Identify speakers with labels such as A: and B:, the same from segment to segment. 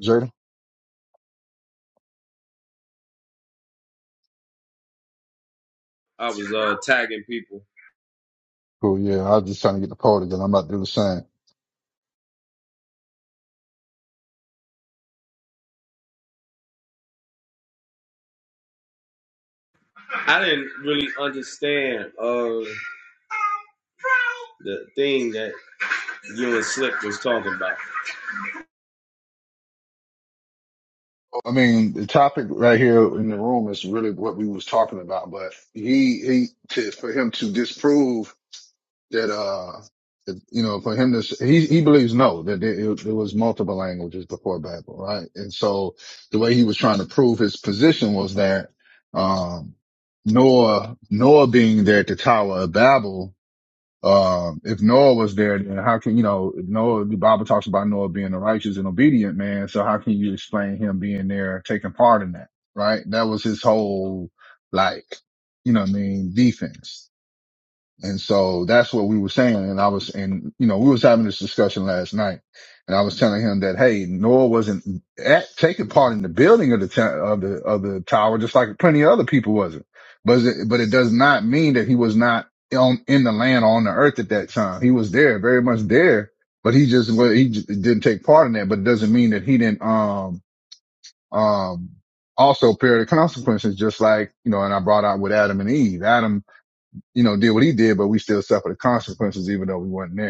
A: Jada?
B: I was uh, tagging people.
A: Cool. Yeah. I was just trying to get the poll together. I'm about to do the same.
B: I didn't really understand uh, the thing that you and Slick was talking about.
A: I mean, the topic right here in the room is really what we was talking about, but he, he, to, for him to disprove that, uh, that, you know, for him to, s- he, he believes no, that there, it, there was multiple languages before Babel, right? And so the way he was trying to prove his position was that, um, Noah, Noah being there at the Tower of Babel, Um, if Noah was there, then how can, you know, Noah, the Bible talks about Noah being a righteous and obedient man. So how can you explain him being there, taking part in that? Right. That was his whole, like, you know what I mean? Defense. And so that's what we were saying. And I was, and you know, we was having this discussion last night and I was telling him that, Hey, Noah wasn't at, taking part in the building of the, t- of the, of the tower, just like plenty of other people wasn't. But it, but it does not mean that he was not on, in the land or on the earth at that time. He was there, very much there, but he just, well, he j didn't take part in that, but it doesn't mean that he didn't, um, um, also bear the consequences, just like, you know, and I brought out with Adam and Eve. Adam you know, did what he did, but we still suffered the consequences, even though we weren't there.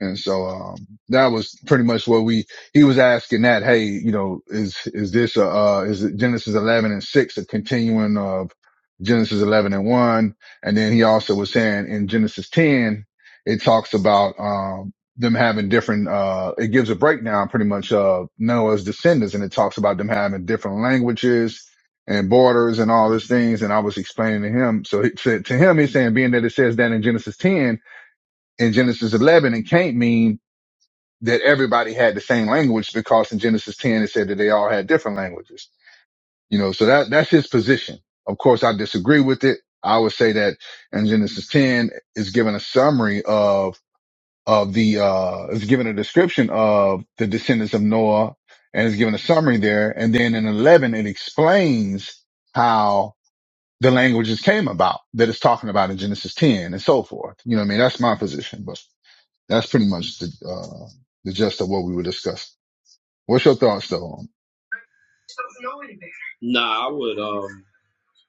A: And so, um, that was pretty much what we, he was asking that, hey, you know, is, is this, a, uh, is it Genesis 11 and 6 a continuing of Genesis 11 and 1? And then he also was saying in Genesis 10, it talks about, um, them having different, uh, it gives a breakdown pretty much of Noah's descendants and it talks about them having different languages and borders and all these things. And I was explaining to him. So he said to him, he's saying, being that it says that in Genesis 10, in Genesis 11, it can't mean that everybody had the same language because in Genesis 10 it said that they all had different languages. You know, so that, that's his position. Of course, I disagree with it. I would say that in Genesis 10 is given a summary of, of the, uh, is given a description of the descendants of Noah and is given a summary there. And then in 11, it explains how the languages came about that it's talking about in Genesis 10 and so forth. You know what I mean? That's my position, but that's pretty much the, uh, the gist of what we were discussing. What's your thoughts though on it?
B: Nah, I would. Um,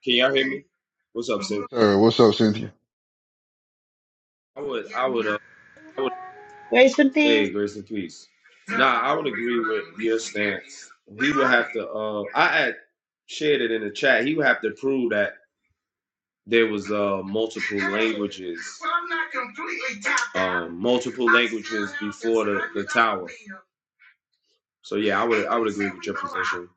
B: can y'all hear me? What's up, Slick?
A: Sir, what's up, Cynthia?
B: I would. I would. Uh, I would.
C: Grace and peace.
B: Hey, grace and peace. Nah, I would agree with your stance. He would have to. Uh, I had shared it in the chat. He would have to prove that there was uh, multiple languages. Um, multiple languages before the, the tower. So yeah, I would I would agree with your position.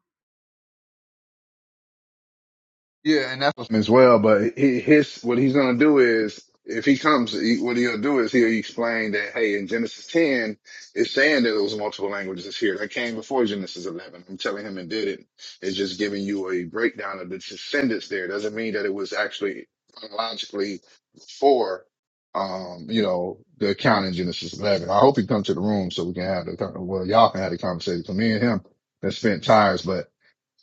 A: Yeah, and that's as well, but he, his, what he's going to do is, if he comes, he, what he'll do is he'll explain that, hey, in Genesis 10, it's saying that it was multiple languages that's here. That came before Genesis 11. I'm telling him it did it. It's just giving you a breakdown of the descendants there. Doesn't mean that it was actually chronologically before, um, you know, the account in Genesis 11. I hope he comes to the room so we can have the, con- well, y'all can have the conversation. For me and him, that spent tires, but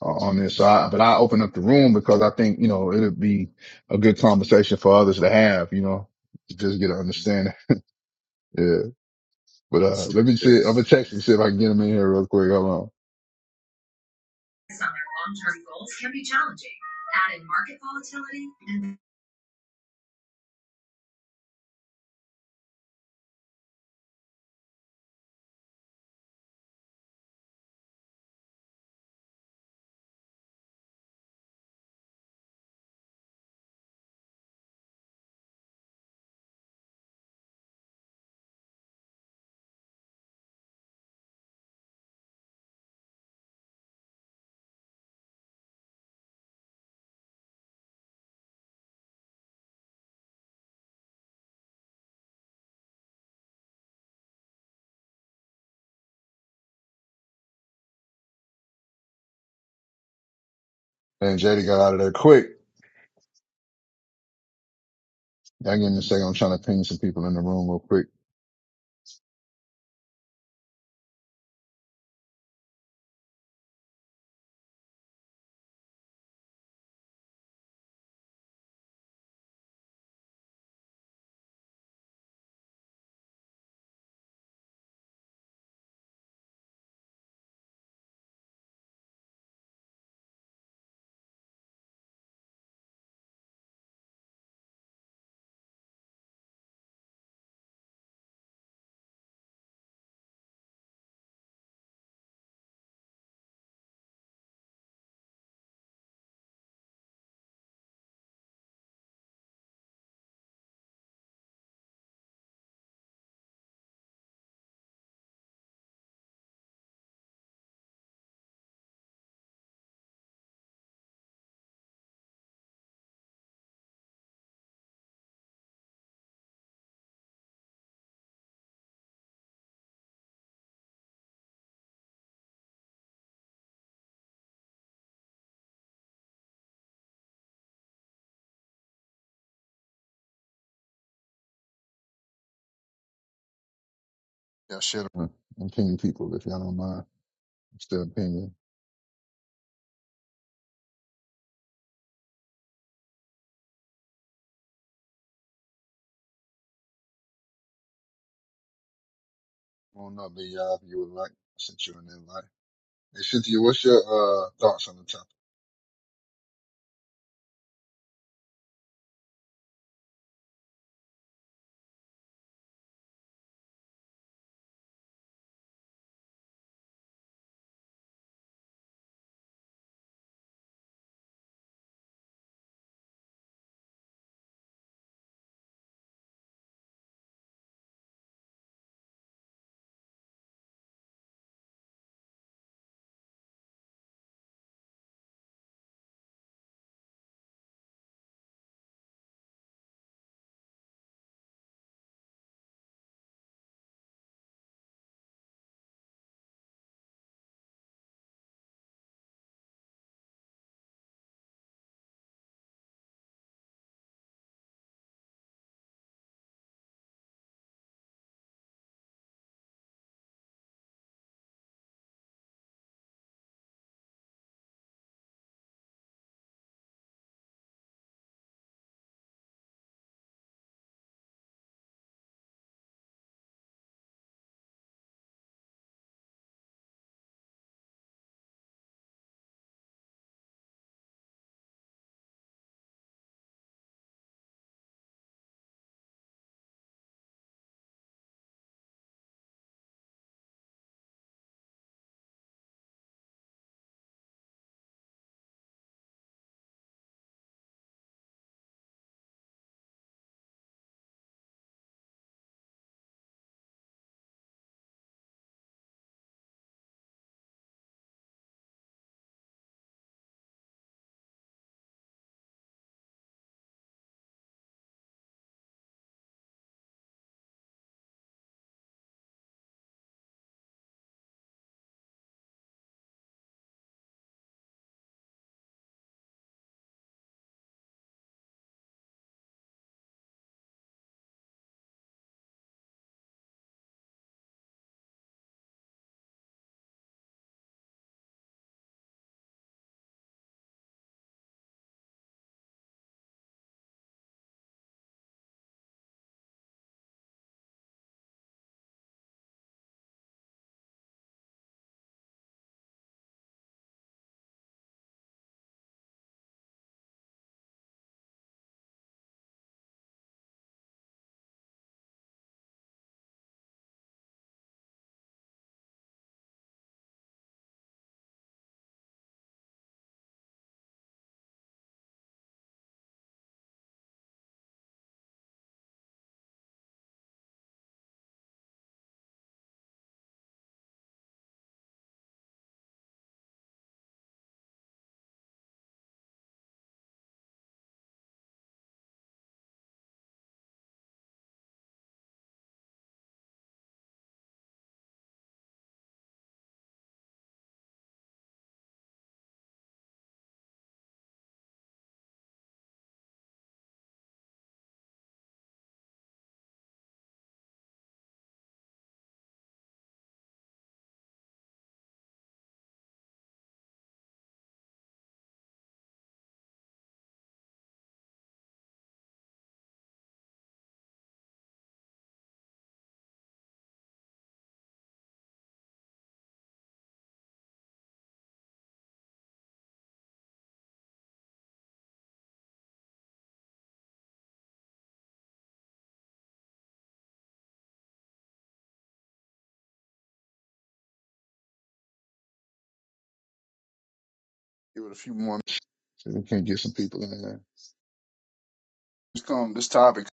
A: uh, on this. So I, but I open up the room because I think, you know, it'll be a good conversation for others to have, you know, to just get an understanding. Yeah. But, uh,
B: Sleep
A: let me see. I'm going
B: is.
A: to text him, see if I can get him in here real quick. Hold
B: Some of their long-term goals can be challenging. Add in market volatility and.
A: on. And JD got out of there quick. i all give me a second. I'm trying to ping some people in the room real quick. Y'all share the room and ping people if y'all don't mind. I'm still pinging. Come on up, big y'all, if you would like. I sent you an invite. Hey, Cynthia, what's your, uh, thoughts on the topic? Give it a few more minutes. See if we can get some people in there. This um, this topic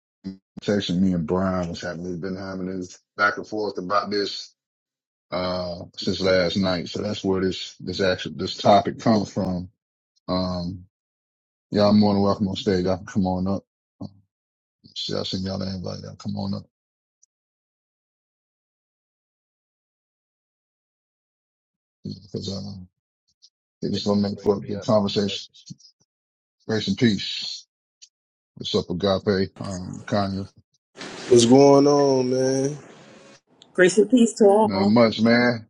A: section me and Brian was having we've been having this back and forth about this uh since last night. So that's where this this actual this topic comes from. Um y'all more than welcome on stage. Y'all can come on up. Um, see, I send y'all the invite, y'all come on up because um
D: They
A: it's gonna make for
D: bringing
A: a
D: me
A: good
D: up
A: conversation.
D: lessons.
A: Grace and peace. What's up, Agape? Um Kanye.
E: What's going on, man?
F: Grace and peace to
A: Not
F: all.
A: much, man.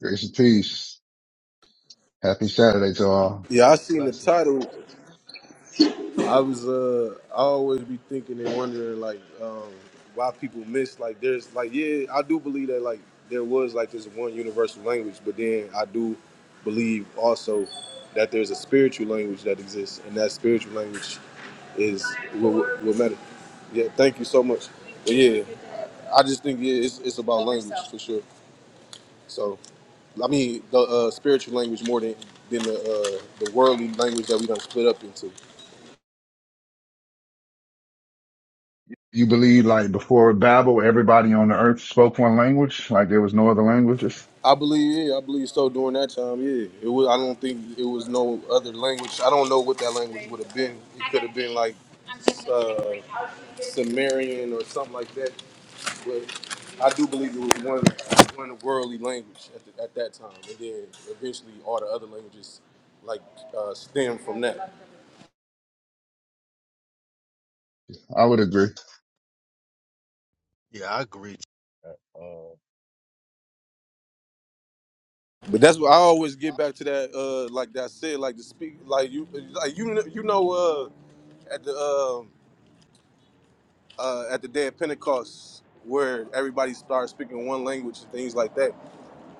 A: Grace and peace. Happy Saturday to all.
E: Yeah, I seen the
D: Lessons.
E: title. I was uh I always be thinking and wondering like um why people miss like there's like yeah, I do believe that like there was like this one universal language, but then I do believe also that there's a spiritual language that exists and that spiritual language is what, what what matter. Yeah, thank you so much. But yeah, I just think yeah, it's it's about language for sure. So. I mean the uh, spiritual language more than than the uh, the worldly language that we done split up into.
A: You believe like before Babel, everybody on the earth spoke one language, like there was no other languages?
E: I believe, yeah, I believe so. During that time, yeah, it was. I don't think it was no other language. I don't know what that language would have been. It could have been like uh, Sumerian or something like that. But I do believe it was one one worldly language at, the, at that time, and then eventually all the other languages like uh, stem from that.
A: I would agree.
D: Yeah, I agree. Uh, uh,
E: But that's what I always get back to that, uh, like that said, like the speak, like you, like you, you know, uh, at the um uh, at the day of Pentecost, where everybody started speaking one language and things like that.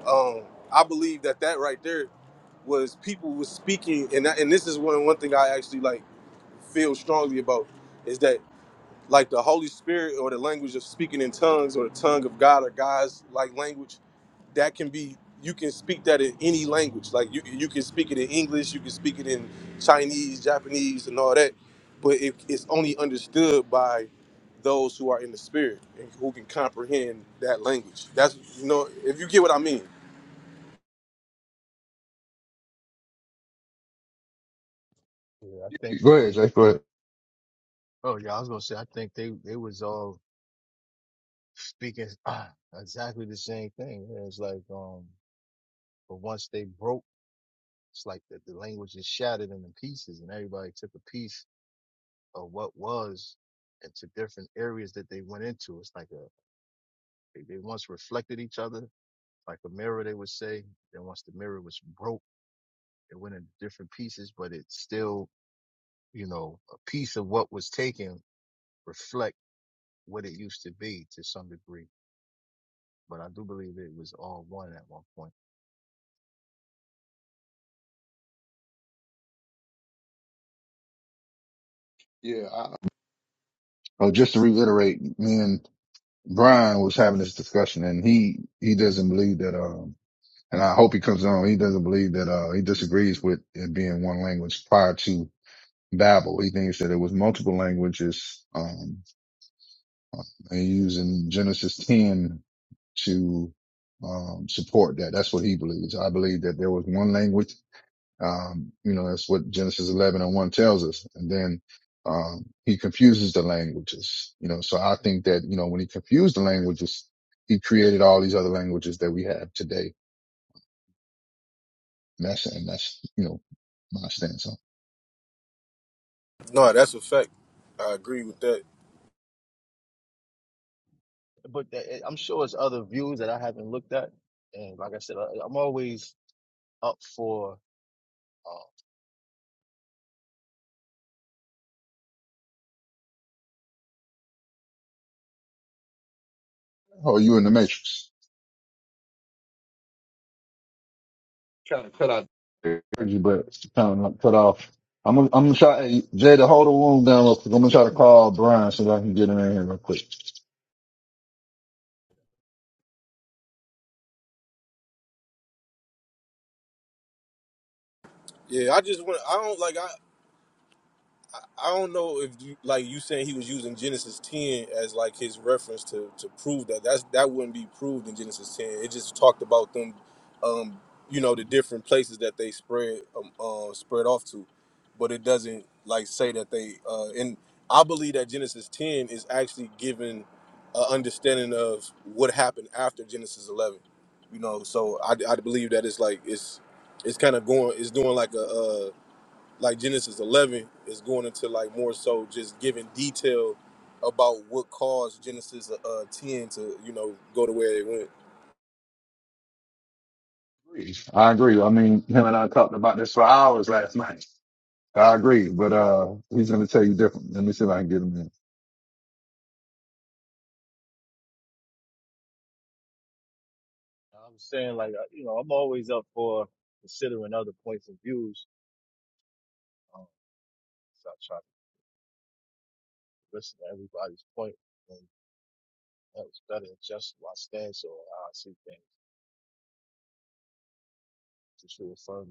E: Um, I believe that that right there was people was speaking, and that, and this is one one thing I actually like feel strongly about is that like the Holy Spirit or the language of speaking in tongues or the tongue of God or God's like language, that can be you can speak that in any language. Like you you can speak it in English, you can speak it in Chinese, Japanese, and all that. But it, it's only understood by those who are in the spirit and who can comprehend that language. That's you know, if you get what I mean.
D: yeah, I think
A: Go
D: that
A: ahead,
D: they.
A: Jay. Go ahead.
D: Oh yeah, I was gonna say I think they they was all speaking ah, exactly the same thing. And It's like um, but once they broke, it's like the, the language is shattered into pieces, and everybody took a piece of what was into different areas that they went into. It's like a they, they once reflected each other like a mirror. They would say. Then once the mirror was broke, it went into different pieces, but it still you know, a piece of what was taken reflect what it used to be to some degree. But I do believe it was all one at one point.
A: Yeah. I, oh, just to reiterate, me and Brian was having this discussion and he, he doesn't believe that, um, and I hope he comes on. He doesn't believe that, uh, he disagrees with it being one language prior to Babel. He thinks that it was multiple languages, um, and using Genesis 10 to, um, support that. That's what he believes. I believe that there was one language Um, you know, that's what Genesis 11 and 1 tells us. And then, um, he confuses the languages, you know, so I think that, you know, when he confused the languages, he created all these other languages that we have today. And that's, and that's, you know, my stance on.
E: No, that's a fact. I agree with that.
D: But th- I'm sure it's other views that I haven't looked at. And like I said, I, I'm always up for, uh,
A: Oh, you in the matrix? Kind of cut out. I Heard you, but it's kind of cut off. I'm gonna, I'm gonna try, hey, Jay, to hold the room down real quick. I'm gonna try to call Brian so that I can get him in here real quick.
E: Yeah, I just want. I don't like. I don't know if you, like you saying he was using Genesis 10 as like his reference to to prove that that's that wouldn't be proved in Genesis 10. It just talked about them, um, you know, the different places that they spread um, uh, spread off to, but it doesn't like say that they. Uh, and I believe that Genesis 10 is actually giving an understanding of what happened after Genesis 11. You know, so I, I believe that it's like it's it's kind of going it's doing like a. Uh, like Genesis 11 is going into like more so just giving detail about what caused Genesis uh, uh, 10 to you know go to where it went.
A: I agree. I mean, him and I talked about this for hours last night. I agree, but uh, he's going to tell you different. Let me see if I can get him in.
D: I'm saying like, uh, you know, I'm always up for considering other points of views. Um, so I try to listen to everybody's point and that was better adjust my stance or how I see things to true affirm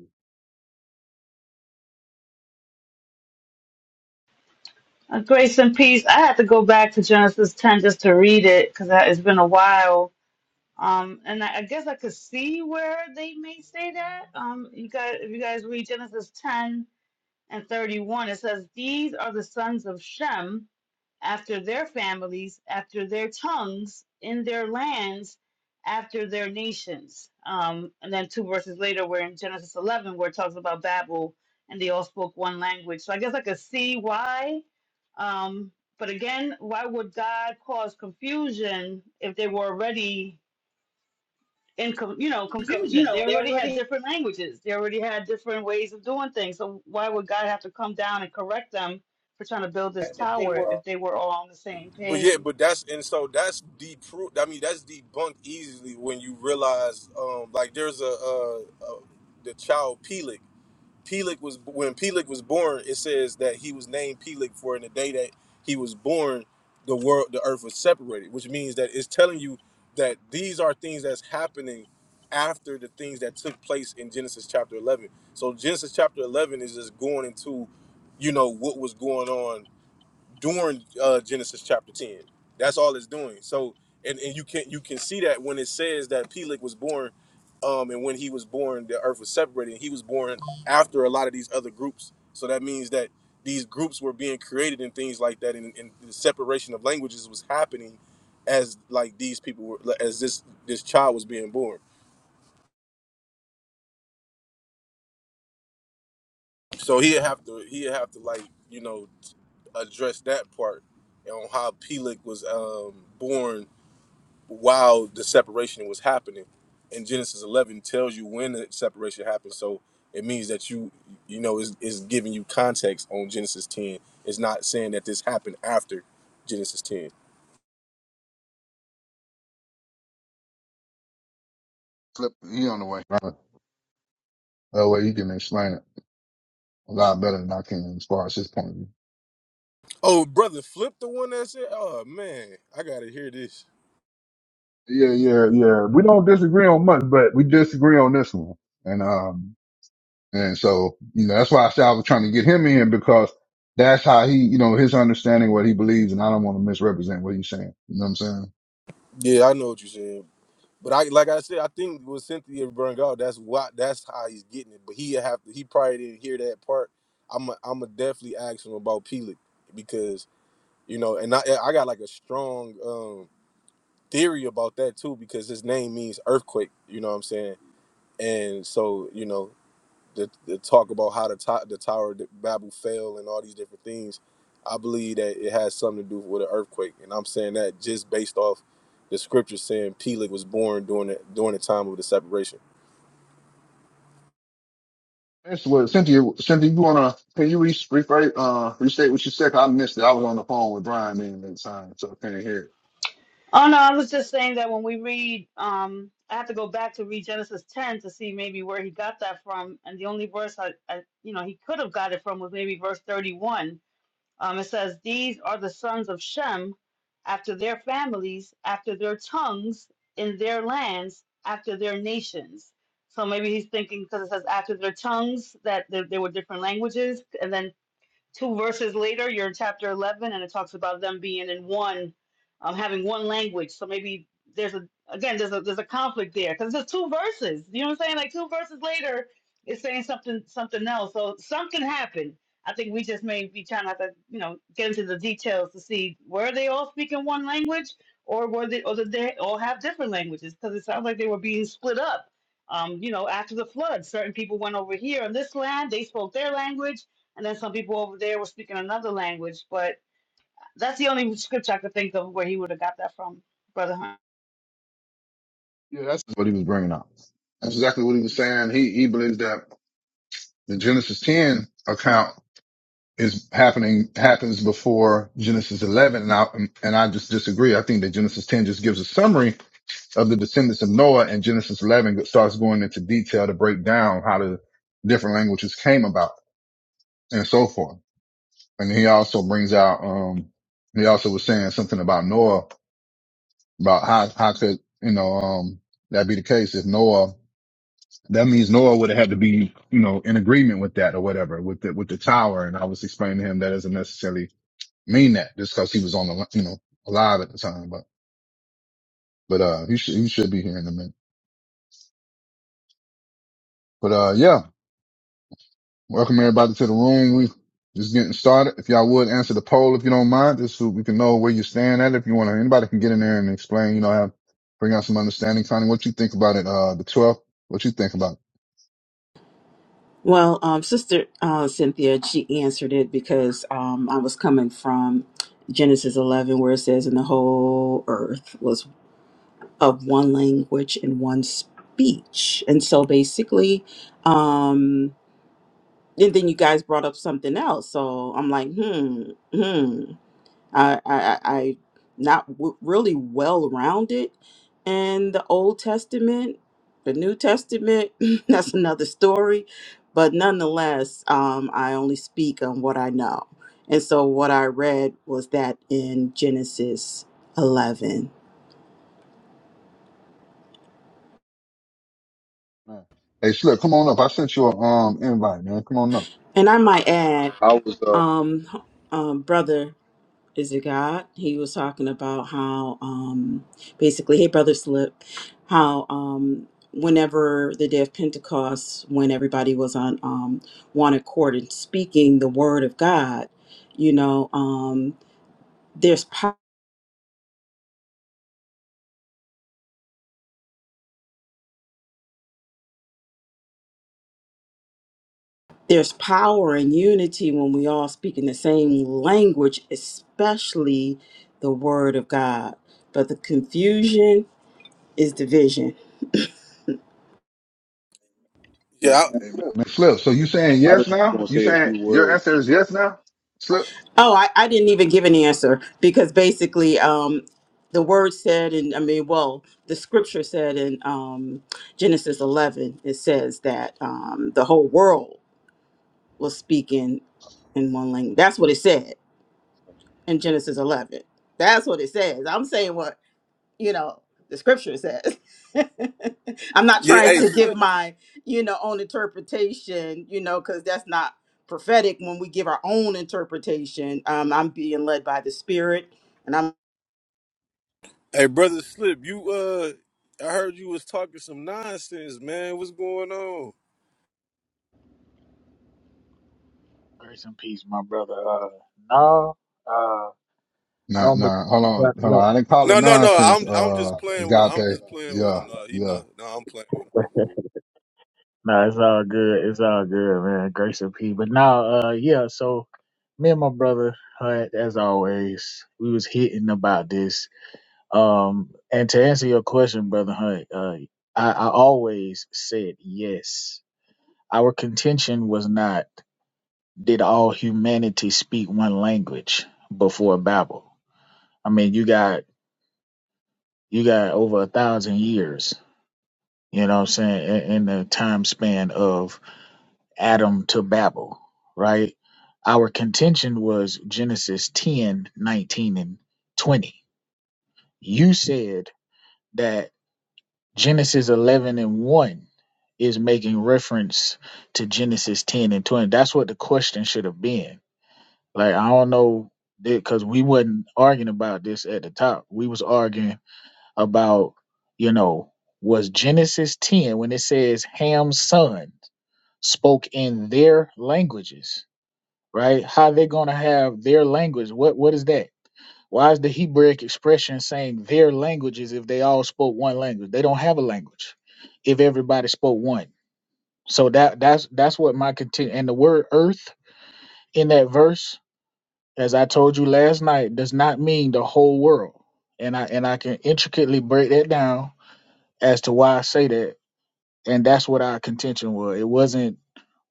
C: Uh, grace and peace. I had to go back to Genesis 10 just to read it because it's been a while. Um, and I, I guess I could see where they may say that. Um, you guys, if you guys read Genesis 10 and 31, it says, These are the sons of Shem after their families, after their tongues, in their lands, after their nations. Um, and then two verses later, we're in Genesis 11, where it talks about Babel and they all spoke one language. So I guess I could see why. Um, but again, why would God cause confusion if they were already in co- you know
E: Because, you
C: confusion.
E: know,
C: They
E: they
C: already had
E: already
C: different languages. They already had different ways of doing things. So why would God have to come down and correct them for trying to build this
E: if they
C: tower
E: were
C: if they were all on the same
E: But yeah,
C: page?
E: but that's and so that's deproof. I mean, that's debunked easily when you realize um like there's a uh, uh the child Peleg. Pelik was when Pelik was born. It says that he was named Pelik for in the day that he was born, the world, the earth was separated, which means that it's telling you that these are things that's happening after the things that took place in Genesis chapter eleven. So Genesis chapter eleven is just going into, you know, what was going on during uh, Genesis chapter 10. That's all it's doing. So and, and you can you can see that when it says that Peleg was born um, and when he was born the earth was separated and he was born after a lot of these other groups. So that means that these groups were being created and things like that and, and the separation of languages was happening as like these people were like, as this this child was being born. So he'd have to he'd have to like, you know, address that part on how Peleg was um, born while the separation was happening. And Genesis 11 tells you when the separation happened. So it means that you, you know, is is giving you context on Genesis 10. It's not saying that this happened after Genesis 10.
A: Flip, he on the way. Right. That way he can explain it a lot better than I can as far as his point of view.
E: Oh, brother, flip the one that said, oh man, I gotta hear this.
A: Yeah, yeah, yeah. We don't disagree on much, but we disagree on this one. And um, and so you know that's why I said I was trying to get him in because that's how he, you know, his understanding what he believes, and I don't want to misrepresent what he's saying. You know what I'm saying?
E: Yeah, I know what you're saying. But I like I said, I think with Cynthia burned out, that's why that's how he's getting it. But he have to, he probably didn't hear that part. I'm i I'm gonna definitely ask him about Pelik because you know and i i got like a strong um theory about that too because his name means earthquake you know what i'm saying and so you know the, the talk about how the, to- the tower that babel fell and all these different things i believe that it has something to do with an earthquake and i'm saying that just based off the scripture saying peleg was born during the during the time of the separation
A: That's what Cynthia. Cynthia, you wanna can you re- rephrase, uh, restate what you said? 'Cause I missed it. I was on the phone with Brian man at the time, so I can not hear. it.
C: Oh no, I was just saying that when we read, um, I have to go back to read Genesis ten to see maybe where he got that from. And the only verse I, I you know, he could have got it from was maybe verse thirty one Um, it says, These are the sons of Shem after their families, after their tongues, in their lands, after their nations. So maybe he's thinking because it says after their tongues that there, there were different languages, and then Two verses later, you're in chapter 11, and it talks about them being in one, um, having one language. So maybe there's a again there's a there's a conflict there because there's two verses. You know what I'm saying? Like two verses later, it's saying something something else. So something happened. I think we just may be trying to, have to you know get into the details to see were they all speaking one language or were they or did they all have different languages? Because it sounds like they were being split up. Um, you know, after the flood, certain people went over here on this land. They spoke their language and then some people over there were speaking another language, but that's the only scripture I could think of where he would have got that from, Brother Hunt.
A: Yeah, that's what he was bringing up. That's exactly what he was saying. He he believes that the Genesis 10 account is happening happens before Genesis 11, and I and I just disagree. I think that Genesis 10 just gives a summary of the descendants of Noah, and Genesis 11 starts going into detail to break down how the different languages came about and so forth. And he also brings out um he also was saying something about Noah about how how could you know um that be the case if Noah That means Noah would have had to be, you know, in agreement with that or whatever with the, with the tower. And I was explaining to him that doesn't necessarily mean that just cause he was on the, you know, alive at the time. But, but, uh, he should, he should be here in a minute. But, uh, yeah, welcome everybody to the room. We just getting started. If y'all would answer the poll, if you don't mind, just so we can know where you stand at. If you want to, anybody can get in there and explain, you know, have, bring out some understanding. Connie, what you think about it? Uh, the 12th, what you think about it?
F: Well, um, Sister uh, Cynthia, she answered it because um, I was coming from Genesis 11, where it says, And the whole earth was of one language and one speech. And so basically, um, and then you guys brought up something else. So I'm like, hmm, hmm. I, I, I not w- really well rounded in the Old Testament, the New Testament. that's another story, but nonetheless, um, I only speak on what I know, and so what I read was that in Genesis eleven,
A: Hey, Slick, come on up. I sent you a, um, invite, man. Come on up.
F: and I might add,
G: I was uh
F: um, um, brother. is it God? He was talking about how um basically, hey brother slip, how um whenever the day of Pentecost, when everybody was on um one accord and speaking the word of God, you know, um there's po- there's power and unity when we all speak in the same language, especially the word of God. But the confusion is division
E: Yeah, I,
A: Amen. Man, Slip. So you saying
G: I
A: yes
G: just was
A: now?
G: gonna
A: You
G: say a
A: saying
G: few
A: your
G: words.
A: answer is yes now? Slip.
F: Oh, I, I didn't even give an answer because basically, um, the word said, and I mean, well, the scripture said in um, Genesis 11, it says that um, the whole world was speaking in one language. That's what it said in Genesis 11. That's what it says. I'm saying what you know the scripture says i'm not
E: yeah.
F: trying
E: Hey,
F: to give
E: Slip,
F: my you know own interpretation you know because that's not prophetic when we give our own interpretation um i'm being led by the spirit and i'm
E: hey, brother Slip, you uh, I heard you was talking some nonsense, man. What's going on?
H: Grace and peace, my brother. Uh, no, uh, I
A: Nah,
H: don't. Be-
A: nah. Hold on,
H: what-
A: hold
H: what-
A: on. I didn't call it
E: No, no, no.
A: nonsense.
E: I'm I'm just
A: Uh,
E: playing with him. I'm
A: agape.
E: just playing with
A: Yeah,
E: him. No, he
A: yeah.
E: know. No, nah, I'm playing with him.
H: no, it's all good. It's all good, man. Grace and peace. But now, uh, yeah. So, me and my brother, uh, as always, we was hitting about this. Um, and to answer your question, brother Hunt, uh, I, I always said yes. Our contention was not did all humanity speak one language before Babel. I mean, you got you got over a thousand years you know what I'm saying, in, in the time span of Adam to Babel, right? Our contention was Genesis 10, 19, and 20. You said that Genesis 11 and 1 is making reference to Genesis 10 and 20. That's what the question should have been. Like, I don't know, because we wasn't arguing about this at the top. We was arguing about, you know, was Genesis 10, when it says Ham's son, spoke in their languages, right? How they going to have their language? What What is that? Why is the Hebraic expression saying their languages if they all spoke one language? They don't have a language if everybody spoke one. So that that's that's what my content and the word earth in that verse, as I told you last night, does not mean the whole world. And I and I can intricately break that down as to why I say that and that's what our contention was. It wasn't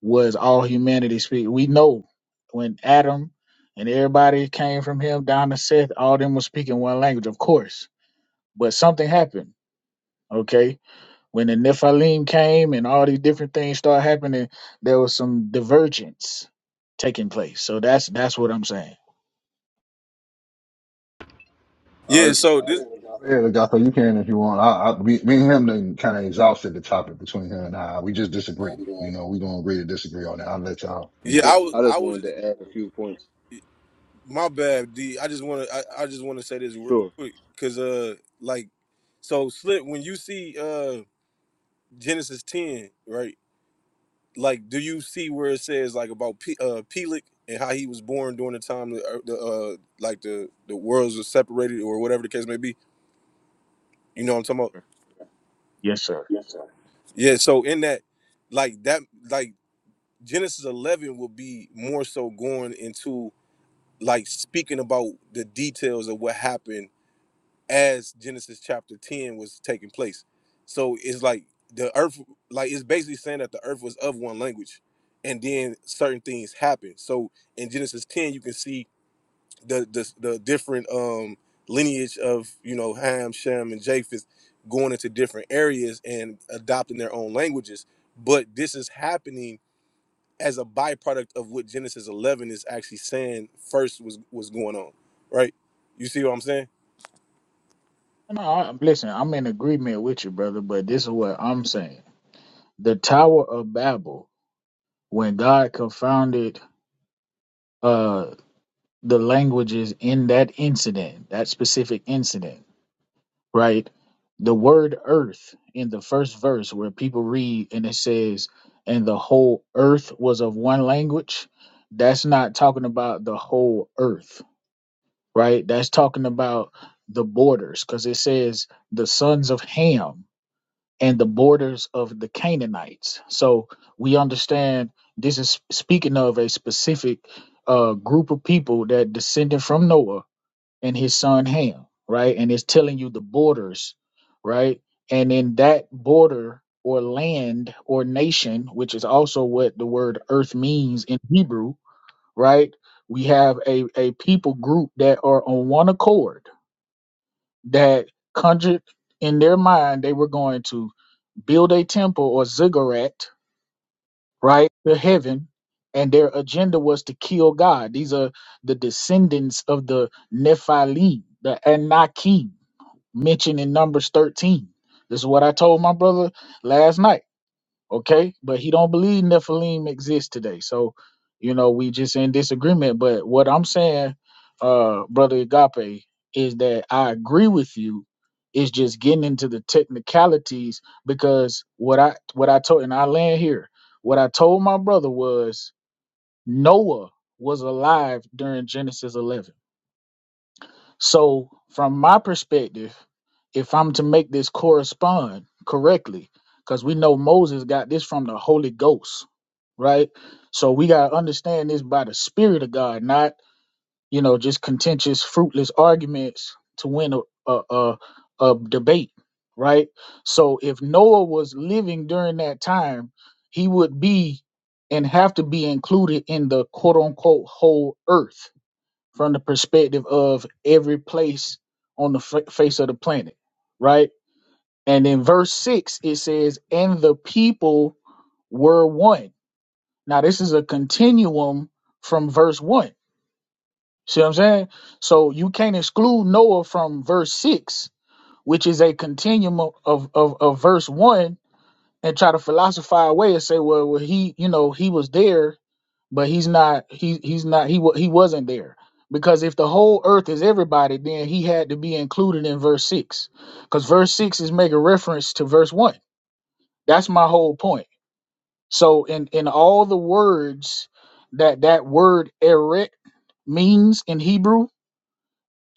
H: was all humanity speak. We know when Adam and everybody came from him down to Seth, all them were speaking one language, of course. But something happened. Okay. When the Nephilim came and all these different things started happening, there was some divergence taking place. So that's that's what I'm saying.
G: I
E: Yeah.
G: just
E: So this.
A: Go ahead, agape. You can if you want. I, I me, me and him then kind of exhausted the topic between him and I. We just disagree. You know, we gonna agree to disagree on that. I'll let y'all. You know.
E: Yeah, I was.
G: I
E: I
G: just
E: was.
G: wanted
E: Just,
G: to add a few points.
E: my bad, D. I just want to. I, I just want to say this real
G: Sure.
E: quick, cause uh, like, so slip when you see uh Genesis ten, right? Like, do you see where it says like about P, uh Pelik and how he was born during the time the, uh, the uh like the the worlds were separated or whatever the case may be? You know what I'm talking about?
H: Yes, sir.
E: Yeah. So in that, like that, like. Genesis 11 will be more so going into like speaking about the details of what happened as Genesis chapter 10 was taking place. So it's like the earth, like it's basically saying that the earth was of one language and then certain things happen. So in Genesis 10, you can see the, the, the different um, lineage of, you know, Ham, Shem, and Japheth going into different areas and adopting their own languages. But this is happening as a byproduct of what Genesis 11 is actually saying first was was going on, right? You see what I'm saying?
H: No, I, listen, I'm in agreement with you, brother, but this is what I'm saying. The Tower of Babel, when God confounded uh the languages in that incident, that specific incident, right? The word earth in the first verse where people read and it says, and the whole earth was of one language, that's not talking about the whole earth, right? That's talking about the borders because it says the sons of Ham and the borders of the Canaanites. So we understand this is speaking of a specific uh, group of people that descended from Noah and his son Ham, right? And it's telling you the borders, right? And in that border or land or nation, which is also what the word earth means in Hebrew, right? We have a, a people group that are on one accord that conjured in their mind they were going to build a temple or ziggurat, right, to heaven. And their agenda was to kill God. These are the descendants of the Nephilim, the Anakim, mentioned in Numbers 13. This is what I told my brother last night. Okay, but he don't believe Nephilim exist today. So, you know, we just in disagreement. But what I'm saying, uh, brother Agape, is that I agree with you. It's just getting into the technicalities because what I what I told and I land here. What I told my brother was Noah was alive during Genesis 11 so, from my perspective, if I'm to make this correspond correctly, because we know Moses got this from the Holy Ghost, right? So, we got to understand this by the Spirit of God, not, you know, just contentious, fruitless arguments to win a, a, a, a debate, right? So, if Noah was living during that time, he would be and have to be included in the quote unquote whole earth from the perspective of every place on the fa- face of the planet, right? And in verse 6, it says, And the people were one. Now, this is a continuum from verse 1. See what I'm saying? So you can't exclude Noah from verse 6, which is a continuum of, of, of verse 1, and try to philosophize away and say, well, well, he, you know, he was there but he's not he he's not he wa- he wasn't there because if the whole earth is everybody then he had to be included in verse 6 cuz verse 6 is making reference to verse 1 that's my whole point so in in all the words that that word eret means in Hebrew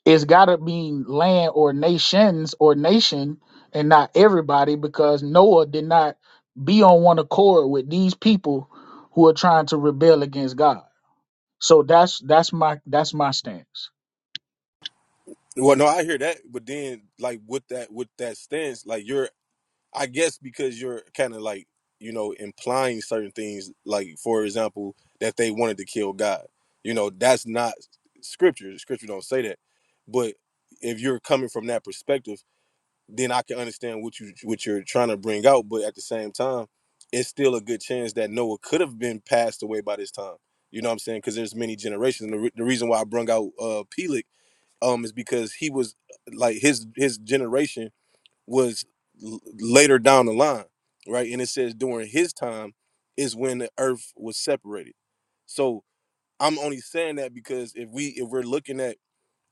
H: it's got to mean land or nations or nation and not everybody because Noah did not be on one accord with these people who are trying to rebel against God so that's that's my that's my stance.
E: Well, no, I hear that, but then like with that with that stance, like you're I guess because you're kind of like, you know, implying certain things like for example that they wanted to kill God. You know, that's not scripture. Scripture don't say that. But if you're coming from that perspective then I can understand what you what you're trying to bring out. But at the same time, it's still a good chance that Noah could have been passed away by this time. You know what I'm saying? Because there's many generations. And the, re- the reason why I brung out uh Pelik um is because he was like his his generation was l- later down the line, right? And it says during his time is when the earth was separated. So I'm only saying that because if we if we're looking at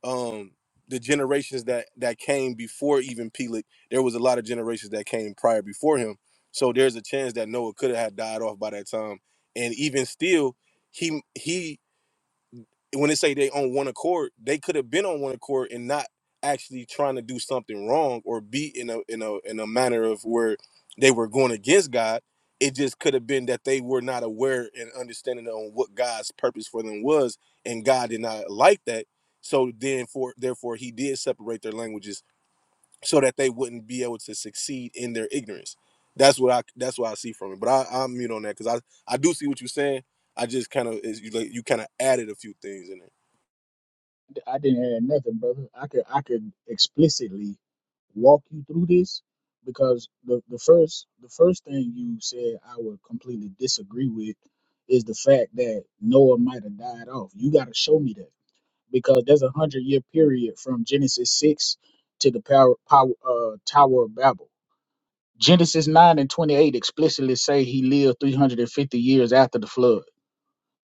E: um the generations that that came before even Pelik, there was a lot of generations that came prior before him. So there's a chance that Noah could have had died off by that time. And even still, he he when they say they on one accord, they could have been on one accord and not actually trying to do something wrong or be in a in a in a manner of where they were going against God. It just could have been that they were not aware and understanding on what God's purpose for them was, and God did not like that. So then, for therefore, He did separate their languages so that they wouldn't be able to succeed in their ignorance. That's what I that's what I see from it. But I, I'm mute on that because I I do see what you're saying. I just kind of you like you kind of added a few things in there.
H: I didn't add nothing, brother. I could I could explicitly walk you through this because the, the first the first thing you said I would completely disagree with is the fact that Noah might have died off. You got to show me that because there's a hundred year period from Genesis six to the power, power uh, Tower of Babel. Genesis nine and twenty eight explicitly say he lived three hundred and fifty years after the flood.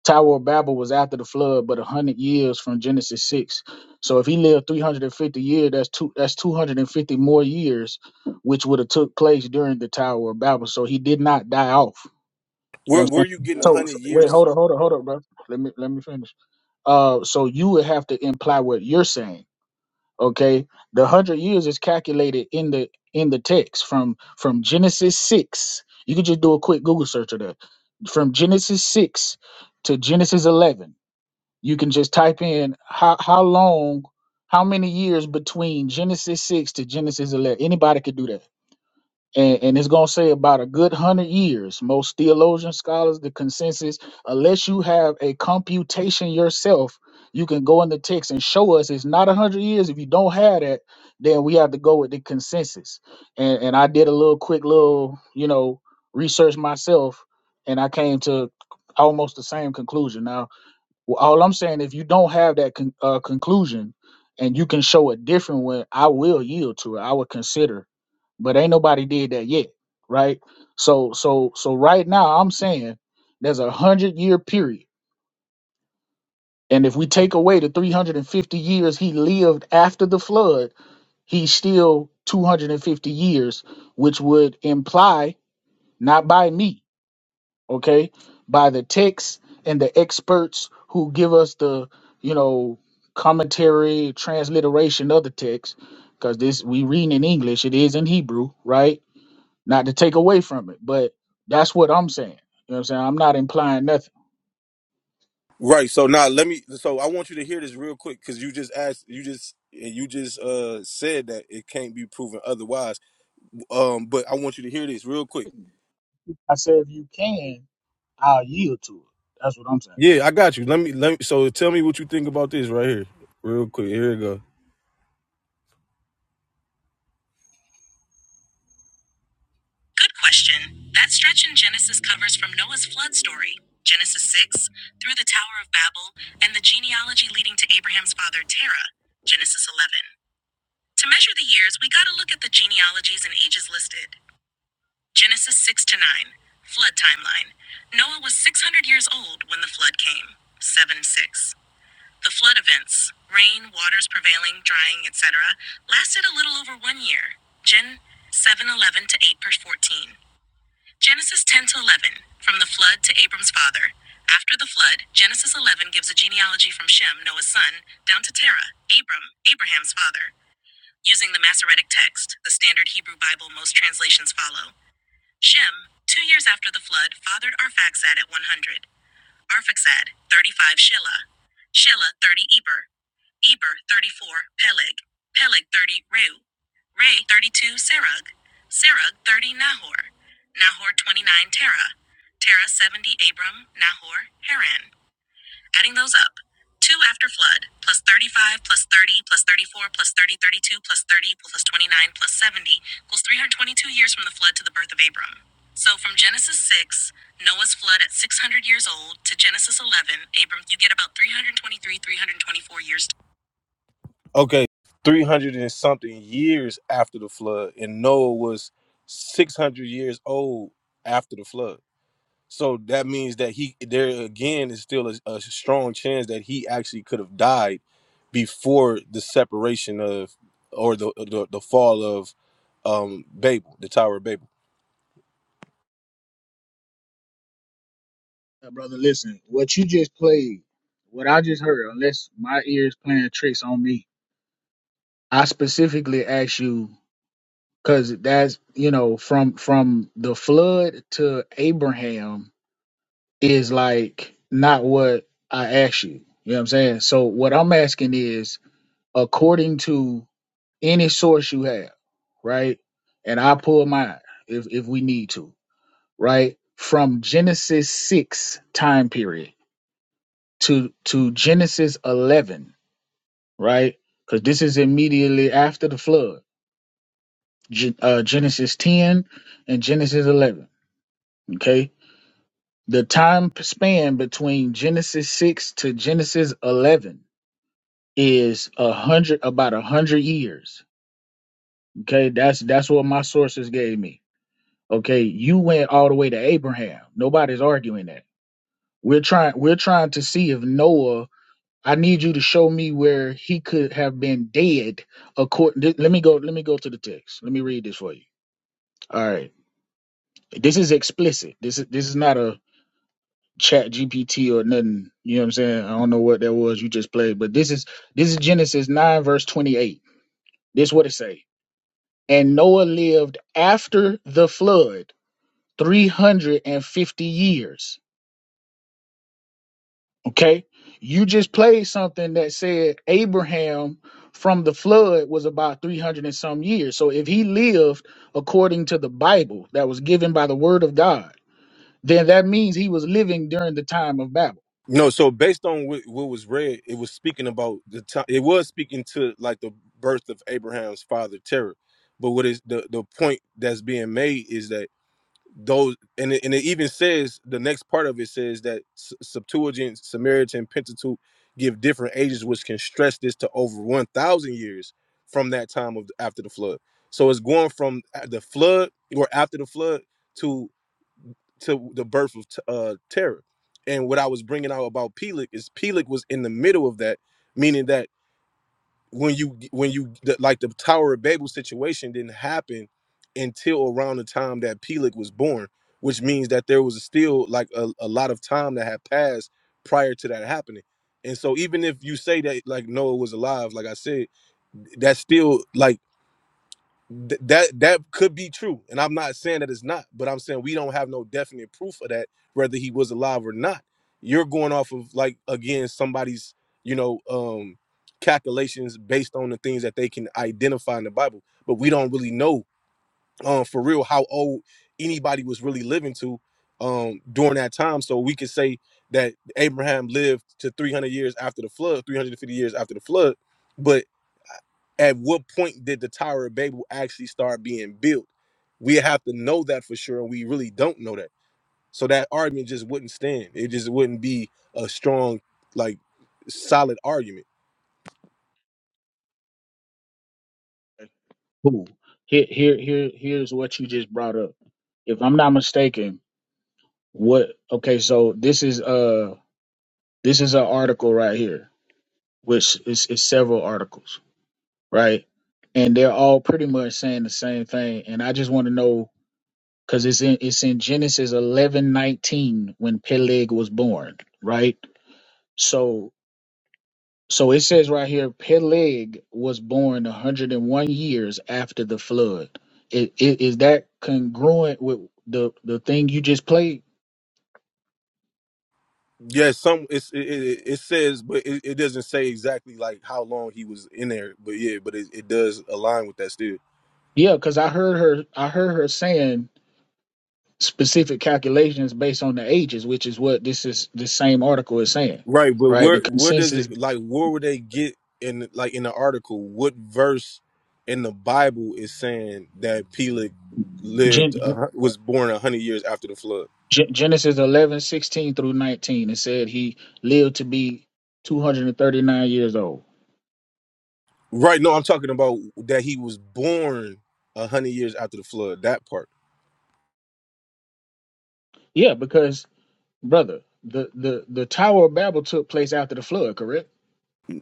H: Tower of Babel was after the flood, but a hundred years from Genesis six. So if he lived three hundred and fifty years, that's two that's two hundred and fifty more years, which would have took place during the Tower of Babel. So he did not die off. You know what
E: Where
H: I'm
E: where you
H: saying?
E: getting
H: So,
E: the
H: so
E: year?
H: wait, hold up, hold up, hold up, bro. Let me let me finish. Uh, so you would have to imply what you're saying. Okay, the hundred years is calculated in the in the text from from Genesis six. You could just do a quick Google search of that from Genesis six to Genesis 11 you can just type in how how long, how many years between Genesis six to Genesis eleven. Anybody could do that, and, and it's gonna say about a good hundred years. Most theologian scholars, the consensus, unless you have a computation yourself, you can go in the text and show us it's not a hundred years. If you don't have that, then we have to go with the consensus. And and I did a little quick little you know research myself, and I came to almost the same conclusion. Now well, all I'm saying, if you don't have that con- uh, conclusion, and you can show a different one, I will yield to it. I would consider, but ain't nobody did that yet, right? So, so, so right now, I'm saying there's a hundred year period, and if we take away the 350 years he lived after the flood, he's still 250 years, which would imply not by me. okay, by the texts and the experts who give us the, you know, commentary, transliteration of the text, because this we read in English, it is in Hebrew, right? Not to take away from it, but that's what I'm saying. You know what I'm saying? I'm not implying nothing.
E: Right. So now let me. So I want you to hear this real quick because you just asked. You just and you just uh said that it can't be proven otherwise. Um, but I want you to hear this real quick.
H: I said if you can, I'll yield to it. That's what I'm saying.
E: Yeah, I got you. Let me let me. So tell me what you think about this right here, real quick. Here we go. Good question. That stretch in Genesis covers from Noah's flood story, Genesis six, through the Tower of Babel, and the genealogy leading to Abraham's father Terah, Genesis eleven. To measure the years, we gotta look at the genealogies and ages listed. Genesis 6 to 9, flood timeline. Noah was 600 years old when the flood came. 7 6. The flood events rain, waters prevailing, drying, etc. lasted a little over one year. Gen 7 11 to 8 verse 14. Genesis 10 to 11, from the flood to Abram's father. After the flood, Genesis 11 gives a genealogy from Shem, Noah's son, down to Terah, Abram, Abraham's father. Using the Masoretic text, the standard Hebrew Bible most translations follow, Shem, two years after the flood, fathered Arphaxad at 100, Arphaxad, 35 Shelah, Shelah, 30 Eber, Eber, 34 Peleg, Peleg, 30 Reu, Re, 32 Serug, Serug, 30 Nahor, Nahor, 29 Terah, Terah, 70 Abram, Nahor, Haran. Adding those up. 2 after flood, plus 35, plus 30, plus 34, plus plus thirty thirty-two, plus 30, plus 29, plus 70, equals 322 years from the flood to the birth of Abram. So from Genesis 6, Noah's flood at 600 years old, to Genesis 11, Abram, you get about 323, 324 years. Okay, 300 and something years after the flood, and Noah was 600 years old after the flood. So that means that he there again is still a, a strong chance that he actually could have died before the separation of or the the, the fall of um Babel, the Tower of Babel.
H: Yeah, brother, listen, what you just played, what I just heard, unless my ears playing tricks on me, I specifically asked you Cause that's you know from from the flood to Abraham is like not what I asked you. You know what I'm saying? So what I'm asking is according to any source you have, right? And I pull mine if if we need to, right? From Genesis six time period to to Genesis eleven, right? Because this is immediately after the flood. Gen- uh, Genesis ten and Genesis eleven. Okay the time span between Genesis 6 to Genesis 11 is a hundred about a hundred years. Okay, that's that's what my sources gave me. Okay, you went all the way to Abraham. Nobody's arguing that. We're trying we're trying to see if Noah. I need you to show me where he could have been dead. According, let me go. Let me go to the text. Let me read this for you. All right, this is explicit. This is this is not a chat GPT or nothing. You know what I'm saying? I don't know what that was you just played, but this is this is Genesis nine verse twenty eight. This what it say. And Noah lived after the flood three hundred and fifty years. Okay? You just played something that said Abraham from the flood was about 300 and some years. So if he lived according to the Bible that was given by the word of God, then that means he was living during the time of Babel.
E: No, so based on what, what was read, it was speaking about the time. It was speaking to like the birth of Abraham's father, Terah. But what is the the point that's being made is that those and it, and it even says the next part of it says that S- Septuagint, Samaritan, Pentateuch give different ages, which can stretch this to over one thousand years from that time of after the flood. So it's going from a- the flood or after the flood to to the birth of t- uh, terror. And what I was bringing out about Pelik is Pelik was in the middle of that, meaning that when you when you the, like the Tower of Babel situation didn't happen until around the time that Peleg was born, which means that there was still like a, a lot of time that had passed prior to that happening. And so even if you say that like Noah was alive, like I said, that's still like Th- that that could be true, and I'm not saying that it's not, but I'm saying we don't have no definite proof of that, whether he was alive or not. You're going off of like again somebody's you know um calculations based on the things that they can identify in the Bible, but we don't really know um for real how old anybody was really living to um during that time. So we could say that Abraham lived to 300 years after the flood, 350 years after the flood, but at what point did the Tower of Babel actually start being built? We have to know that for sure, and we really don't know that. So that argument just wouldn't stand. It just wouldn't be a strong, like, solid argument.
H: Cool. Here, here, here, here's what you just brought up. If I'm not mistaken, what? Okay, so this is uh this is an article right here, which is, is several articles, right? And they're all pretty much saying the same thing. And I just want to know because it's in it's in Genesis eleven nineteen when Peleg was born, right? So So it says right here, Peleg was born 101 years after the flood. Is, is that congruent with the the thing you just played?
E: Yes, some it's, it, it, it says, but it, it doesn't say exactly like how long he was in there. But yeah, but it, it does align with that still.
H: Yeah, because I heard her. I heard her saying specific calculations based on the ages, which is what this is. This same article is saying,
E: Right, but
H: right? The
E: where where does
H: consensus
E: it like where would they get in like in the article? What verse in the Bible is saying that Peleg lived
H: Gen,
E: a, hun- was born a hundred years after the flood?
H: Gen- Genesis 11 16 through 19. It said he lived to be 239 years old.
E: Right, no, I'm talking about that he was born a hundred years after the flood. That part.
H: Yeah, because Brother, the, the, the Tower of Babel took place after the flood, correct?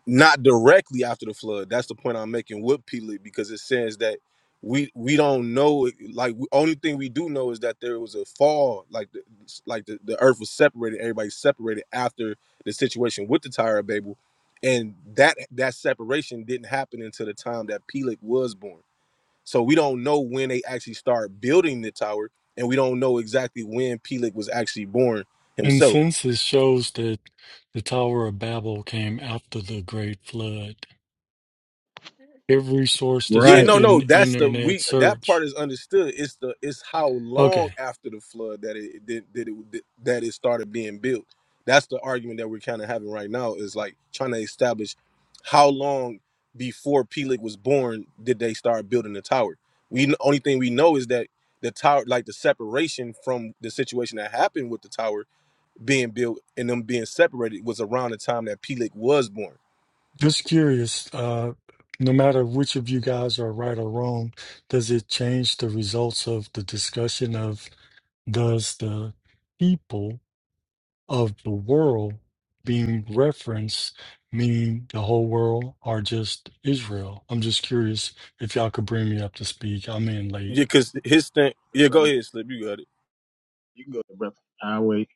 E: not directly after the flood. That's the point I'm making with Peleg because it says that we we don't know. Like we, only thing we do know is that there was a fall. Like the, like the, the earth was separated. Everybody separated after the situation with the Tower of Babel, and that that separation didn't happen until the time that Peleg was born. So we don't know when they actually start building the tower, and we don't know exactly when Peleg was actually born
I: And
E: himself.
I: census shows that the Tower of Babel came after the Great Flood. Every source that
E: Yeah,
I: you
H: Right.
E: no, no,
I: can
E: that's the
I: internet
E: we that
I: search.
E: part is understood. It's the it's how long
I: Okay,
E: after the flood that it did that it that it started being built. That's the argument that we're kind of having right now is like trying to establish how long before Peleg was born did they start building the tower. We kn- only thing we know is that the tower, like the separation from the situation that happened with the tower being built and them being separated, was around the time that Peleg was born.
I: just curious. Uh, no matter which of you guys are right or wrong, does it change the results of the discussion of does the people of the world being referenced mean the whole world or just Israel? I'm just curious if y'all could bring me up to speed. I'm in late.
E: Yeah, because his thing.
H: Sure,
E: Yeah, go
H: brother.
E: ahead, Slip. You got it.
H: You can go there, brother. I'll wait.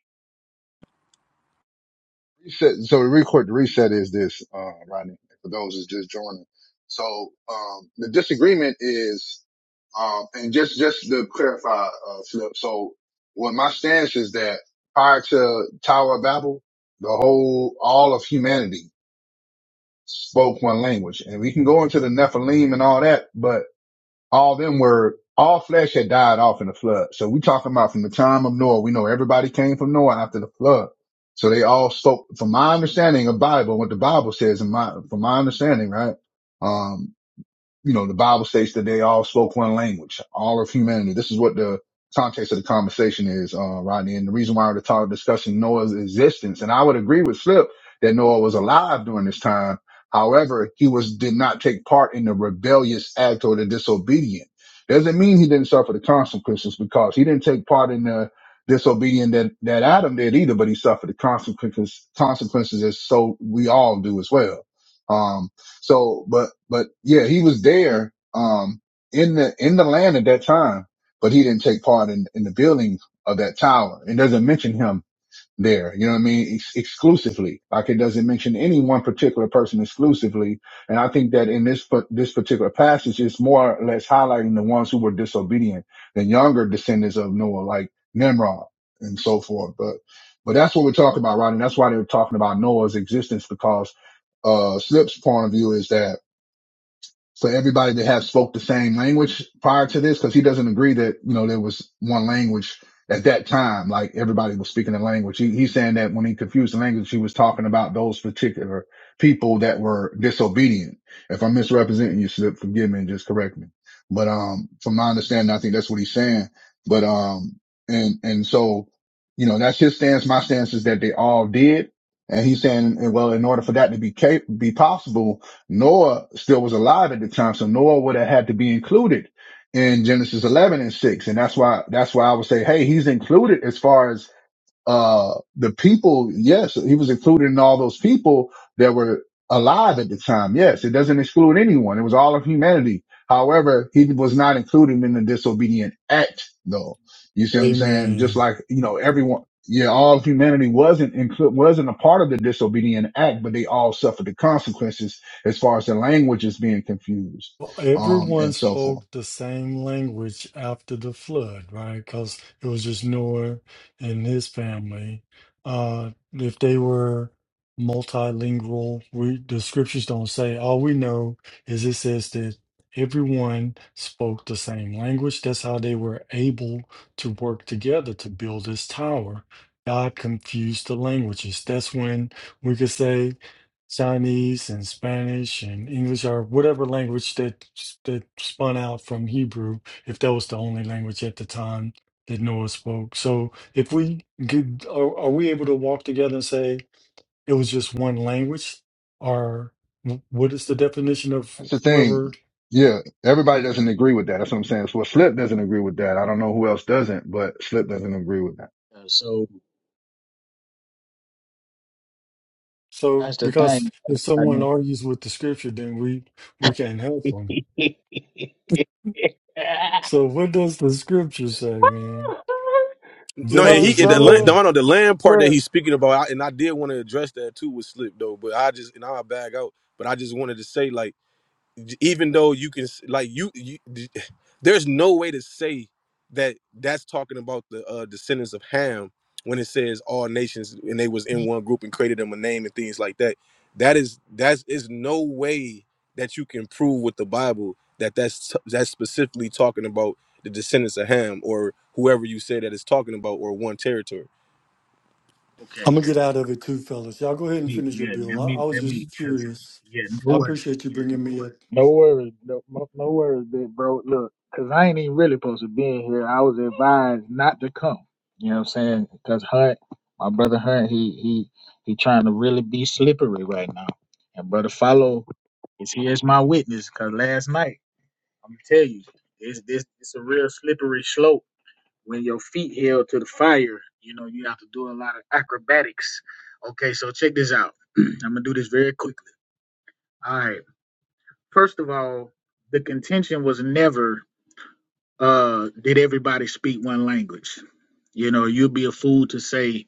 A: Reset- So the record the reset is this, uh, Rodney, for those who's just joining. So, um, the disagreement is, um, and just, just to clarify, uh, Flip. So what my stance is that prior to Tower of Babel, the whole, all of humanity spoke one language and we can go into the Nephilim and all that, but all them were all flesh had died off in the flood. So we talking about from the time of Noah. We know everybody came from Noah after the flood. So they all spoke from my understanding of Bible, what the Bible says in my from my understanding, right? Um you know, the Bible states that they all spoke one language, all of humanity. This is what the context of the conversation is, uh, Rodney. And the reason why we're talk, discussing Noah's existence, and I would agree with Flip that Noah was alive during this time. However, he was did not take part in the rebellious act or the disobedient. Doesn't mean he didn't suffer the consequences because he didn't take part in the disobedient that, that Adam did either, but he suffered the consequences, consequences as so we all do as well. Um, so, but, but yeah, he was there, um, in the, in the land at that time, but he didn't take part in, in the building of that tower. It doesn't mention him there. You know what I mean? Ex- exclusively. Like it doesn't mention any one particular person exclusively. And I think that in this, pa- this particular passage, it's more or less highlighting the ones who were disobedient, the younger descendants of Noah, like Nimrod and so forth. But, but that's what we're talking about, right? And that's why they were talking about Noah's existence because, uh, Slip's point of view is that so everybody that has spoke the same language prior to this, because he doesn't agree that, you know, there was one language at that time, like everybody was speaking the language. He, he's saying that when he confused the language, he was talking about those particular people that were disobedient. If I'm misrepresenting you, Slip, forgive me and just correct me. But, um, from my understanding, I think that's what he's saying. But, um, and, and so, you know, that's his stance. My stance is that they all did. And he's saying, well, in order for that to be cap- be possible, Noah still was alive at the time, so Noah would have had to be included in Genesis 11 and 6. And that's why, that's why I would say, hey, he's included as far as uh, the people, yes, he was included in all those people that were alive at the time. Yes, it doesn't exclude anyone. It was all of humanity. However, he was not included in the disobedient act though. You see what I'm saying? Just
I: Amen.
A: like, you know, everyone, yeah, all of humanity wasn't included, wasn't a part of the disobedient act, but they all suffered the consequences as far as the languages being confused,
I: Well,
A: um,
I: Everyone
A: and so forth.
I: spoke the same language after the flood, right? Because it was just Noah and his family. Uh, if they were multilingual, we the scriptures don't say. All we know is it says that everyone spoke the same language. That's how they were able to work together to build this tower. God confused the languages. That's when we could say. Chinese and Spanish and English or whatever language that that spun out from Hebrew, if that was the only language at the time that Noah spoke. So if we could, are, are we able to walk together and say it was just one language, or wh- what is the definition of
A: That's the thing.
I: whoever?
A: Yeah, everybody doesn't agree with that. That's what I'm saying. So Slip doesn't agree with that. I don't know who else doesn't, but Slip doesn't agree with that.
H: Uh, so
I: So
H: that's the
I: because
H: thing.
I: if someone
H: brother.
I: argues with the scripture, then we we can't help them. So what does the scripture say, man?
E: No, and he
H: So
I: Genesis
H: so
E: the land,
H: look
E: the,
I: eleven.
E: I know the land part that
H: look.
E: he's speaking about, I, and I did want to address that too with Slip though, but I just and I'll bag out. But I just wanted to say like even though you can s- like you, you there's no way to say that that's talking about the uh, descendants of Ham when it says all nations and they was in one group and created them a name and things like that. That is that's is no way that you can prove with the Bible that that's that's specifically talking about the descendants of Ham or whoever you say that is talking about or one territory.
H: okay.
I: I'm gonna get out of it too, fellas. Y'all go ahead and
H: Wait,
I: finish your
H: yeah,
I: bill.
H: let
I: I, I
H: me,
I: was
H: let me,
I: just
H: because,
I: curious.
H: yeah,
I: I
H: Lord.
I: appreciate you bringing me up.
H: No worries, no, no no worries, big bro. Look, cause I ain't even really supposed to be in here. I was advised not to come. You know what I'm saying? Cause Hunt, my brother Hunt, he he he trying to really be slippery right now. And brother Follow is here as my witness. Cause last night, I'm gonna tell you, it's this it's a real slippery slope. When your feet held to the fire, you know you have to do a lot of acrobatics. Okay, so check this out. I'm gonna do this very quickly. All right. First of all, the contention was never uh, did everybody speak one language. You know, you'd be a fool to say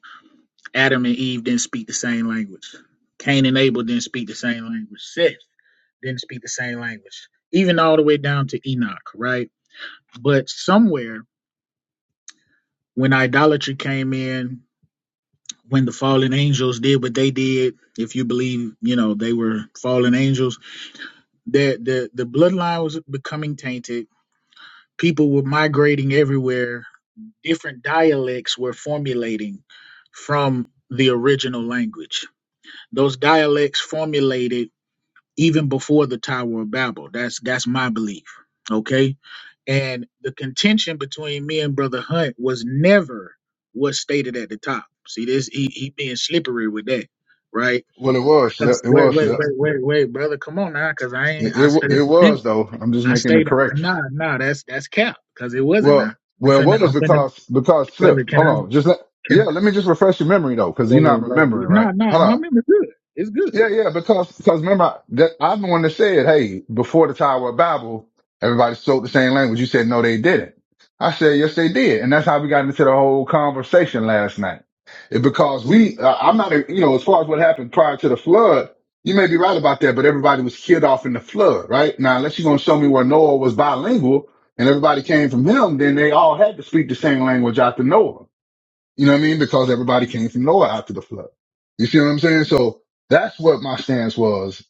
H: Adam and Eve didn't speak the same language. Cain and Abel didn't speak the same language. Seth didn't speak the same language, even all the way down to Enoch, right? But somewhere when idolatry came in, when the fallen angels did what they did, if you believe, you know, they were fallen angels, the the, the bloodline was becoming tainted people were migrating everywhere. Different dialects were formulating from the original language. Those dialects formulated even before the Tower of Babel. That's that's my belief. Okay. And the contention between me and Brother Hunt was never what's stated at the top. See this he he being slippery with that, right?
A: Well, it was Slip.
H: 'Cause-
A: It
H: Wait,
A: was
H: wait,
A: Slip.
H: wait, wait, wait, brother, come on now, because I
A: It,
H: ain't
A: it,
H: I
A: wa-
H: studied
A: it was though. I'm just
H: I
A: making the
H: stayed.
A: correction.
H: Nah, nah, that's that's cap because it wasn't. Nah,
A: Well,
H: I'm
A: well,
H: finna,
A: it was
H: I'm finna,
A: because because
H: brother.
A: Slip.
H: Can
A: Hold
H: I?
A: on. Just let,
H: Can
A: yeah. Let me just refresh your memory though,
H: I?
A: because you're not
H: Oh, brother.
A: remembering, right?
H: Nah, nah,
A: Hold on.
H: my memory's good. It's good.
A: Yeah, yeah, because because remember that I'm the one that said, hey, before the Tower of Babel, everybody spoke the same language. You said no, they didn't. I said yes, they did, and that's how we got into the whole conversation last night. It, because we, uh, I'm not, a- you know, as far as what happened prior to the flood, you may be right about that, but everybody was killed off in the flood, right? Now, unless you're gonna show me where Noah was bilingual and everybody came from him, then they all had to speak the same language after Noah. You know what I mean? Because everybody came from Noah after the flood. You see what I'm saying? So that's what my stance was.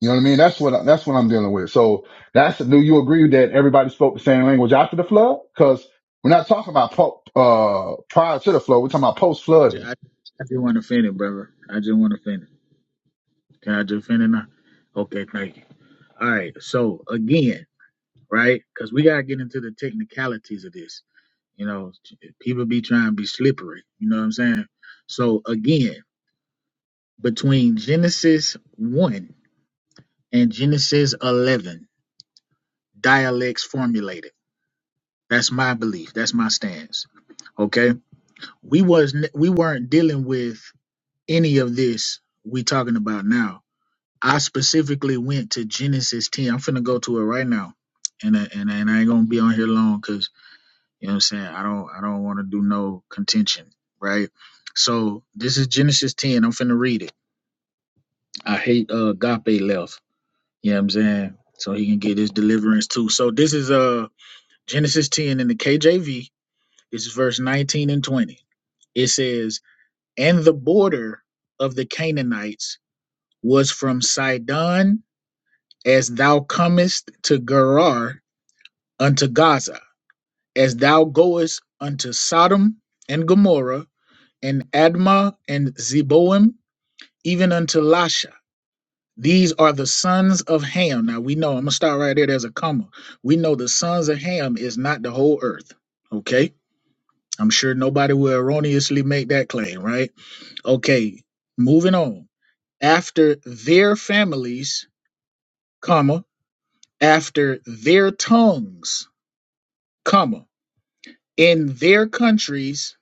A: You know what I mean? That's what I, that's what I'm dealing with. So that's do you agree that everybody spoke the same language after the flood? Because we're not talking about po- uh prior to the flood. We're talking about post
H: J-
A: flood.
H: I, I just want to finish, brother. I just want to finish. Can I just finish now? Okay, thank you. All right. So again, right? Because we gotta get into the technicalities of this. You know, people be trying to be slippery. You know what I'm saying? So again, between Genesis one and Genesis eleven, dialects formulated That's my belief. That's my stance. Okay, we was not we weren't dealing with any of this we talking about now. I specifically went to Genesis ten. I'm finna go to it right now, and I- and I- and I ain't gonna be on here long because you know what I'm saying. I don't I don't want to do no contention, right? So this is Genesis ten. I'm finna read it. I hate uh Agape left. You know what I'm saying. So he can get his deliverance too. So this is uh Genesis ten in the KJV This is verse 19 and 20. It says, And the border of the Canaanites was from Sidon as thou comest to Gerar unto Gaza, as thou goest unto Sodom and Gomorrah, and Admah and Zeboim, even unto Lasha. These are the sons of Ham. Now we know, I'm going to start right there. There's a comma. We know the sons of Ham is not the whole earth. Okay? I'm sure nobody will erroneously make that claim, right? Okay, moving on. After their families, comma, after their tongues, comma, in their countries,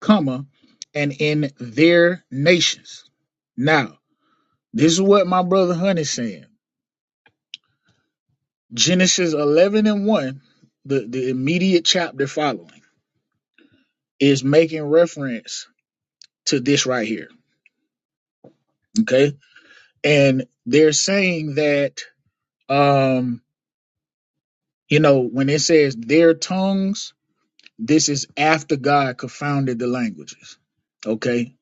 H: comma, and in their nations. Now, this is what my brother Honey's saying. Genesis 11 and 1, the, the immediate chapter following, is making reference to this right here. Okay. And they're saying that, um, you know, when it says their tongues, This is after God confounded the languages. Okay.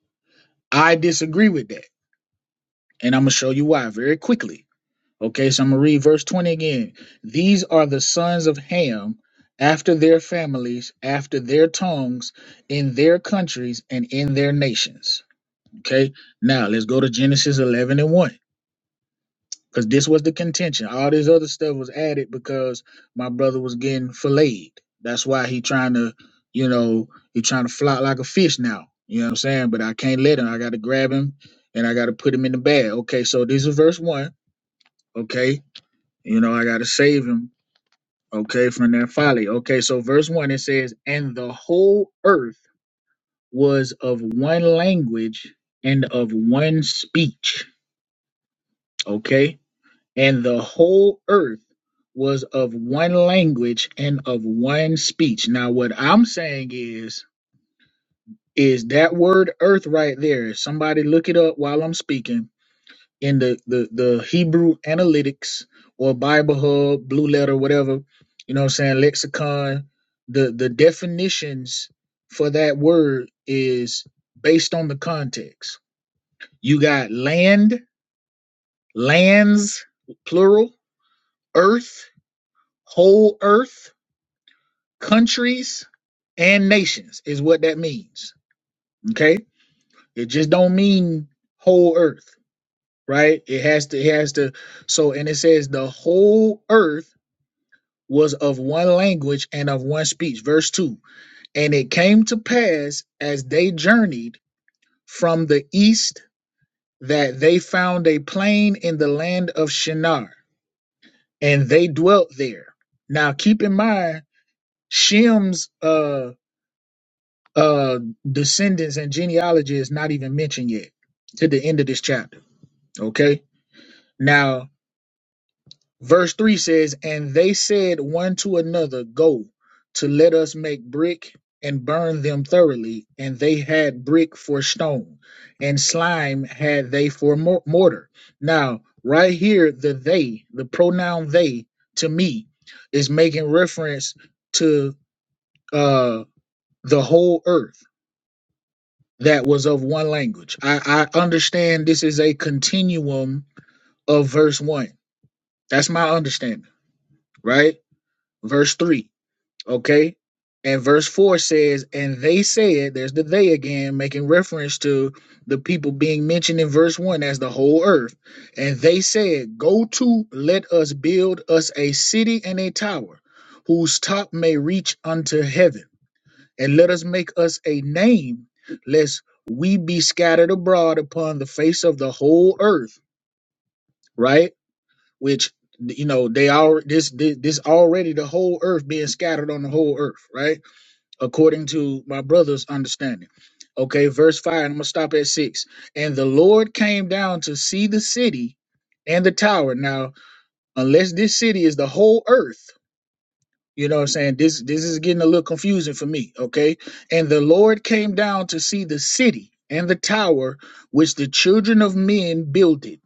H: I disagree with that. And I'm going to show you why very quickly. Okay. So I'm going to read verse 20 again. These are the sons of Ham after their families, after their tongues, in their countries, and in their nations. Okay. Now let's go to Genesis 11 and 1. Because this was the contention. All this other stuff was added because my brother was getting filleted. That's why he trying to, you know, he trying to flop like a fish now. You know what I'm saying? But I can't let him. I got to grab him and I got to put him in the bag. Okay, so this is verse one. Okay, you know, I got to save him. Okay, from that folly. Okay, so verse one it says, and the whole earth was of one language and of one speech. Okay And the whole earth was of one language and of one speech. Now, what I'm saying is, is that word earth right there. Somebody look it up while I'm speaking in the, the, the Hebrew analytics or Bible Hub, Blue Letter, whatever, you know what I'm saying, lexicon. The, the definitions for that word is based on the context. You got land, lands, plural, earth, whole earth countries and nations is what that means. Okay, it just don't mean whole earth, right? It has to, it has to. So, and it says the whole earth was of one language and of one speech. Verse two, and it came to pass as they journeyed from the east that they found a plain in the land of Shinar, and they dwelt there. Now, keep in mind, Shem's. uh uh descendants and genealogy is not even mentioned yet to the end of this chapter okay now verse 3 says and they said one to another go to let us make brick and burn them thoroughly and they had brick for stone and slime had they for mor- mortar now right here the they the pronoun they to me is making reference to uh the whole earth that was of one language. I, I understand this is a continuum of verse one. That's my understanding, right? Verse three, okay? And verse four says, and they said, there's the they again, making reference to the people being mentioned in verse one as the whole earth. And they said, go to, let us build us a city and a tower whose top may reach unto heaven and let us make us a name, lest we be scattered abroad upon the face of the whole earth, right? Which you know they are this this, this already the whole earth being scattered on the whole earth, right? According to my brother's understanding. Okay, verse five. and I'm gonna stop at six. And the Lord came down to see the city and the tower. Now, unless this city is the whole earth, you know what I'm saying? This this is getting a little confusing for me, okay? And the Lord came down to see the city and the tower which the children of men builded.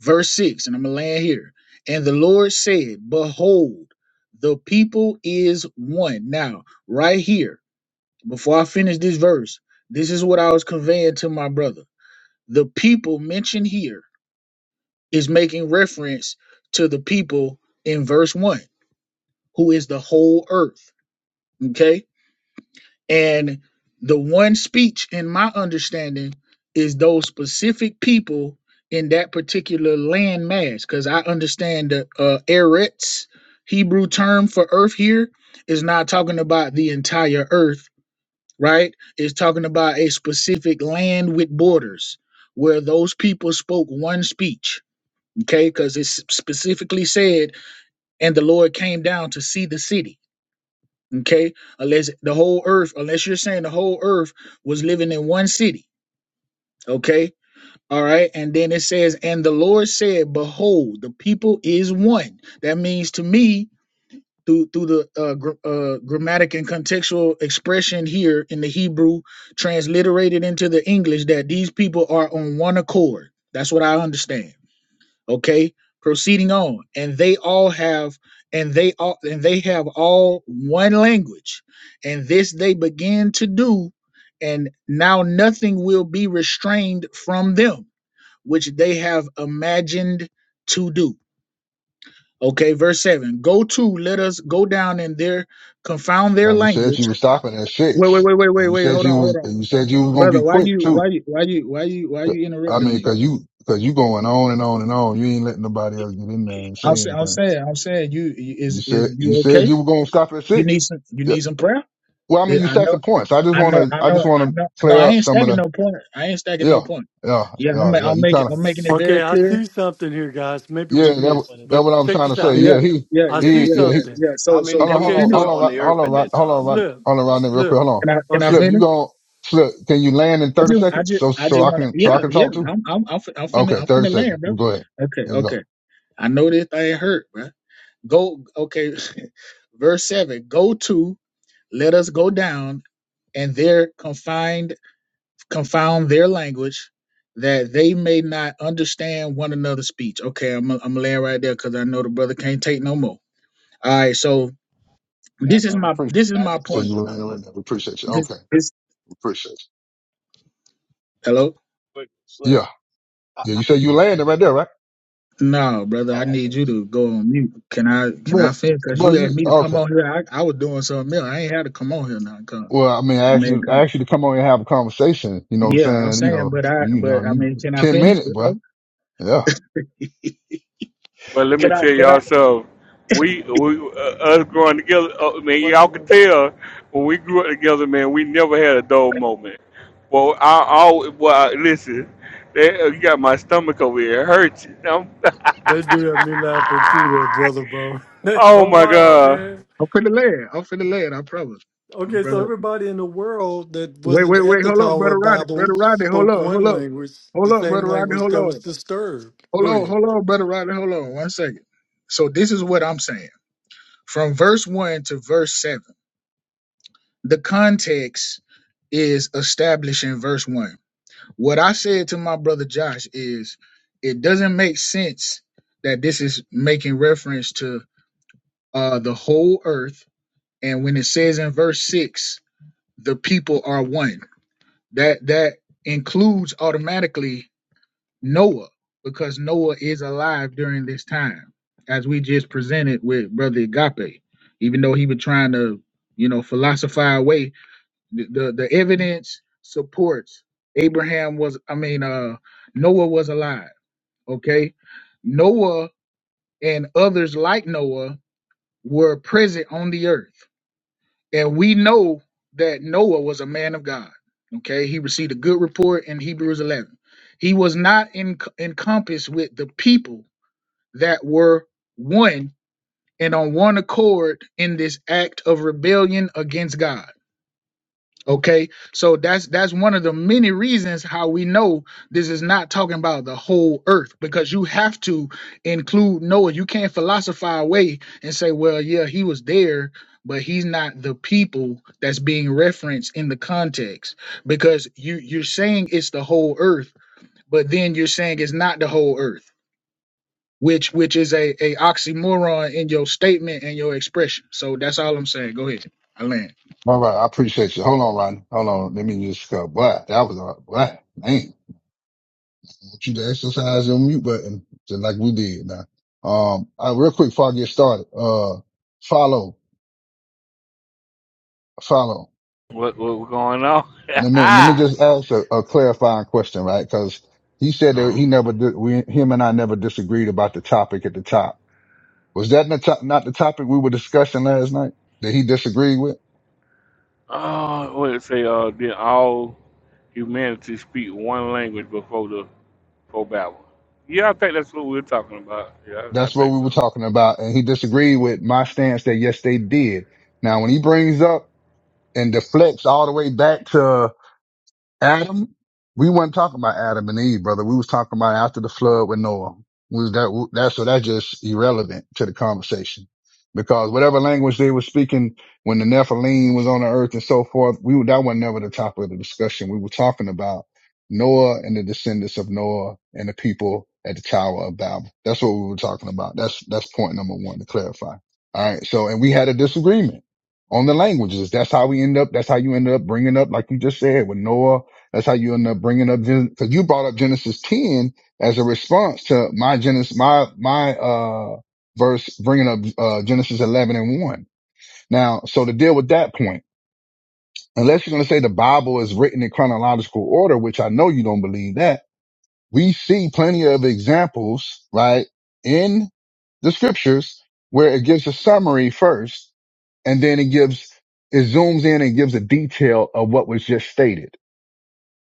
H: Verse 6, and I'm gonna land here. And the Lord said, Behold, the people is one. Now, right here, before I finish this verse, this is what I was conveying to my brother. The people mentioned here is making reference to the people in verse 1, who is the whole earth. Okay And the one speech, in my understanding, is those specific people in that particular land mass. Because I understand the uh, Eretz Hebrew term for earth here is not talking about the entire earth, right? It's talking about a specific land with borders where those people spoke one speech, okay? Because it's specifically said, and the Lord came down to see the city okay unless the whole earth unless you're saying the whole earth was living in one city okay all right and then it says and the lord said behold the people is one that means to me through through the uh, gr- uh grammatic and contextual expression here in the hebrew transliterated into the english that these people are on one accord that's what i understand okay proceeding on and they all have and they all and they have all one language and this they begin to do and now nothing will be restrained from them which they have imagined to do okay verse 7 go to let us go down in there confound
A: Now
H: their
A: you said you
H: language
A: was stopping at
H: wait wait
A: six,
H: wait wait
A: and
H: wait
A: you
H: wait
A: said
H: hold
A: you
H: on hold
A: was
H: on
A: and you said you was gonna be
H: brother why
A: quick
H: you
A: too.
H: why you why you why you why
A: But,
H: you
A: I
H: interrupting
A: mean,
H: me
A: cause
H: bro?
A: you cause you going on and on and on. You ain't letting nobody else get in there and
H: i'm
A: say
H: saying i'm
A: anything.
H: saying i'm saying you you-
A: You
H: is is
A: said you
H: you
A: said
H: okay
A: you were gonna stop at
H: You
A: six.
H: need some. You need some prayer.
A: Well, I mean,
H: Th-
A: you
H: I know.
A: stacking points. I just
H: I
A: want
H: know.
A: to,
H: I
A: I just
H: know. I
A: want to
H: know. No,
A: clear
H: I
A: up
H: ain't
A: some of
H: stacking
A: the,
H: no point. I ain't stacking
A: yeah,
H: no point.
A: yeah,
H: Yeah, I'm.
A: yeah,
H: ma-
A: yeah.
H: I'm
A: You
H: making.
A: kind of,
H: I'm making it
I: Okay,
H: very
I: I
H: clear.
I: see something here, guys. Maybe we
A: yeah, that, wa-
I: missed,
D: you.
A: that
I: but
A: what I'm
I: check
A: trying to
I: this
D: How
A: say.
I: out.
D: many?
H: Yeah.
A: Yeah, he,
H: Yeah.
I: I
H: Yeah.
A: he,
I: see
H: Yeah.
A: yeah,
H: Yeah.
A: he,
I: something.
H: Yeah.
D: How
H: So. So
D: many
A: hold on,
H: can I
A: hold
I: Okay,
A: on,
D: people
A: hold
H: finish?
D: were
I: so
A: on,
D: on
A: Rod-
D: the
A: hold
D: earth
A: on,
D: at
A: Rod-
D: that
A: hold on,
D: time, though?
A: Rod-
I: slip,
A: hold on, Rodney, real quick.
I: slip.
A: Hold on.
H: Can I? Can I
I: Okay,
A: Slip, you
H: finish?
A: going slip. Can you land in
H: I
A: 30
H: just. I
A: seconds?
H: just.
A: So,
H: I
A: so
H: just
A: I
H: want to.
A: can,
H: Yeah.
A: so I can
H: Yeah.
A: talk too.
H: I'm. I'm. I'm, fin- I'm finna.
A: Okay.
H: I'm
A: 30
H: finna
A: seconds.
H: land, bro.
A: Go ahead.
H: Okay.
A: There you go.
H: Okay. I know this thing hurt, bro. Go. Okay. Verse seven. Go to. Let us go down, and there confined. confound their language that they may not understand one another's speech. Okay, I'm I'm gonna land right there because I know the brother can't take no more. All right, so this
D: Guys,
H: is
A: Uh, we
H: my
A: appreciate
H: this is
D: guys,
H: my
D: a
A: you. So you
H: point.
D: question.
A: landed right there. We appreciate you.
H: This
A: Okay.
H: this
A: We appreciate
H: hello.
D: Quick,
A: you.
D: slick.
A: Yeah.
D: I,
A: Yeah.
D: I,
A: You said you landed right there, right?
H: No, brother, I
D: Oh, I
H: need
D: thought you
H: you
D: said.
H: to go on mute. Can I can I
A: But,
H: finish? Cause
A: but
H: you
A: you,
H: asked me to come
A: okay.
H: on here. I, I was doing something else. I ain't had to come on here now. come.
A: Well, I mean, I asked
H: man,
A: you, I
H: 'cause-
A: asked you to come on and have a conversation. You know what I'm
H: yeah, I'm
A: saying? You
H: saying,
A: know,
H: but I
A: you know,
H: but I
A: you
H: mean, can I
A: 10
H: finish?
A: minutes, bro.
H: though?
A: Yeah.
J: But let
H: Can
J: me
H: I
J: tell
H: can I?
J: y'all something. We, we uh, us growing together,
D: I got
J: uh,
D: a
J: man, y'all
D: Question,
J: could
D: man.
J: tell when we grew up together, man, we never had a dull moment. Well, I always, well, I- listen, that, uh, you got my stomach over here. It hurts. I'm,
I: they do have me laughing through there, brother, bro.
J: oh
I: oh
J: my
I: wow,
J: God.
I: man.
H: I'm finna land. I'm finna land. I promise, my
I: Okay, so
H: brother.
I: everybody in the world that
H: Wait,
I: wasn't
H: wait,
I: at
H: wait,
I: the
H: hold up,
I: Tower
H: brother
I: of
H: Rodney.
I: Babel
H: Brother Rodney, hold
I: spoke
H: up, hold
I: one
H: up.
I: language, the
H: Hold up,
I: same
H: brother Rodney.
I: language
H: Hold
I: that was
H: on.
I: disturbed.
H: Hold
I: Go
H: on.
I: ahead.
H: Hold on, brother Rodney. Hold on. One second. So this is what I'm saying. From verse one to verse seven, the context is established in verse one. What I said to my brother Josh is, it doesn't make sense that this is making reference to uh, the whole earth. And when it says in verse six, the people are one. That that includes automatically Noah because Noah is alive during this time, as we just presented with Brother Agape. Even though he was trying to, you know, philosophize away, the, the, the evidence supports Abraham was, I mean, uh, Noah was alive. Okay. Noah and others like Noah were present on the earth. And we know that Noah was a man of God. Okay, he received a good report in Hebrews 11. He was not in, encompassed with the people that were one and on one accord in this act of rebellion against God. Okay, so that's that's one of the many reasons how we know this is not talking about the whole earth because you have to include Noah. You can't philosophize away and say, well, yeah, he was there, but he's not the people that's being referenced in the context because you you're saying it's the whole earth, but then you're saying it's not the whole earth, which which is a, a oxymoron in your statement and your expression. So that's all I'm saying. Go ahead, I land.
A: All right. I appreciate you. Hold on, Rodney. Hold on. Let me just, go, boy, that was a, boy, man. I want you to exercise your mute button just like we did now. Um, I, real quick before I get started, uh, follow, follow.
J: What, what going
A: Let me, let me
J: on?
A: just ask a, a clarifying question, right? Cause he said that
J: Mm.
A: he never, di- we, him and I never disagreed about the topic at the top Was that not, to- not the topic we were discussing last night that he disagreed with?
J: oh, what it say? Uh, did all humanity speak one language before the before Babel? Yeah, I think that's what we're talking about. Yeah, I, I
A: That's what
J: think
A: we were
J: so.
A: talking about. And he disagreed with my stance that yes, they did. Now, when he brings up and deflects all the way back to Adam, we weren't talking about Adam and Eve, brother. We was talking about after the flood with Noah. We was that that so that's just irrelevant to the conversation because whatever language they were speaking when the Nephilim was on the earth and so forth, we were- that was never the topic of the discussion. We were talking about Noah and the descendants of Noah and the people at the Tower of Babel. That's what we were talking about. That's that's point number one to clarify. All right. So and we had a disagreement on the languages. That's how we end up. That's how you end up bringing up, like you just said, with Noah that's how you end up bringing up because you brought up Genesis 10 as a response to my Genesis, my, my, uh, verse bringing up, uh, Genesis 11 and 1. Now, so to deal with that point, unless you're going to say the Bible is written in chronological order, which I know you don't believe that, we see plenty of examples, right, in the scriptures where it gives a summary first and then it gives, it zooms in and gives a detail of what was just stated.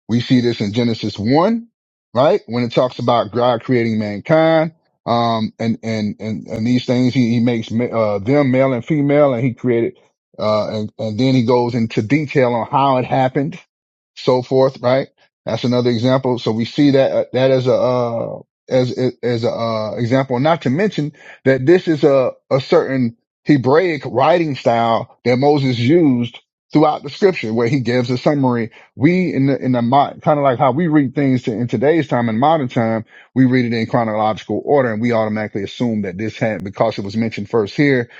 A: We see this in Genesis one, right? When it talks about God creating mankind, um, and and and and these things, he, he makes ma- uh them male and female, and he created, uh, and and then he goes into detail on how it happened, so forth, right? That's another example. So we see that uh, that as a uh as as a uh, example, not to mention that this is a a certain Hebraic writing style that Moses used throughout the scripture, where he gives a summary we in the in the kind of like how we read things to, in today's time in modern time we read it in chronological order and we automatically assume that this had because it was mentioned first here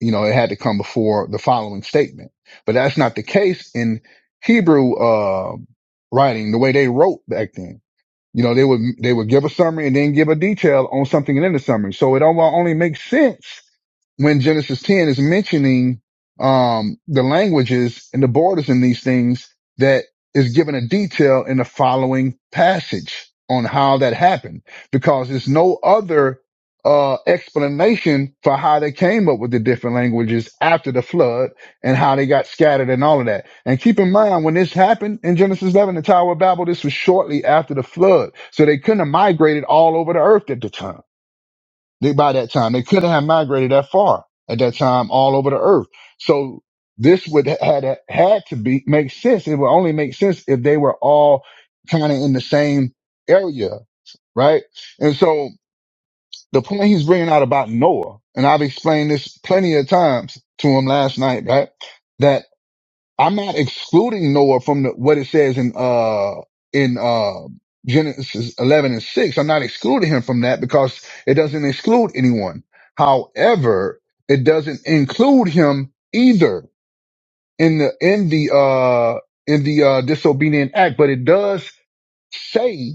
A: you know it had to come before the following statement but that's not the case in hebrew uh writing the way they wrote back then you know, they would they would give a summary and then give a detail on something in the summary. So it all only makes sense when Genesis 10 is mentioning um, the languages and the borders in these things that is given a detail in the following passage on how that happened, because there's no other uh, explanation for how they came up with the different languages after the flood and how they got scattered and all of that. And keep in mind, when this happened in Genesis 11, the Tower of Babel, this was shortly after the flood. So they couldn't have migrated all over the earth at the time. They, by that time, they couldn't have migrated that far at that time all over the earth. So this would had, had to be, make sense. It would only make sense if they were all kind of in the same area, right? And so the point he's bringing out about Noah, and I've explained this plenty of times to him last night, right? That I'm not excluding Noah from the, what it says in, uh, in, uh, Genesis 11 and 6. I'm not excluding him from that because it doesn't exclude anyone. However, it doesn't include him either in the, in the, uh, in the, uh, disobedient act, but it does say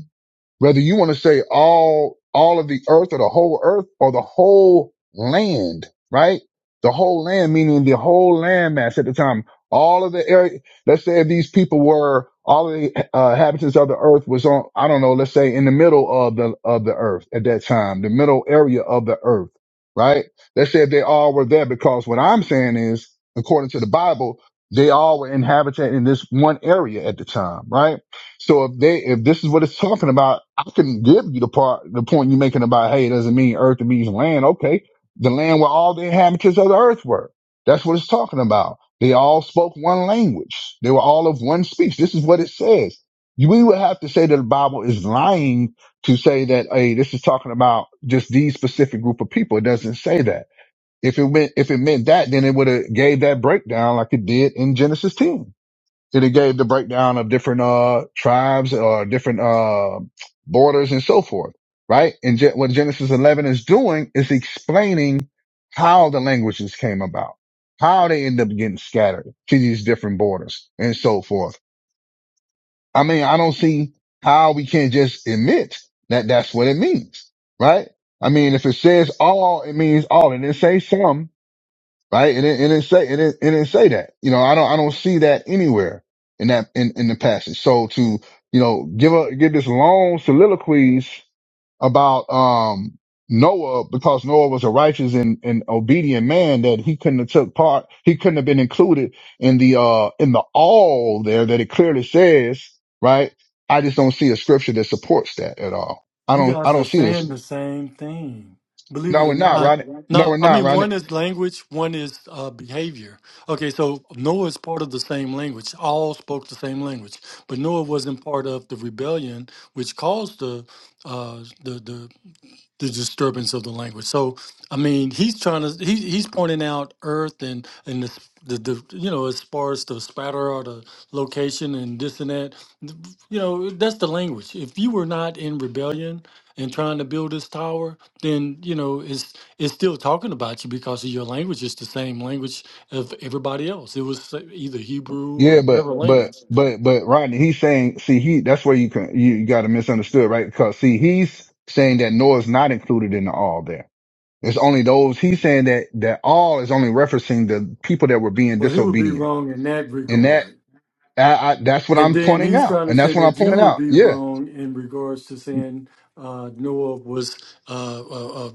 A: whether you want to say all, all of the earth or the whole earth or the whole land, right? The whole land, meaning the whole land mass at the time. All of the area, let's say if these people were, all of the uh, inhabitants of the earth was on, I don't know, let's say in the middle of the, of the earth at that time, the middle area of the earth, right? Let's say if they all were there because what I'm saying is, according to the Bible, they all were inhabited in this one area at the time, right? So if they if this is what it's talking about, I can give you the part the point you're making about hey, it doesn't mean earth it means land. Okay. The land where all the inhabitants of the earth were. That's what it's talking about. They all spoke one language. They were all of one speech. This is what it says. You- We would have to say that the Bible is lying to say that, hey, this is talking about just these specific group of people. It doesn't say that. If it meant if it meant that, then it would have gave that breakdown like it did in Genesis 10 and it gave the breakdown of different, uh, tribes or different, uh, borders and so forth, right? And Gen- what Genesis 11 is doing is explaining how the languages came about, how they end up getting scattered to these different borders and so forth. I mean, I don't see how we can't just admit that that's what it means, right? I mean, if it says all, it means all. It didn't say some right? And it, and it say, and it, and it say that, you know, I don't, I don't see that anywhere in that, in, in the passage. So to, you know, give a, give this long soliloquies about, um, Noah, because Noah was a righteous and, and obedient man that he couldn't have took part, he couldn't have been included in the, uh, in the all there that it clearly says, right? I just don't see a scripture that supports that at all. I
I: You
A: don't, I
I: guys
A: don't
I: are
A: see
I: saying
A: this.
I: the same thing. Believe
A: No,
I: it
A: we're
I: or
A: not,
I: not.
A: right? No, we're
I: No, I
A: not,
I: mean
A: right?
I: one is language, one is uh, behavior. Okay, so Noah is part of the same language. All spoke the same language, but Noah wasn't part of the rebellion, which caused the uh, the, the the disturbance of the language. So, I mean, he's trying to he, he's pointing out Earth and and the, s- the the you know as far as the spatter or the location and this and that. th- You know, that's the language. If you were not in rebellion and trying to build this tower, then you know it's it's still talking about you because of your language is the same language of everybody else. It was uh, either Hebrew or
A: Yeah, but
I: whatever
A: but
I: language.
A: but but Rodney, he's saying, see, he that's where you can you, you got to misunderstood, right? Because see, he's saying that Noah's not included in the all there. It's only those he's saying that that all is only referencing the people that were being
I: Well, he would be
A: disobedient,
I: wrong in that
A: and that
I: regard.
A: I, I that's what
I: And
A: I'm
I: then
A: pointing
I: he's
A: out,
I: trying to
A: and
I: say
A: that's what I'm
I: that you
A: pointing
I: would
A: out.
I: be
A: Yeah.
I: wrong in regards to saying uh, Noah was uh, uh, uh,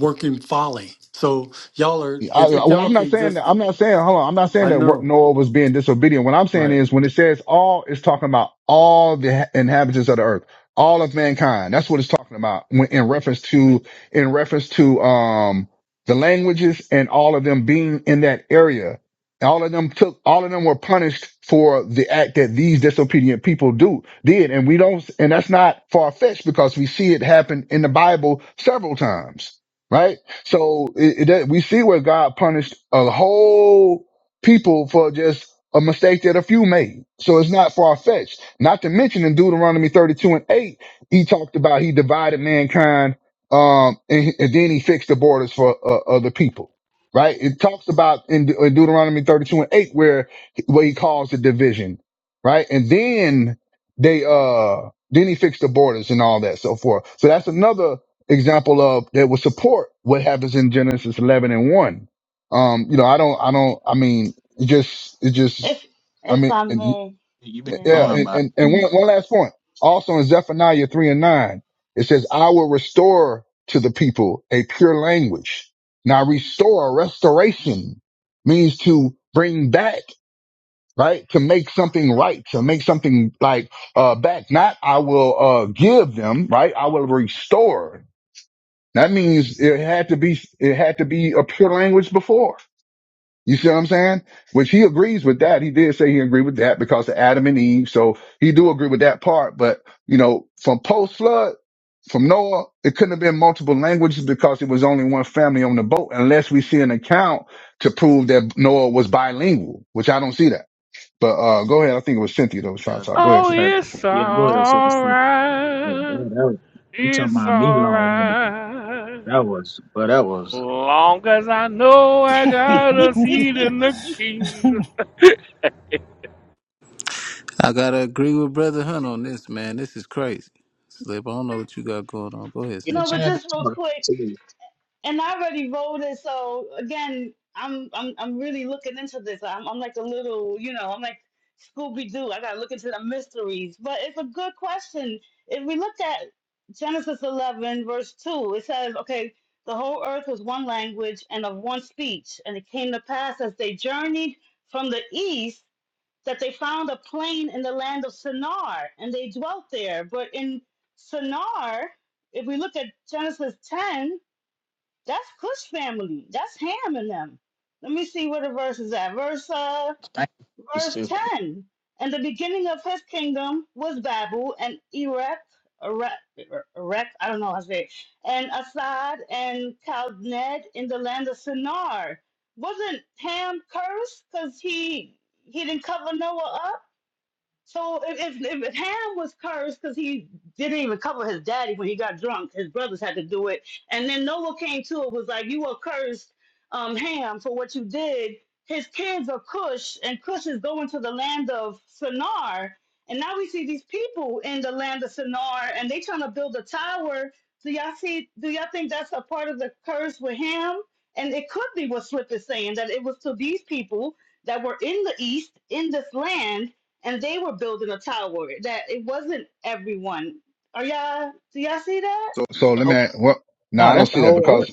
I: working folly. So y'all are,
A: I,
I: if, if
A: well,
I: y'all
A: I'm not
I: can
A: saying that.
I: just,
A: I'm not saying. Hold on. I'm not saying
I: I
A: that wor-
I: know,
A: Noah was being disobedient. What I'm saying
I: right?
A: is when it says all, it's talking about all the ha- inhabitants of the earth, all of mankind. That's what it's talking about when, in reference to in reference to um the languages and all of them being in that area. All of them took. All of them were punished for the act that these disobedient people do did, and we don't. And that's not far fetched because we see it happen in the Bible several times, right? So it, it, we see where God punished a whole people for just a mistake that a few made. So it's not far fetched. Not to mention in Deuteronomy 32 and 8, he talked about he divided mankind um, and, and then he fixed the borders for uh, other people. Right? It talks about in, De- in Deuteronomy 32 and 8 where where he calls the division, right? And then they uh then he fixed the borders and all that so forth. So that's another example of that would support what happens in Genesis 11 and 1. Um, you know, I don't, I don't, I mean, it just, it just,
C: If
A: I
C: if
A: mean,
C: I
A: and,
C: may,
H: You've been
A: yeah,
H: going
C: yeah.
A: and,
H: by.
A: and, and one, one last point. Also in Zephaniah 3 and 9, it says, I will restore to the people a pure language. Now restore, restoration means to bring back, right? To make something right, to make something like, uh, back. Not I will, uh, give them, right? I will restore that means it had to be it had to be a pure language before. You see what I'm saying? Which he agrees with that. He did say he agreed with that because of Adam and Eve. So he do agree with that part. But you know, from post flood, from Noah, it couldn't have been multiple languages because it was only one family on the boat, unless we see an account to prove that Noah was bilingual, which I don't see that. But uh go ahead. I think it was Cynthia that was
H: it.
A: trying to talk. Go ahead,
J: Oh,
A: Cynthia.
H: Hey,
J: it's
H: yeah, go ahead, and set the scene. Hey,
J: alright.
H: man, that was, you talking
J: It's
H: about me long winded.
J: alright.
H: That was, but that was.
J: Long as I know I got a seat in the kingdom.
K: I gotta agree with Brother Hunt on this, man. This is crazy. Slip, I don't know what you got going on. Go ahead,
H: Get a
C: no,
K: Cynthia.
C: but
H: chance
C: just
H: to
C: real
H: talk
C: quick.
H: to you.
C: and I already voted. So again, I'm I'm I'm really looking into this. I'm I'm like a little, you know, I'm like Scooby Doo. I gotta look into the mysteries. But it's a good question. If we look at Genesis 11 verse 2, it says, okay, the whole earth was one language and of one speech, and it came to pass as they journeyed from the east that they found a plain in the land of Shinar, and they dwelt there. But in Shinar, if we look at Genesis 10, that's Cush family. That's Ham and them. Let me see where the verse is at. Verse uh
H: Thank you. It's
C: verse
H: just-
C: ten. And the beginning of his kingdom was Babel and Erech, Erech, Erech I don't know how to say it, and Asad and Chaldned in the land of Sinar. Wasn't Ham cursed because he he didn't cover Noah up? So if if, if Ham was cursed because he didn't even cover his daddy when he got drunk, his brothers had to do it, and then Noah came to it was like, "You are cursed, um, Ham, for what you did." His kids are Cush, and Cush is going to the land of Sinar, and now we see these people in the land of Sinar, and they trying to build a tower. Do y'all see? Do y'all think that's a part of the curse with Ham? And it could be what Swift is saying that it was to these people that were in the east in this land and they were building a tower that it wasn't everyone. Are y'all do y'all see that?
A: So so
H: the
A: let
H: whole,
A: me what no,
H: no,
A: I don't
H: that's the
A: see that
H: whole earth.
A: because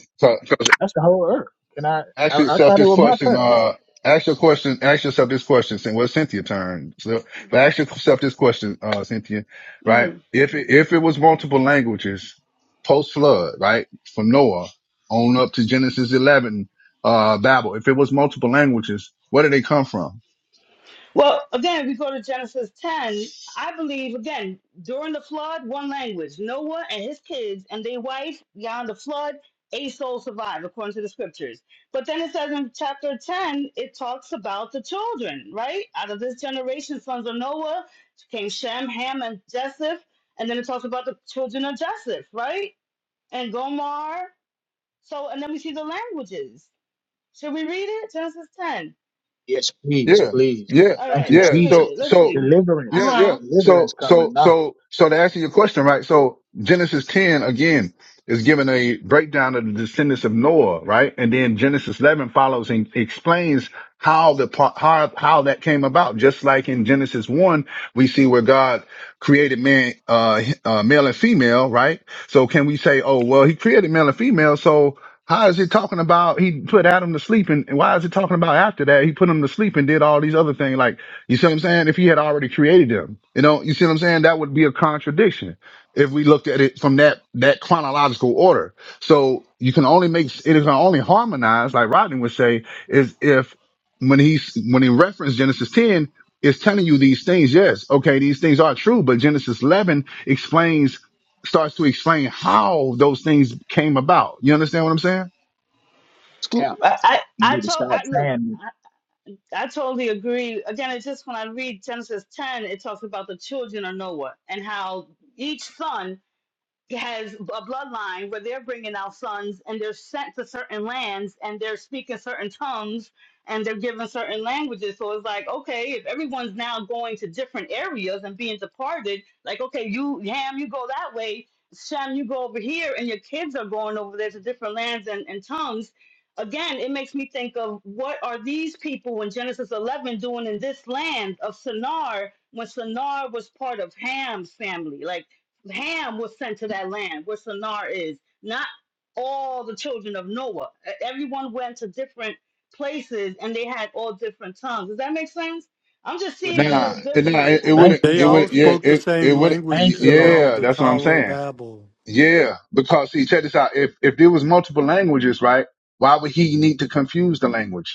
H: That's the whole earth. Can I,
A: Ask
H: I, I
A: yourself
H: thought it
A: this
H: was my
A: question.
H: turn.
A: Uh, ask your question. Ask yourself this question. Since well, Cynthia turned. So, but ask yourself this question, uh, Cynthia. Right?
C: hmm
A: If it, if it was multiple languages post flood, right, from Noah on up to Genesis eleven, uh, Babel. If it was multiple languages, where did they come from?
C: Well, again, we go to Genesis 10. I believe, again, during the flood, one language Noah and his kids and their wife, beyond the flood, a soul survived, according to the scriptures. But then it says in chapter 10, it talks about the children, right? Out of this generation, sons of Noah came Shem, Ham, and Japheth. And then it talks about the children of Japheth, right? And Gomar So, and then we see the languages. Should we read it? Genesis 10.
H: Yes, please,
A: Yeah,
H: please.
A: yeah,
C: All
H: Thank
C: right,
H: you,
C: let's
A: yeah.
C: read
H: Jesus.
A: So,
C: it. Let's
A: so,
C: read.
A: yeah,
H: Deliverance,
A: yeah.
C: Uh
H: deliverance
A: So,
H: coming
A: so,
H: now.
A: so, so to answer your question, right? So Genesis 10 again is given a breakdown of the descendants of Noah, right? And then Genesis 11 follows and explains how the par- how how that came about. Just like in Genesis 1, we see where God created man, uh, uh, male and female, right? So can we say, oh, well, he created male and female, so how is it talking about he put Adam to sleep and, and why is it talking about after that he put him to sleep and did all these other things? Like, you see what I'm saying? If he had already created him, you know, you see what I'm saying? That would be a contradiction if we looked at it from that, that chronological order. So you can only make, it can only harmonize, like Rodney would say, is if when he's, when he referenced Genesis 10, it's telling you these things. Yes. Okay. These things are true, but Genesis 11 explains, starts to explain how those things came about. You understand what I'm saying?
H: It's
C: huh.
H: cap.
C: I, I,
H: You
C: I
H: need to
C: told,
H: stop
C: I, look,
H: saying it.
C: I, I totally agree. Again, it's just when I read Genesis 10, it talks about the children of Noah and how each son has a bloodline where they're bringing out sons and they're sent to certain lands and they're speaking certain tongues and they're given certain languages. So it's like, okay, if everyone's now going to different areas and being departed, like, okay, you, Ham, you go that way, Shem, you go over here, and your kids are going over there to different lands and, and tongues. Again, it makes me think of what are these people in Genesis 11 doing in this land of Shinar when Shinar was part of Ham's family? Like, Ham was sent to that land where Shinar is, not all the children of Noah. E- Everyone went to different places and they had all different tongues. Does that make sense? I'm just
H: Word
C: seeing
H: to
C: it a
H: God.
A: Nah,
C: little
A: nah,
C: different.
A: it, it
C: I'm s-
H: Thank
A: wouldn't,
H: you,
I: They
A: it
H: Jesus.
I: all
A: would, yeah,
I: spoke the
A: it, it
I: same
A: would,
I: language
H: Thank you, Lord.
I: until
A: yeah,
I: the
A: that's what I'm
I: Tower of
A: saying.
I: Babel.
A: Yeah, because see, check this out. If if there was multiple languages, right? Why would he need to confuse the language?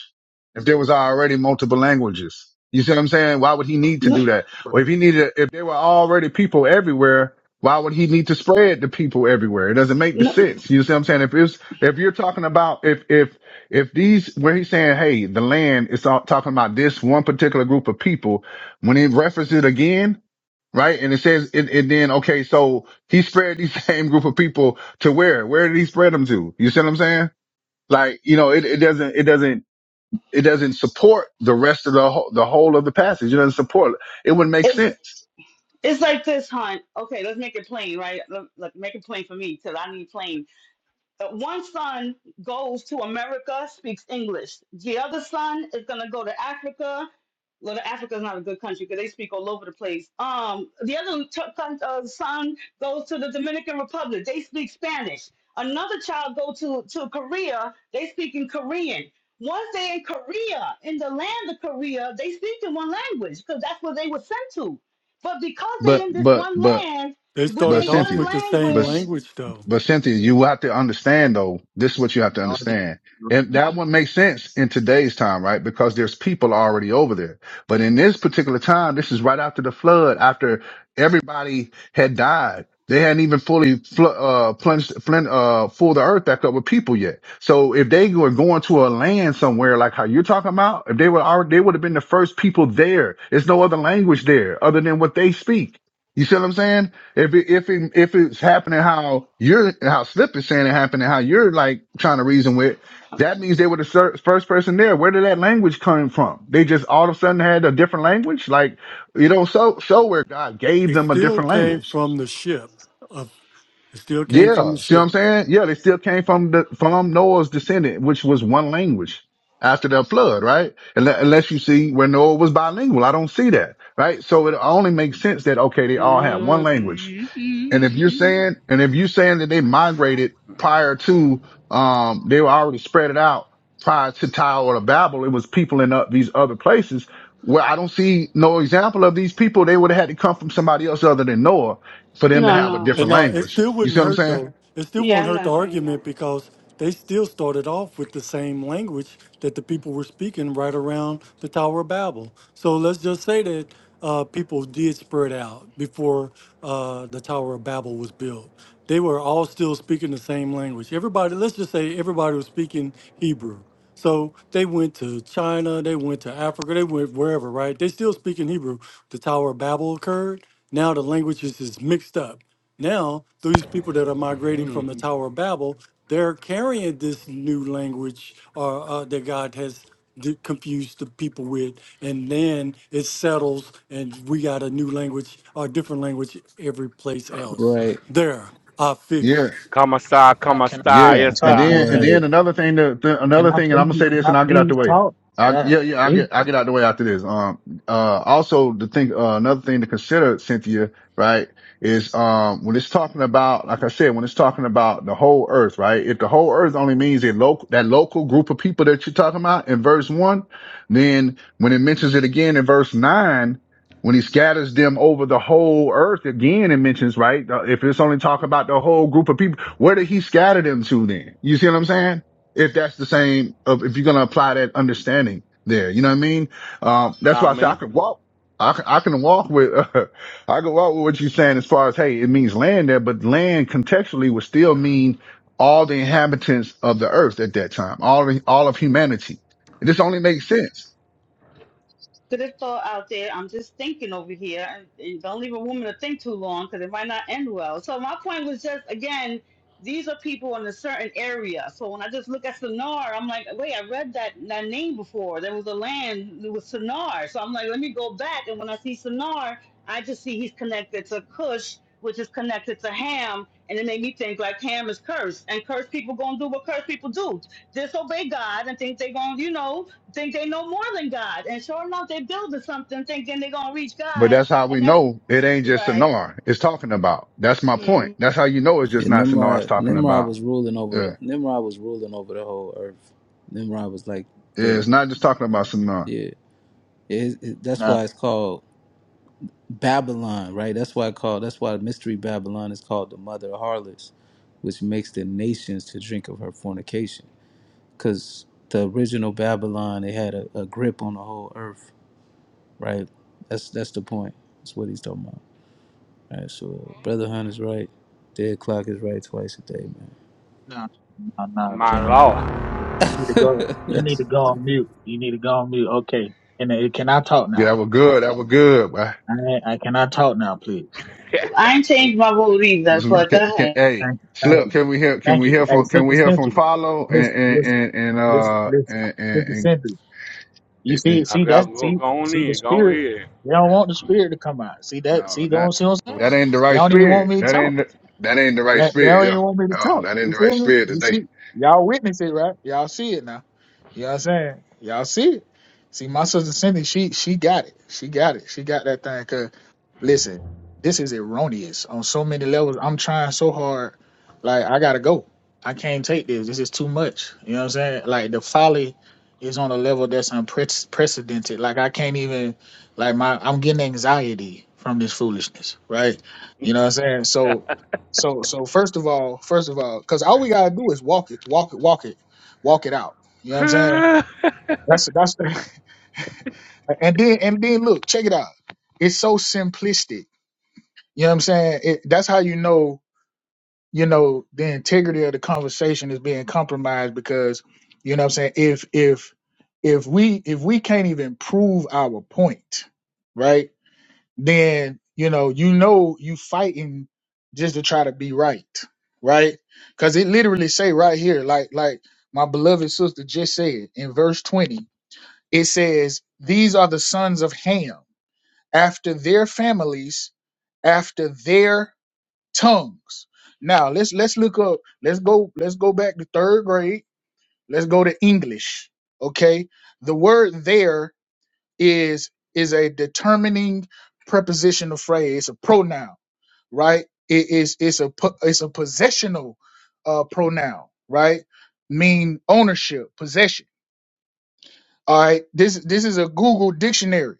A: If there was already multiple languages, you see what I'm saying? Why would he need to
C: no,
A: do that? Or if he needed, if there were already people everywhere, why would he need to spread the people everywhere? It doesn't make the
C: no.
A: sense. You see what I'm saying? If it's if you're talking about if if if these where he's saying, hey, the land is all talking about this one particular group of people. When he references it again, right? And it says, and, and then, okay, so he spread these same group of people to where? Where did he spread them to? You see what I'm saying? Like, you know, it, it doesn't, it doesn't, it doesn't support the rest of the whole, the whole of the passage. It doesn't support, it It wouldn't make
C: It's,
A: sense.
C: it's like this, hon. Okay, let's make it plain, right? Let, let- make it plain for me because I need plain. Uh, one son goes to America, speaks English. The other son is gonna go to Africa. Well, Africa is not a good country because they speak all over the place. Um, the other t- con- uh, son goes to the Dominican Republic. They speak Spanish. Another child goes to to Korea. They speak in Korean. Once they're in Korea, in the land of Korea, they speak in one language because that's what they were sent to. But because they're
A: But,
C: in this
A: but,
C: one
A: but,
C: land
I: They
C: with
A: but
I: started
C: their
I: off
C: one
A: Cynthia,
I: with the same
C: language,
A: but,
I: language, though.
A: But Cynthia, you have to understand though, this is what you have to
H: Can
A: understand. And that
C: I'm,
A: one makes sense in today's time, right? Because there's people already over there. But in this particular time, this is right after the flood, after everybody had died. They hadn't even fully fl- uh, plunged, flin- uh, full the earth back up with people yet. So if they were going to a land somewhere like how you're talking about, if they were already, they would have been the first people there. There's no other language there other than what they speak. You see what I'm saying? If it, if it, if it's happening how you're how Slip is saying it happened and how you're like trying to reason with, that means they were the ser- first person there. Where did that language come from? They just all of a sudden had a different language. Like you know, so so where God gave
I: It
A: them a
I: still
A: different
I: came
A: language.
I: from the ship. Of it still came from the
A: Yeah, see what I'm
I: ship.
A: saying? Yeah, they still came from the from Noah's descendant, which was one language after the flood, right? Unle- Unless you see where Noah was bilingual, I don't see that, right? So it only makes sense that okay, they all had one language and if you're saying, and if you're saying that they migrated prior to, um, they were already spread it out prior to Tower or Babel, it was people in uh, these other places where I don't see no example of these people. They would have had to come from somebody else other than Noah for them to
C: no,
A: have a
C: no.
I: And
A: different
I: no, it
A: language.
I: still
A: You
I: wouldn't
A: see what I'm
I: hurt
A: saying?
I: though. It still
C: Yeah,
I: won't
C: I'm
I: hurt the
C: not saying that.
I: argument because they still started off with the same language that the people were speaking right around the Tower of Babel. So let's just say that uh, people did spread out before uh, the Tower of Babel was built. They were all still speaking the same language. Everybody, let's just say everybody was speaking Hebrew. So they went to China, they went to Africa, they went wherever, right? They still speak in Hebrew. The Tower of Babel occurred. Now the languages is mixed up. Now, these people that are migrating from the Tower of Babel, they're carrying this new language or uh, that God has d- confused the people with, and then it settles, and we got a new language or different language every place else.
K: Right,
I: There, I
A: Yeah.
I: fixed
J: Come a star,
H: I
J: come a
H: can
J: star,
A: Yeah,
J: yes
A: and
H: talk
J: star.
A: then and
H: now?
A: then
K: right.
A: another thing that th- another
H: Can I
A: thing, and I'm
H: please?
A: gonna say
H: Can
A: this,
H: I
A: and I'll get out the
H: please
A: way.
H: talk?
A: I
H: Yeah,
A: yeah yeah I
H: please.
A: get I get out the way after this. Um uh also the thing uh, another thing to consider Cynthia right is um when it's talking about like I said when it's talking about the whole earth right if the whole earth only means a local that local group of people that you're talking about in verse one then when it mentions it again in verse nine when he scatters them over the whole earth again it mentions right uh, if it's only talking about the whole group of people where did he scatter them to then? You see what I'm saying? If that's the same, of if you're going to apply that understanding there, you know what I mean?
J: You
A: Um, that's
J: know what I
A: why I say I
J: mean?
A: could walk. I can, I can walk with, uh, I can walk with what you're saying as far as, hey, it means land there, but land contextually would still mean all the inhabitants of the earth at that time, all, of- all of humanity. This only makes sense.
C: Because it's all out there. I'm just thinking over here. And, and don't leave a woman to think too long because it might not end well. So my point was just, again, these are people in a certain area. So when I just look at Sinar, I'm like, wait, I read that, that name before. There was a land that was Sinar. So I'm like, let me go back. And when I see Sinar, I just see he's connected to Cush, which is connected to Ham. And it made me think like Ham is cursed. And cursed people going to do what cursed people do disobey God and think they're going to, you know, think they know more than God. And sure enough, they building something thinking they're gonna reach
A: But
C: God,
A: that's how we
C: and that's
A: know it ain't just
C: right.
A: Sonar it's talking about. That's my point.
C: Mhm.
A: That's how you know it's
K: Yeah,
A: just not Sonar it's
K: Nimrod,
A: talking
K: Nimrod
A: about.
K: was ruling over the
A: Yeah.
K: Nimrod was ruling over the whole earth. Nimrod was like
A: Yeah,
K: the
A: it's not just talking about Sonar.
K: yeah. It, it- that's
H: No,
K: why it's called Babylon, right? That's why I call that's why mystery Babylon is called the mother of harlots, which makes the nations to drink of her fornication. Because the original Babylon, it had a, a grip on the whole earth right? That's that's the point. That's what he's talking about. All Right. So uh, brother Hunt is right. Dead clock is right twice a day, man.
H: no, no, no,
J: My
H: Jimmy. You,
J: lord.
H: you need to- You need to go. You need
K: That's
H: to go on mute. You need to go on mute. Okay. And uh, can I talk
A: Yeah,
H: now?
A: that was good. That was good, man.
H: I, ain't- I can I talk now, please?
J: Yeah.
C: I ain't changed my vote either,
H: Thank
C: but go
H: you.
A: Can, can, hey,
H: Thank you. Thank
A: Slip,
H: you.
A: can we hear? Can
H: Thank
A: we hear
H: you. Hey,
A: from? Can
H: Sister
A: we hear from
H: Cynthia,
A: Follow and
H: listen,
A: and
H: listen,
A: and, and
H: listen,
A: uh
H: listen.
A: and and,
H: Sister
A: and,
H: Cynthia, you
A: and and-
H: see,
J: I
H: see
J: gotta
H: that,
J: go,
H: see,
J: go on
H: see the
J: in, go on
H: spirit.
J: in.
H: They don't want the spirit to come out. See that?
A: no,
H: See,
A: not
H: don't see what I'm saying?
A: that ain't the
H: They
A: right
H: don't even want
A: spirit.
H: me to
A: That
H: talk.
A: ain't the, that ain't the right
H: That they
A: spirit.
H: don't
A: Yeah,
H: even want me to
A: uh,
H: talk.
A: that ain't
H: You
A: the right
H: feel me?
A: spirit
H: You
A: today.
H: see, y'all witness it, right? Y'all see it now. You know what I'm saying? Y'all see it. See, my sister Cindy, she she got it. She got it. She got that thing. Listen, this is erroneous on so many levels. I'm trying so hard. Like, I gotta go. I can't take this. This is too much. You know what I'm saying? Like, the folly is on a level that's unprecedented. Like, I can't even, like, my, I'm getting anxiety from this foolishness, right? You know what I'm saying? So, so, so first of all, first of all, because all we gotta do is walk it, walk it, walk it, walk it out. You know what I'm saying? That's, that's, and then, and then look, check it out. It's so simplistic you know what I'm saying? It, that's how you know, you know, the integrity of the conversation is being compromised because, you know what I'm saying, if if if we if we can't even prove our point, right? Then, you know, you know you fighting just to try to be right, right? Cuz it literally say right here like like my beloved sister just said in verse 20, it says, "These are the sons of Ham after their families, after their tongues. Now let's let's look up. Let's go. Let's go back to third grade. Let's go to English. Okay. The word there is is a determining prepositional phrase. It's a pronoun, right? It is it's a po- it's a possessional uh, pronoun, right? Mean ownership, possession. All right. This this is a Google dictionary,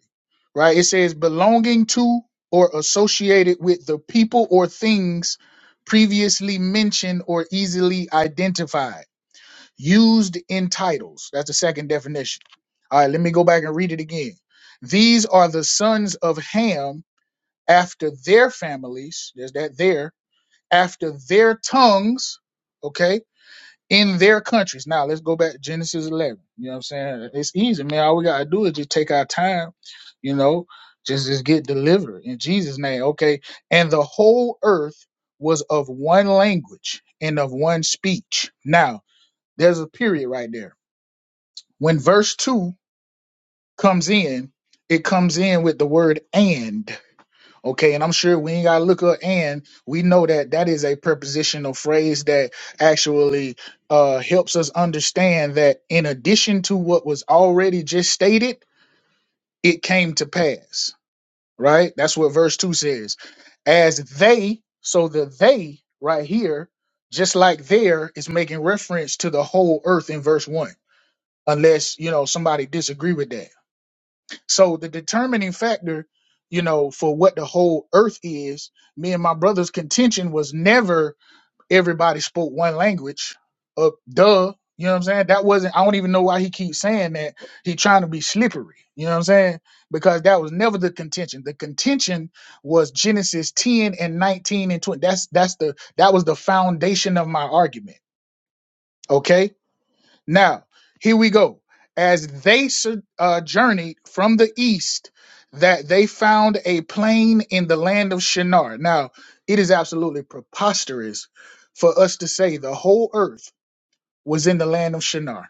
H: right? It says belonging to or associated with the people or things previously mentioned or easily identified. Used in titles. That's the second definition. All right, let me go back and read it again. These are the sons of Ham after their families. There's that there. After their tongues. Okay in their countries. Now let's go back to Genesis 11. You know what I'm saying? It's easy, man. All we gotta do is just take our time, you know, just just get delivered in Jesus' name. Okay, and the whole earth was of one language and of one speech. Now there's a period right there. When verse two comes in, it comes in with the word and. Okay, and I'm sure we ain't gotta look up and we know that that is a prepositional phrase that actually uh, helps us understand that in addition to what was already just stated, it came to pass. Right? That's what verse two says. As they, so the they right here, just like there, is making reference to the whole earth in verse one, unless you know somebody disagree with that. So the determining factor, you know, for what the whole earth is, me and my brother's contention was never everybody spoke one language. Uh, duh. You know what I'm saying? That wasn't I don't even know why he keeps saying that. He trying to be slippery. You know what I'm saying? Because that was never the contention. The contention was Genesis 10 and 19 and 20. That's that's the that was the foundation of my argument. Okay now, here we go. As they sur- uh, journeyed from the east, that they found a plain in the land of Shinar. Now, it is absolutely preposterous for us to say the whole earth was in the land of Shinar.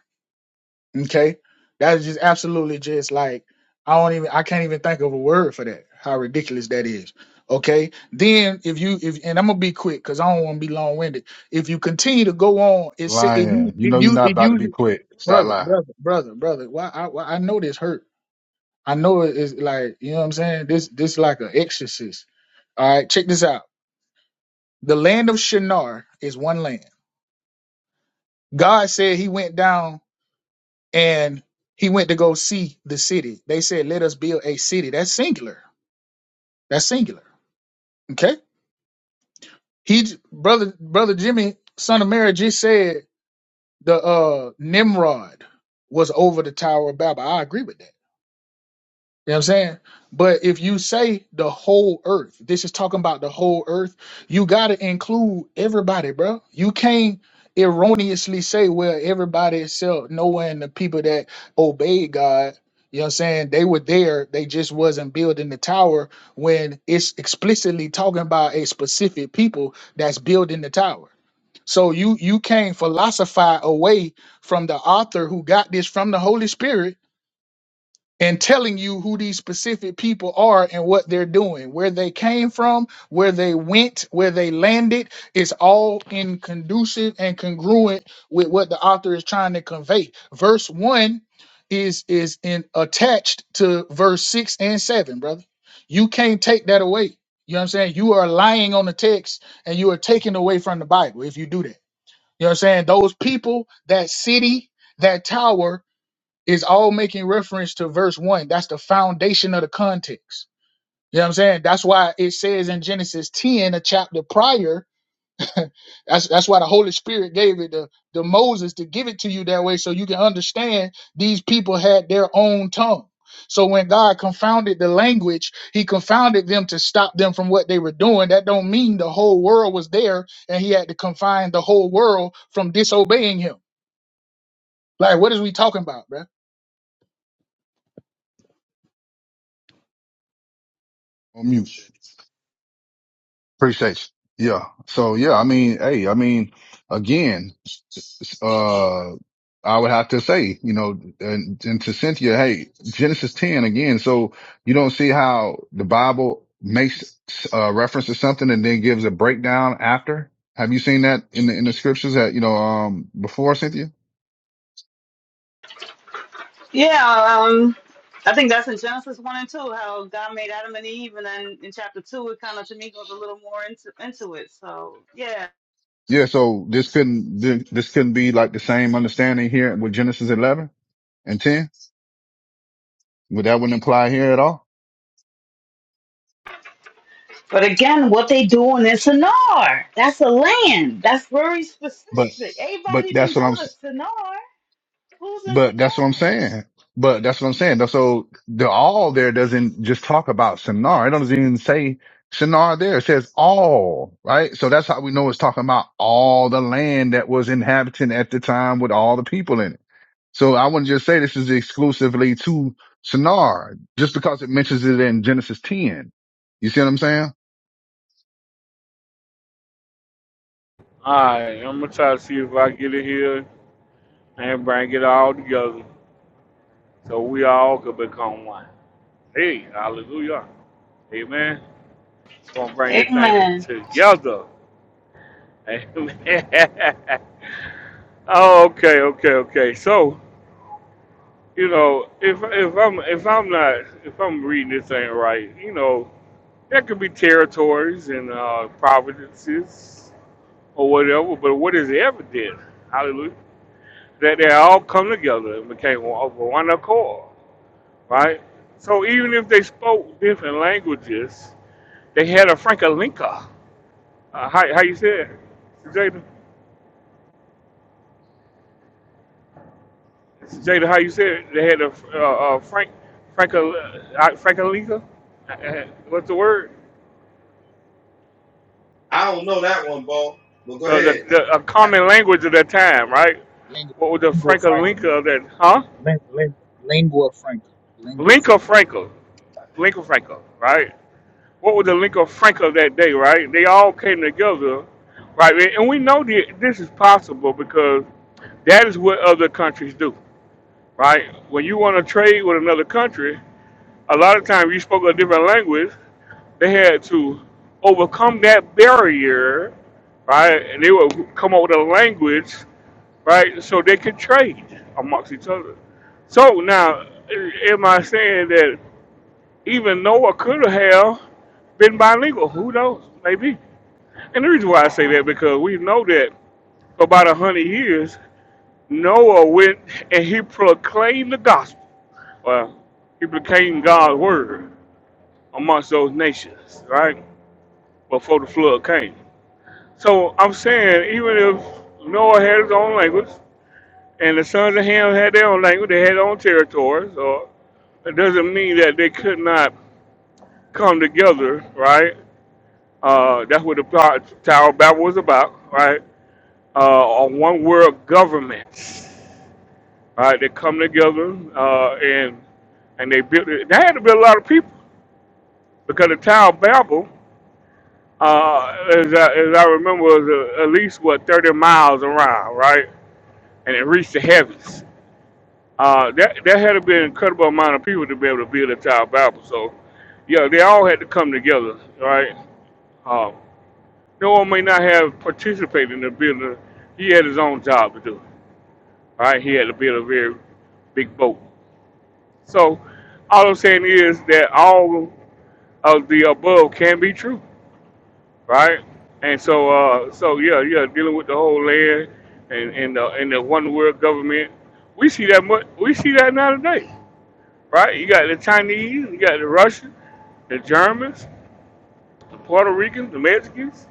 H: Okay, that is just absolutely just like I don't even I can't even think of a word for that. How ridiculous that is. Okay, then if you if and I'm gonna be quick because I don't want to be long winded. If you continue to go on, it say it,
A: Lying,
H: u-
A: you
H: it,
A: know you're
H: u-
A: not
H: it,
A: about to
H: uses
A: be quit. Stop
H: brother,
A: lying.
H: brother, brother, brother. Why I why, I know this hurt. I know it is like you know what I'm saying. This this like an exorcist. All right, check this out. The land of Shinar is one land. God said He went down and He went to go see the city. They said, "Let us build a city." That's singular. That's singular. Okay. He j- brother brother Jimmy son of Mary just said the uh Nimrod was over the Tower of Babel. I agree with that. You know what I'm saying? But if you say the whole earth, this is talking about the whole earth, you got to include everybody, bro. You can't erroneously say, well, everybody except Noah and the people that obeyed God, you know what I'm saying? They were there, they just wasn't building the tower when it's explicitly talking about a specific people that's building the tower. So you you can't philosophize away from the author who got this from the Holy Spirit and telling you who these specific people are and what they're doing, where they came from, where they went, where they landed. It's all in conducive and congruent with what the author is trying to convey. Verse one is is in attached to verse six and seven, brother. You can't take that away. You know what I'm saying? You are lying on the text and you are taking away from the Bible if you do that. You know what I'm saying? Those people, that city, that tower, is all making reference to verse 1. That's the foundation of the context. You know what I'm saying? That's why it says in Genesis 10, a chapter prior, that's that's why the Holy Spirit gave it to, to Moses to give it to you that way so you can understand these people had their own tongue. So when God confounded the language, he confounded them to stop them from what they were doing. That don't mean the whole world was there and he had to confine the whole world from disobeying him. Like what is we talking about, bruh?
A: On mute. Appreciate you. Yeah. So yeah, I mean, hey, I mean, again. uh, I would have to say, you know, and, and to Cynthia, hey, Genesis 10 again. So you don't see how the Bible makes uh, reference to something and then gives a breakdown after. Have you seen that in the, in the scriptures that, you know, um, before Cynthia?
C: Yeah, um, I think that's in Genesis one and two how God made Adam and Eve, and then in chapter two it kind of to me goes a little more into into it. So yeah,
A: Yeah. So this couldn't, thi- this couldn't be like the same understanding here with Genesis 11 and 10. Would that wouldn't apply here at all?
C: but again, what they doing in Sinar? That's a land. That's very specific.
A: But, but
C: Everybody
A: that's
C: didn't
A: what
C: go
A: I'm,
C: to Sinar. Who's in
A: But that's what I'm
C: Sinar?
A: saying. But that's what I'm saying. So the all there doesn't just talk about Shinar. It doesn't even say Shinar there. It says all, right? So that's how we know it's talking about all the land that was inhabited at the time with all the people in it. So I wouldn't just say this is exclusively to Shinar just because it mentions it in Genesis 10. You see what I'm saying?
J: Alright, I'm gonna try to see if I get it here and bring it all together so we all could become one. Hey, hallelujah. Amen. Gonna bring this thing
C: Amen.
J: together. Amen. Oh, okay, okay, okay. So, you know, if if I'm if I'm not if I'm reading this thing right, you know, there could be territories and uh, providences or whatever. But what is evident? Hallelujah. That they all come together and became one of one accord, right? So even if they spoke different languages, they had a Frankalinka. Uh, how how you said, Jada? Jada, how you said they had a uh, uh, Frank Frankel uh, Frankalinka? Uh, What's the word?
B: I don't know that one, Bo, but go
J: Uh, the
B: ahead.
J: the a common language of that time, right?
H: Lingua
J: What was the
H: lingua franca.
J: Frankalinka of that? Huh?
H: Lin- lin- Lingua franca. Lingua
J: Linka
H: franca.
J: Frankel, Linka Frankel, right? What was the Linka Frankel of that day, right? They all came together, right? And and we know that this is possible because that is what other countries do, right? When you want to trade with another country a lot of times you spoke a different language, they had to overcome that barrier, right? And they would come up with a language, right, so they could trade amongst each other. So now, am I saying that even Noah could have been bilingual? Who knows? Maybe. And the reason why I say that because we know that for about a hundred years, Noah went and he proclaimed the gospel. Well, he proclaimed God's word amongst those nations, right? Before the flood came. So I'm saying, even if Noah had his own language and the sons of Ham had their own language, they had their own territories, or it doesn't mean that they could not come together, right? Uh, that's what the Tower Tower of Babel was about, right? Uh, a one world government, right? They come together uh, and and they built it. They had to build a lot of people because the Tower of Babel uh, as, I, as I remember, it was uh, at least what 30 miles around, right? And it reached the heavens. Uh, that that had to be an incredible amount of people to be able to build a tower of Babel. So, yeah, they all had to come together, right? Uh, no one may not have participated in the building. He had his own job to do, right? He had to build a very big boat. So, all I'm saying is that all of the above can be true right? And so, uh, so yeah, yeah, dealing with the whole land and and the, and the one world government. We see that much. We see that now today, right? You got the Chinese, you got the Russians, the Germans, the Puerto Ricans, the Mexicans.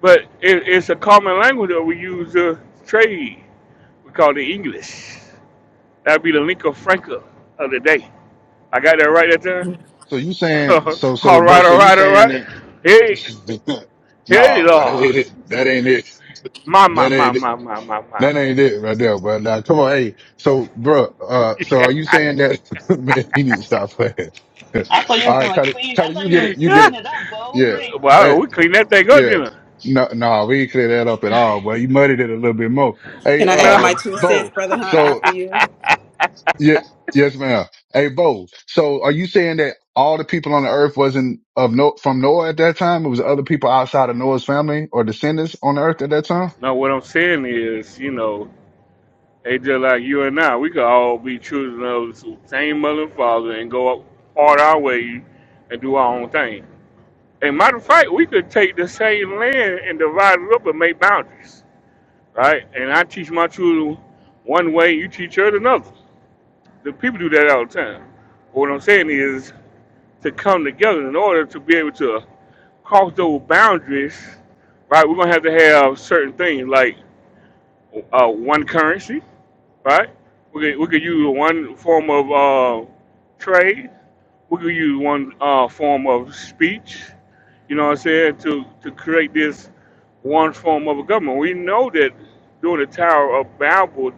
J: But it, it's a common language that we use to trade. We call it English. That'd be the lingua franca of the day. I got that right that time.
A: So you saying, so,
J: all
A: so, Bo,
J: right,
A: so
J: all
A: you
J: right, all
A: saying
J: right.
A: that,
J: Hey, hey,
A: nah, well, that ain't
J: Lord.
A: it. That ain't it.
J: My, my,
A: That
J: my,
A: ain't it.
J: my, my, my, my.
A: That ain't it right there, bro. Now, come on, hey. So, bro, uh, so are you saying that man? He need to stop playing.
C: I thought you was
A: All right,
C: gonna
A: Cuddy,
C: clean. I
A: Cuddy,
C: thought
A: you
C: you were
A: get
C: gonna
A: it, you get
J: yeah.
C: clean
A: it.
C: it up, Bo. You
A: Yeah,
C: ain't cleaned it
J: Well,
A: hey,
C: up.
J: we clean that thing up,
A: yeah.
J: didn't
A: No, no, we didn't clear that up at all, but you muddied it a little bit more. Hey,
F: can i
J: we?
F: add
J: No.
A: uh,
F: my two cents
A: Bo.
F: brother hunt
A: So,
F: after you
A: yeah, yes, ma'am. Hey, Bo. So, are you saying that all the people on the earth wasn't of no from Noah at that time? It was other people outside of Noah's family or descendants on the earth at that time?
J: no, what I'm saying is, you know, they just like you and I, we could all be children of the same mother and father and go up hard our way and do our own thing. And matter of fact, we could take the same land and divide it up and make boundaries, right? And I teach my children one way, you teach her another. The people do that all the time. What I'm saying is to come together in order to be able to cross those boundaries, right, we're gonna have to have certain things like uh, one currency, right? We could, we could use one form of uh, trade. We could use one uh, form of speech. You know what I'm saying? To to create this one form of a government. We know that during the Tower of Babel,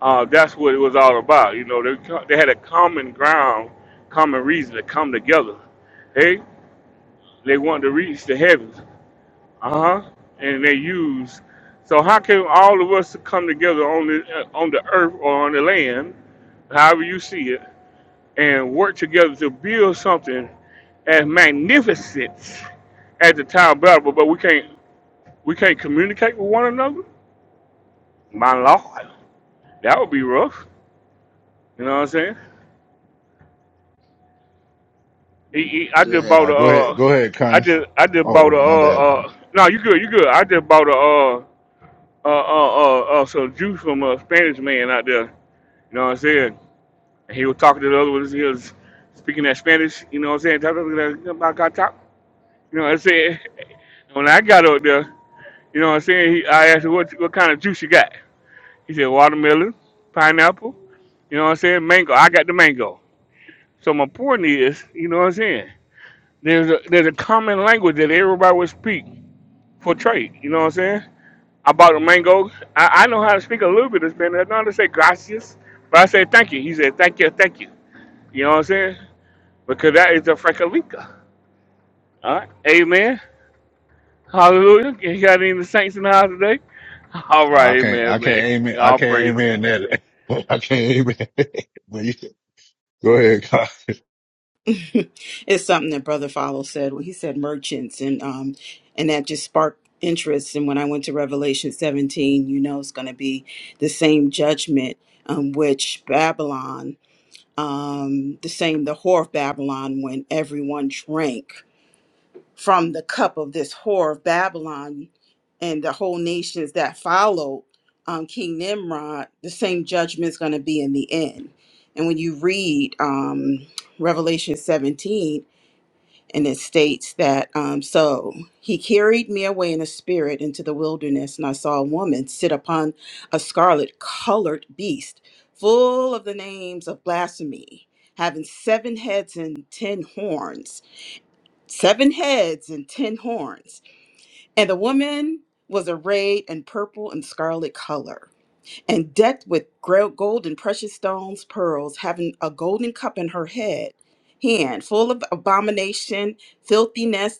J: uh, that's what it was all about. You know, they co- they had a common ground, common reason to come together. Hey, they wanted to reach the heavens Uh huh. And they use. So how can all of us come together on the uh, on the earth or on the land, however you see it, and work together to build something as magnificent as the Tower of Babel, but we can't we can't communicate with one another? My lord, that would be rough. You know what I'm saying? E- e- I
H: Still
J: just
H: had.
A: All
J: bought
A: right, go ahead,
J: a. Uh,
A: go ahead,
J: I
A: Connie.
J: just I just bought a.
A: Oh, my bad.
J: Uh, uh, no, you good, you good. I just bought a. Uh, uh, uh, uh, uh, some juice from a Spanish man out there You know what I'm saying? And he was talking to the other ones. He was speaking that Spanish. You know what I'm saying? Talk- talk- talk- talk- talk- talk. You know what I'm saying? When I got up there, you know what I'm saying? He, I asked him what what kind of juice you got. He said watermelon, pineapple. You know what I'm saying? Mango. I got the mango. So my point is, you know what I'm saying? There's a there's a common language that everybody would speak for trade. You know what I'm saying? I bought a mango. I, I know how to speak a little bit of Spanish. I know how to say gracias, but I say thank you. He said thank you, thank you. You know what I'm saying? because that is a Frekalika. All right. Amen. Hallelujah. You got any of the saints in the house today? All
A: Oh,
J: right.
A: I can't, I
J: Amen,
A: can't
J: man.
A: amen, I
J: All
A: can't
J: praise.
A: amen that. I can't amen. but you can- go ahead, God.
F: it's something that brother follow said when he said merchants and um and that just sparked interest and when i went to revelation 17 you know it's going to be the same judgment um, which babylon um, the same the whore of babylon when everyone drank from the cup of this whore of babylon and the whole nations that followed um, king nimrod the same judgment's going to be in the end and when you read um, revelation 17 and it states that um, so he carried me away in a spirit into the wilderness and i saw a woman sit upon a scarlet colored beast full of the names of blasphemy having seven heads and ten horns seven heads and ten horns and the woman was arrayed in purple and scarlet color and decked with gro- gold and precious stones pearls having a golden cup in her head hand full of abomination filthiness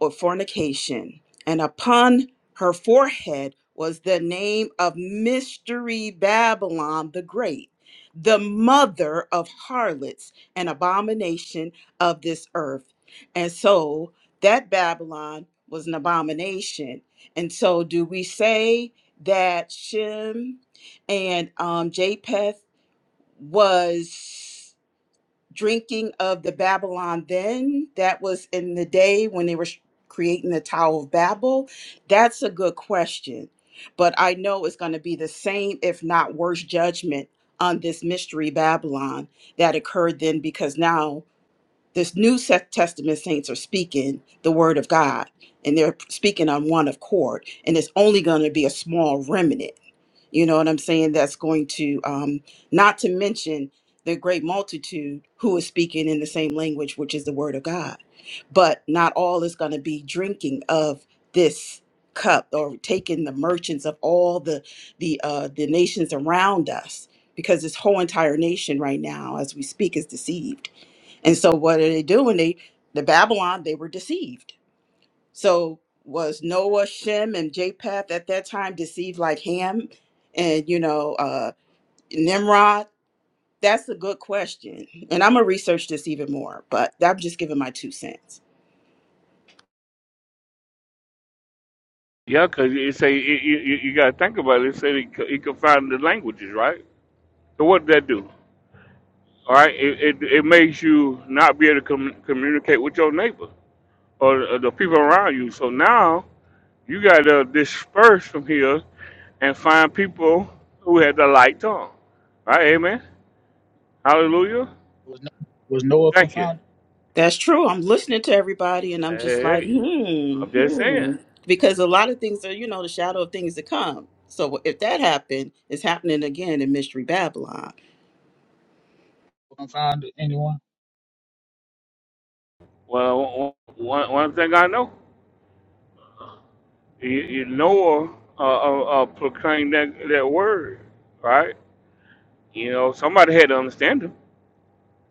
F: or fornication, and upon her forehead was the name of Mystery Babylon the Great, the mother of harlots and abomination of this earth. And so that Babylon was an abomination. And so, do we say that Shem and um, Japheth was? drinking of the Babylon then, that was in the day when they were sh- creating the Tower of Babel? That's a good question. But I know it's going to be the same, if not worse, judgment on this mystery Babylon that occurred then because now this New Se- Testament saints are speaking the word of God and they're speaking on one accord. And it's only going to be a small remnant you know what I'm saying? That's going to, um, not to mention the great multitude who is speaking in the same language, which is the word of God. But not all is going to be drinking of this cup or taking the merchants of all the the uh, the nations around us, because this whole entire nation right now, as we speak, is deceived. And so, what are they doing? They the Babylon, they were deceived so was Noah, Shem, and Japheth at that time deceived like Ham and you know uh, Nimrod? That's a good question, and I'm gonna research this even more. But I'm just giving my two cents.
J: Yeah, because you say you, you, you got to think about it. It said he, c- he can find the languages, right? So what did that do? All right. It, it, it makes you not be able to com- communicate with your neighbor or, the- or the people around you. So now you got to disperse from here and find people who had the light tongue. All right. Amen. Hallelujah.
H: Was, no, was Noah
J: Thank you.
H: confounded?
F: That's true. I'm listening to everybody and I'm
J: Hey,
F: just
J: hey.
F: like,
J: hey.
F: hmm,
J: I'm just saying.
F: hmm. Because a lot of things are, you know, the shadow of things to come. So if that happened, it's happening again in Mystery Babylon.
H: Confounded anyone?
J: Well, one, one thing I know, you, you Noah uh, uh, uh, proclaimed that, that word, right? You know, somebody had to understand him.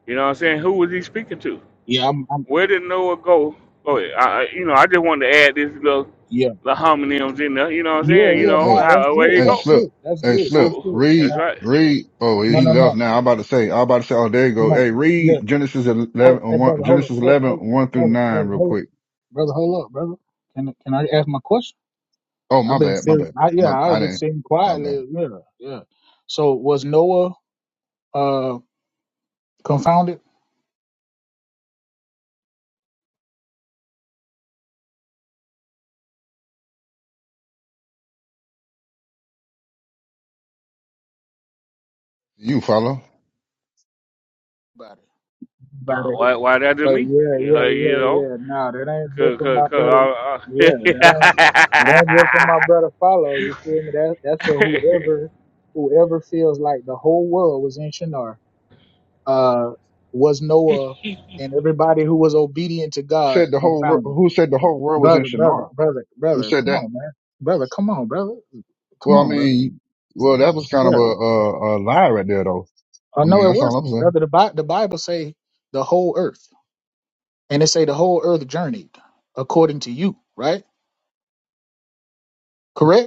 J: You know what I'm
H: Yeah,
J: saying? Who was he speaking to?
H: yeah, I'm, I'm.
J: Where did Noah go? Oh, yeah, I, I- you know, I just wanted to add this little,
H: Yeah,
J: little homonyms in there. You know what I'm
H: yeah,
J: saying? You
A: Hey,
H: yeah.
J: know,
A: hey,
H: No, that's
J: how, where
H: good.
J: he
A: hey,
H: That's
J: go?
A: Slip,
H: good. That's
A: hey,
H: good.
A: Slip,
H: That's
J: Who?
H: good. Can
A: read,
J: That's
H: I?
J: right.
A: read. Oh, he
H: No, no,
A: left
H: no.
A: now. I'm about to say, I'm about to say, oh, there you go.
H: No.
A: Hey,
H: Yeah.
A: read Genesis
H: Hold,
A: 11, uh,
H: hey, brother,
A: one,
H: hold up.
A: Genesis
H: Hold,
A: eleven
H: hold up,
A: one through
H: brother,
A: 9
H: brother,
A: real
H: hold up,
A: quick.
H: brother, hold up, brother. Can Can I ask my question?
A: Oh, my
H: I've been
A: bad, my
H: sitting.
A: bad.
H: I, yeah,
A: My,
H: I
A: I
H: was just
A: didn't,
H: sitting
A: my bad.
H: quietly. Yeah, yeah. So was Noah uh confounded?
A: You follow?
H: By
J: Uh,
H: it.
J: why, why that to
H: But
J: me?
H: yeah,
J: You
H: yeah,
J: know, you
H: yeah,
J: know,
H: yeah. Nah, that ain't just
J: cause,
H: for
J: cause,
H: my brother.
J: cause
H: Yeah, that ain't that ain't just for
J: I,
H: my brother. Follow you feel me? That that's for
J: I
H: whoever whoever feels like the whole world was in Shinar, uh, was Noah, and everybody who was obedient to God
A: Said the whole world,
H: confounded.
A: who said the whole world was in
H: Brother, brother,
A: Shinar?
H: brother,
A: Who
H: brother.
A: said
H: Come
A: that?
H: on, man. Brother, come on, brother. Come
A: Well, I
H: on, brother.
A: mean, well, that was kind of a,
H: Yeah.
A: a, a lie right there though.
H: Oh
A: I
H: no,
A: mean,
H: it
A: that's all
H: wasn't,
A: I'm saying.
H: brother. The Bible, the Bible say the whole earth, and it say the whole earth journeyed according to you, right? Correct.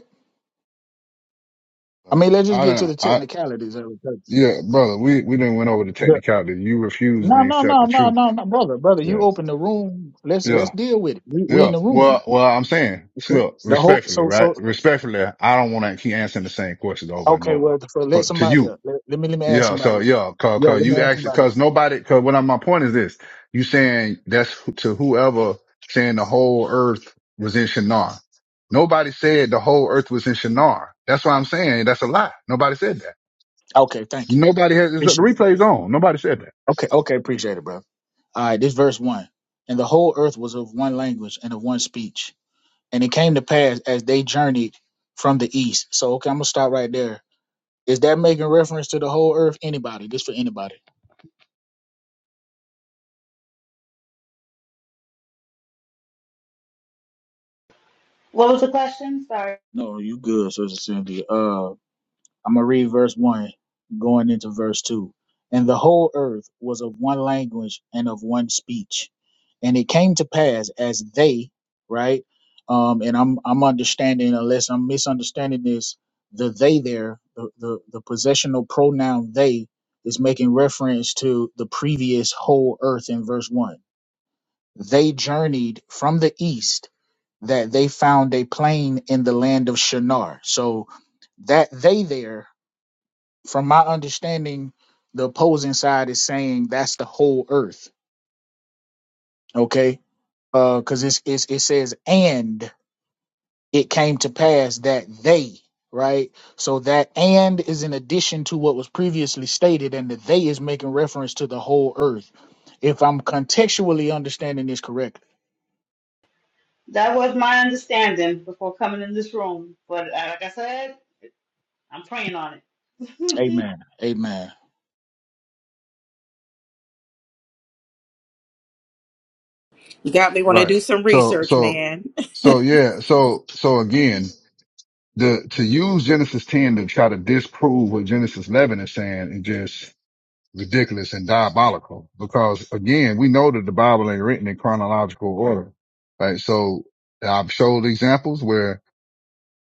H: I
A: Uh,
H: mean, let's just
A: I
H: get to
A: don't.
H: the
A: I
H: technicalities of it. 'cause
A: yeah, brother. We we didn't went over the
H: the-
A: technicality. You refused
H: No,
A: to
H: no,
A: accept
H: no,
A: the
H: no,
A: truth.
H: no, no, brother, brother. You
A: Yeah,
H: open the room. Let's let's
A: yeah,
H: deal with it. We we in
A: yeah.
H: the room now.
A: Well, well. I'm saying,
H: Okay.
A: look,
H: The whole
A: respectfully,
H: so
A: right?
H: so
A: Respectfully, I don't want to keep answering the same questions over and
H: okay.
A: over.
H: Well, so let
A: But to
H: somebody
A: you,
H: up. Let, let me let me ask
A: yeah. So
H: somebody.
A: yeah, cause,
H: Yeah,
A: cause
H: let me
A: you
H: ask
A: actually,
H: somebody.
A: cause nobody, cause what I, my point is this: you saying that's who- to whoever saying the whole earth was in Shinar. Nobody said the whole earth was in Shinar. That's what I'm saying. That's a lie. Nobody said that.
H: else. Okay, thank you.
A: Nobody has the
H: Appreciate it.
A: replay's on. Nobody said that.
H: Okay, okay, appreciate it, bro. All right, this verse one. And the whole earth was of one language and of one speech. And it came to pass as they journeyed from the east. So okay, I'm gonna stop right there. Is that making reference to the whole earth? Anybody? This for anybody.
C: What was the question? Sorry.
H: No, you good, Sister Cindy. Uh, I'm gonna read verse one, going into verse two. And the whole earth was of one language and of one speech. And it came to pass as they, right? Um, and I'm I'm understanding, unless I'm misunderstanding this, the they there, the the, the possessional pronoun they is making reference to the previous whole earth in verse one. They journeyed from the east that they found a plain in the land of Shinar. So that they there, from my understanding, the opposing side is saying that's the whole earth. Okay, because it's, it's it says and it came to pass that they right. So that and is in addition to what was previously stated, and the they is making reference to the whole earth. If I'm contextually understanding this correctly,
C: That was my understanding before coming in this room. But uh, like I said, I'm praying on it.
H: Amen. Amen.
F: You got me want to
A: Right.
F: do some
A: So,
F: research,
A: so,
F: man.
A: so yeah. So, so again, the, to use Genesis 10 to try to disprove what Genesis 11 is saying is just ridiculous and diabolical because again, we know that the Bible ain't written in chronological order. Right. So I've showed examples where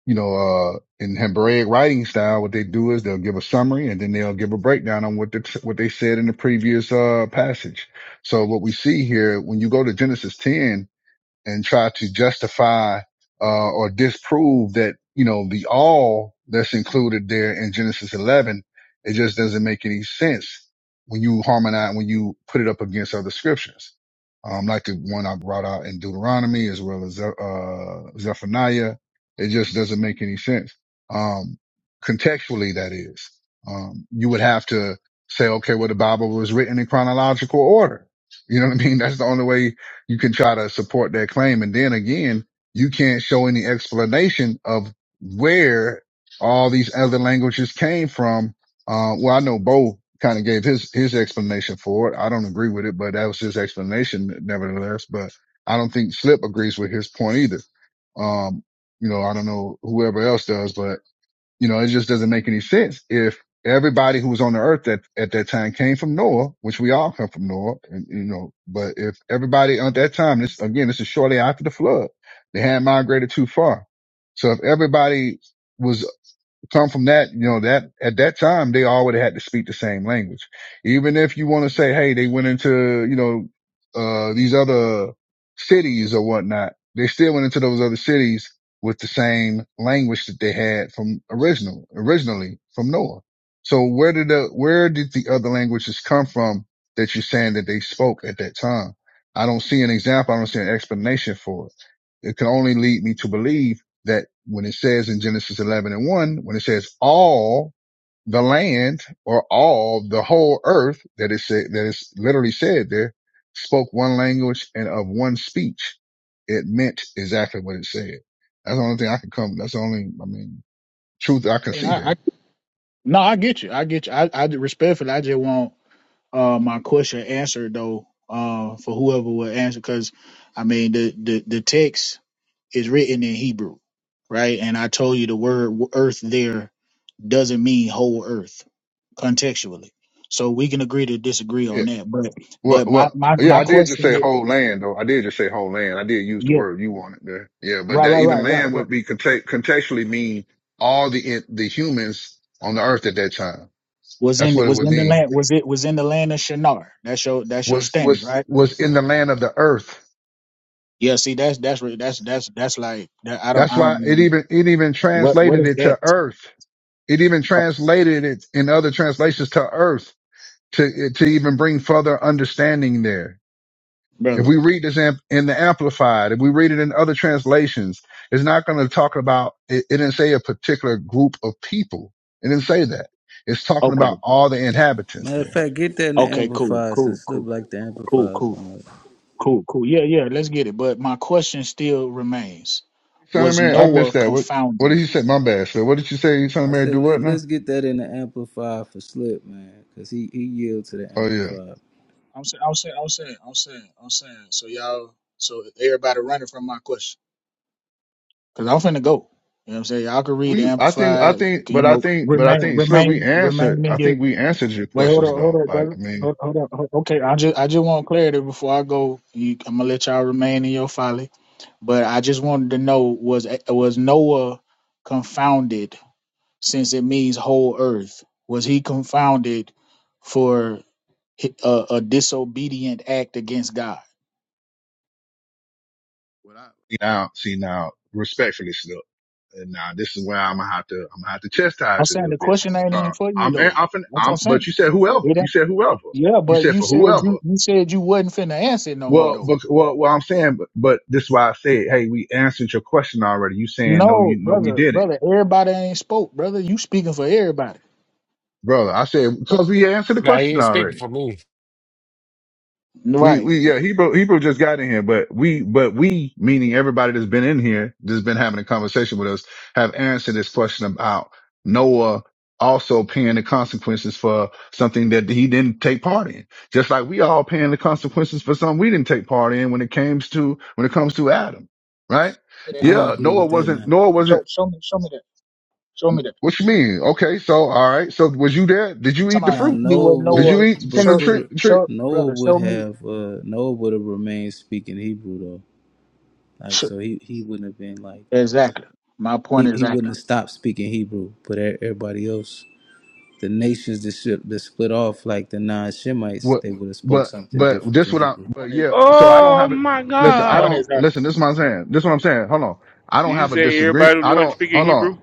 A: you know, uh, in Hebraic writing style, what they do is they'll give a summary and then they'll give a breakdown on what the, what they said in the previous, uh, passage. So what we see here, when you go to Genesis 10, and try to justify uh, or disprove that you know the all that's included there in Genesis 11. It just doesn't make any sense when you harmonize when you put it up against other scriptures, um, like the one I brought out in Deuteronomy as well as uh, Zephaniah. It just doesn't make any sense um, contextually. That is, um, you would have to say, okay, well the Bible was written in chronological order. You know what I mean? That's the only way you can try to support that claim. And then again, you can't show any explanation of where all these other languages came from. Uh, well, I know Bo kind of gave his, his explanation for it. I don't agree with it, but that was his explanation nevertheless. But I don't think Slip agrees with his point either. Um, you know, I don't know whoever else does, but you know, it just doesn't make any sense if everybody who was on the earth at, at that time came from Noah, which we all come from Noah, and, you know, but if everybody at that time, this again, this is shortly after the flood, they had migrated too far. So if everybody was come from that, you know, that at that time they already had to speak the same language. Even if you want to say, hey, they went into, you know, uh, these other cities or whatnot, they still went into those other cities with the same language that they had from original, originally from Noah. So where did the, where did the other languages come from that you're saying that they spoke at that time? I don't see an example. I don't see an explanation for it. It can only lead me to believe that when it says in Genesis 11 and 1, when it says all the land or all the whole earth that is said, that is literally said there spoke one language and of one speech. It meant exactly what it said. That's the only thing I can come. That's the only, I mean, truth I
H: I
A: can
H: mean,
A: see
H: I, I
A: there.
H: No, I get you. I get you. I, I respectfully, I just want uh, my question answered though uh, for whoever will answer, because I mean the, the the text is written in Hebrew, right? And I told you the word w- earth there doesn't mean whole earth contextually. So we can agree to disagree
A: Yeah.
H: on that. But
A: Well,
H: but my
A: well,
H: my
A: yeah,
H: my
A: I did just
H: question
A: say
H: is
A: whole land though. I did just say whole land. I did use the
H: yeah
A: word you wanted there. Yeah. But
H: right
A: that
H: right
A: even
H: right right
A: land
H: right
A: would be conte- contextually mean all the, the humans on the earth at that time.
H: was
A: That's
H: in
A: what it
H: was
A: would
H: in the
A: mean.
H: land was it was in the land of Shinar. That's your that's your
A: Was
H: stand, right?
A: was was in the land of the earth.
H: Yeah, see, that's that's re- that's that's that's like that, I don't
A: That's
H: I don't
A: why it
H: even
A: even it even
H: what what
A: translated
H: is
A: it to
H: that,
A: earth. It even translated it in other translations to earth to to even bring further understanding there. If
H: brother?
A: we read this in, in the Amplified, if we read it in other translations, it's not going to talk about. It, it didn't say a particular group of people. It didn't say that. It's talking
H: Okay,
A: about all the inhabitants
K: matter of
A: there.
K: fact. Get that in the
H: okay, cool,
K: amplifier
H: cool,
K: since Slip
H: cool,
K: like the
H: cool,
K: amplifier
H: cool,
K: song.
H: cool, cool. Yeah, yeah, let's get it. But my question still remains:
A: Son of
H: Was
A: Mary, I missed
H: Noah
A: that. What what
H: confounded?
A: did you say? My bad, sir. What did you say? Son of
K: I
A: Mary,
K: said
A: do what
K: Let,
A: now?
K: let's get that in the amplifier for Slip, man, because he he yielded to the
A: Oh yeah.
K: amplifier.
H: I'm saying, I'm saying, I'm saying, I'm saying, I'm saying. So y'all, so everybody running from my question because I'm finna go. You know what I'm saying? Y'all can read the
A: We, I think, I
H: amplified.
A: think,
H: You
A: but I
H: know,
A: think, but I
H: remain,
A: think, Slip, we
H: remain,
A: answered, I
H: remain.
A: think we answered your
H: Wait, hold
A: questions
H: on, hold
A: though.
H: on,
A: Like,
H: brother.
A: I mean,
H: Hold, hold on. hold- Okay, I just I just want clarity before I go. You, I'm gonna let y'all remain in your folly, but I just wanted to know was was Noah confounded since it means whole earth? Was he confounded for hi- a, a disobedient act against God?
A: what I, now, see now, respectfully, Slip, and now this is where I'm gonna have to, I'm gonna have to
H: I'm
A: chastise it a
H: saying
A: little
H: the
A: bit now
H: question ain't even
A: because
H: for you
A: I'm,
H: though.
A: I'm, fin-
H: That's what I'm
A: I'm, but
H: saying.
A: you said whoever,
H: It
A: you
H: ain't,
A: said whoever,
H: yeah,
A: you
H: but
A: said
H: you
A: for
H: said
A: whoever.
H: you you said you wasn't finna answer it no more
A: Well,
H: though.
A: but, well, well, I'm saying, but, but this is why I said, hey, we answered your question already. You saying no, you
H: No,
A: no, we
H: brother,
A: didn't,
H: brother, everybody ain't spoke, brother. You speaking for everybody.
A: brother. I said because we answered the
L: Now he
A: question
L: ain't speaking
A: already.
L: for me.
A: We
H: Right.
A: we yeah, Hebrew Hebrew just got in here, but we but we meaning everybody that's been in here, that's been having a conversation with us, have answered this question about Noah also paying the consequences for something that he didn't take part in. Just like we all paying the consequences for something we didn't take part in when it comes to when it comes to Adam, right?
K: I don't
A: Yeah,
K: agree
A: Noah
K: with that
A: wasn't
K: now.
A: Noah
H: Show,
A: wasn't
H: show me, show me that. Show me that.
A: what you mean? Okay, so all right, so was you there? Did you eat the
H: Somebody
K: Now
H: show
A: fruit?
H: me what
K: Noah
A: Did
K: would
A: you
H: Noah.
A: eat from the
H: Show,
K: before
A: tree?
K: the,
A: tree?
H: show,
K: Noah
H: brother.
K: would
H: Show me.
K: have uh Noah would have remained speaking Hebrew though. Like
H: Show.
K: so he he wouldn't have been like
H: Exactly. My point
K: he,
H: is
K: he
H: exactly.
K: wouldn't have stopped speaking Hebrew, but e- everybody else the nations that, should, that split off like the non-Shemites,
A: What,
K: they would have spoke
A: but,
K: something
A: but
K: different
A: this
K: than
A: what I,
K: Hebrew.
A: but
H: Point is,
A: yeah, so I don't
J: Oh
A: have it.
J: my
H: my
A: Listen, I
H: point
J: God!
A: don't,
H: is that
A: listen, this is what I'm saying. This is what I'm saying. Hold on. I
J: Did
A: don't
J: you
A: have a
J: say
A: disagreement.
J: everybody who
A: I
J: wasn't
A: don't,
J: speaking
A: hold on,
J: Hebrew?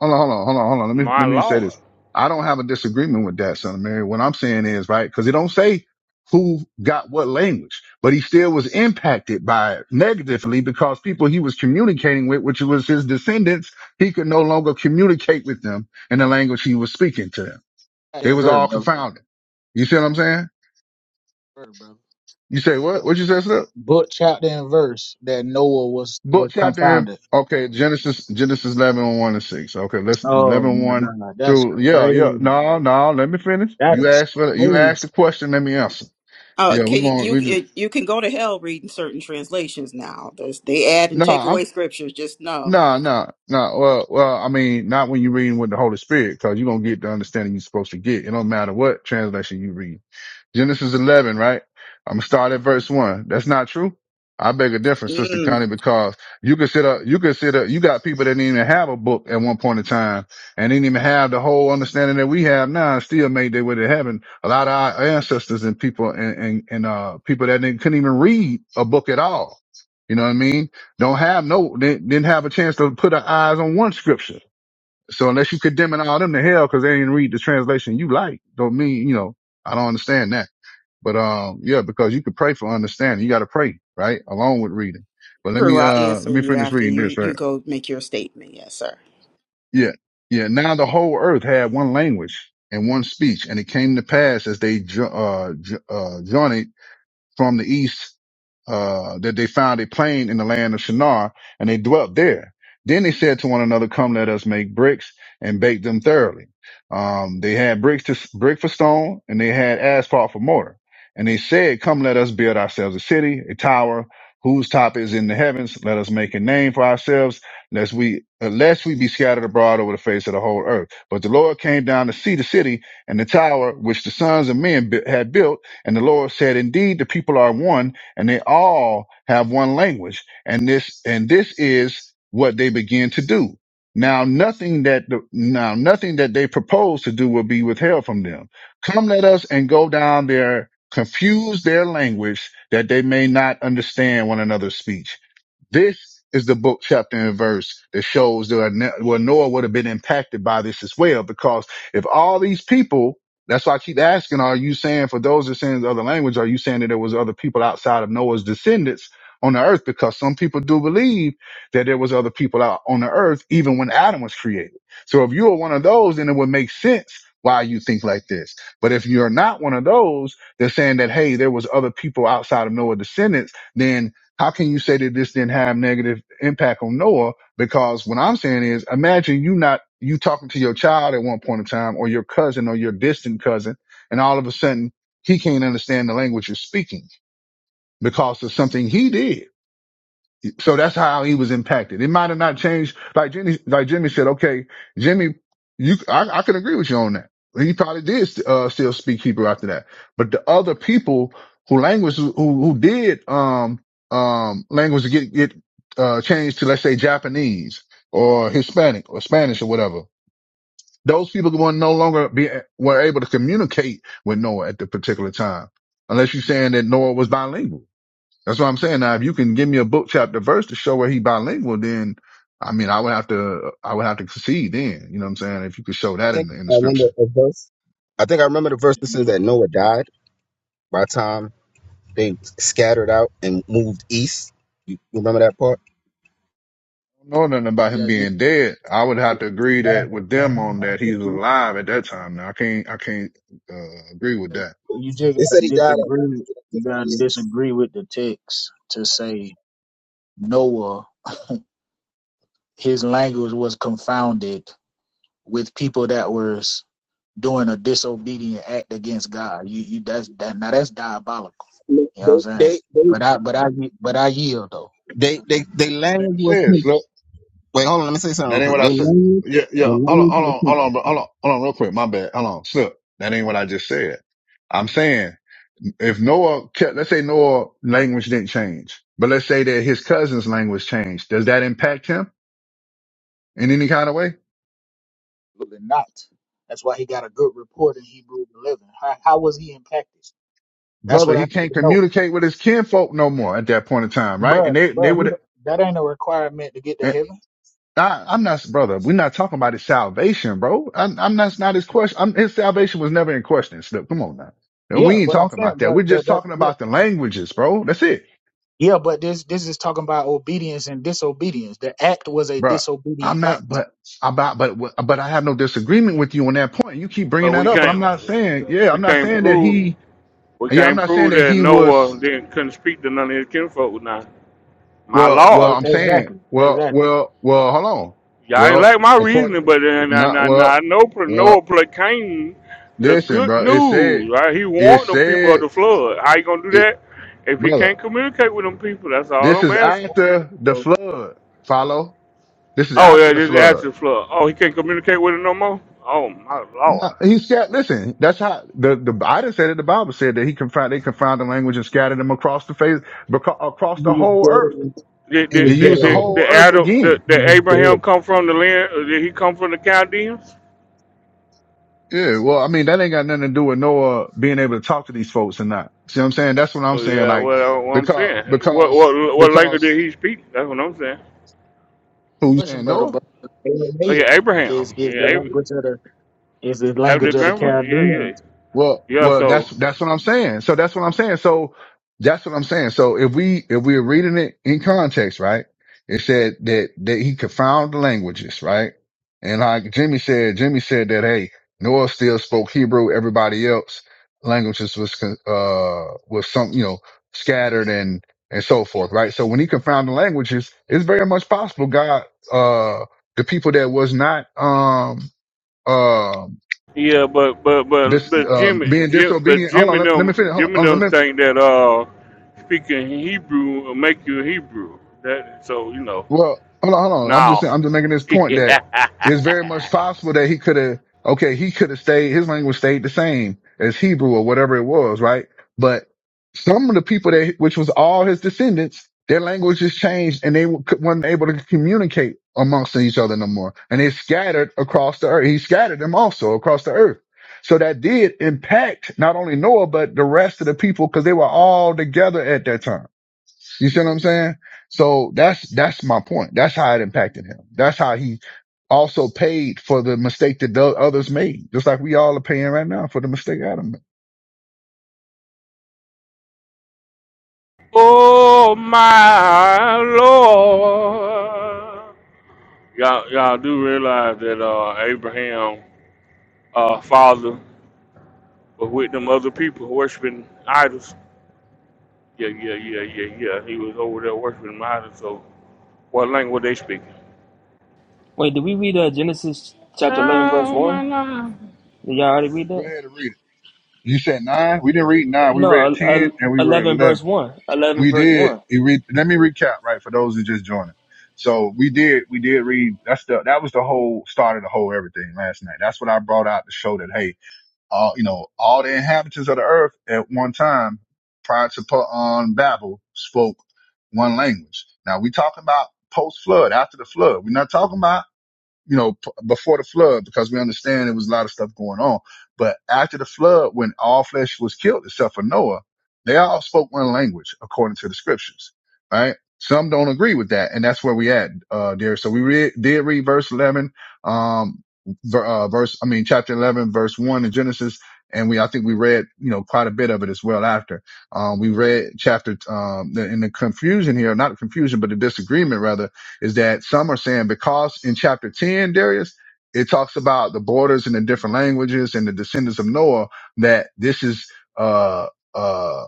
A: hold on, hold on, hold on, hold on. Let me,
J: My
A: let me say
J: Lord!
A: this. I don't have a disagreement with that, son of Mary. What I'm saying is, right, cause it don't say who got what language, but he still was impacted by it negatively because people he was communicating with, which was his descendants, he could no longer communicate with them in the language he was speaking to them. They
H: that
A: was all
H: verb, brother.
A: confounded. You see what I'm saying?
H: Verb, brother.
A: You say what? What you say, Snip?
H: Book, chapter, and verse that Noah was
A: Book
H: was
A: chapter.
H: confounded.
A: Okay, Genesis Genesis eleven one and six. Okay, let's
H: Oh
A: eleven
H: my
A: one
H: God, that's
A: through. Yeah, yeah.
H: crazy.
A: No, no. Let me finish.
H: That
A: You
H: is
A: asked for the- you asked
H: crazy.
A: the question. Let me answer.
F: Oh,
A: Yeah, we
F: can you
A: going. to
F: you
A: We just
F: it- you can go to hell reading certain translations now. There's, they add and
A: no.
F: take
A: I'm
F: away scriptures. Just know.
A: no, no, no. Well, well. I mean, not when you're reading with the Holy Spirit, because you're gonna get the understanding you're supposed to get. It don't matter what translation you read. Genesis 11, right? I'm gonna start at verse one. That's not true. I beg a difference, Sister
F: Mm.
A: Connie, because you consider, you consider, you got people that didn't even have a book at one point in time and didn't even have the whole understanding that we have now and still made their way to heaven. A lot of our ancestors and people and, and, and, uh, people that didn't, couldn't even read a book at all. You know what I mean? Don't have no, didn't, didn't have a chance to put our eyes on one scripture. So unless you condemning all them to hell because they didn't read the translation you like, don't mean, you know, I don't understand that. But um, yeah, because you could pray for understanding. You got to pray, right? Along with reading. But let me
F: True. I'll
A: uh let
F: answer
A: me
F: you
A: finish
F: after
A: reading
F: you,
A: this, right?
F: you go make your statement. Yes, sir.
A: Yeah. Yeah. Now the whole earth had one language and one speech, and it came to pass as they jo- uh, jo- uh journeyed from the east uh, that they found a plain in the land of Shinar, and they dwelt there. Then they said to one another, "Come, let us make bricks and bake them thoroughly." Um, they had bricks to brick for stone, and they had asphalt for mortar. And they said, "Come, let us build ourselves a city, a tower whose top is in the heavens. Let us make a name for ourselves, lest we unless we be scattered abroad over the face of the whole earth." But the Lord came down to see the city and the tower which the sons of men bu- had built and the Lord said, Indeed, the people are one, and they all have one language. And this and this is what they begin to do. Now nothing that the, now nothing that they propose to do will be withheld from them. Come let us and go down there, confuse their language that they may not understand one another's speech. This is the book, chapter, and verse that shows that well, Noah would have been impacted by this as well, because if all these people, that's why I keep asking, are you saying for those that saying the other language, are you saying that there was other people outside of Noah's descendants on the earth? Because some people do believe that there was other people out on the earth, even when Adam was created. So if you are one of those, then it would make sense why you think like this. But if you're not one of those, they're saying that, hey, there was other people outside of Noah's descendants, then how can you say that this didn't have negative impact on Noah? Because what I'm saying is, imagine you not you talking to your child at one point in time, or your cousin, or your distant cousin, and all of a sudden he can't understand the language you're speaking because of something he did so that's how he was impacted. It might have not changed. Like Jimmy, like Jimmy said, okay, Jimmy, you, I, I can agree with you on that. He probably did, uh, still speak Hebrew after that. But the other people who language, who, who did, um, um, language get, get, uh, changed to, let's say Japanese or Hispanic or Spanish or whatever. Those people were no longer be, were able to communicate with Noah at the particular time. Unless you're saying that Noah was bilingual. That's what I'm saying. Now, if you can give me a book chapter verse to show where he bilingual, then I mean, I would have to, I would have to concede then. You know what I'm saying? If you could show
M: I
A: that in
M: think
A: the, in the
M: I remember
A: scripture.
M: a verse. I think I remember the verse that
H: You,
M: says
H: j-
M: that Noah died by the time they scattered out and moved east. You you remember that part?
A: I don't know nothing about him
H: yeah, you,
A: being dead. I would
H: you
A: have to agree that with them on that he was
M: They
A: alive at that time. Now I can't, I can't uh, agree with that.
H: just gotta
M: said he died at
H: disagree. You
M: 150
H: gotta
M: years.
H: disagree with the text to say Noah. his language was confounded with people that were doing a disobedient act against God. You, you that's that now that's diabolical.
M: Look,
H: You know what I'm saying?
M: They, they,
H: But I but I but I yield though.
M: they, they, they, they
A: Like
M: language
A: I
M: was him.
A: said
M: Wait, hold on. Let me say something real
A: That ain't
M: quick.
A: what
M: They
A: I said.
M: language,
A: Yeah, yeah.
M: the
A: Hold on,
M: language
A: hold
M: was
A: on,
M: him.
A: hold on, bro. Hold on, hold on, real quick. My bad. Hold on, slip. That ain't what I just said. I'm saying if Noah kept, let's say Noah language didn't change, but let's say that his cousin's language changed. Does that impact him in any kind of way?
H: Absolutely not. That's why he got a good report in Hebrews 11. How, how was he impacted? That's
A: Brother,
H: what I
A: he
H: need
A: can't
H: to know.
A: communicate with his kinfolk no more at that point in time, right? And
H: But
A: they, they
H: but he,
A: would,
H: don't- that ain't a requirement to get to heaven.
A: I, I'm not, brother. We're not talking about his salvation, bro. I'm, I'm that's not his question. I'm, his salvation was never in question. Slip. Come on now. And
H: Yeah,
A: we ain't
H: but I'm
A: talking
H: saying
A: about that.
H: but
A: We're just
H: but that
A: talking
H: yeah.
A: about the languages, bro. That's it,
H: Yeah, but this this is talking about obedience and disobedience. The act was a
A: bro. I'm
H: disobedient act.
A: not, but about, but, but I have no disagreement with you on that point. You keep bringing
J: But
A: that
J: we
A: up, and I'm
J: can't.
A: not saying, yeah,
J: We
A: I'm not
J: can't
A: saying that
J: prove.
A: he,
J: We
A: yeah, I'm
J: can't
A: not saying
J: prove
A: that
J: that
A: he
J: Noah
A: was,
J: didn't couldn't speak to none of his kinfolk. Now, my
A: well,
H: E-
A: well,
J: Lord,
A: I'm saying,
H: Exactly.
A: well,
H: Exactly.
A: well, well, hold on.
J: y'all ain't
A: Well,
J: like my
A: according,
J: reasoning, but then I,
A: not, well,
J: I, I know pr-
A: well,
J: Noah proclaimed the
A: listen,
J: good
A: bro. It said,
J: news. Right? He
A: it
J: warned them people of
A: said,
J: the flood. How you gonna do that if he
A: brother.
J: can't communicate with them people? That's all
A: This
J: I'm
A: is
J: asking.
A: after the
H: Well,
A: flood. Follow. This is
J: Oh
A: after
J: yeah,
A: the
J: this is
A: flood.
J: after the flood. Oh, he can't communicate with them no more. Oh my
A: No,
J: Lord.
A: He said, "Listen, that's how the the I didn't say that. The Bible said that he confound they confound the language and scattered them across the face beca- across
M: He
A: the
M: was
A: whole
M: dead
A: earth.
M: already.
J: Did,
M: He
A: He
M: was
J: did,
M: dead
J: did,
A: used the
J: did,
M: already.
A: whole
J: did
A: earth
J: Adam,
A: again.
J: did,
M: He
J: did
M: was
J: Abraham
M: dead.
J: come from the land? or Did he come from the Chaldeans?
A: Yeah, well, I mean, that ain't got nothing to do with Noah being able to talk to these folks or not. See what I'm saying? That's what I'm
J: Oh,
A: saying.
J: yeah,
A: Like
J: well, uh, what I'm
A: because
J: saying, what what
A: because
J: what language did
A: because
J: he speak? That's what I'm saying.
A: who you
H: question,
A: saying
H: brother,
A: Noah?
H: but
J: Oh yeah,
H: Aramaic
J: Abraham.
H: is is
J: Yeah,
H: the
J: Ab-
H: language of the is the
J: that was his
H: language of the
J: grandfather. Yeah, yeah,
H: Chaldeans.
A: Well,
J: yeah.
A: well, that's
J: So
A: that's what I'm saying. So that's what I'm saying. So that's what I'm saying. So if we if we're reading it in context, right? It said that that he confounded the languages, right? And like Jimmy said, Jimmy said that hey, Noah still spoke Hebrew. Everybody else languages was con- uh was some you know scattered and and so forth, right? So when he confounded languages, it's very much possible God uh the people that was not um um
J: yeah, but but but
A: this
J: but
A: uh,
J: Jimmy,
A: being
J: Jim, but
A: disobedient. Hold on,
J: Jimmy
A: let, let
J: them,
A: me finish. Hold
J: Jimmy
A: on, let
J: them
A: me
J: think that uh speaking Hebrew will make you a Hebrew. That so you know
A: Well, hold on, hold on. I'm just
J: now.
A: saying, I'm just making this point
J: yeah,
A: that it's very much possible that he could have, okay, he could have stayed, his language stayed the same as Hebrew or whatever it was, right? But some of the people that, which was all his descendants, their languages changed and they w- cou- weren't able to communicate amongst each other no more. And they scattered across the earth. He scattered them also across the earth. So that did impact not only Noah, but the rest of the people because they were all together at that time. You see what I'm saying? So that's that's my point. That's how it impacted him. That's how he also paid for the mistake that the others made, just like we all are paying right now for the mistake Adam made.
J: Oh my Lord. Y'all, y'all do realize that uh, Abraham, uh, father, was with them other people worshiping idols. Yeah, yeah, yeah, yeah, yeah. He was over there worshiping idols. So, what language they speaking?
N: Wait, did we read uh, Genesis chapter 11, verse
J: Oh my
N: 1?
J: Lord.
N: Did y'all already read
A: Go
N: that?
A: ahead and read it. You said nine. We didn't read nine. We read
N: No, uh, uh,
A: ten and we read
N: 11,
A: eleven.
N: verse 1. 11,
A: We
N: verse
A: did.
N: 1.
A: You read. Let me recap, right, for those who just joining. So we did. We did read. That's the. That was the whole start of the whole everything last night. That's what I brought out to show that. Hey, all you know all the inhabitants of the earth at one time prior to put on babel spoke one language now we talking about post flood after the flood we're not talking about you know, p- before the flood, because we understand there was a lot of stuff going on. But after the flood, when all flesh was killed except for Noah, they all spoke one language according to the scriptures, right? Some don't agree with that. And that's where we at, uh, dear. So we re- did read verse 11, um, ver- uh, verse, I mean, chapter 11, verse one in Genesis. And we, I think we read, you know, quite a bit of it as well after. Um, we read chapter, um, the, in the confusion here, not confusion, but the disagreement rather is that some are saying because in chapter 10, Darius, it talks about the borders and the different languages and the descendants of Noah, that this is uh uh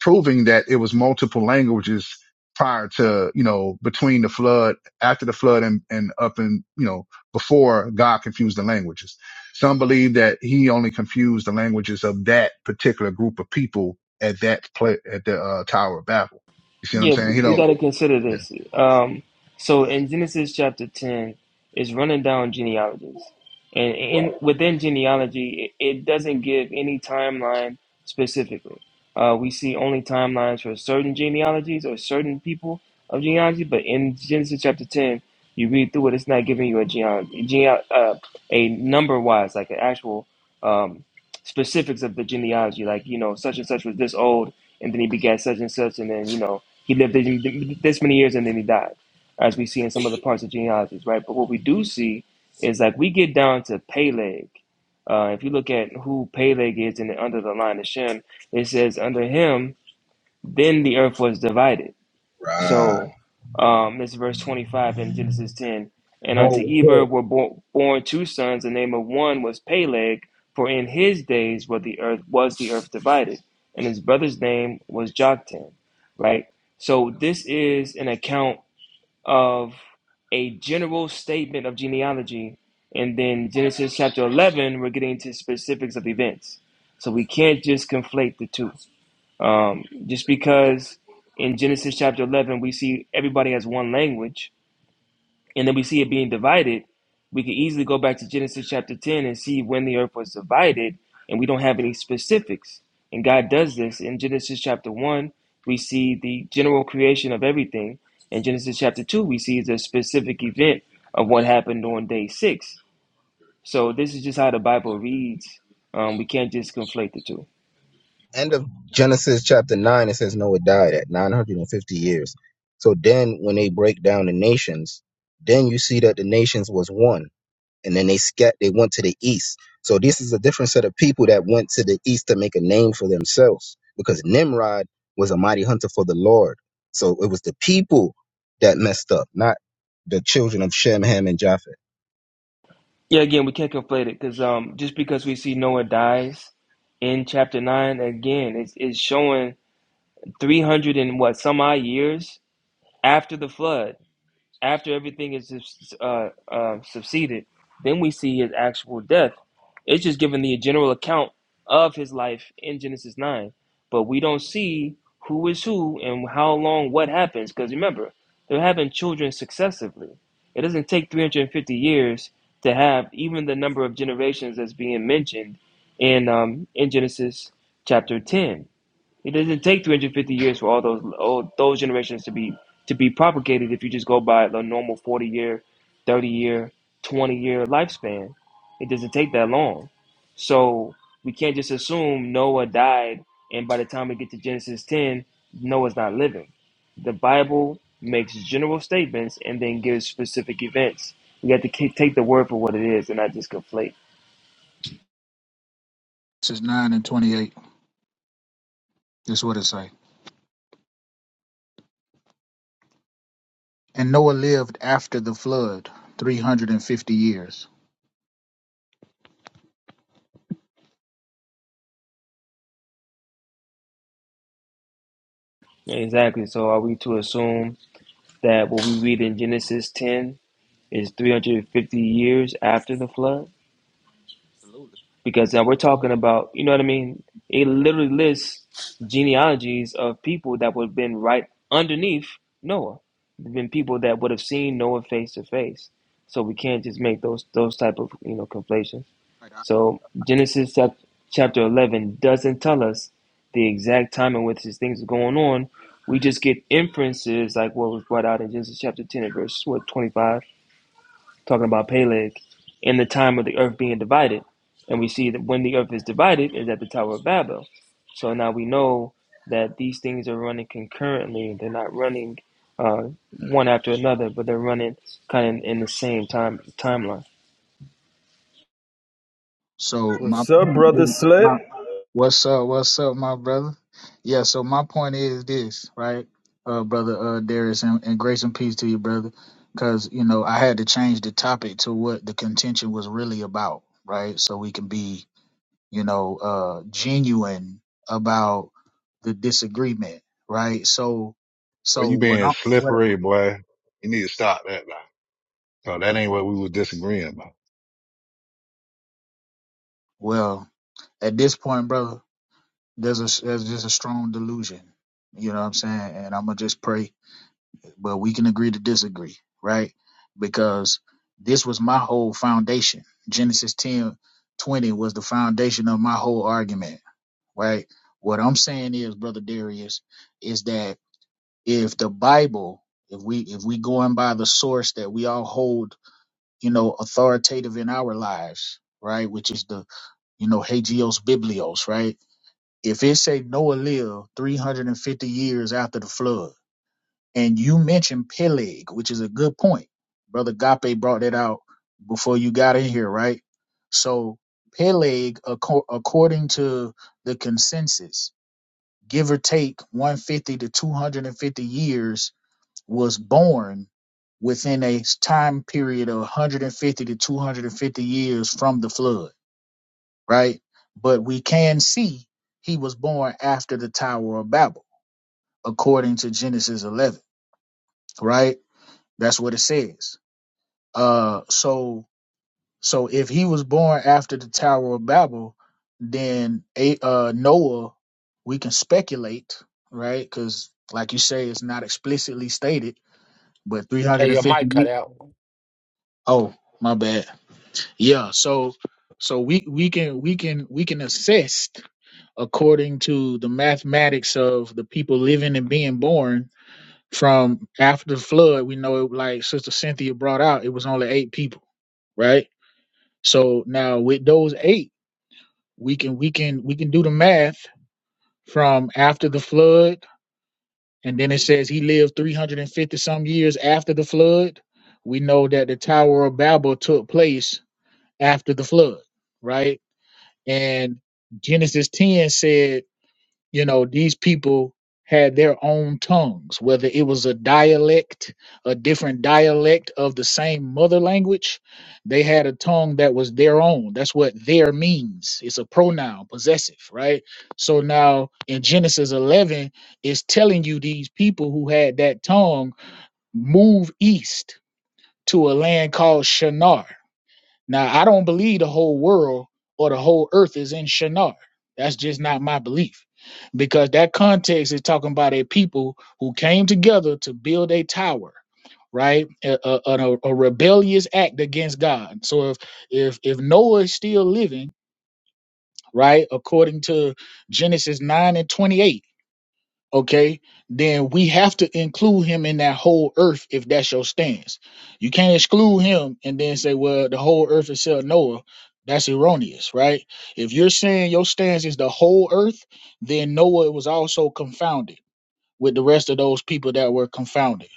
A: proving that it was multiple languages prior to, you know, between the flood, after the flood and, and up and, you know, before God confused the languages. Some believe that he only confused the languages of that particular group of people at that play, at the uh, Tower of Babel. You see what I'm
N: Yeah,
A: saying? He
N: we, we
M: Yeah,
A: don't.
N: got to consider
A: yeah.
N: this. Um, so in Genesis chapter 10, it's running down genealogies. And in, within genealogy, it, it doesn't give any timeline specifically. Uh, we see only timelines for certain genealogies or certain people of genealogy, but in Genesis chapter 10, you read through it, it's not giving you a genealogy, geneal uh, a number wise, like an actual um, specifics of the genealogy, like, you know, such and such was this old, and then he begat such and such, and then, you know, he lived this many years and then he died, as we see in some other parts of genealogies, right? But what we do see is like we get down to Peleg. Uh, if you look at who Peleg is in the, under the line of Shem, it says under him, then the earth was divided.
M: right.
N: So um, it's verse 25 in Genesis 10. And unto
M: Bro,
N: Eber were bo- born two sons. The name of one was Peleg, for in his days was the earth was the earth divided, and his brother's name was Joktan. Right. So this is an account of a general statement of genealogy, and then Genesis chapter 11, we're getting into specifics of events. So we can't just conflate the two. Um, just because in Genesis chapter 11, we see everybody has one language, and then we see it being divided, we could easily go back to Genesis chapter 10 and see when the earth was divided, and we don't have any specifics. And God does this. In Genesis chapter 1, we see the general creation of everything. In Genesis chapter 2, we see the specific event of what happened on day 6. So this is just how the Bible reads. Um, we can't just conflate the two.
M: end of Genesis chapter 9, it says Noah died at 950 years. So then when they break down the nations, then you see that the nations was one. And then they scat they went to the east. So this is a different set of people that went to the east to make a name for themselves. Because Nimrod was a mighty hunter for the Lord. So it was the people that messed up, not the children of Shem, Ham, and Japheth.
N: Yeah, again, we can't conflate it because um, just because we see Noah dies in chapter nine, again, it's, it's showing 300 and what some odd years after the flood after everything is uh, uh, succeeded, then we see his actual death. It's just giving the general account of his life in Genesis 9, but we don't see who is who and how long what happens. Because remember, they're having children successively. It doesn't take 350 years to have even the number of generations that's being mentioned in um, in Genesis chapter 10. It doesn't take 350 years for all those old, those generations to be to be propagated if you just go by the normal 40 year, 30 year, 20 year lifespan. It doesn't take that long. So we can't just assume Noah died and by the time we get to Genesis 10, Noah's not living. The Bible makes general statements and then gives specific events. You have to ki- take the word for what it is and not just conflate.
H: This is nine and twenty eight. That's what it say. And Noah lived after the flood three hundred and fifty years.
N: Exactly. So are we to assume that what we read in Genesis 10 is 350 years after the flood?
H: Absolutely.
N: Because now we're talking about, you know what I mean? It literally lists genealogies of people that would have been right underneath Noah. There've been people that would have seen Noah face to face. So we can't just make those those type of you know conflations.
H: Right.
N: So Genesis chapter 11 doesn't tell us the exact time in which these things are going on. We just get inferences like what was brought out in Genesis chapter 10 and verse what 25, talking about Peleg and the time of the earth being divided. And we see that when the earth is divided is at the Tower of Babel. So now we know that these things are running concurrently. They're not running uh, one after another, but they're running kind of in the same time timeline.
H: So my
O: What's up, brother Slip?
H: my what's up? What's up, my brother? Yeah. So my point is this, right, uh, brother uh, Darius, and, and grace and peace to you, brother. Because you know I had to change the topic to what the contention was really about, right? So we can be you know, uh, genuine about the disagreement, right? So,
A: Boy,
H: so
A: you
H: what
A: being
H: I'm, what,
A: slippery, boy. You need to stop that now. So that ain't what we was disagreeing about.
H: well, at this point, brother, there's a, there's just a strong delusion, you know what I'm saying? And I'm gonna just pray, but we can agree to disagree, right? Because this was my whole foundation. Genesis 10 20 was the foundation of my whole argument, right? What I'm saying is, brother Darius, is that if the Bible, if we if we going by the source that we all hold, you know, authoritative in our lives, right? Which is the you know Hagios Biblios, right? If it say Noah lived 350 years after the flood, and you mention Peleg, which is a good point, brother Gape brought that out before you got in here, right? So Peleg, acco- according to the consensus, give or take 150 to 250 years was born within a time period of 150 to 250 years from the flood, right? But we can see he was born after the Tower of Babel, according to Genesis 11, right? That's what it says. Uh, so so if he was born after the Tower of Babel, then a, uh, Noah, we can speculate, right? Because like you say, it's not explicitly stated, but
L: Hey, your
H: 350.
L: mic cut
H: ye-
L: out.
H: Oh, my bad. Yeah, so so we we can we can we can assist according to the mathematics of the people living and being born from after the flood. We know it like Sister Cynthia brought out, it was only eight people, right? So now with those eight, we can we can we can do the math from after the flood, and then it says he lived three hundred and fifty some years after the flood. We know that the Tower of Babel took place after the flood, right? And Genesis 10 said, you know, these people had their own tongues, whether it was a dialect, a different dialect of the same mother language, they had a tongue that was their own. That's what their means. It's a pronoun, possessive, right? So now in Genesis 11, it's telling you these people who had that tongue move east to a land called Shinar now, I don't believe the whole world or the whole earth is in Shinar. That's just not my belief because that context is talking about a people who came together to build a tower, right? A, a, a- a rebellious act against God. So if if if Noah is still living, right, according to Genesis 9 and 28, okay, then we have to include him in that whole earth if that's your stance. You can't exclude him and then say, well, the whole earth is self Noah. That's erroneous, right? If you're saying your stance is the whole earth, then Noah was also confounded with the rest of those people that were confounded,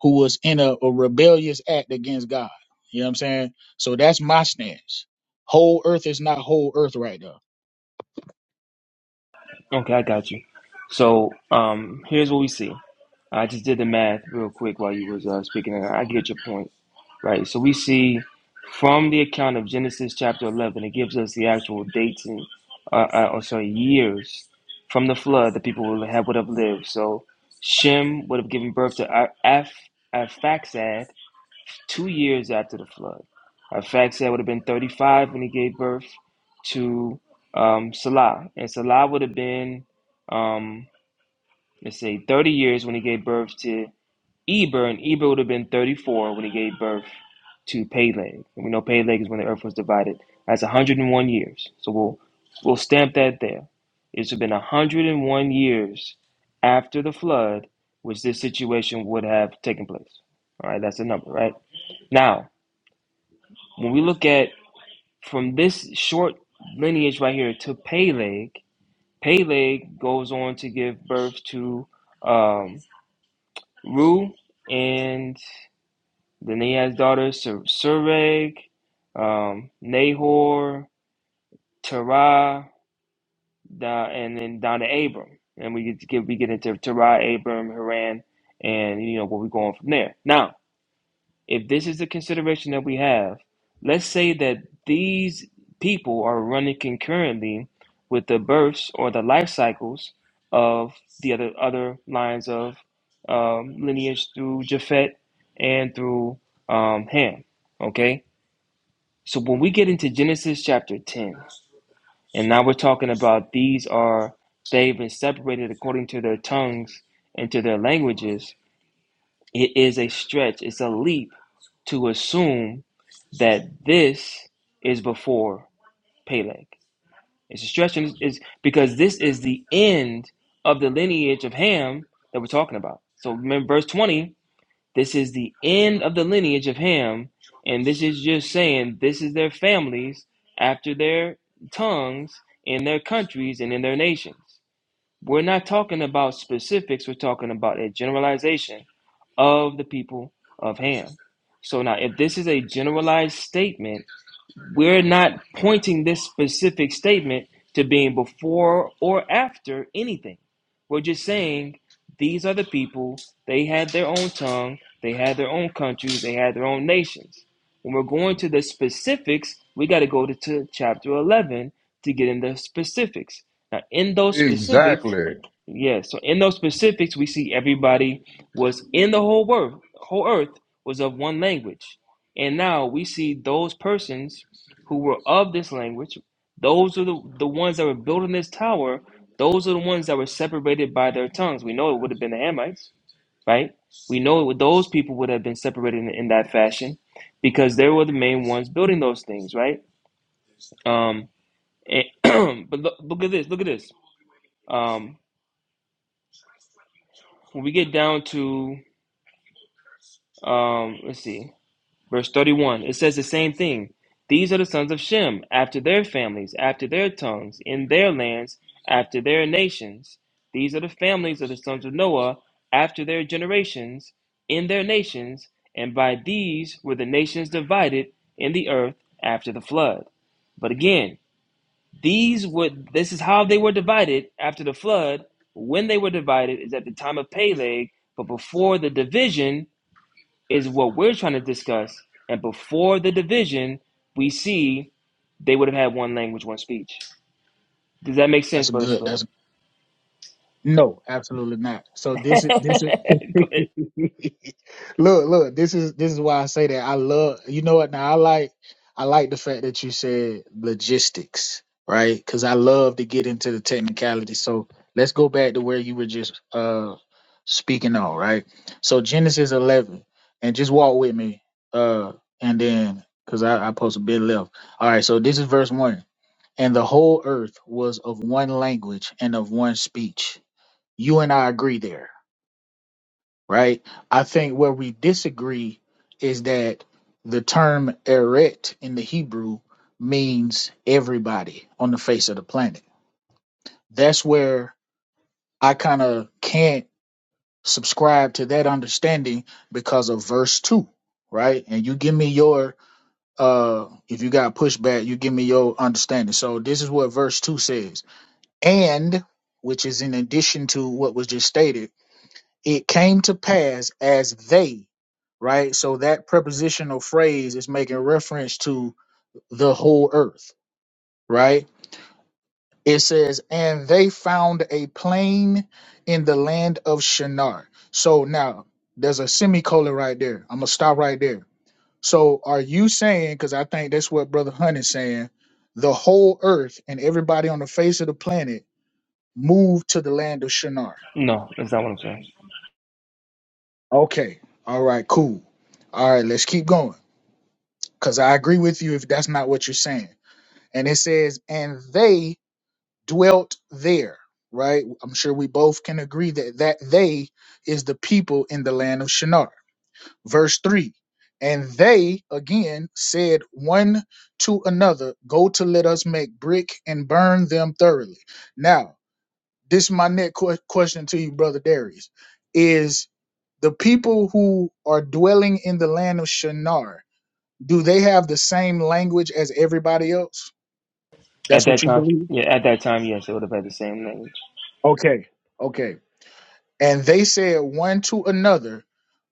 H: who was in a, a rebellious act against God. You know what I'm saying? So that's my stance. Whole earth is not whole earth right now.
N: Okay, I got you. So, um, here's what we see. I just did the math real quick while you was uh, speaking, and I get your point, right? So we see from the account of Genesis chapter eleven, it gives us the actual dates and, uh, uh, oh, sorry, years from the flood the people would have would have lived. So Shem would have given birth to Ar- Af Arphaxad, two years after the flood. Uh, Faxad would have been 35 when he gave birth to um, Salah. And Salah would have been, um, let's say, 30 years when he gave birth to Eber. And Eber would have been 34 when he gave birth to Peleg. And we know Peleg is when the earth was divided. That's 101 years. So we'll, we'll stamp that there. It's been 101 years after the flood, which this situation would have taken place. All right, that's the number, right? Now, when we look at from this short lineage right here to Peleg, Peleg goes on to give birth to um, Ru, and then he has daughters Ser- Sereg, um, Nahor, Terah, Da- and then down to Abram. And we get, to get we get into Terah, Abram, Haran, and you know where we're going from there. Now, if this is the consideration that we have, let's say that these people are running concurrently with the births or the life cycles of the other other lines of um, lineage through Japhet and through um, Ham. Okay, so when we get into Genesis chapter ten, and now we're talking about these are they've been separated according to their tongues and to their languages it is a stretch, it's a leap to assume that this is before Peleg. It's a stretch and is because this is the end of the lineage of Ham that we're talking about. So remember verse 20, this is the end of the lineage of Ham, and this is just saying this is their families after their tongues in their countries and in their nations. We're not talking about specifics, we're talking about a generalization of the people of Ham. So now, if this is a generalized statement, we're not pointing this specific statement to being before or after anything. We're just saying these are the people, they had their own tongue, they had their own countries, they had their own nations. When we're going to the specifics, we got to go to, to chapter 11 to get in the specifics. Now, in those specifics,
A: Exactly.
N: Yes. So in those specifics, we see everybody was in the whole world, whole earth was of one language. And now we see those persons who were of this language, those are the, the ones that were building this tower, those are the ones that were separated by their tongues. We know it would have been the Hamites, right? We know it would- those people would have been separated in, in that fashion because they were the main ones building those things, right? Um, and- but look, look at this, look at this. Um, when we get down to, um, let's see. Verse 31, it says the same thing. These are the sons of Shem, after their families, after their tongues, in their lands, after their nations. These are the families of the sons of Noah, after their generations, in their nations, and by these were the nations divided in the earth after the flood. But again, these would this is how they were divided after the flood. When they were divided is at the time of Peleg, but before the division is what we're trying to discuss. And before the division, we see they would have had one language, one speech. Does that make sense,
H: That's a
N: Brother
H: good.
N: Flip?
H: That's No, absolutely not. So
N: Go
H: this is this is
N: ahead.
H: look, look, this is this is why I say that I love you know what now I like I like the fact that you said logistics, right? Because I love to get into the technicality. So let's go back to where you were just uh speaking on, right? So Genesis eleven, and just walk with me, uh, and then because I, I post a bit left. All right, so this is verse one. And the whole earth was of one language and of one speech you and I agree there, right? I think where we disagree is that the term eret in the Hebrew means everybody on the face of the planet. That's where I kind of can't subscribe to that understanding because of verse 2, right? And you give me your uh if you got pushback, you give me your understanding. So this is what verse 2 says. And which is in addition to what was just stated It came to pass as they, right? So that prepositional phrase is making reference to the whole earth, right? It says, and they found a plain in the land of Shinar. So now there's a semicolon right there. I'm going to stop right there. So are you saying, because I think that's what Brother Hunt is saying, the whole earth and everybody on the face of the planet moved to the land of Shinar?
N: No, that's not what I'm saying.
H: Okay. All right, cool. All right, let's keep going. Because I agree with you if that's not what you're saying. And it says, and they dwelt there, right? I'm sure we both can agree that that they is the people in the land of Shinar. Verse 3 And they again said one to another, Go to let us make brick and burn them thoroughly. Now, this is my next que- question to you, Brother Darius. Is the people who are dwelling in the land of Shinar, do they have the same language as everybody else?
N: At
H: That's what
N: that
H: you
N: time,
H: believe?
N: yeah, at that time, yes, they would have had the same language.
H: Okay. Okay. And they said one to another,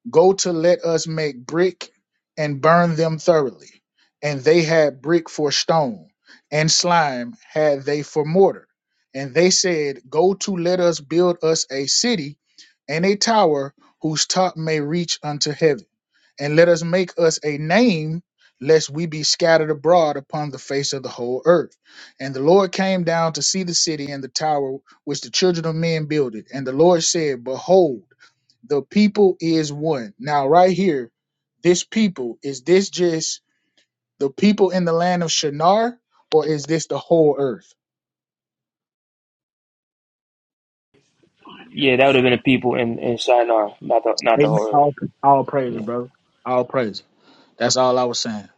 H: Go to let us make brick and burn them thoroughly. And they had brick for stone, and slime had they for mortar. And they said, Go to let us build us a city and a tower whose top may reach unto heaven. And let us make us a name, lest we be scattered abroad upon the face of the whole earth. And the Lord came down to see the city and the tower which the children of men builded. And the Lord said, Behold, the people is one. Now, right here, this people, is this just the people in the land of Shinar, or is this the whole earth?
N: Yeah, that would have been the people in, in Shinar, not the not the
H: Amen.
N: whole earth.
H: All, all praise,
N: Yeah,
H: bro. All praise. That's all I was saying.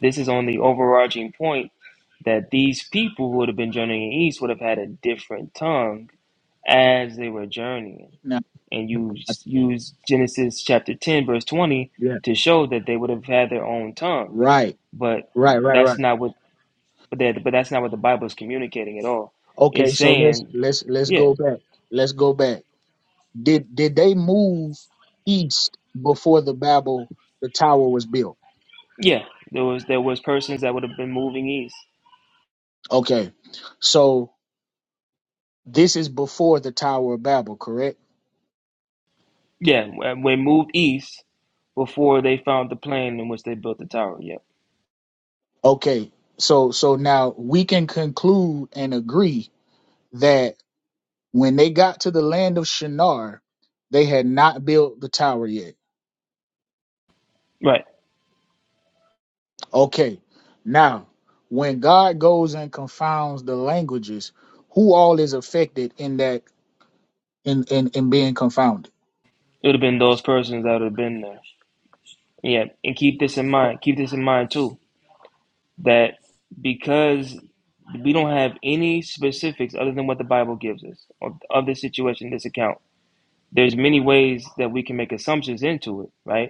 N: this is on the overarching point that these people who would have been journeying east would have had a different tongue as they were journeying.
H: Now,
N: and you use Genesis chapter 10, verse 20
H: yeah.
N: to show that they would have had their own tongue.
H: Right.
N: But
H: Right, right,
N: that's
H: right.
N: not what but that but that's not what the Bible is communicating at all.
H: Okay,
N: It's
H: so let's
N: saying,
H: let's let's
N: yeah,
H: go back. Let's go back. Did did they move east before the Babel the tower was built?
N: yeah, there was there was persons that would have been moving east.
H: Okay. So this is before the Tower of Babel, correct?
N: Yeah, when when moved east before they found the plain in which they built the tower. Yep.
H: Okay, so so now we can conclude and agree that when they got to the land of Shinar, they had not built the tower yet.
N: Right.
H: Okay, now when God goes and confounds the languages, who all is affected in that in in, in being confounded?
N: It would have been those persons that would have been there. Yeah. And keep this in
H: Oh,
N: mind. Keep this in mind too that because we don't have any specifics other than what the Bible gives us of, of this situation, this account. There's many ways that we can make assumptions into it, right?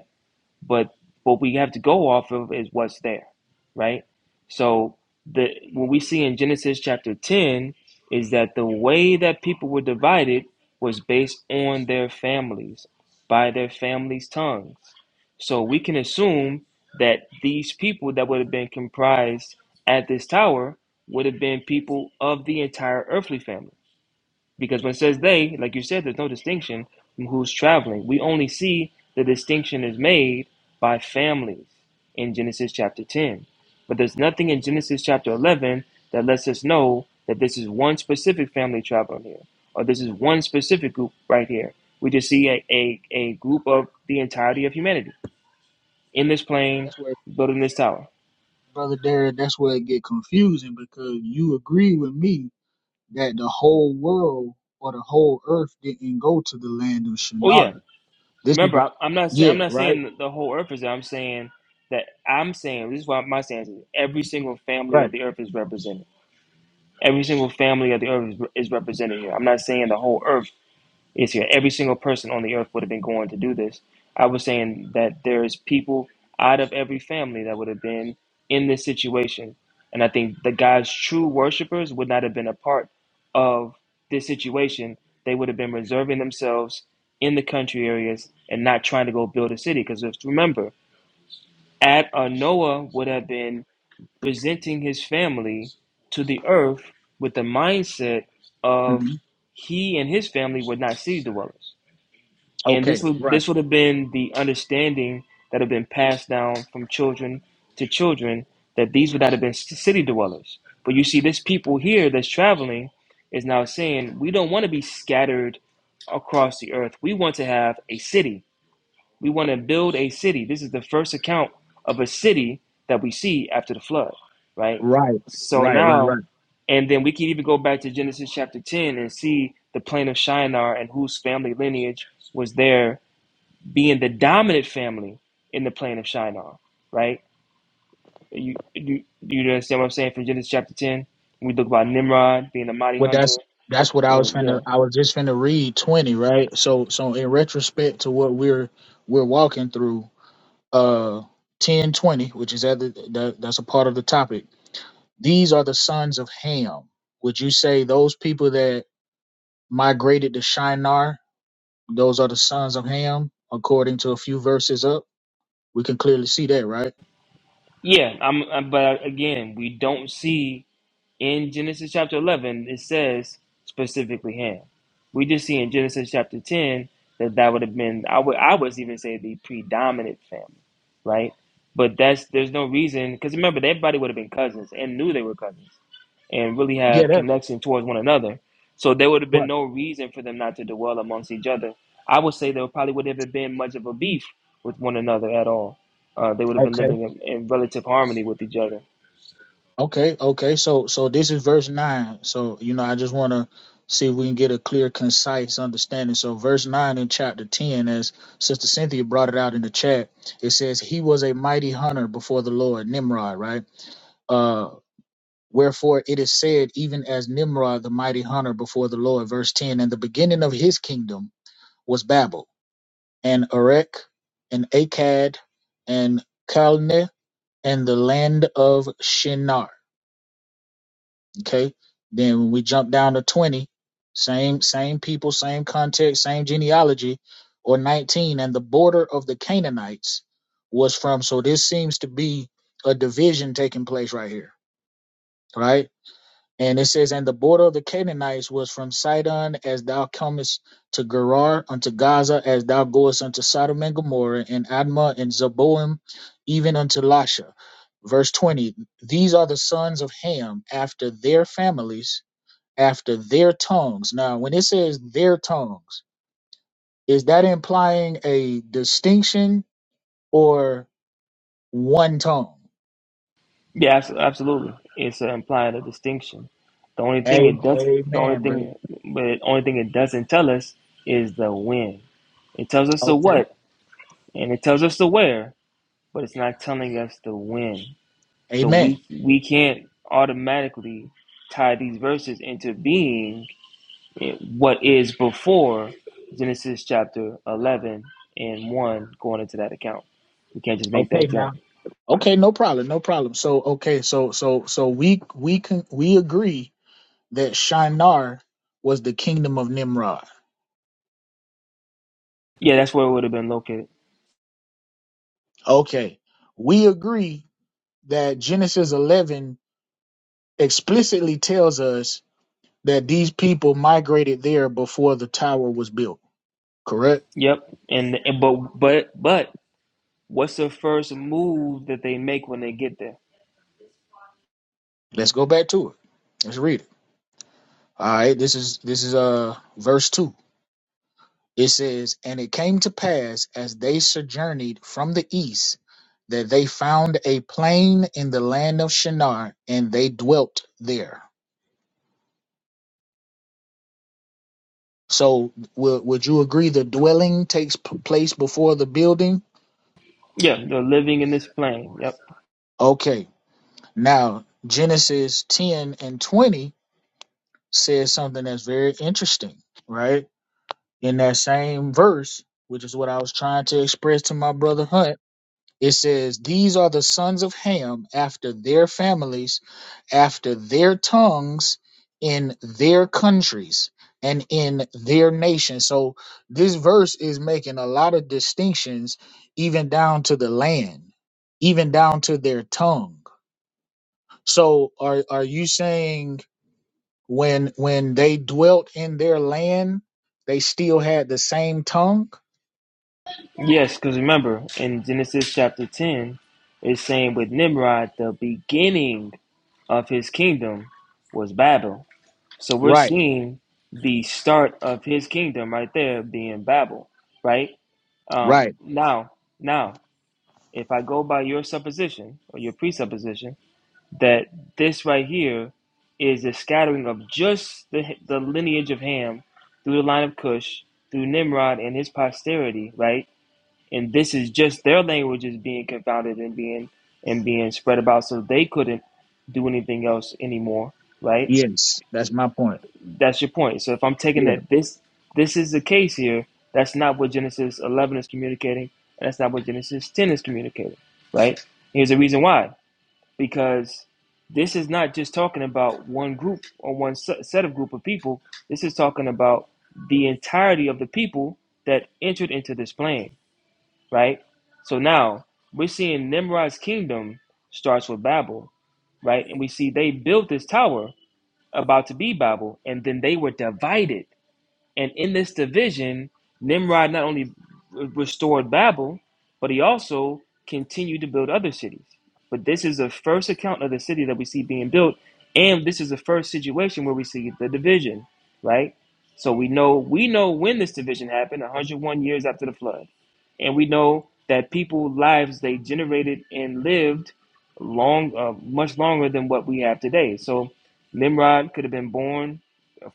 N: but what we have to go off of is what's there, right? So the what we see in Genesis chapter 10 is that the way that people were divided was based on their families, by their families' tongues. So we can assume that these people that would have been comprised at this tower would have been people of the entire earthly family because when it says they, like you said, there's no distinction from who's traveling. We only see the distinction is made by families in Genesis chapter 10. But there's nothing in Genesis chapter 11 that lets us know that this is one specific family traveling here, or this is one specific group right here. We just see a, a, a group of the entirety of humanity in this plane
H: That's where
N: building this tower.
H: brother Derek, that's where it get confusing because you agree with me that the whole world or the whole earth didn't go to the land of
N: Oh, yeah.
H: Shinar. This is
N: Remember,
H: a
N: I, I'm not saying
H: yeah,
N: I'm not
H: right.
N: saying the whole earth is. there. I'm saying that I'm saying this is why my stance is. Every single family
H: Right.
N: of the earth is represented. Every single family of the earth is, is represented here. I'm not saying the whole earth is here. Every single person on the earth would have been going to do this. I was saying that there is people out of every family that would have been in this situation. And I think the God's true worshipers would not have been a part of this situation. They would have been reserving themselves in the country areas and not trying to go build a city. Because remember, Ad, uh, Noah would have been presenting his family to the earth with the mindset of
H: hmm
N: he and his family would not see dwellers and this
H: Okay.
N: would
H: Right.
N: this would have been the understanding that have been passed down from children to children that these would not have been c- city dwellers but you see this people here that's traveling is now saying we don't want to be scattered across the earth we want to have a city we want to build a city this is the first account of a city that we see after the flood right
H: Right.
N: so
H: Right. Right. Right.
N: now and then we can even go back to genesis chapter 10 and see the plain of shinar and whose family lineage was there being the dominant family in the plane of Shinar, right? You you you understand what I'm saying from Genesis chapter ten? We look about Nimrod being a mighty
H: Well,
N: hunter,
H: that's that's what I was
N: and
H: finna.
N: yeah,
H: I was just finna read twenty. Right. So so in retrospect to what we're we're walking through, uh, ten twenty, which is at the, that that's a part of the topic. These are the sons of Ham. Would you say those people that migrated to Shinar? Those are the sons of Ham, according to a few verses up. We can clearly see that, right?
N: yeah. I'm, I'm but again, we don't see in Genesis chapter eleven it says specifically him. We just see in Genesis chapter ten that that would have been I would I would even say the predominant family, right? But that's there's no reason because remember everybody would have been cousins and knew they were cousins and really
H: Yeah.
N: have
H: That.
N: connection towards one another. So there would have been no reason for them not to dwell amongst each other. I would say there probably would have been much of a beef with one another at all. Uh, they would have been
H: Right.
N: living in, in relative harmony with each other.
H: Okay, okay. So so this is verse 9. So, you know, I just want to see if we can get a clear, concise understanding. So, verse 9 in chapter 10, as Sister Cynthia brought it out in the chat, it says, He was a mighty hunter before the Lord, Nimrod, right? Uh, wherefore it is said, even as Nimrod, the mighty hunter before the Lord, verse 10, and the beginning of his kingdom was Babel, and Erech, and Akkad, and Calneh, and the land of Shinar. Okay. Then when we jump down to 20, same same people, same context, same genealogy, or 19, and the border of the Canaanites was from. So this seems to be a division taking place right here, right? And it says, and the border of the Canaanites was from Sidon as thou comest to Gerar unto Gaza as thou goest unto Sodom and Gomorrah and Admah and Zeboim, even unto Lasha. Verse 20, these are the sons of Ham after their families after their tongues. Now, when it says their tongues, is that implying a distinction or one tongue?
N: Yeah, abs- absolutely. It's uh, implying a distinction. The only thing
H: A-
N: it does, the only
H: amen, brother.
N: thing, but the only thing it doesn't tell us is the when. It tells us the
H: Okay.
N: what and it tells us the where, but it's not telling us the when. So
H: Amen.
N: we we can't automatically tie these verses into being what is before Genesis chapter eleven and one going into that account. We can't just make
H: Okay,
N: that
H: now.
N: jump.
H: Okay, no problem, no problem. So, okay, so so so we we can we agree that Shinar was the kingdom of Nimrod.
N: Yeah, that's where it would have been located.
H: Okay. We agree that Genesis 11 explicitly tells us that these people migrated there before the tower was built. Correct.
N: Yep. And, and but but but what's the first move that they make when they get there?
H: Let's go back to it. Let's read it. All right. This is this is uh verse two. It says, "And it came to pass as they sojourneyed from the east, that they found a plain in the land of Shinar, and they dwelt there." So, w- would you agree the dwelling takes p- place before the building?
N: Yeah, they're living in this plane. Yep.
H: Okay. Now, Genesis ten and twenty says something that's very interesting, right? in that same verse, which is what I was trying to express to my brother Hunt, it says, These are the sons of Ham after their families, after their tongues, in their countries, and in their nation. So this verse is making a lot of distinctions, even down to the land, even down to their tongue. So are are you saying when when they dwelt in their land, they still had the same tongue?
N: Yes, because remember in Genesis chapter 10, it's saying with Nimrod, the beginning of his kingdom was Babel. So we're
H: Right.
N: seeing the start of his kingdom right there being Babel, right? Um,
H: Right.
N: now, now, if I go by your supposition or your presupposition that this right here is a scattering of just the, the lineage of Ham through the line of Cush, through Nimrod and his posterity, right? and this is just their language is being confounded and being and being spread about so they couldn't do anything else anymore right
H: Yes. That's my point.
N: that's your point so if i'm taking
H: Yeah.
N: that this this is the case here that's not what genesis 11 is communicating and that's not what genesis 10 is communicating right here's the reason why because this is not just talking about one group or one set of group of people this is talking about the entirety of the people that entered into this plan right? So now we're seeing Nimrod's kingdom starts with Babel, right? And we see they built this tower about to be Babel, and then they were divided. And in this division, Nimrod not only restored Babel, but he also continued to build other cities. But this is the first account of the city that we see being built, and this is the first situation where we see the division, right? So we know we know when this division happened, 101 years after the flood, and we know that people lives they generated and lived long, uh, much longer than what we have today. So Nimrod could have been born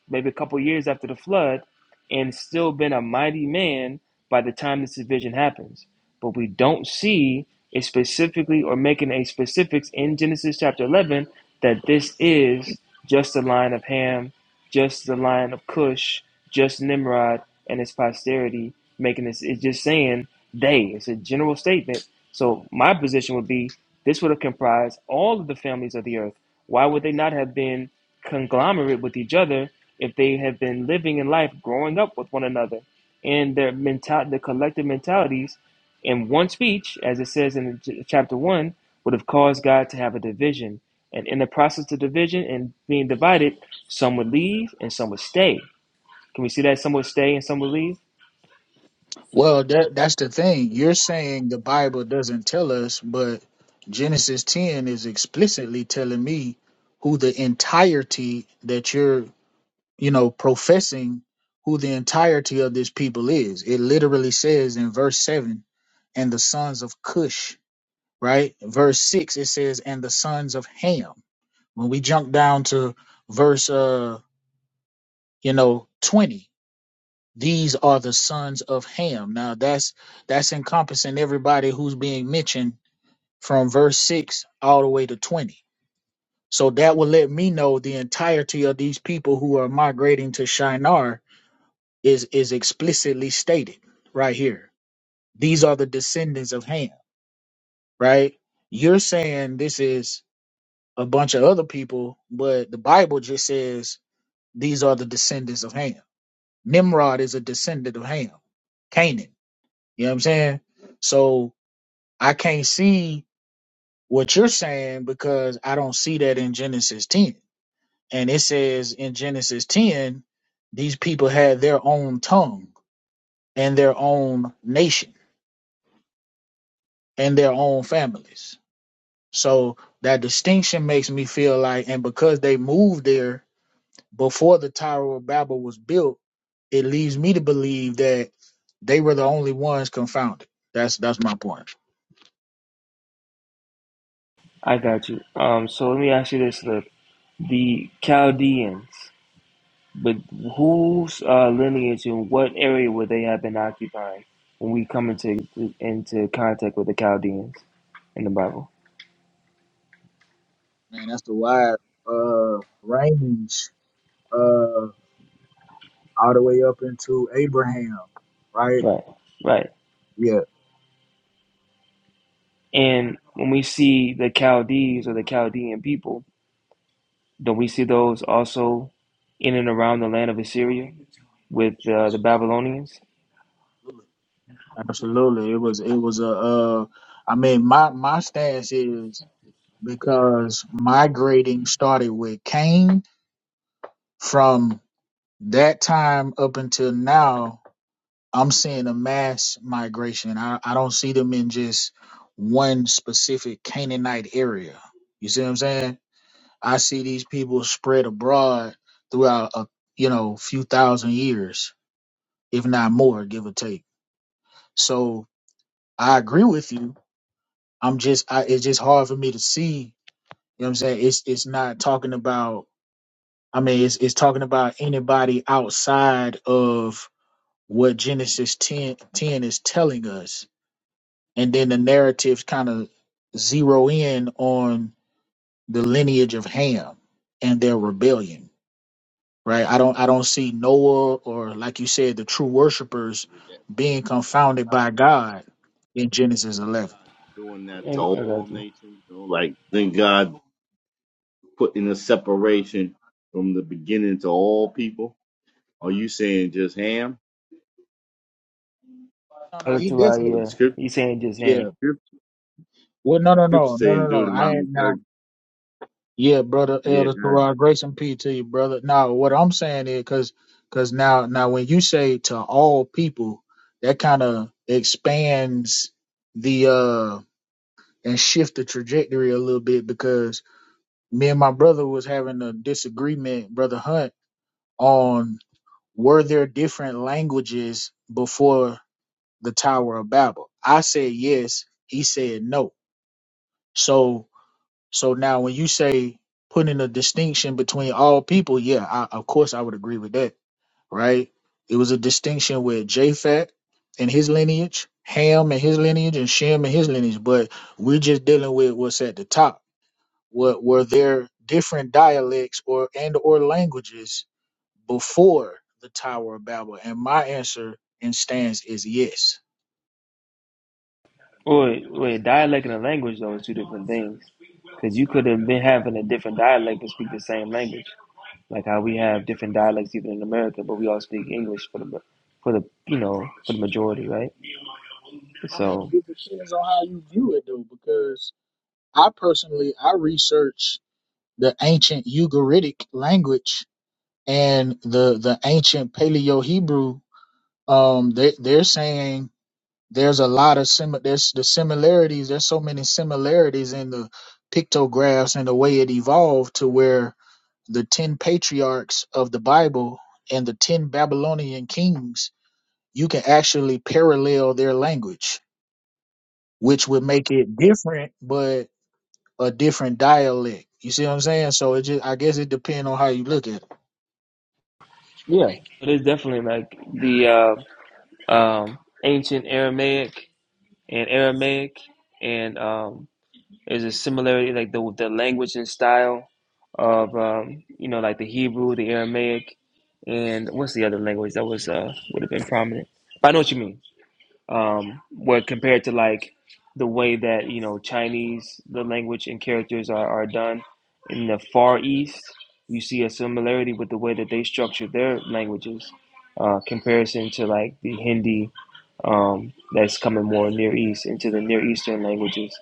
N: maybe a couple years after the flood and still been a mighty man by the time this division happens. But we don't see it specifically or making a specifics in Genesis chapter 11 that this is just the line of Ham, just the line of Cush, just Nimrod and his posterity making this. It's just saying they. It's a general statement. So my position would be this would have comprised all of the families of the earth. Why would they not have been conglomerate with each other if they have been living in life, growing up with one another, and their mental, their collective mentalities, in one speech, as it says in ch- chapter one, would have caused God to have a division. And in the process of division and being divided, some would leave and some would stay. Can we see that some would stay and some would leave?
H: Well, that that's the thing. You're saying the Bible doesn't tell us, but Genesis 10 is explicitly telling me who the entirety that you're, you know, professing who the entirety of this people is. It literally says in verse 7, and the sons of Cush, right? Verse 6 it says and the sons of Ham. When we jump down to verse uh, you know, 20, These are the sons of Ham. Now that's that's encompassing everybody who's being mentioned from verse six all the way to twenty. So that will let me know the entirety of these people who are migrating to Shinar is is explicitly stated right here. These are the descendants of Ham, right? You're saying this is a bunch of other people, but the Bible just says these are the descendants of Ham. Nimrod is a descendant of Ham. Canaan. You know what I'm saying? So I can't see what you're saying because I don't see that in Genesis 10. And it says in Genesis 10, these people had their own tongue and their own nation and their own families. So that distinction makes me feel like, and because they moved there before the Tower of Babel was built, it leads me to believe that they were the only ones confounded. That's that's my point.
N: I got you. Um, so let me ask you this, Lip. The Chaldeans, but whose uh, lineage and what area would they have been occupying when we come into into contact with the Chaldeans in the Bible?
H: Man, that's the wide uh range uh all the way up into Abraham, right?
N: Right, right.
H: Yeah.
N: And when we see the Chaldees or the Chaldean people, don't we see those also in and around the land of Assyria with uh, the Babylonians?
H: Absolutely. It was it was a uh I mean my my stance is because my grading started with Cain from that time up until now, I'm seeing a mass migration. I, I don't see them in just one specific Canaanite area. You see what I'm saying? I see these people spread abroad throughout a you know few thousand years, if not more, give or take. So I agree with you. I'm just I, it's just hard for me to see. You know what I'm saying? It's it's not talking about. I mean, it's it's talking about anybody outside of what Genesis 10, 10 is telling us, and then the narratives kind of zero in on the lineage of Ham and their rebellion right? I don't I don't see Noah or like you said the true worshipers being confounded by God in Genesis 11.
P: God doing that
N: I
P: to
N: I
P: all
N: got you.
P: nations. You know, like then God putting a separation from the beginning to all people. Are you saying just Ham?
H: No, no,
N: Other
H: he
N: two out
H: definitely
P: The
N: here.
P: script,
N: He's saying just him.
H: yeah.
P: script,
H: Well, no, no,
P: script
H: no, no, no,
P: saying
H: no. I ain't
P: Deuteronomy
H: now.
P: thirty.
H: Yeah, brother
P: Yeah,
H: Elder
P: God.
H: Terrell, grace and peace to you, brother. Now, what I'm saying is because because now now when you say to all people, that kind of expands the uh and shift the trajectory a little bit because me and my brother was having a disagreement, brother Hunt, were there different languages before the Tower of Babel? I said yes. He said no. So so now when you say putting a distinction between all people, yeah, I, of course I would agree with that, right? It was a distinction with Japhet and his lineage, Ham and his lineage, and Shem and his lineage. But we're just dealing with what's at the top. What were there different dialects or and or languages before the Tower of Babel? And my answer and stance is yes.
N: Wait, wait, dialect and a language though is two different things. Because you could have been having a different dialect and speak the same language, like how we have different dialects even in America, but we all speak English for the for the you know for the majority, right?
H: I mean,
N: So
H: it depends on how you view it, though, because I personally I research the ancient Ugaritic language and the the ancient Paleo Hebrew. Um, they they're saying there's a lot of sim there's the similarities. There's so many similarities in the pictographs and the way it evolved to where the ten patriarchs of the Bible and the ten Babylonian kings you can actually parallel their language, which would make it different, but a different dialect. You see what I'm saying? So it just, I guess it depends on how you look at it.
N: yeah, it is definitely like the uh, um, ancient Aramaic and Aramaic and um, There's a similarity, like the the language and style of um, you know, like the Hebrew, the Aramaic, and what's the other language that was uh would have been prominent? But I know what you mean um, where compared to like the way that you know Chinese the language and characters are, are done in the Far East, you see a similarity with the way that they structure their languages, uh, comparison to like the Hindi um, that's coming more Near East into the Near Eastern languages,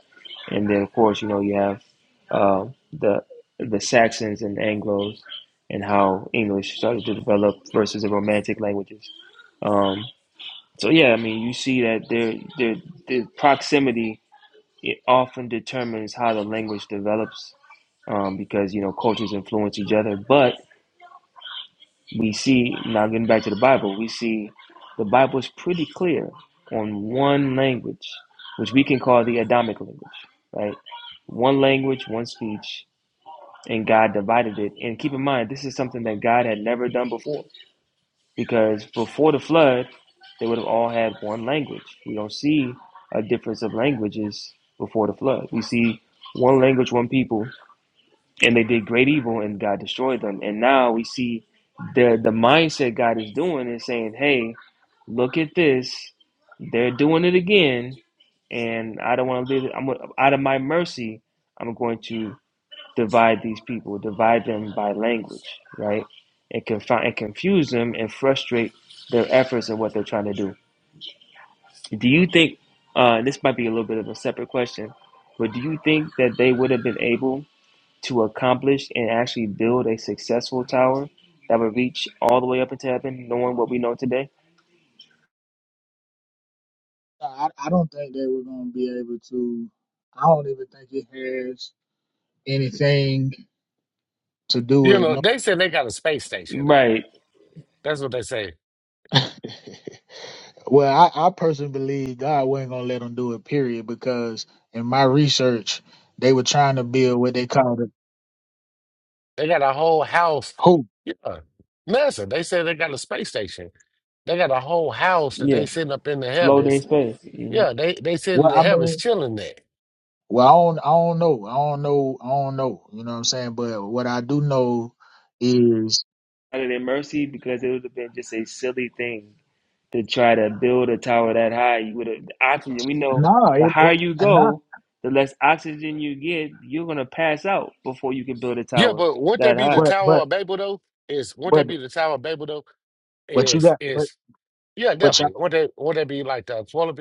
N: and then of course you know you have uh, the the Saxons and Anglo's and how English started to develop versus the Romantic languages. Um, so yeah, I mean, you see that there, there, the proximity it often determines how the language develops, um, because you know cultures influence each other. But we see now getting back to the Bible, we see the Bible is pretty clear on one language, which we can call the Adamic language, right? One language, one speech, and God divided it. And keep in mind, this is something that God had never done before. because before the flood, they would have all had one language. We don't see a difference of languages before the flood. We see one language, one people, and they did great evil, and God destroyed them. And now we see the the mindset God is doing is saying, "Hey, look at this. They're doing it again, and I don't want to live. I'm out of my mercy. I'm going to divide these people, divide them by language, right? And confound and confuse them and frustrate their efforts and what they're trying to do. Do you think uh, this might be a little bit of a separate question, but do you think that they would have been able to accomplish and actually build a successful tower that would reach all the way up into heaven, knowing what we know today?
H: I, I don't think they were going to be able to. I don't even think it has anything to do
L: You
H: with.
L: know,
H: No,
L: they said they got a space station though.
N: Right.
L: That's what they say.
H: well, I, I personally believe God wasn't going to let them do it. Period. Because in my research, they were trying to build what they called it.
L: They got a whole house.
H: Who?
L: Yeah. NASA, they said they got a space station. They got a whole house that
N: Yeah.
L: they sitting up in the
N: Floating in
L: heavens.
N: space. hmm
L: Yeah, they they sitting in
H: Well,
L: the
H: I mean,
L: heavens chilling there.
H: Well, I don't, I don't know. I don't know. I don't know. You know what I'm saying? But what I do know is
N: Out of their mercy, because it would have been just a silly thing to try to build a tower that high with a, the oxygen. We know
H: nah,
N: the
H: it,
N: higher
H: it,
N: you
H: and not.
N: go, the less oxygen you get, you're gonna pass out before you can build a
L: Yeah,
N: tower
L: but wouldn't that
N: that
L: be the
N: high.
H: But
L: Tower
H: but
L: of Babel though? Is wouldn't
H: but
L: that be the Tower of Babel though?
H: but you
L: Is
H: got but
L: is yeah,
H: but
L: definitely.
H: y'all
L: Would not that would that be like the twelve?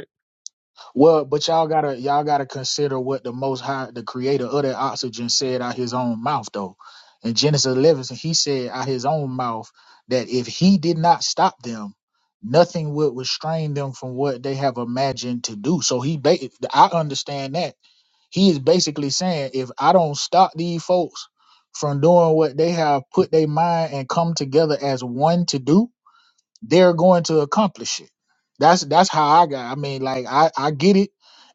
H: well but y'all gotta y'all gotta consider what the Most High, the Creator of that oxygen, said out His own mouth though. In Genesis 11, He said out His own mouth that if He did not stop them. Nothing would restrain them from what they have imagined to do. So he, ba- I understand that He is basically saying if I don't stop these folks from doing what they have put their mind and come together as one to do, they're going to accomplish it. That's that's how I got. I mean, like I I get it,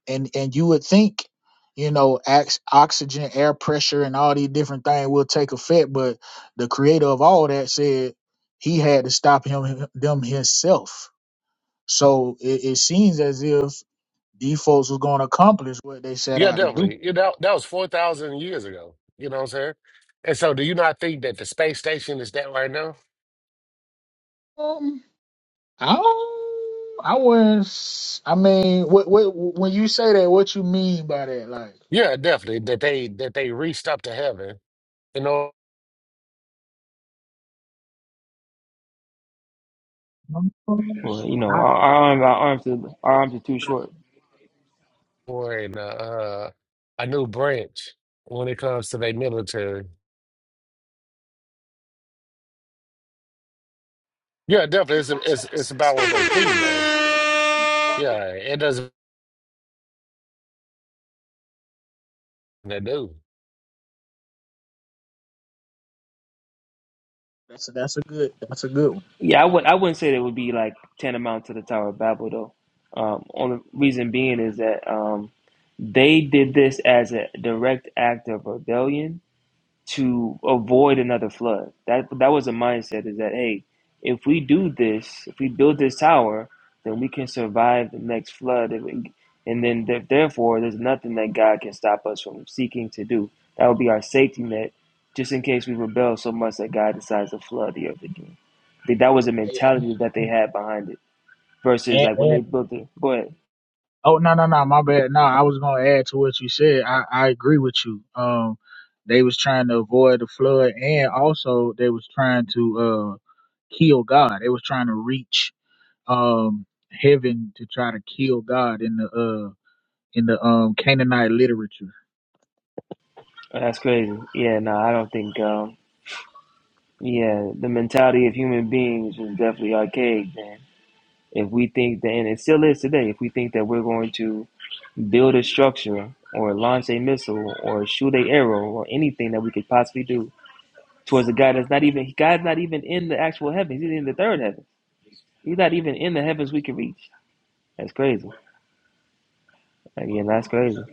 H: and and you would think, you know, ox- oxygen, air pressure, and all these different things will take effect, but the creator of all that said he had to stop him them himself. So it, it seems as if these folks was going to accomplish what they set
L: Yeah,
H: out to
L: definitely. You know, that was 4,000 years ago. You know what I'm saying? And so do you not think that the space station is that right now?
H: do. I don't, I wouldn't. s- I mean, what, what, when you say that, what you mean by that? Like,
L: Yeah, definitely. That they that they reached up to heaven in order
H: Um,
N: Well, you know,
H: I-
N: our, our, arm- our arms are, our arms are too
H: I-
N: short.
L: for an, uh, uh, a new branch when it comes to their military. Yeah, definitely. It's, it's it's about what they think though.
Q: Yes.
L: Yeah, it doesn't they do.
H: that's a, that's a good that's a good one.
N: Yeah, I would I wouldn't say that it would be like tantamount to the Tower of Babel though. Um, only reason being is that um, they did this as a direct act of rebellion to avoid another flood. That that was a mindset is that hey, if we do this, if we build this tower, then we can survive the next flood, and we- and then th- therefore there's nothing that God can stop us from seeking to do. That would be our safety net, just in case we rebel so much that God decides to flood the earth again. I think that was the
H: Hey, And,
N: mentality that they had behind it. Versus
H: and,
N: like when they
H: and-
N: built it, go ahead.
H: oh no no no my bad no I was gonna add to what you said I I agree with you um they was trying to avoid the flood and also they was trying to uh kill God they was trying to reach um heaven to try to kill God in the uh in the um Canaanite literature
N: Oh, That's crazy. Yeah, no, I don't think. Um, yeah, the mentality of human beings was definitely archaic then If we think that, and it still is today, if we think that we're going to build a structure or launch a missile or shoot a arrow or anything that we could possibly do towards a guy that's not even God's not even in the actual heavens. He's in the third heaven. He's not even in the heavens we can reach. That's crazy. Again, that's crazy.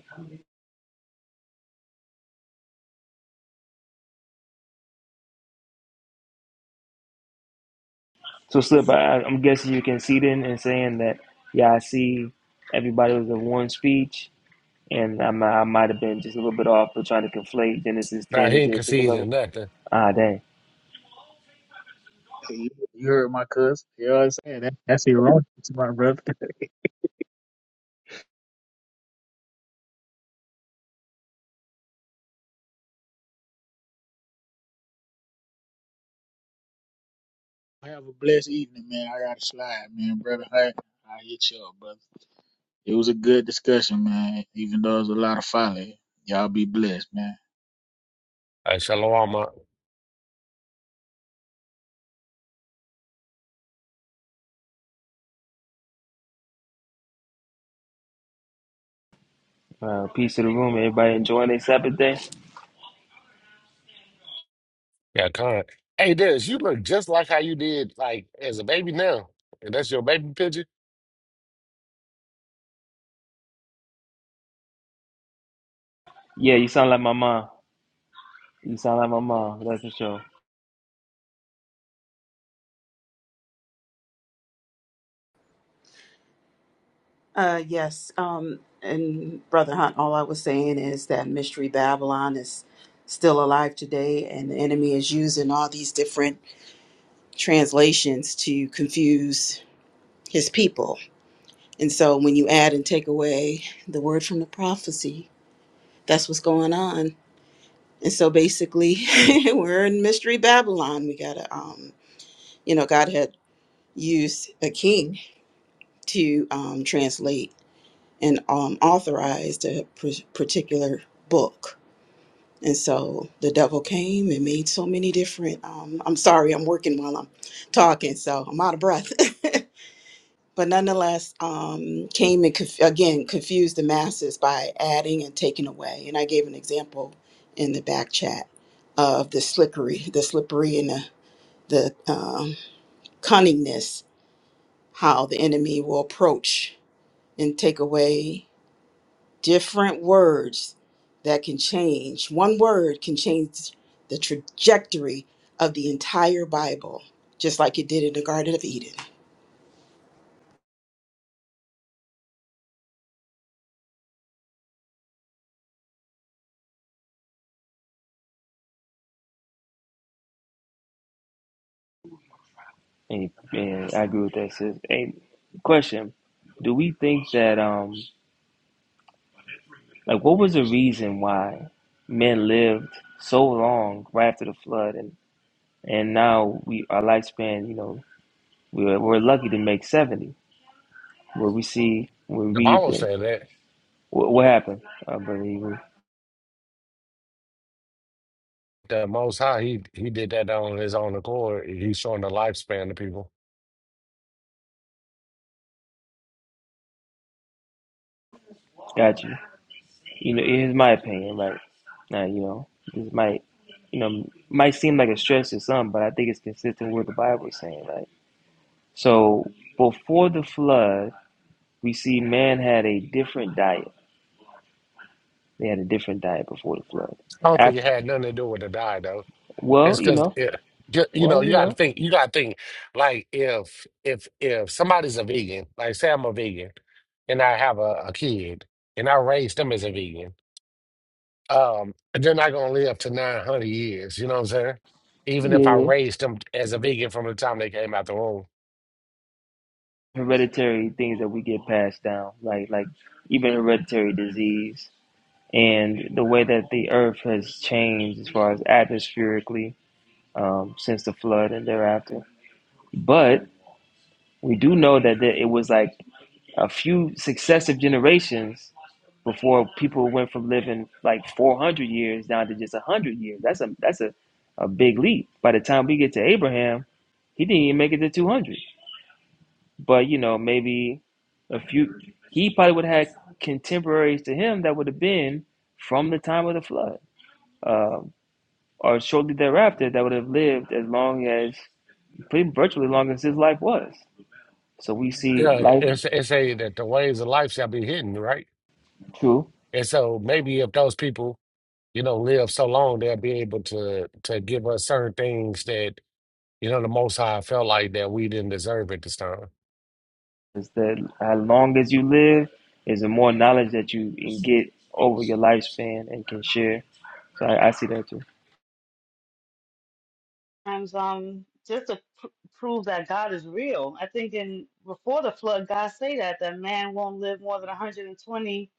N: So slip. I, I'm guessing you can see then and saying that. Yeah, I see. Everybody was in one speech, and I, mi- I might have been just a little bit off, for trying to conflate Genesis 10
L: Now he
N: and
L: ain't
N: Genesis 11.
L: conceding nothing.
N: Ah, dang.
H: You heard my cousin. You know what I'm saying? That, that's ironic, to my brother. Have a blessed evening, man. I got to slide, man. Brother, hey, I hit you up, brother. It was a good discussion, man. Even though it was a lot of folly. Y'all be blessed, man.
L: Uh, shalom, uh,
N: Uh, peace to the room. Everybody enjoying their Sabbath day?
L: yeah, con. Hey, this you look just like how you did like as a baby now. And that's your baby picture.
N: Yeah, you sound like my mom. You sound like my mom. That's for sure.
F: Uh, yes. Um, and Brother Hunt, all I was saying is that Mystery Babylon is still alive today, and the enemy is using all these different translations to confuse his people. And so when you add and take away the word from the prophecy, that's what's going on. And so basically, we're in Mystery Babylon. We got to, um, you know, God had used a king to um, translate. and um, authorized a pr- particular book. And so the devil came and made so many different. Um, I'm sorry, I'm working while I'm talking, so I'm out of breath. but nonetheless, um, came and conf- again confused the masses by adding and taking away. And I gave an example in the back chat of the slippery, the slippery and the, the um, cunningness, how the enemy will approach and take away. different words that can change. One word can change the trajectory of the entire Bible, just like it did in the Garden of Eden.
N: And, and I agree with that, sis. Hey, question: Do we think that um, like, what was the reason why men lived so long right after the flood, and and now we our lifespan, you know, we're we're lucky to make seventy. Where we see, we
L: The
N: read
L: mama
N: that.
L: said that.
N: what, what happened. I believe
L: the Most High, he he did that on his own accord. He's showing the lifespan to people.
N: got you. You know, it is my opinion. Like, now you know, this might, you know, might seem like a stretch to some, but I think it's consistent with what the Bible is saying. Right. So before the flood, we see man had a different diet. They had a different diet before the flood.
L: I don't think it
N: After,
L: had nothing to do with the die though.
N: well,
L: It's
N: you
L: because
N: know,
L: it, ju- you know
N: well,
L: you
N: you
L: got to
N: know,
L: think. You got to think like if if if somebody's a vegan, like say I'm a vegan, and I have a, a kid, and I raise them as a vegan, um, they're not gonna live to 900 years. You know what I'm saying? Even
N: yeah,
L: if I
N: yeah.
L: raised them as a vegan from the time they came out the womb.
N: Hereditary things that we get passed down, like like even hereditary disease and the way that the earth has changed as far as atmospherically um, since the flood and thereafter. But we do know that there, it was like a few successive generations before people went from living like 400 years down to just 100 years. That's a that's a, a big leap. By the time we get to Abraham, he didn't even make it to 200. But you know, maybe a few. He probably would have had contemporaries to him that would have been from the time of the flood, um, or shortly thereafter, that would have lived as long as pretty virtually long as his life was. So we see
L: Yeah,
N: life.
L: it's, it's say that the ways of life shall be hidden, right?
N: True.
L: And so maybe if those people, you know, live so long, they'll be able to to give us certain things that, you know, the Most High felt like that we didn't deserve at this time.
N: Is that how long as you live is the more knowledge that you can get over your lifespan and can share. So I, I see that too.
C: times um just to pr- prove that God is real. I think in before the flood, God say that that man won't live more than 120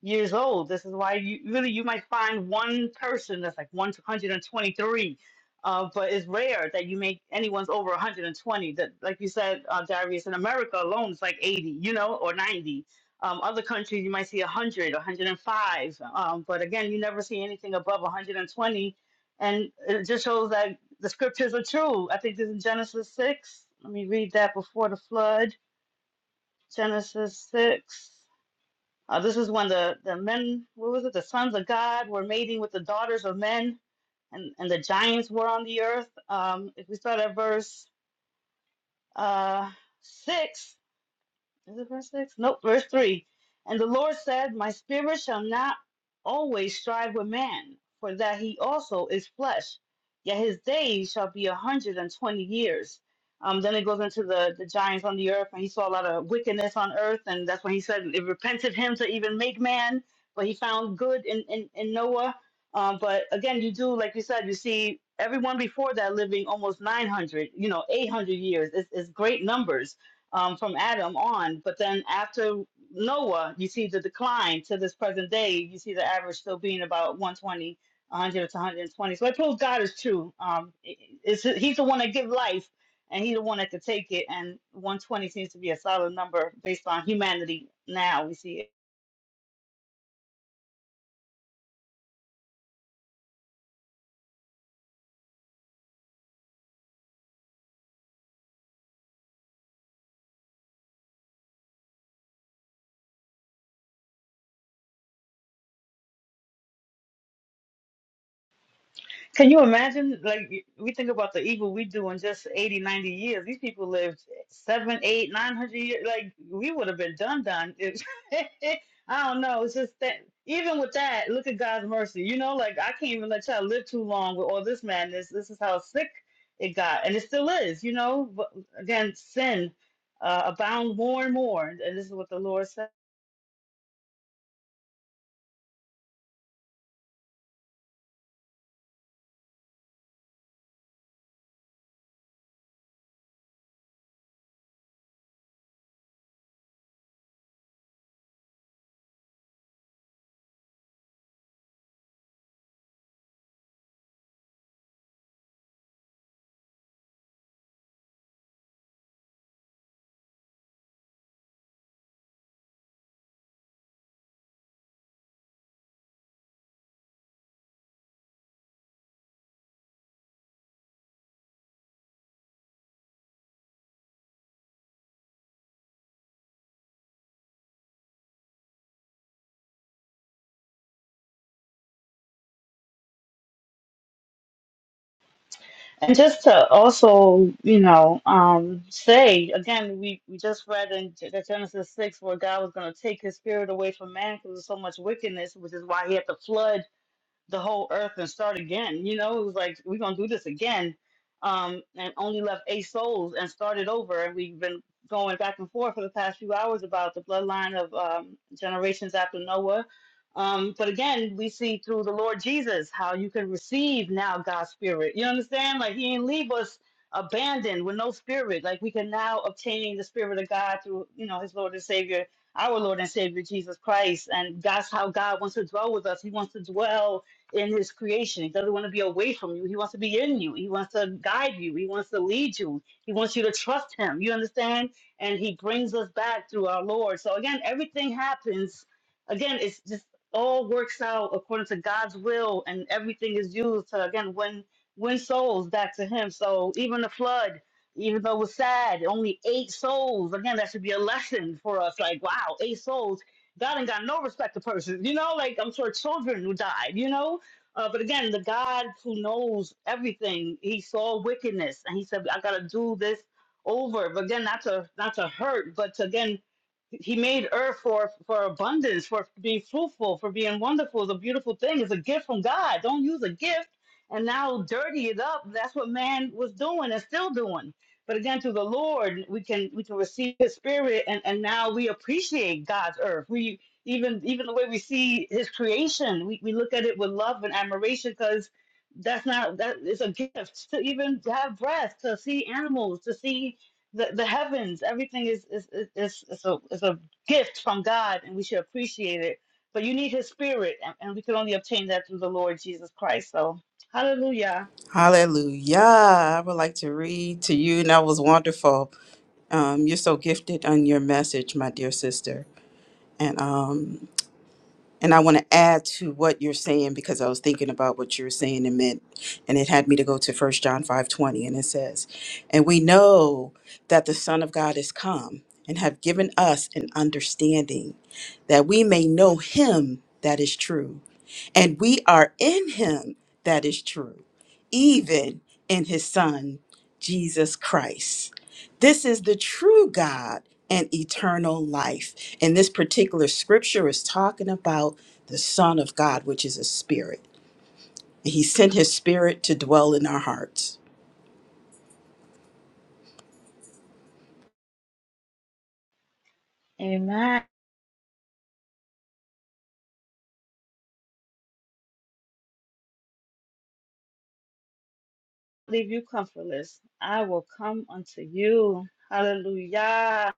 C: years old. This is why you really you might find one person that's like 123, uh, but it's rare that you make anyone's over 120. That like you said, uh, Darius, in America alone, it's like 80, you know, or 90. Um, other countries you might see 100, 105, um, but again, you never see anything above 120 and it just shows that the scriptures are true. I think this is Genesis 6. Let me read that before the flood. Genesis 6. Uh, this is when the, the men, what was it? The sons of God were mating with the daughters of men, and, and the giants were on the earth. Um, if we start at verse uh, 6, Is it verse 6? Nope, verse 3. And the Lord said, My spirit shall not always strive with man, for that he also is flesh. Yet his days shall be a 120 years. Um, then it goes into the, the giants on the earth, and he saw a lot of wickedness on earth, and that's when he said it repented him to even make man, but he found good in, in, in Noah. Um, but again, you do, like you said, you see everyone before that living almost 900, you know, 800 years. It's, it's great numbers um, from Adam on. But then after Noah, you see the decline to this present day. You see the average still being about 120, 100 to 120. So it proves God is true. Um, it's, he's the one that gives life, and he's the one that could take it. And 120 seems to be a solid number based on humanity now. We see it. Can you imagine? Like, we think about the evil we do in just 80, 90 years. These people lived seven, eight, nine hundred years. Like, we would have been done, done. It- I don't know. It's just that, even with that, look at God's mercy. You know, like, I can't even let y'all live too long with all this madness. This is how sick it got. And it still is, you know. But again, sin uh, abound more and more. And this is what the Lord said. And just to also, you know, um, say again, we, we just read in Ge- the Genesis 6 where God was going to take his spirit away from man because there's so much wickedness, which is why he had to flood the whole earth and start again. You know, it was like we're gonna do this again, um, and only left eight souls and started over. And we've been going back and forth for the past few hours about the bloodline of um, generations after Noah. Um, but again, we see through the Lord Jesus how you can receive now God's spirit. You understand? Like He didn't leave us abandoned with no spirit. Like we can now obtain the spirit of God through you know His Lord and Savior. Our Lord and Savior Jesus Christ, and that's how God wants to dwell with us. He wants to dwell in his creation. He doesn't want to be away from you. He wants to be in you. He wants to guide you. He wants to lead you. He wants you to trust him. You understand? And he brings us back through our Lord. So again, everything happens. Again, it's just all works out according to God's will, and everything is used to again win win souls back to him. So even the flood, even though it was sad, only eight souls. Again, that should be a lesson for us. Like, wow, eight souls. God ain't got no respect to persons, you know. Like I'm sure children who died, you know uh, but again, the God who knows everything, He saw wickedness, and He said, "I got to do this over." But again, not to not to hurt, but to, again, He made earth for for abundance, for being fruitful, for being wonderful. It's a beautiful thing. It's a gift from God. Don't use a gift and now dirty it up. That's what man was doing and still doing. But again, through the Lord, we can we can receive His Spirit, and and now we appreciate God's earth. We even even the way we see his creation we, we look at it with love and admiration because that's not that is a gift to even have breath to see animals to see the, the heavens everything is is, is, is, is, a, is a gift from god and we should appreciate it but you need his spirit and, and we can only obtain that through the lord jesus christ so hallelujah
F: Hallelujah. I would like to read to you, and that was wonderful. Um, you're so gifted on your message, my dear sister. And um, And I want to add to what you're saying because I was thinking about what you were saying and meant, and it had me to go to First John 5:20, and it says, "And we know that the Son of God is come and have given us an understanding that we may know Him that is true." and we are in him that is true, even in his Son, Jesus Christ. This is the true God and eternal life. And this particular scripture is talking about the Son of God, which is a spirit. And he sent his spirit to dwell in our hearts.
C: amen leave you comfortless i will come unto you hallelujah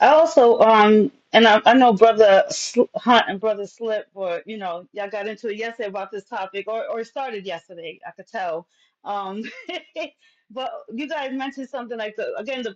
C: I also um and I, I know brother Sl- Hunt and brother Slip were you know y'all got into it yesterday about this topic or or it started yesterday I could tell um but you guys mentioned something like the again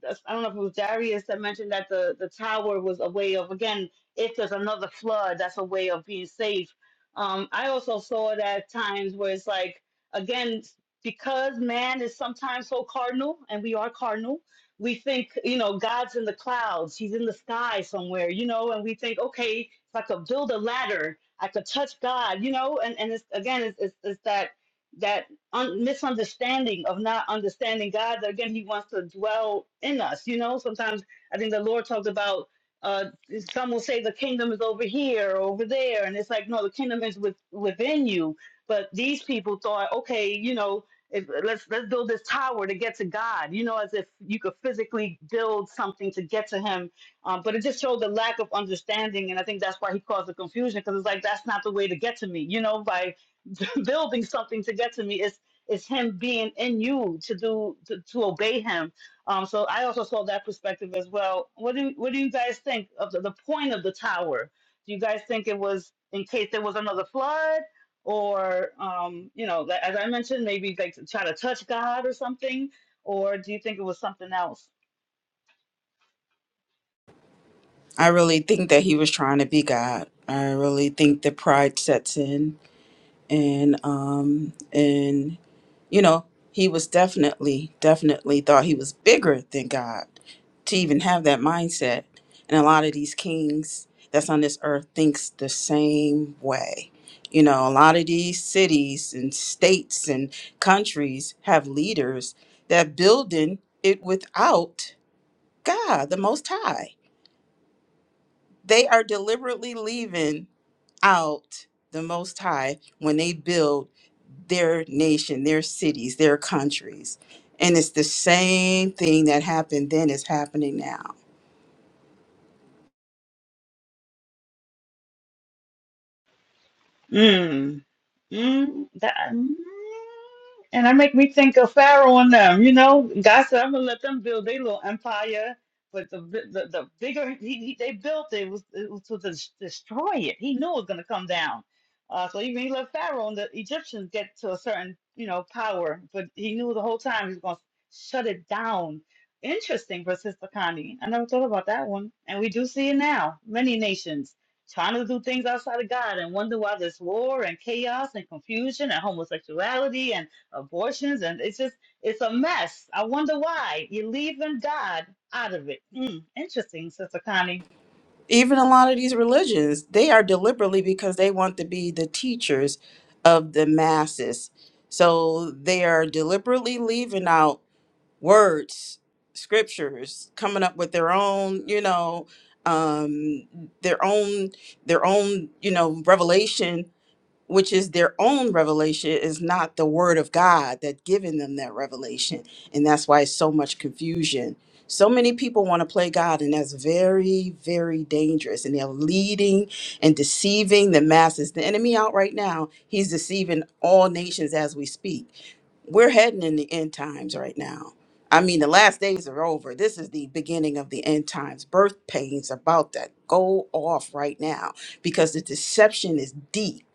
C: that's- I don't know if it was Darius that mentioned that the, the tower was a way of, again, if there's another flood, that's a way of being safe. Um, I also saw it at times where it's like, again, because man is sometimes so cardinal, and we are cardinal, we think, you know, God's in the clouds, he's in the sky somewhere, you know, and we think, okay, if I could build a ladder, I could touch God, you know, and, and it's, again, it's, it's, it's that. that un- misunderstanding of not understanding God. that Again, He wants to dwell in us. You know, sometimes I think the Lord talked about. Uh, some will say the kingdom is over here or over there, and it's like no, the kingdom is with, within you. But these people thought, okay, you know, if, let's let's build this tower to get to God. You know, as if you could physically build something to get to Him. Um, but it just showed the lack of understanding, and I think that's why He caused the confusion because it's like that's not the way to get to me. You know, by building something to get to me. It's it's Him being in you to do to, to obey Him. Um, so I also saw that perspective as well. What do what do you guys think of the, the point of the tower? Do you guys think it was in case there was another flood, or um, you know, like, as I mentioned, maybe like to try to touch God or something, or do you think it was something else?
F: I really think that he was trying to be God. I really think that pride sets in and um and you know, he was definitely, definitely thought he was bigger than God to even have that mindset. And a lot of these kings that's on this earth thinks the same way. You know, a lot of these cities and states and countries have leaders that building it without God, the Most High they are deliberately leaving out the Most High when they build their nation, their cities, their countries. And it's the same thing that happened then is happening now.
C: Mm, that, mm, and that make me think of Pharaoh and them. You know, God said, "I'm gonna let them build their little empire." But the bi- the, the bigger he, he, they built, it was it was to des- destroy it. He knew it was gonna come down. Uh, so even he let Pharaoh and the Egyptians get to a certain you know power, but he knew the whole time he was gonna shut it down. Interesting for Sister Connie. I never thought about that one, and we do see it now. Many nations trying to do things outside of God and wonder why there's war and chaos and confusion and homosexuality and abortions and it's just it's a mess. I wonder why you're leaving God out of it. Mm, interesting, Sister Connie.
F: Even a lot of these religions, they are deliberately because they want to be the teachers of the masses. So they are deliberately leaving out words, scriptures, coming up with their own, you know, um, their own, their own, you know, revelation, which is their own revelation, is not the word of God that giving them that revelation, and that's why it's so much confusion. So many people want to play God, and that's very, very dangerous. And they're leading and deceiving the masses. The enemy out right now, he's deceiving all nations as we speak we're heading in the end times right now. I mean, the last days are over. This is the beginning of the end times. Birth pains about to go off right now because the deception is deep.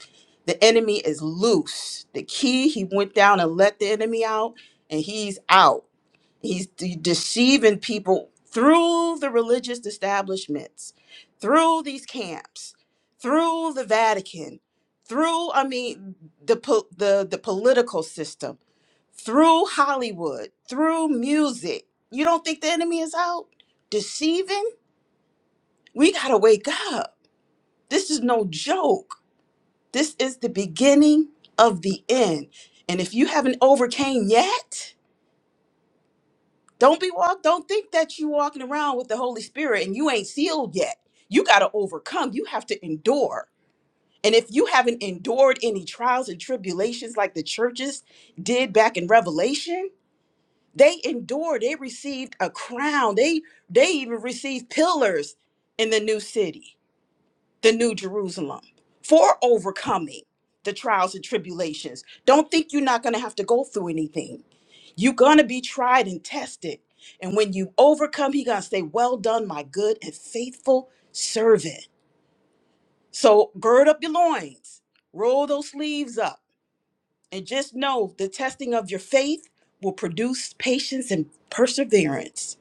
F: The enemy is loose. The key, he went down and let the enemy out, and he's out. He's de- deceiving people through the religious establishments, through these camps, through the Vatican, through I mean the po- the the political system, through Hollywood, through music. You don't think the enemy is out deceiving? We got to wake up. This is no joke. This is the beginning of the end. And if you haven't overcame yet, Don't be walk. Don't think that you walking around with the Holy Spirit and you ain't sealed yet. You got to overcome. You have to endure. And if you haven't endured any trials and tribulations like the churches did back in Revelation, they endured. They received a crown. They they even received pillars in the new city, the new Jerusalem, for overcoming the trials and tribulations. Don't think you're not going to have to go through anything. You're gonna be tried and tested. And when you overcome, he gonna say, Well done, my good and faithful servant. So gird up your loins, roll those sleeves up, and just know the testing of your faith will produce patience and perseverance.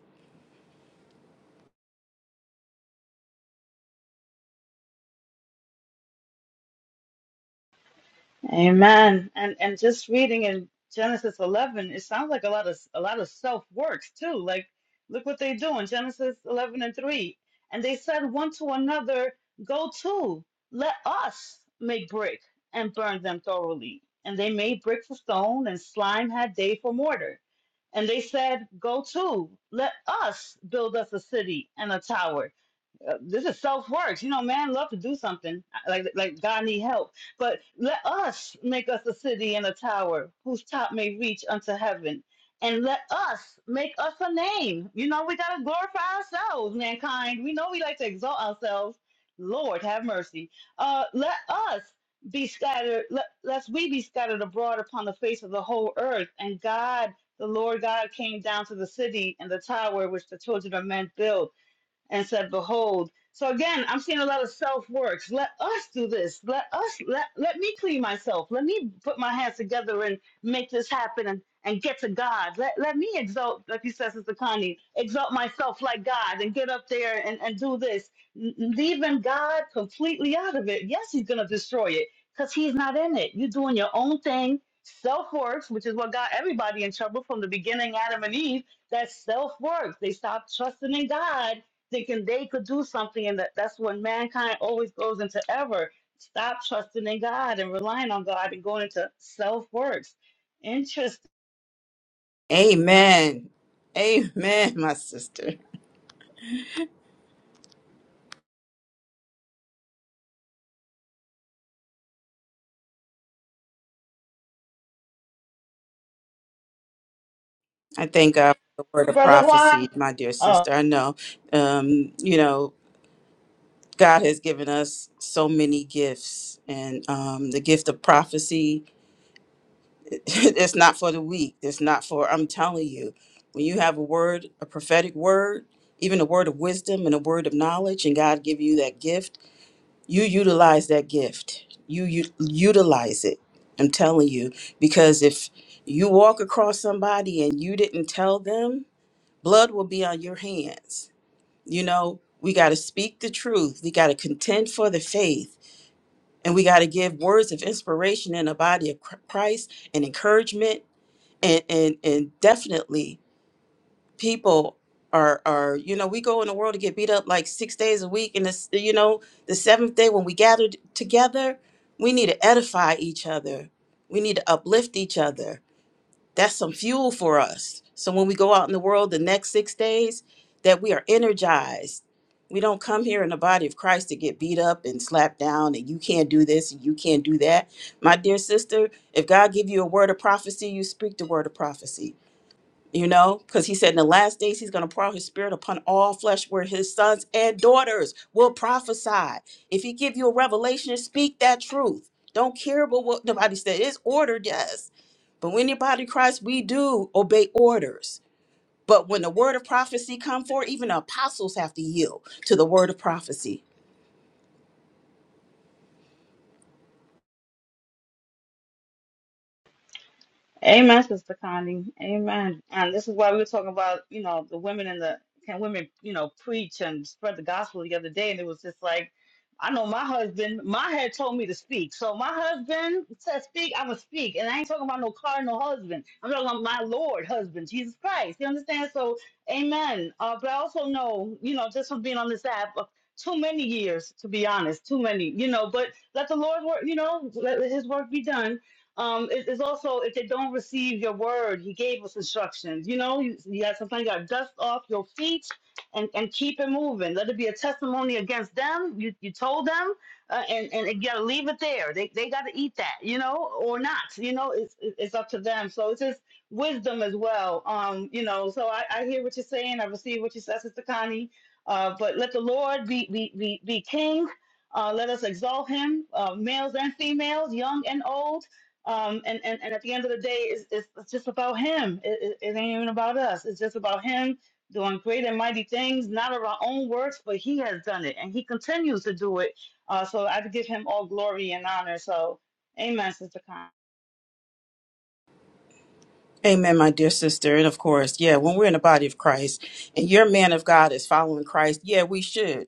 C: Amen. And and just reading in Genesis 11, it sounds like a lot of a lot of self works too. Like look what they do in Genesis 11 and 3. And they said one to another, "Go to, let us make brick and burn them thoroughly." And they made brick for stone, and slime had they for mortar. And they said, "Go to, let us build us a city and a tower." uh, this is self work. You know, man love to do something uh, like like God need help. But let us make us a city and a tower whose top may reach unto heaven. And let us make us a name. You know, we gotta glorify ourselves, mankind. We know we like to exalt ourselves. Lord have mercy. Uh, let us be scattered. Let, lest we be scattered abroad upon the face of the whole earth. And God, the Lord God, came down to the city and the tower which the children of men built and said, Behold. So again, I'm seeing a lot of self works. Let us do this. Let us let let me clean myself. Let me put my hands together and make this happen and, and get to God. Let let me exalt, like you said, Sister Connie, exalt myself like God and get up there and, and do this. N- Leaving God completely out of it. Yes, he's gonna destroy it because he's not in it. You're doing your own thing. Self works, which is what got everybody in trouble from the beginning, Adam and Eve. That's self work. They stopped trusting in God thinking they could do something, and that, that's when mankind always goes into ever. Stop trusting in God and relying on God and going into self works. Interesting,
F: Amen. Amen, my sister. I thank God for the word of
C: brother
F: prophecy,
C: Juan.
F: my dear sister. I know, um, you know, God has given us so many gifts, and um, the gift of prophecy, it's not for the weak. It's not for, I'm telling you, when you have a word, a prophetic word, even a word of wisdom and a word of knowledge, and God give you that gift, you utilize that gift you, u- utilize it i'm telling you because if you walk across somebody and you didn't tell them blood will be on your hands you know we got to speak the truth we got to contend for the faith and we got to give words of inspiration in the body of Chr- christ and encouragement and and, and definitely people are are you know we go in the world to get beat up like six days a week and this you know the seventh day when we gathered together we need to edify each other we need to uplift each other that's some fuel for us so when we go out in the world the next six days that we are energized we don't come here in the body of christ to get beat up and slapped down and you can't do this and you can't do that my dear sister if god give you a word of prophecy you speak the word of prophecy you know, because he said in the last days he's going to pour out his spirit upon all flesh, where his sons and daughters will prophesy. If he give you a revelation, speak that truth. Don't care about what nobody said. It's ordered, yes, but when your body of Christ, we do obey orders. But when the word of prophecy come forth, even the apostles have to yield to the word of prophecy.
C: Amen, Sister Connie. Amen. And this is why we were talking about, you know, the women and the can women, you know, preach and spread the gospel the other day. And it was just like, I know my husband, my head told me to speak. So my husband said speak, I would speak. And I ain't talking about no cardinal husband. I'm talking about my Lord husband, Jesus Christ. You understand? So amen. Uh, but I also know, you know, just from being on this app uh, too many years, to be honest, too many, you know, but let the Lord work, you know, let let his work be done um, it- it's also if they don't receive your word, he gave us instructions. You know, you, you got sometimes you got dust off your feet and, and keep it moving. Let it be a testimony against them. You, you told them, uh, and and you got to leave it there. They they got to eat that, you know, or not. You know, it's it- it's up to them. So it's just wisdom as well. Um, you know, so I, I hear what you're saying. I receive what you said, Sister Connie. Uh, but let the Lord be be be, be king. Uh, let us exalt him, uh, males and females, young and old um, and, and, and at the end of the day, it's, it's, it's just about him. It, it, it ain't even about us. It's just about him doing great and mighty things, not of our own works, but he has done it and he continues to do it. Uh, so I give him all glory and honor. So, amen, Sister Con.
F: Amen, my dear sister. And of course, yeah, when we're in the body of Christ and your man of God is following Christ, yeah, we should.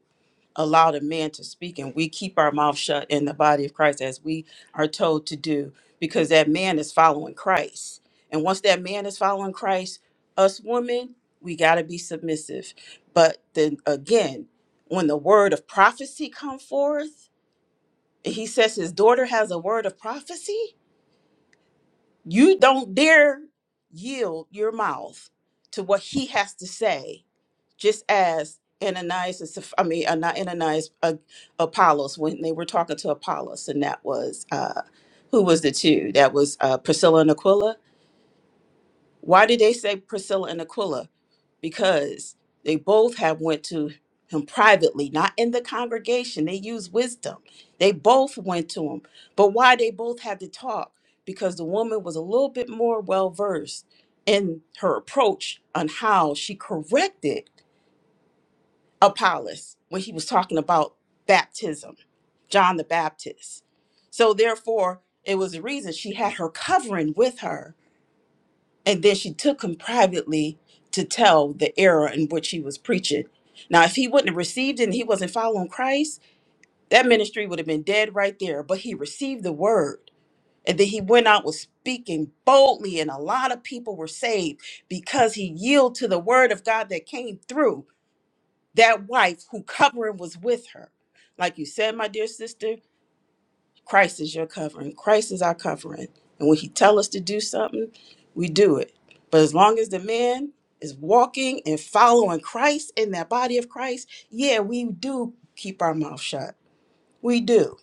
F: allowed a man to speak and we keep our mouth shut in the body of Christ as we are told to do because that man is following Christ. And once that man is following Christ, us women, we got to be submissive. But then again, when the word of prophecy come forth, and he says his daughter has a word of prophecy, you don't dare yield your mouth to what he has to say, just as Ananias, and Saph- I mean, uh, not Ananias, uh, Apollos, when they were talking to Apollos, and that was, uh, who was the two? That was uh, Priscilla and Aquila. Why did they say Priscilla and Aquila? Because they both have went to him privately, not in the congregation. They use wisdom. They both went to him. But why they both had to talk? Because the woman was a little bit more well versed in her approach on how she corrected Apollos when he was talking about baptism, John the Baptist. So therefore, it was a reason she had her covering with her and then she took him privately to tell the error in which he was preaching. Now, if he wouldn't have received it and he wasn't following Christ, that ministry would have been dead right there. But he received the word. And then he went out was speaking boldly, and a lot of people were saved because he yielded to the word of God that came through that wife who covering was with her. Like you said, my dear sister, Christ is your covering. Christ is our covering. And when he tell us to do something, we do it. But as long as the man is walking and following Christ in that body of Christ, yeah, we do keep our mouth shut. We do.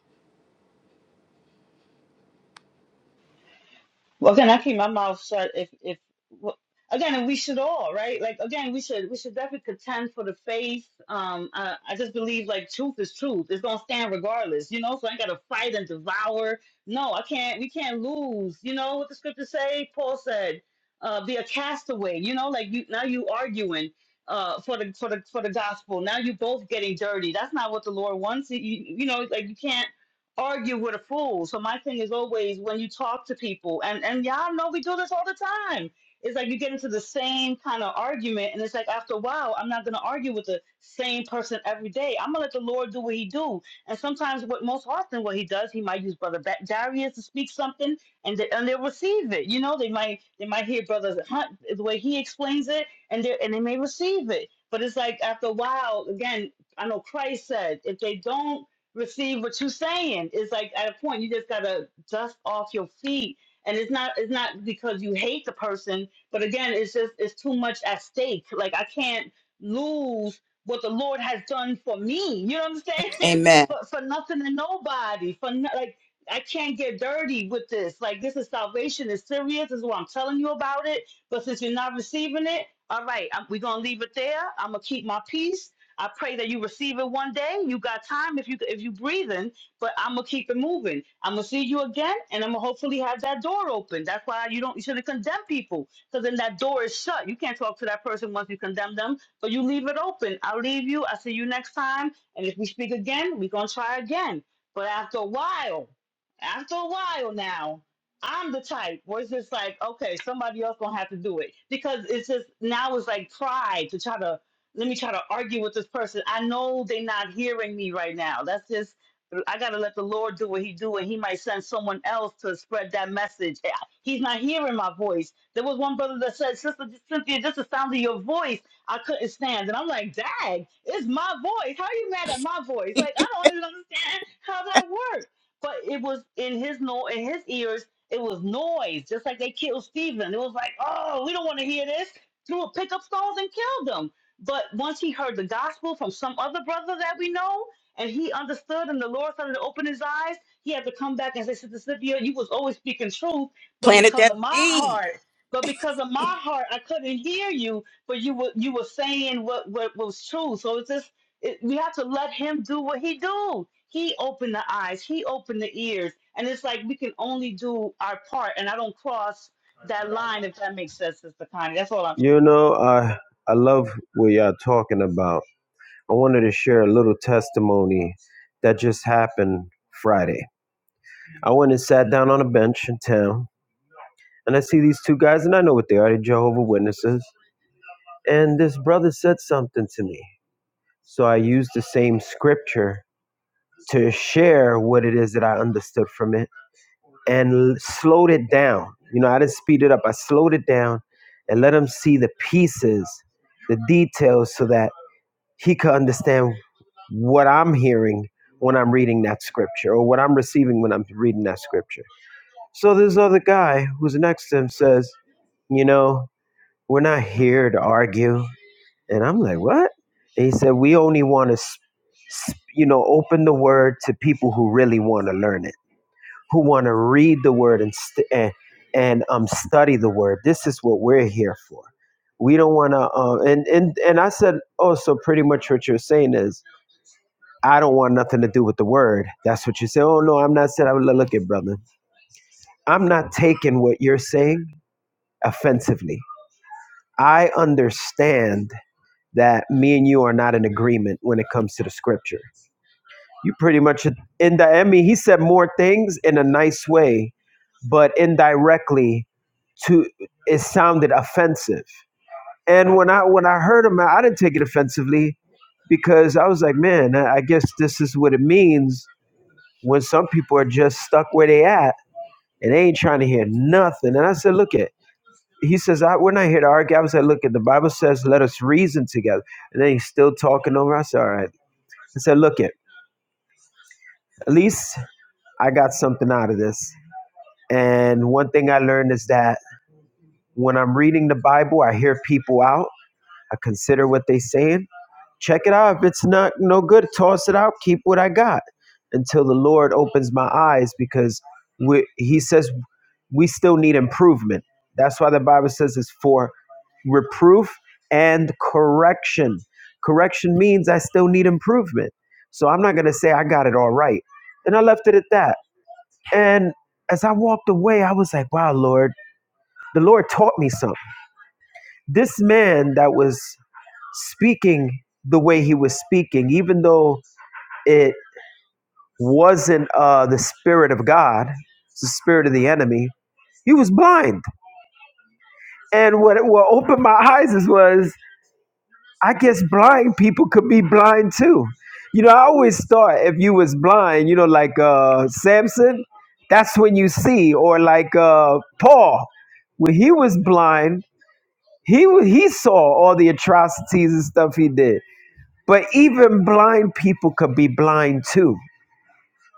C: Well, again, I keep my mouth shut. If if wh- again, and we should all right. Like again, we should we should definitely contend for the faith. Um, I, I just believe like truth is truth. It's gonna stand regardless, you know. So I ain't gotta fight and devour. No, I can't. We can't lose. You know what the scripture say? Paul said, uh, "Be a castaway." You know, like you now you arguing. Uh, for the for the for the gospel. Now you both getting dirty. That's not what the Lord wants. You, you know, like you can't argue with a fool. So my thing is always when you talk to people, and and y'all know we do this all the time. It's like you get into the same kind of argument, and it's like after a while, I'm not gonna argue with the same person every day. I'm gonna let the Lord do what He do. And sometimes, what most often what He does, He might use Brother Ba- Darius to speak something, and they, and they'll receive it. You know, they might they might hear Brother Hunt the way he explains it, and they and they may receive it. But it's like after a while, again, I know Christ said if they don't receive what you're saying. It's like at a point you just gotta dust off your feet. And it's not it's not because you hate the person, but again, it's just it's too much at stake. Like I can't lose what the Lord has done for me. You know what I'm saying?
F: Amen.
C: For for nothing and nobody. For no, like I can't get dirty with this. Like this is salvation. It's serious. This is what I'm telling you about it. But since you're not receiving it, all right, I'm, we're gonna leave it there. I'm gonna keep my peace I pray that you receive it one day. You got time if you if you breathing, but I'm gonna keep it moving. I'm gonna see you again, and I'm gonna hopefully have that door open. That's why you don't you shouldn't condemn people, because then that door is shut. You can't talk to that person once you condemn them, but you leave it open. I'll leave you. I'll see you next time, and if we speak again, we're gonna try again. But after a while, after a while now. I'm the type where it's just like, okay, somebody else gonna have to do it because it's just now it's like pride to try to let me try to argue with this person. I know they're not hearing me right now. That's just I gotta let the Lord do what He do, and He might send someone else to spread that message. Eh, He's not hearing my voice. There was one brother that said, "Sister Cynthia, just the sound of your voice, I couldn't stand." And I'm like, "Dad, it's my voice. How are you mad at my voice? Like I don't even understand how that works." But it was in his no in his ears. It was noise, just like they killed Stephen. It was like, "Oh, we don't want to hear this." Threw a pickup stones and killed him. But once he heard the gospel from some other brother that we know, and he understood, and the Lord started to open his eyes, he had to come back and say, Sister Cynthia, you was always speaking truth, but
F: Planted
C: because
F: that
C: of my
F: seed.
C: heart, but because of my heart, I couldn't hear you, but you were you were saying what, what was true. So it's just it, we have to let him do what he do. He opened the eyes, he opened the ears, and it's like we can only do our part. And I don't cross that line if that makes sense, Sister Connie. That's all I'm
O: You know, I I love what y'all talking about. I wanted to share a little testimony that just happened Friday. I went and sat down on a bench in town, and I see these two guys, and I know what they are. They're Jehovah Witnesses. And this brother said something to me, so I used the same scripture to share what it is that I understood from it and slowed it down. You know, I didn't speed it up. I slowed it down and let him see the pieces, the details, so that he could understand what I'm hearing when I'm reading that scripture or what I'm receiving when I'm reading that scripture. So this other guy who's next to him says, You know, we're not here to argue. And I'm like, What? And he said, We only want to, you know, open the word to people who really want to learn it who want to read the word and st- and, and um study the word. This is what we're here for. We don't want to. Uh, and and and I said, oh, so pretty much what you're saying is, I don't want nothing to do with the word. That's what you say. Oh no, I'm not saying. I would look at brother. I'm not taking what you're saying offensively. I understand that me and you are not in agreement when it comes to the scripture. You pretty much in the Emmy. He said more things in a nice way, but indirectly, to it sounded offensive. And when I when I heard him, I didn't take it offensively because I was like, man, I guess this is what it means when some people are just stuck where they at and they ain't trying to hear nothing. And I said, look at. He says, I, we're not here to argue. I was like, look at the Bible says, let us reason together. And then he's still talking over. I said, all right. I said, look at. At least I got something out of this. And one thing I learned is that when I'm reading the Bible, I hear people out. I consider what they're saying. Check it out. If it's not no good, toss it out. Keep what I got until the Lord opens my eyes because we, He says we still need improvement. That's why the Bible says it's for reproof and correction. Correction means I still need improvement. So I'm not going to say I got it all right. And I left it at that. And as I walked away, I was like, wow, Lord, the Lord taught me something. This man that was speaking the way he was speaking, even though it wasn't uh, the Spirit of God, it's the Spirit of the enemy, he was blind. And what, what opened my eyes is was, I guess blind people could be blind too. You know, I always thought if you was blind, you know, like uh, Samson, that's when you see, or like uh, Paul, when he was blind, He he saw all the atrocities and stuff he did. But even blind people could be blind too.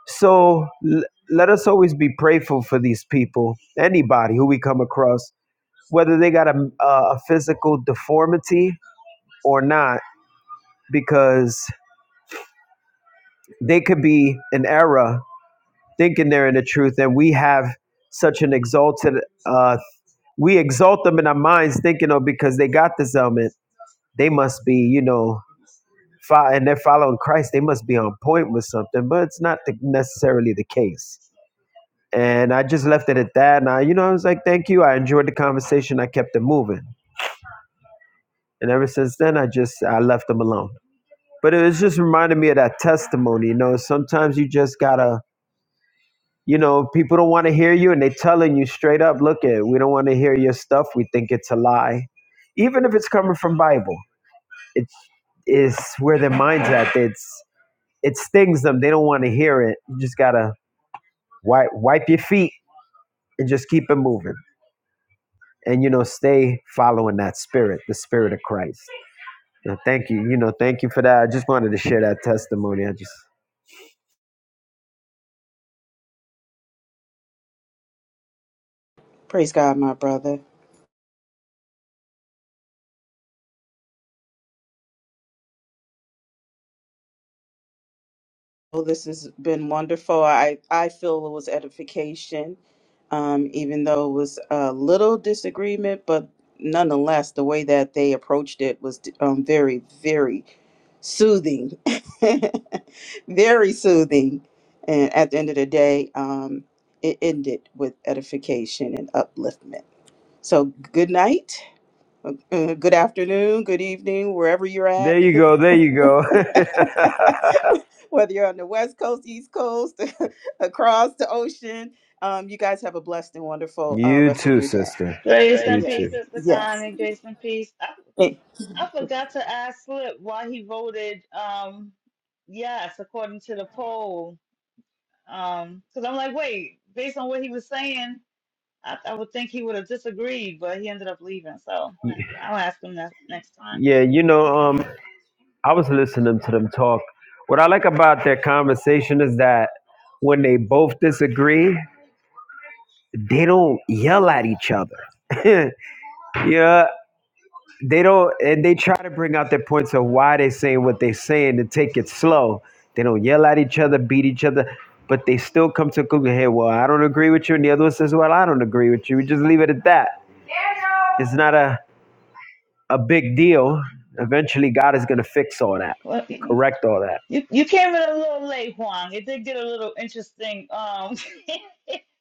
O: So l- let us always be prayerful for these people, anybody who we come across, whether they got a, a a physical deformity or not, because they could be in error thinking they're in the truth, and we have such an exalted. Uh, we exalt them in our minds, thinking, oh, because they got this element, they must be, you know. fo- and they're following Christ, they must be on point with something, but it's not the, necessarily the case. And I just left it at that. And I, you know, I was like, thank you. I enjoyed the conversation. I kept it moving. And ever since then, I just, I left them alone. But it was just reminded me of that testimony. You know, sometimes you just gotta, you know, people don't want to hear you and they telling you straight up, look it, we don't want to hear your stuff. We think it's a lie. Even if it's coming from Bible, it's, is where their mind's at. It's, it stings them. They don't want to hear it. You just gotta wipe wipe your feet and just keep it moving. And you know, stay following that spirit, the spirit of Christ. Now, thank you. You know, thank you for that. I just wanted to share that testimony. I just
F: Praise God, my brother. Well, this has been wonderful. I, I feel it was edification, um, even though it was a little disagreement, but nonetheless, the way that they approached it was um, very, very soothing, very soothing. And at the end of the day, um, it ended with edification and upliftment. So, good night, uh, uh, good afternoon, good evening, wherever you're
O: there
F: at.
O: you go, there you go.
F: Whether you're on the West Coast, East Coast, across the ocean, um, you guys have a blessed and wonderful uh,
O: you
F: rest of
O: too,
F: your day.
O: sister.
C: Grace and
O: you
C: peace,
O: too.
C: Sister
F: Yes.
C: Connie. Grace and peace. I, I forgot to ask Slip why he voted um yes according to the poll. Um, because I'm like, wait, based on what he was saying, I, I would think he would have disagreed, but he ended up leaving. So I'll ask him that next time.
O: Yeah, you know, um, I was listening to them talk. What I like about their conversation is that when they both disagree, they don't yell at each other. yeah, they don't, and they try to bring out their points of why they're saying what they're saying and take it slow. They don't yell at each other, beat each other, but they still come to a conclusion. Hey, well, I don't agree with you, and the other one says, well, I don't agree with you. We just leave it at that. It's not a a big deal. Eventually, God is going to fix all that,
C: Well, you
O: correct all that.
C: you came in a little late, Juan. It did get a little interesting. Um.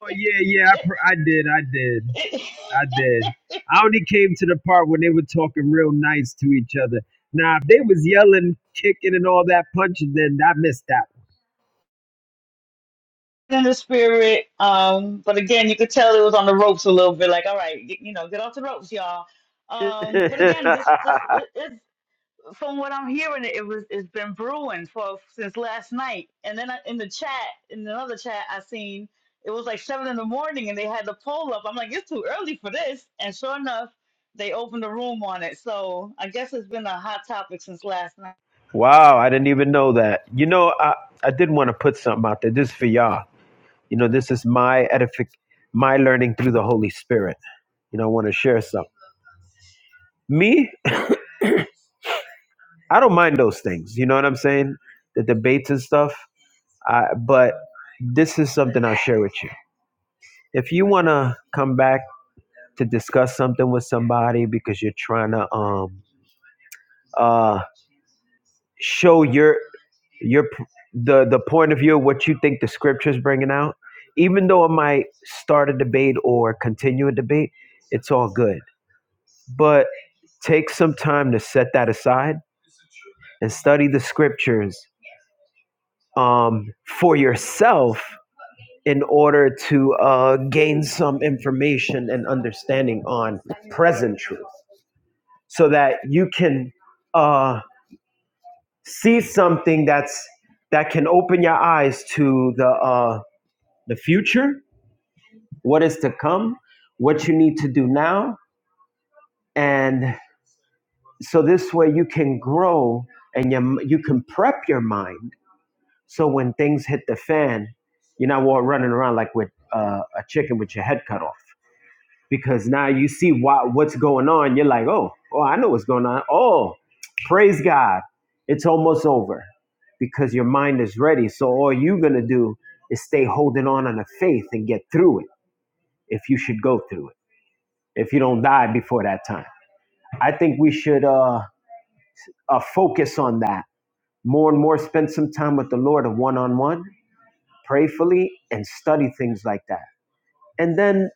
O: Oh yeah, yeah, I, pr- I did, I did, I did. I only came to the part when they were talking real nice to each other. Now, if they was yelling, kicking, and all that punching, then I missed
C: in the spirit. Um, but again, you could tell it was on the ropes a little bit. Like, all right, get, you know, get off the ropes, y'all. Um, but again, this this
O: that.
C: it, it's from what I'm hearing, it was it's been brewing for since last night. And then I, in the chat, in another chat, I seen it was like seven in the morning, and they had the poll up. I'm like, it's too early for this. And sure enough, they opened the room on it. So I guess it's been a hot topic since last night.
O: wow, I didn't even know that. You know, I, I did want to put something out there. This is for y'all. You know, this is my edific, my learning through the Holy Spirit. You know, I want to share something. Me, I don't mind those things. You know what I'm saying? The debates and stuff. I, but this is something I'll share with you. If you want to come back to discuss something with somebody because you're trying to um uh show your your the the point of view of what you think the scripture's bringing out, even though it might start a debate or continue a debate, it's all good. But take some time to set that aside and study the scriptures um, for yourself in order to uh, gain some information and understanding on present truth. so that you can uh, see something that's that can open your eyes to the uh, the future, what is to come, what you need to do now, and so this way you can grow and you you can prep your mind so when things hit the fan, you're not running around like with uh, a chicken with your head cut off. because now you see what what's going on. You're like, oh, oh, I know what's going on. Oh, praise God, it's almost over because your mind is ready. So all you're gonna do is stay holding on on the faith and get through it if you should go through it. If you don't die before that time, I think we should uh, uh focus on that more and more. Spend some time with the Lord, a one on one, prayfully, and study things like that, and then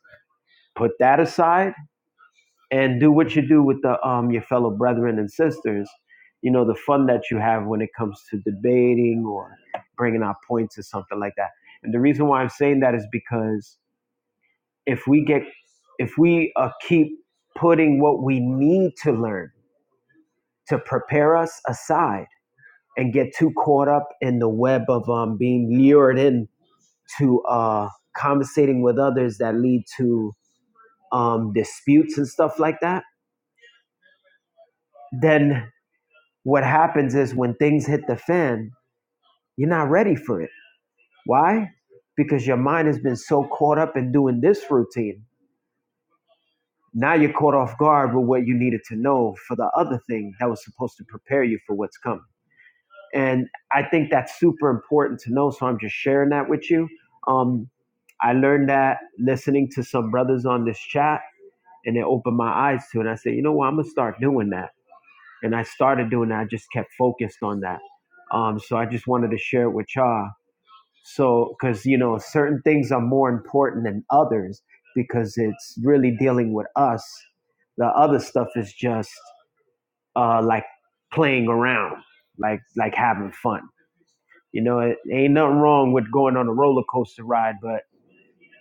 O: put that aside and do what you do with the um your fellow brethren and sisters you know the fun that you have when it comes to debating or bringing out points or something like that and the reason why i'm saying that is because if we get if we uh, keep putting what we need to learn to prepare us aside and get too caught up in the web of um, being lured in to uh, conversating with others that lead to um, disputes and stuff like that then What happens is when things hit the fan, you're not ready for it. Why? Because your mind has been so caught up in doing this routine. Now you're caught off guard with what you needed to know for the other thing that was supposed to prepare you for what's coming. And I think that's super important to know. So I'm just sharing that with you. Um, I learned that listening to some brothers on this chat, and it opened my eyes to it. And I said, you know what? I'm going to start doing that and I started doing that. I just kept focused on that. Um, so I just wanted to share it with y'all. So, because you know, certain things are more important than others because it's really dealing with us. The other stuff is just uh, like playing around, like like having fun. You know, it ain't nothing wrong with going on a roller coaster ride, but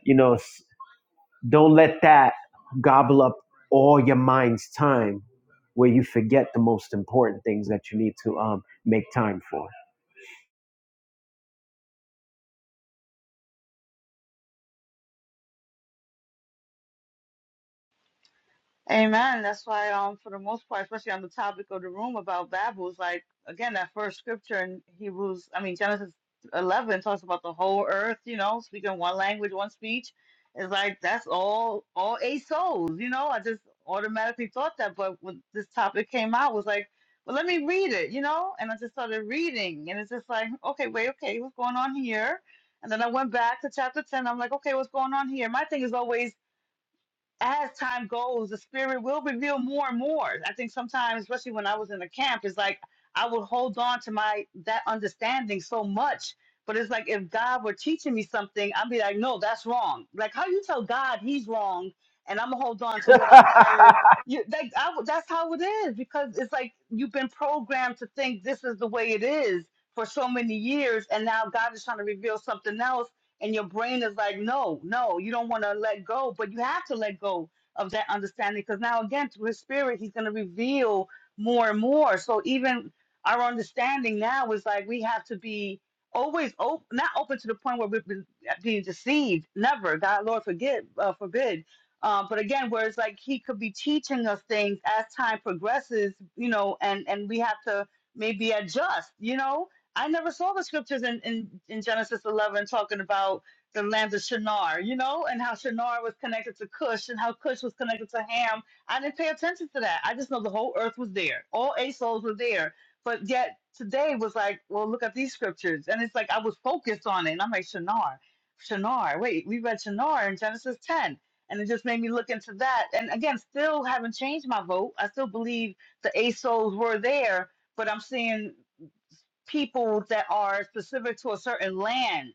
O: you know, s- don't let that gobble up all your mind's time where you forget the most important things that you need to um, make time for.
C: Amen. That's why, um, for the most part, especially on the topic of the room about Babel, is like again that first scripture in Hebrews. I mean Genesis eleven talks about the whole earth. You know, speaking one language, one speech. It's like that's all all eight souls. You know, I just automatically thought that, but when this topic came out, was like, well, let me read it. You know, and I just started reading, and it's just like, okay, wait, okay, what's going on here? And then I went back to chapter ten. I'm like, okay, what's going on here? My thing is always as time goes, the spirit will reveal more and more. I think sometimes, especially when I was in the camp, it's like I would hold on to my that understanding so much. But it's like if God were teaching me something, I'd be like, no, that's wrong. Like how you tell God he's wrong, and I'm gonna hold on to what I learned. You like I, w- that's how it is because it's like you've been programmed to think this is the way it is for so many years, and now God is trying to reveal something else and your brain is like, no, no, you don't want to let go, but you have to let go of that understanding because now again through His Spirit, He's going to reveal more and more. So even our understanding now is like we have to be always open, not open to the point where we've been being deceived. Never, God, Lord, forget, uh, forbid. Uh, but again, where it's like He could be teaching us things as time progresses, you know, and and we have to maybe adjust, you know I never saw the scriptures in, in, in Genesis 11 talking about the land of Shinar, you know, and how Shinar was connected to Cush and how Cush was connected to Ham. I didn't pay attention to that. I just know the whole earth was there. All eight souls were there. But yet today was like, well, look at these scriptures. And it's like I was focused on it. And I'm like, Shinar, Shinar. Wait, we read Shinar in Genesis 10. And it just made me look into that. And again, still haven't changed my vote. I still believe the eight souls were there but I'm seeing people that are specific to a certain land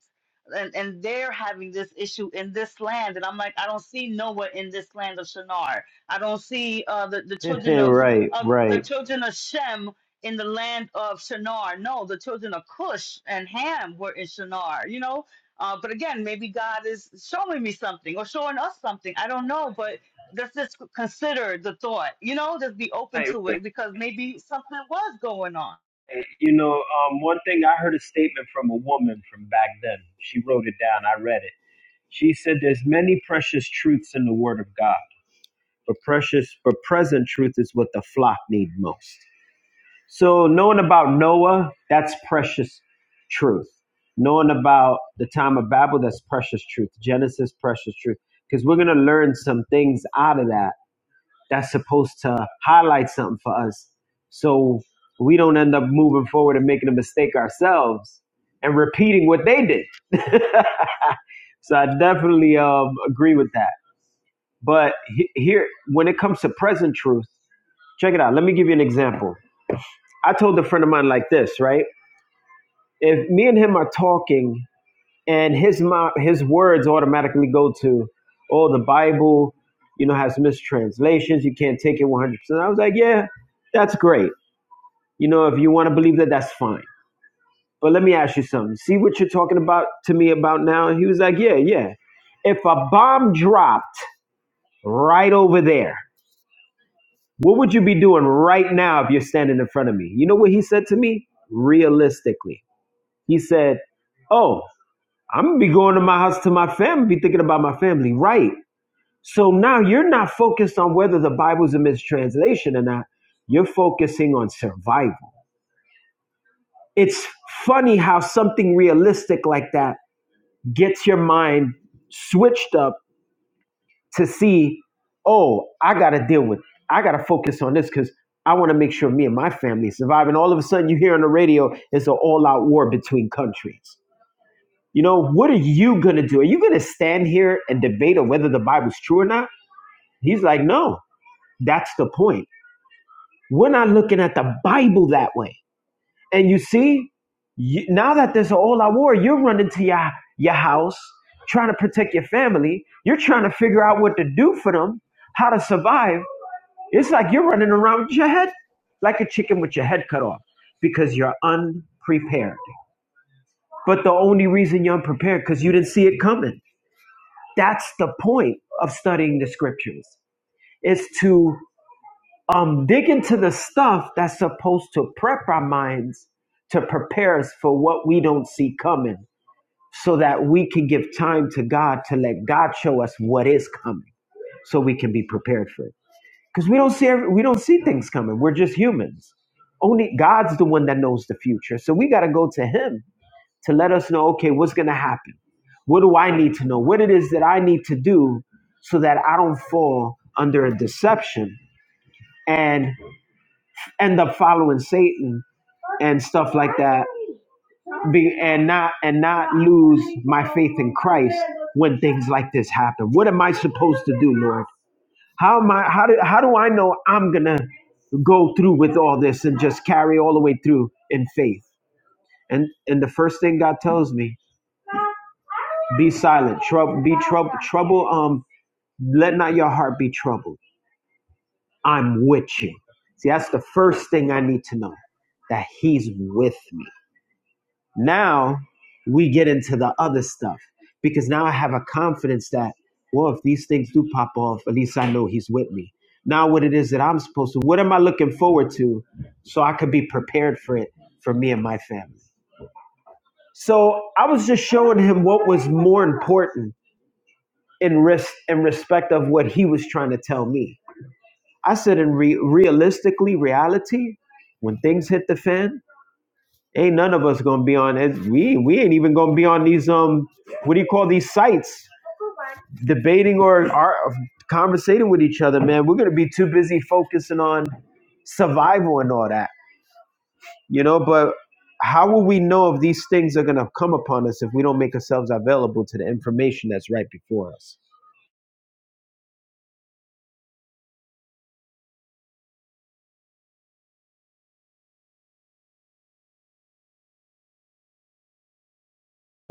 C: and, and they're having this issue in this land and i'm like i don't see noah in this land of shinar i don't see uh, the, the children of,
O: right, right.
C: of the
O: Right,
C: children of shem in the land of shinar no the children of cush and ham were in shinar you know uh, but again maybe god is showing me something or showing us something i don't know but let's just consider the thought you know just be open
O: right.
C: to it because maybe something was going on
O: You know, um, one thing I heard a statement from a woman from back then. She wrote it down. I read it. She said, "There's many precious truths in the Word of God, but precious, but present truth is what the flock need most." So knowing about Noah, that's precious truth. Knowing about the time of Babel, that's precious truth. Genesis, precious truth. Because we're gonna learn some things out of that that's supposed to highlight something for us. So we don't end up moving forward and making a mistake ourselves and repeating what they did. So I definitely um, agree with that. But he- here, when it comes to present truth, check it out. Let me give you an example. I told a friend of mine like this, right? if me and him are talking and his mouth, his words automatically go to, oh, the Bible, you know, has mistranslations. You can't take it 100%. I was like, yeah, that's great. You know, if you want to believe that, that's fine. But let me ask you something. See what you're talking about to me about now? And he was like, yeah, yeah. If a bomb dropped right over there, what would you be doing right now if you're standing in front of me? You know what he said to me? Realistically, he said, oh, I'm gonna be going to my house to my family, be thinking about my family, right? So now you're not focused on whether the Bible's a mistranslation or not. You're focusing on survival. It's funny how something realistic like that gets your mind switched up to see, oh, I gotta deal with, I gotta focus on this because I want to make sure me and my family survive. And all of a sudden, you hear on the radio, it's an all-out war between countries. You know, what are you going to do? Are you going to stand here and debate on whether the Bible's true or not? He's like, no, that's the point. We're not looking at the Bible that way. And you see, you, now that there's a all-out war, you're running to your, your house, trying to protect your family. You're trying to figure out what to do for them, how to survive. It's like you're running around with your head like a chicken with your head cut off because you're unprepared. But the only reason you're unprepared because you didn't see it coming. That's the point of studying the scriptures is to um, dig into the stuff that's supposed to prep our minds to prepare us for what we don't see coming so that we can give time to God to let God show us what is coming so we can be prepared for it. Because we don't see every, we don't see things coming. We're just humans. Only God's the one that knows the future. So we got to go to him to let us know, okay, what's going to happen? What do I need to know? What it is that I need to do so that I don't fall under a deception and end up following Satan and stuff like that be, and not and not lose my faith in Christ when things like this happen. What am I supposed to do, Lord? How am I how do how do I know I'm going to go through with all this and just carry all the way through in faith? And and the first thing God tells me Be silent. Trouble. Be trouble. Trouble. Um. Let not your heart be troubled. I'm with you. See, that's the first thing I need to know, that He's with me. Now we get into the other stuff because now I have a confidence that, well, if these things do pop off, at least I know He's with me. Now, what it is that I'm supposed to, what am I looking forward to, so I could be prepared for it for me and my family. So I was just showing him what was more important in risk in respect of what he was trying to tell me. I said, in re- realistically, reality, when things hit the fan, ain't none of us gonna be on it. We we ain't even gonna be on these um what do you call these sites debating or are conversating with each other, man. We're gonna be too busy focusing on survival and all that, you know. But how will we know if these things are gonna come upon us if we don't make ourselves available to the information that's right before us?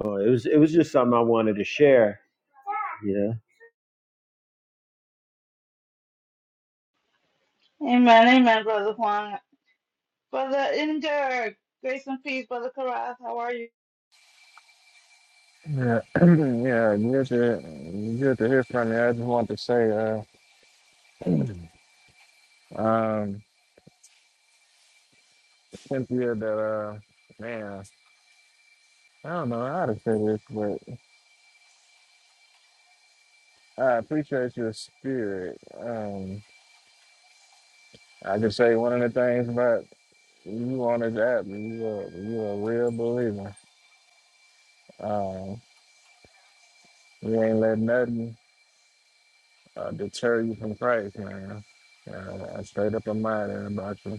O: So it was it was just something I wanted to share Yeah.
C: Amen, amen, Brother Juan. Brother Inger, grace and peace, Brother Karath. How are you?
R: Yeah, yeah, good to good to hear from you. I just want to say, uh, um, Cynthia, that uh, man, I don't know how to say this, but I appreciate your spirit. Um, I can say one of the things about you on this app, you are you a real believer. Um, you ain't let nothing uh, deter you from Christ, man. Uh, I straight up admire that about you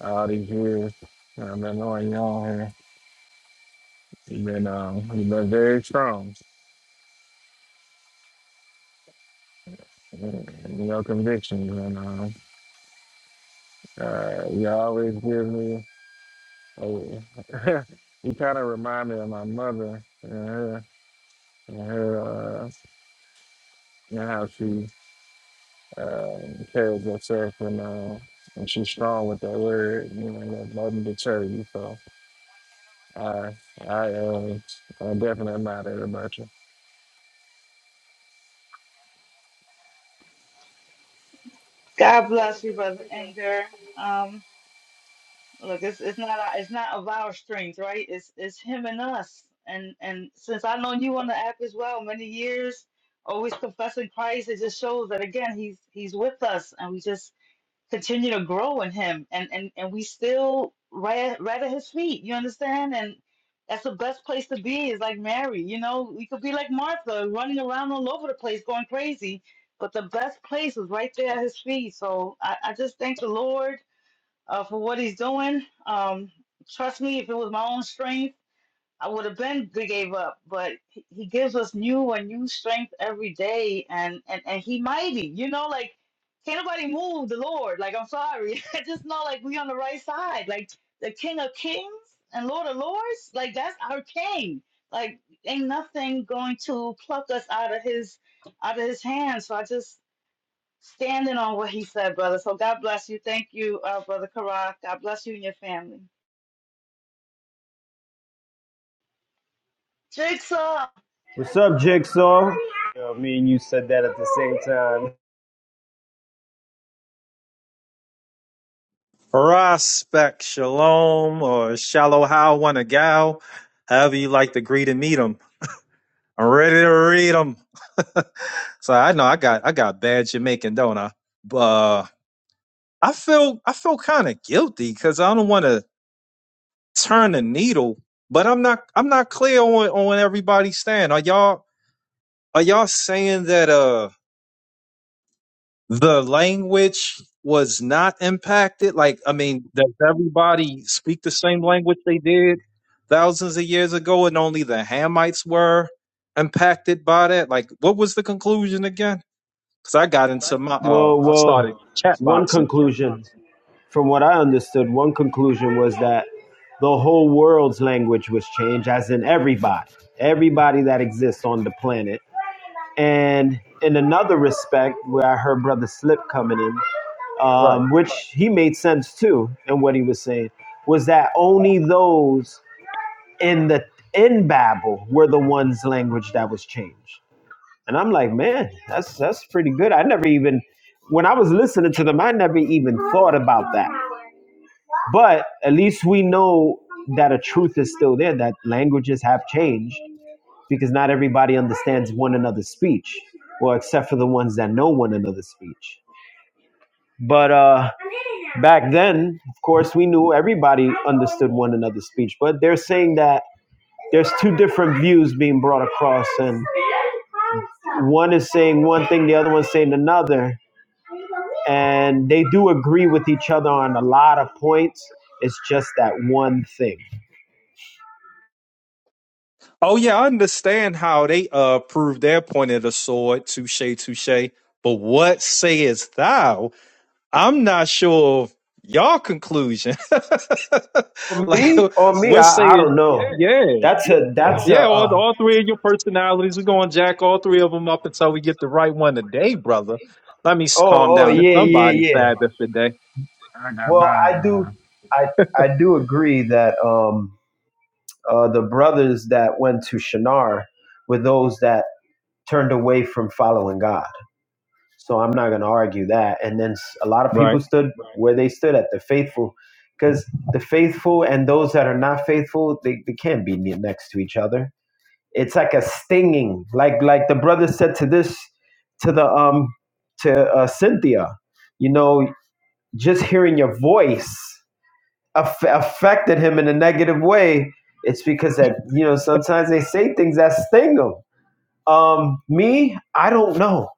R: all these years. I've been knowing you on here. You've been um, you've been very strong in your convictions, and um, uh, you always give me. Oh, you kind of remind me of my mother and her and her uh, and how she uh, carries herself, and uh, and she's strong with that word. You know, that doesn't deter you. So I I uh, I definitely admire that about you.
C: God bless you, Brother Inger. Um, look, it's it's not our- it's not of our strength, right? It's it's him and us. And and since I've known you on the app as well, many years, always confessing Christ, it just shows that again he's he's with us, and we just continue to grow in him and and and we still right right at his feet you understand and that's the best place to be is like mary you know we could be like martha running around all over the place going crazy but the best place is right there at his feet so i, I just thank the lord uh, for what he's doing um trust me if it was my own strength I would have been gave up, but he he gives us new and new strength every day, and and and he mighty, you know, like can't nobody move the Lord. Like I'm sorry, I just know like we on the right side, like the King of Kings and Lord of Lords, like that's our King. Like ain't nothing going to pluck us out of his out of his hand. So I just standing on what he said, brother. So God bless you. Thank you, uh, brother Karak. God bless you and your family. Jigsaw.
O: What's up, Jigsaw? Yo, me and you said that at the same time.
S: Prospect Shalom or Shalom, How Wanagal, however you like to greet and meet them. I'm ready to read them. so I know I got I got bad Jamaican, don't I? But uh, I feel I feel kind of guilty because I don't want to turn the needle, but I'm not I'm not clear on on everybody's stand. Are y'all are y'all saying that uh the language was not impacted. Like, I mean, does everybody speak the same language they did thousands of years ago, and only the Hamites were impacted by that? Like, what was the conclusion again? Because I got into my, uh,
O: Well,
S: I started
O: well,
S: chat
O: one
S: boxing.
O: conclusion, from what I understood, one conclusion was that the whole world's language was changed, as in everybody, everybody that exists on the planet. And in another respect, where I heard Brother Slip coming in,
S: Right.
O: um, which he made sense too, and what he was saying was that only those in the in Babel were the ones language that was changed. And I'm like, man, that's that's pretty good. I never even when I was listening to them, I never even thought about that. But at least we know that a truth is still there, that languages have changed because not everybody understands one another's speech. Well, except for the ones that know one another's speech. But uh back then, of course, we knew everybody understood one another's speech. But they're saying that there's two different views being brought across and one is saying one thing the other one's saying another and they do agree with each other on a lot of points it's just that one thing
S: Oh yeah, I understand how they uh proved their point of the sword, touche, touche. But what sayest thou? I'm not sure of y'all conclusion.
O: for
S: like,
O: me or me
S: what say
O: i, I don't know
S: yeah,
O: that's a that's a
S: yeah. All
O: uh,
S: all three of your personalities, we're going to jack all three of them up until we get the right one today, brother. Let me s- calm
O: oh oh
S: down. It's
O: yeah yeah
S: somebody's
O: yeah
S: Sabbath today,
R: I got
O: well i do
R: mine.
O: i i do agree that um uh the brothers that went to shinar were those that turned away from following God. So I'm not going to argue that. And then a lot of
S: right?
O: people stood where they stood at the faithful, because the faithful and those that are not faithful, they, they can't be next to each other. It's like a stinging, like like the brother said to this, to the um, to uh, Cynthia, you know, just hearing your voice aff- affected him in a negative way. It's because that you know sometimes they say things that sting them. Um, me, I don't know.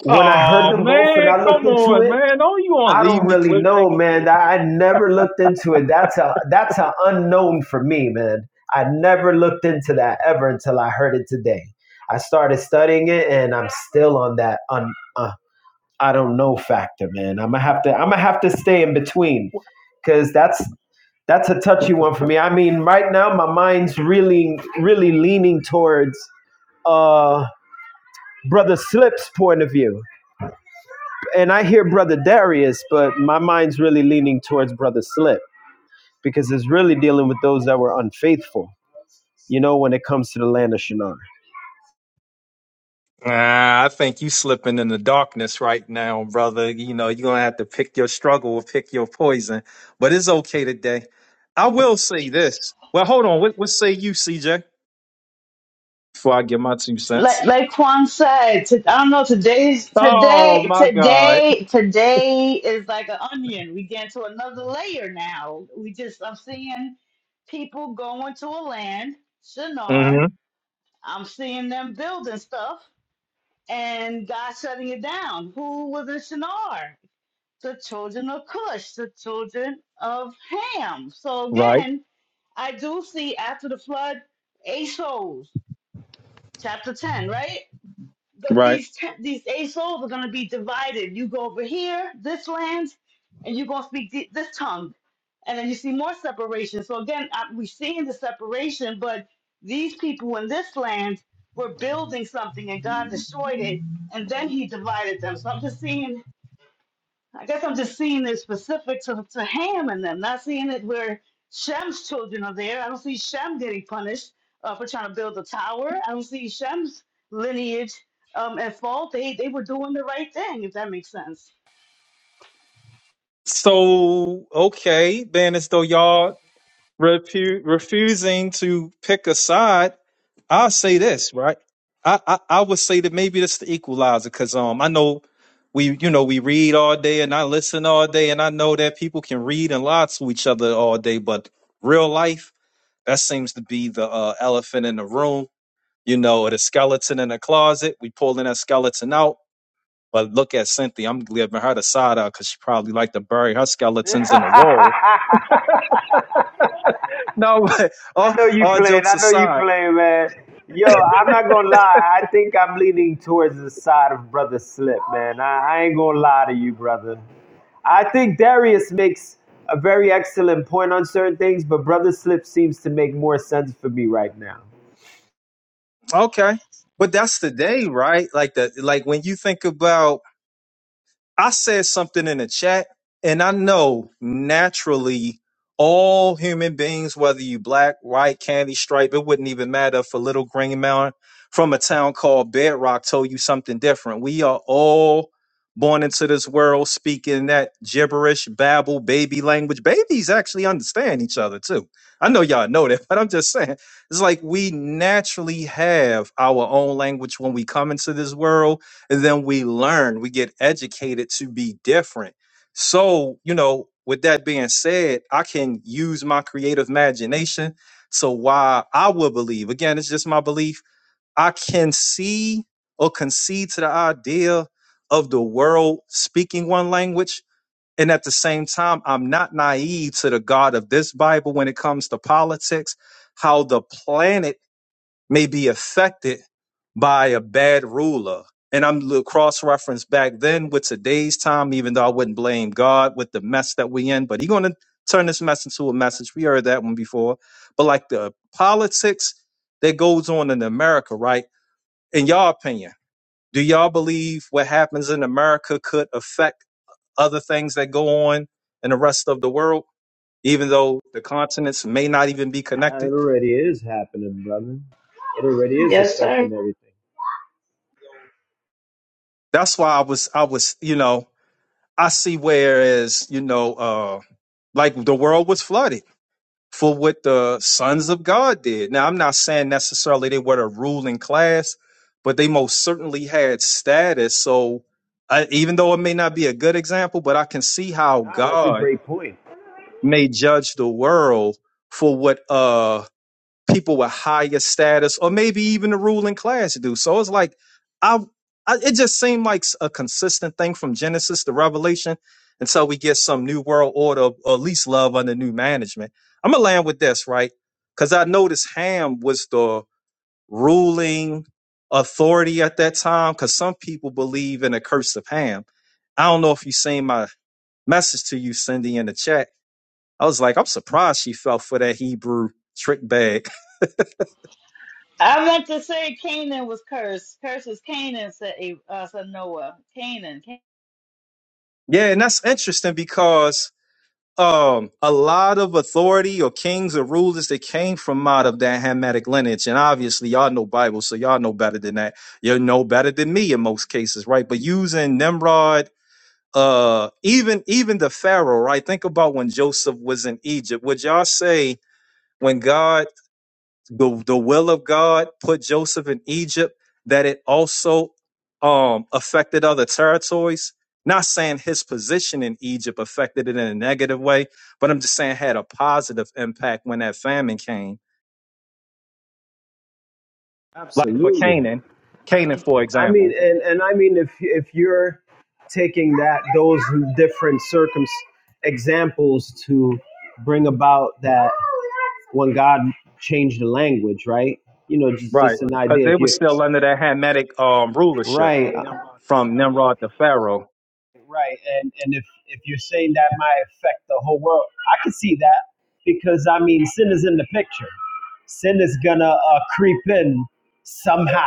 O: when I heard
S: Oh
O: them both and
S: man,
O: I looked
S: come
O: into
S: on,
O: it,
S: man! Don't you want to
O: I
S: leave
O: don't
S: me
O: really
S: cliffhanger?
O: know, man. I, I never looked into it. That's a that's an unknown for me, man. I never looked into that ever until I heard it today. I started studying it, and I'm still on that un, uh, I don't know factor, man. I'm gonna have to I'm gonna have to stay in between, cause that's that's a touchy one for me. I mean, right now my mind's really really leaning towards uh brother Slip's point of view and I hear Brother Darius, but my mind's really leaning towards Brother Slip because it's really dealing with those that were unfaithful, you know, when it comes to the land of Shinar.
S: Nah, I think you slipping in the darkness right now, brother. You know, you're gonna have to pick your struggle, or pick your poison. But it's okay today. I will say this. Well, hold on. What, what say you, CJ? Before I give my two
C: like
S: cents.
C: like Quan said, to, I don't know. Today's
S: Oh
C: today,
S: my God.
C: today, today is like an onion. We get into another layer now. We just I'm seeing people going to a land, Shinar.
S: hmm
C: I'm seeing them building stuff, and God shutting it down. Who was in Shinar? The children of Cush, the children of Ham. So
S: Right,
C: again, I do see after the flood, eight souls, chapter ten, right? But
S: right.
C: these ten, these eight souls are going to be divided. You go over here, this land, and you're going to speak thi- this tongue. And then you see more separation. So again, I, we're seeing the separation, but these people in this land were building something and God destroyed it. And then he divided them. So I'm just seeing I guess I'm just seeing it specific to, to Ham and them, not seeing it where Shem's children are there. I don't see Shem getting punished uh, for trying to build a tower. I don't see Shem's lineage um, at fault. They they were doing the right thing, if that makes sense.
S: So okay, then as though y'all refu- refusing to pick a side, I'll say this, right? I, I, I would say that maybe that's the equalizer because um I know we you know we read all day and I listen all day and I know that people can read and lie to each other all day, but real life that seems to be the uh, elephant in the room, you know, or the skeleton in the closet. We pulling that skeleton out, but look at Cynthia. I'm giving her the side out because she probably like to bury her
O: I
S: skeletons in a wall. No, but all,
O: know you
S: all
O: playing.
S: jokes
O: I know you
S: aside.
O: playing, man. Yo, I'm not gonna lie. I think I'm leaning towards the side of Brother Slip, man. I, I ain't gonna lie to you, brother. I think Darius makes a very excellent point on certain things, but Brother Slip seems to make more sense for me right now.
S: Okay. But that's the day, right? Like the like when you think about I said something in the chat, and I know naturally all human beings, whether you black, white, candy stripe, it wouldn't even matter if a little green mountain from a town called Bedrock told you something different. We are all born into this world speaking that gibberish, babble, baby language. Babies actually understand each other too. I know y'all know that, but I'm just saying. It's like we naturally have our own language when we come into this world and then we learn we get educated to be different so you know with that being said i can use my creative imagination so why i will believe again it's just my belief i can see or concede to the idea of the world speaking one language and at the same time i'm not naive to the god of this bible when it comes to politics how the planet may be affected by a bad ruler. And I'm cross referenced back then with today's time, even though I wouldn't blame God with the mess that we in, but He's gonna turn this mess into a message. We heard that one before. But like the politics that goes on in America, right? In your opinion, do y'all believe what happens in America could affect other things that go on in the rest of the world, even though the continents may not even be
O: Ah, It
S: connected?
O: already is happening, brother. It already is
C: Yes, sir.
O: affecting everything.
S: That's why I was I was, you know, I see whereas, you know, uh, like the world was flooded for what the sons of God did. Now, I'm not saying necessarily they were the ruling class, but they most certainly had status. So, I, even though it may not be a good example, but I can see how
O: Ah, that's a
S: God
O: great point.
S: may judge the world for what uh people with higher status or maybe even the ruling class do. So it's like I, I it just seemed like a consistent thing from Genesis to Revelation until we get some new world order or at least love under new management. I'm gonna land with this, right? Because I noticed Ham was the ruling authority at that time because some people believe in the curse of Ham. I don't know if you seen my message to you, Cindy, in the chat. I was like, I'm surprised she fell for that Hebrew trick bag
C: I meant to say Canaan was cursed. Curse is Canaan, said, A- uh, said Noah. Canaan,
S: Yeah, and that's interesting because um, a lot of authority or kings or rulers that came from out of that Hamitic lineage, and obviously y'all know Bible, so y'all know better than that. You know better than me in most cases, right? But using Nimrod, uh, even even the Pharaoh, right? Think about when Joseph was in Egypt. Would y'all say when God the the will of God put Joseph in Egypt, that it also um, affected other territories. Not saying his position in Egypt affected it in a negative way, but I'm just saying it had a positive impact when that famine came. Like for
O: Absolutely.
S: Canaan, Canaan,
C: Canaan.
S: for
O: I mean,
S: example,
O: and and I mean, if if you're taking that those different circum examples to bring about that when God changed the language, right? You know, just
S: right?
O: just an
S: Because
O: idea.
S: they
O: If
S: were
O: you
S: still under that Hamitic um, rulership
O: right,
S: from Nimrod to Pharaoh.
O: Right, and and if if you're saying that might affect the whole world, I can see that because I mean sin is in the picture. Sin is gonna uh, creep in somehow.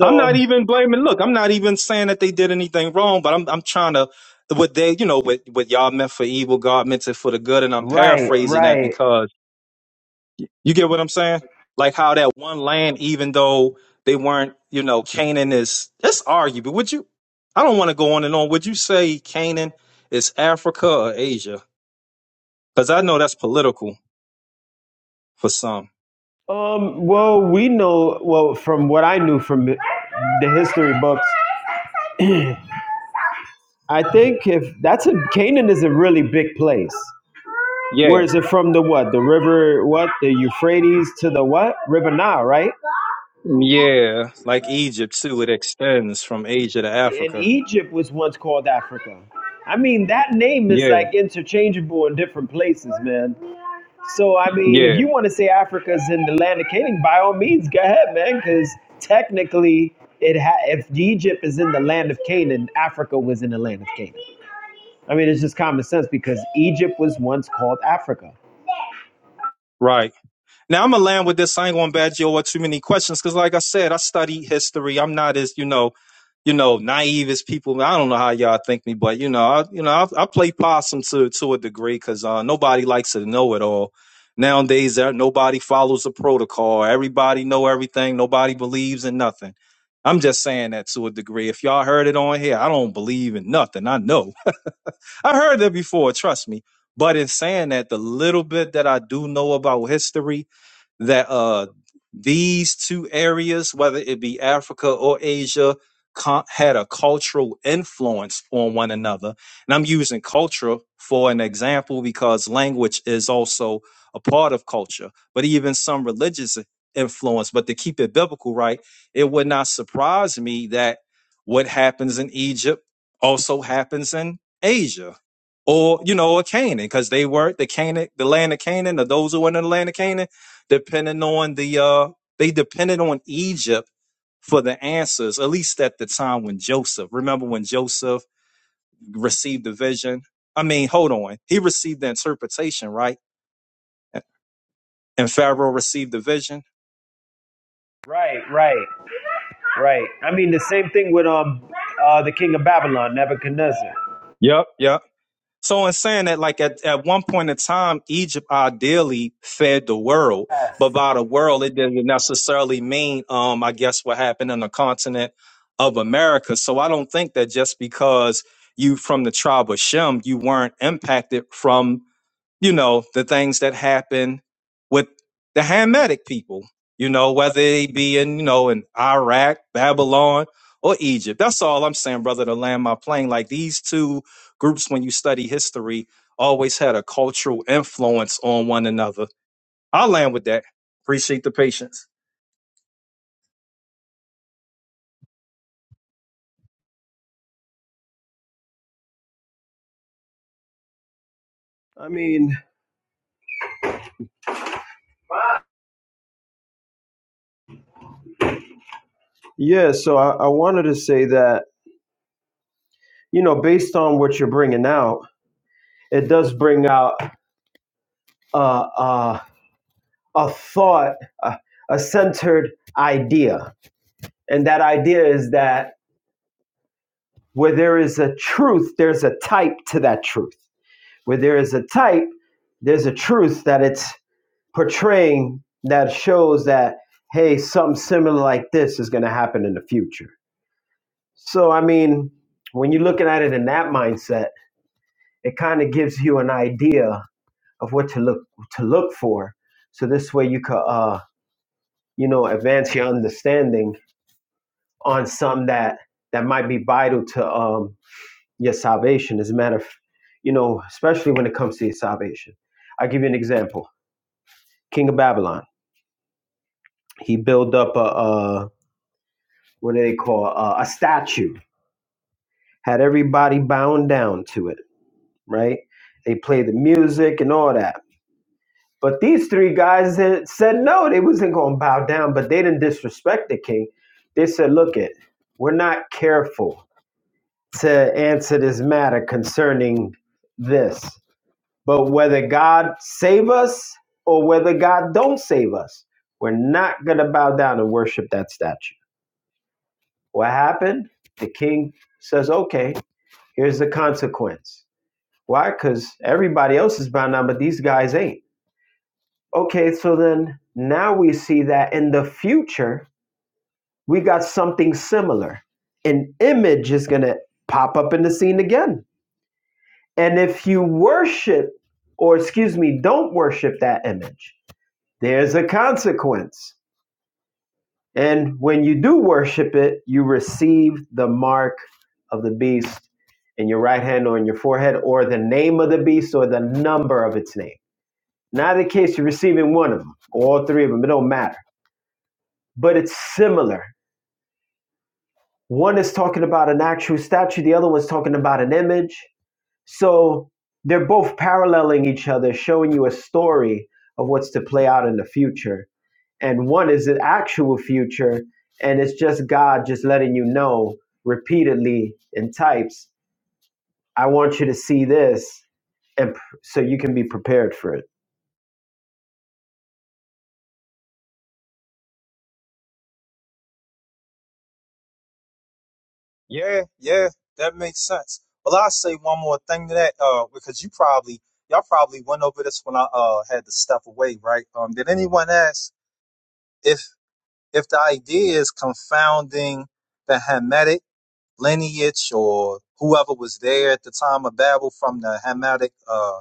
S: I'm not even blaming. Look, I'm not even saying that they did anything wrong, but I'm I'm trying to what they you know what what y'all meant for evil, God meant it for the good, and I'm
O: right,
S: paraphrasing that
O: right.
S: because you get what I'm saying. Like how that one land, even though they weren't, you know, Canaan is that's arguable. Would you? I don't want to go on and on. Would you say Canaan is Africa or Asia? Because I know that's political for some.
O: Um, well, we know well from what I knew from the the history books. I think if that's a Canaan is a really big place. Where
S: Yeah,
O: is it from? The what? The river? What? The Euphrates to the what? River Nile, right?
S: yeah. Like Egypt too, it extends from Asia to
O: and
S: Africa.
O: Egypt was once called Africa. I mean, that name is
S: Yeah,
O: like interchangeable in different places, man. So, I mean, if
S: yeah.
O: you want to say Africa's in the land of Canaan, by all means, go ahead, man, because technically, it ha- if Egypt is in the land of Canaan, Africa was in the land of Canaan. I mean, it's just common sense because Egypt was once called Africa.
S: Right. Now I'm gonna land with this. I ain't gonna badge you or too many questions because, like I said, I study history. I'm not as you know, you know, naive as people. I don't know how y'all think me, but you know, I, you know, I, I play possum to to a degree because uh, nobody likes to know it all. Nowadays, there nobody follows a protocol. Everybody know everything. Nobody believes in nothing. I'm just saying that to a degree. If y'all heard it on here, I don't believe in nothing. I know. I heard that before. Trust me. But in saying that, the little bit that I do know about history that uh, these two areas, whether it be Africa or Asia, con- had a cultural influence on one another. And I'm using culture for an example because language is also a part of culture, but even some religious influence. But to keep it biblical, right, it would not surprise me that what happens in Egypt also happens in Asia. Or you know, or Canaan, because they were the Canaan, the land of Canaan, or those who were in the land of Canaan depending on the uh they depended on Egypt for the answers, at least at the time when Joseph, remember when Joseph received the vision? I mean, hold on. He received the interpretation, right? And Pharaoh received the vision.
O: Right, right, right. I mean, the same thing with um, uh, the king of Babylon, Nebuchadnezzar.
S: Yep, yep. So in saying that, like at, at one point in time, Egypt ideally fed the world, but
O: Yes.
S: by the world, it didn't necessarily mean, um, I guess what happened on the continent of America. So I don't think that just because you from the tribe of Shem, you weren't impacted from you know, the things that happen with the Hamitic people, you know, whether they be in, you know, in Iraq, Babylon, or Egypt. That's all I'm saying, brother, to land my plane. Like these two groups, when you study history, always had a cultural influence on one another. I'll land with that. Appreciate the patience.
O: I mean, Yeah, so I, I wanted to say that, you know, based on what you're bringing out, it does bring out uh, uh, a thought, a, a centered idea. And that idea is that where there is a truth, there's a type to that truth. Where there is a type, there's a truth that it's portraying that shows that, hey, something similar like this is going to happen in the future. So, I mean, when you're looking at it in that mindset, it kind of gives you an idea of what to look to look for. So this way you could uh you know advance your understanding on something that that might be vital to um your salvation. As a matter of you know, especially when it comes to your salvation. I'll give you an example. King of Babylon. He built up a uh what do they call a, a statue, had everybody bound down to it, right? They play the music and all that But these three guys had said no, they wasn't going to bow down, but they didn't disrespect the king. They said, look it, we're not careful to answer this matter concerning this. But whether God save us or whether God don't save us, we're not going to bow down and worship that statue. What happened? The king says, okay, here's the consequence. Why? Because everybody else is bowing down, but these guys ain't. Okay, so then now we see that in the future, we got something similar. An image is going to pop up in the scene again. And if you worship, or excuse me, don't worship that image, there's a consequence. And when you do worship it, you receive the mark of the beast in your right hand or in your forehead, or the name of the beast or the number of its name. Not the case you're receiving one of them, all three of them, it don't matter but it's similar. One is talking about an actual statue, the other one's talking about an image. So they're both paralleling each other, showing you a story of what's to play out in the future. And one is the actual future, and it's just God just letting you know repeatedly in types, I want you to see this, and so you can be prepared for it.
S: Yeah, yeah, that makes sense. Well, I'll say one more thing to that, uh, because you probably y'all probably went over this when I uh had to step away, right? Um, did anyone ask if if the idea is confounding the Hamitic lineage or whoever was there at the time of Babel from the Hamitic, uh,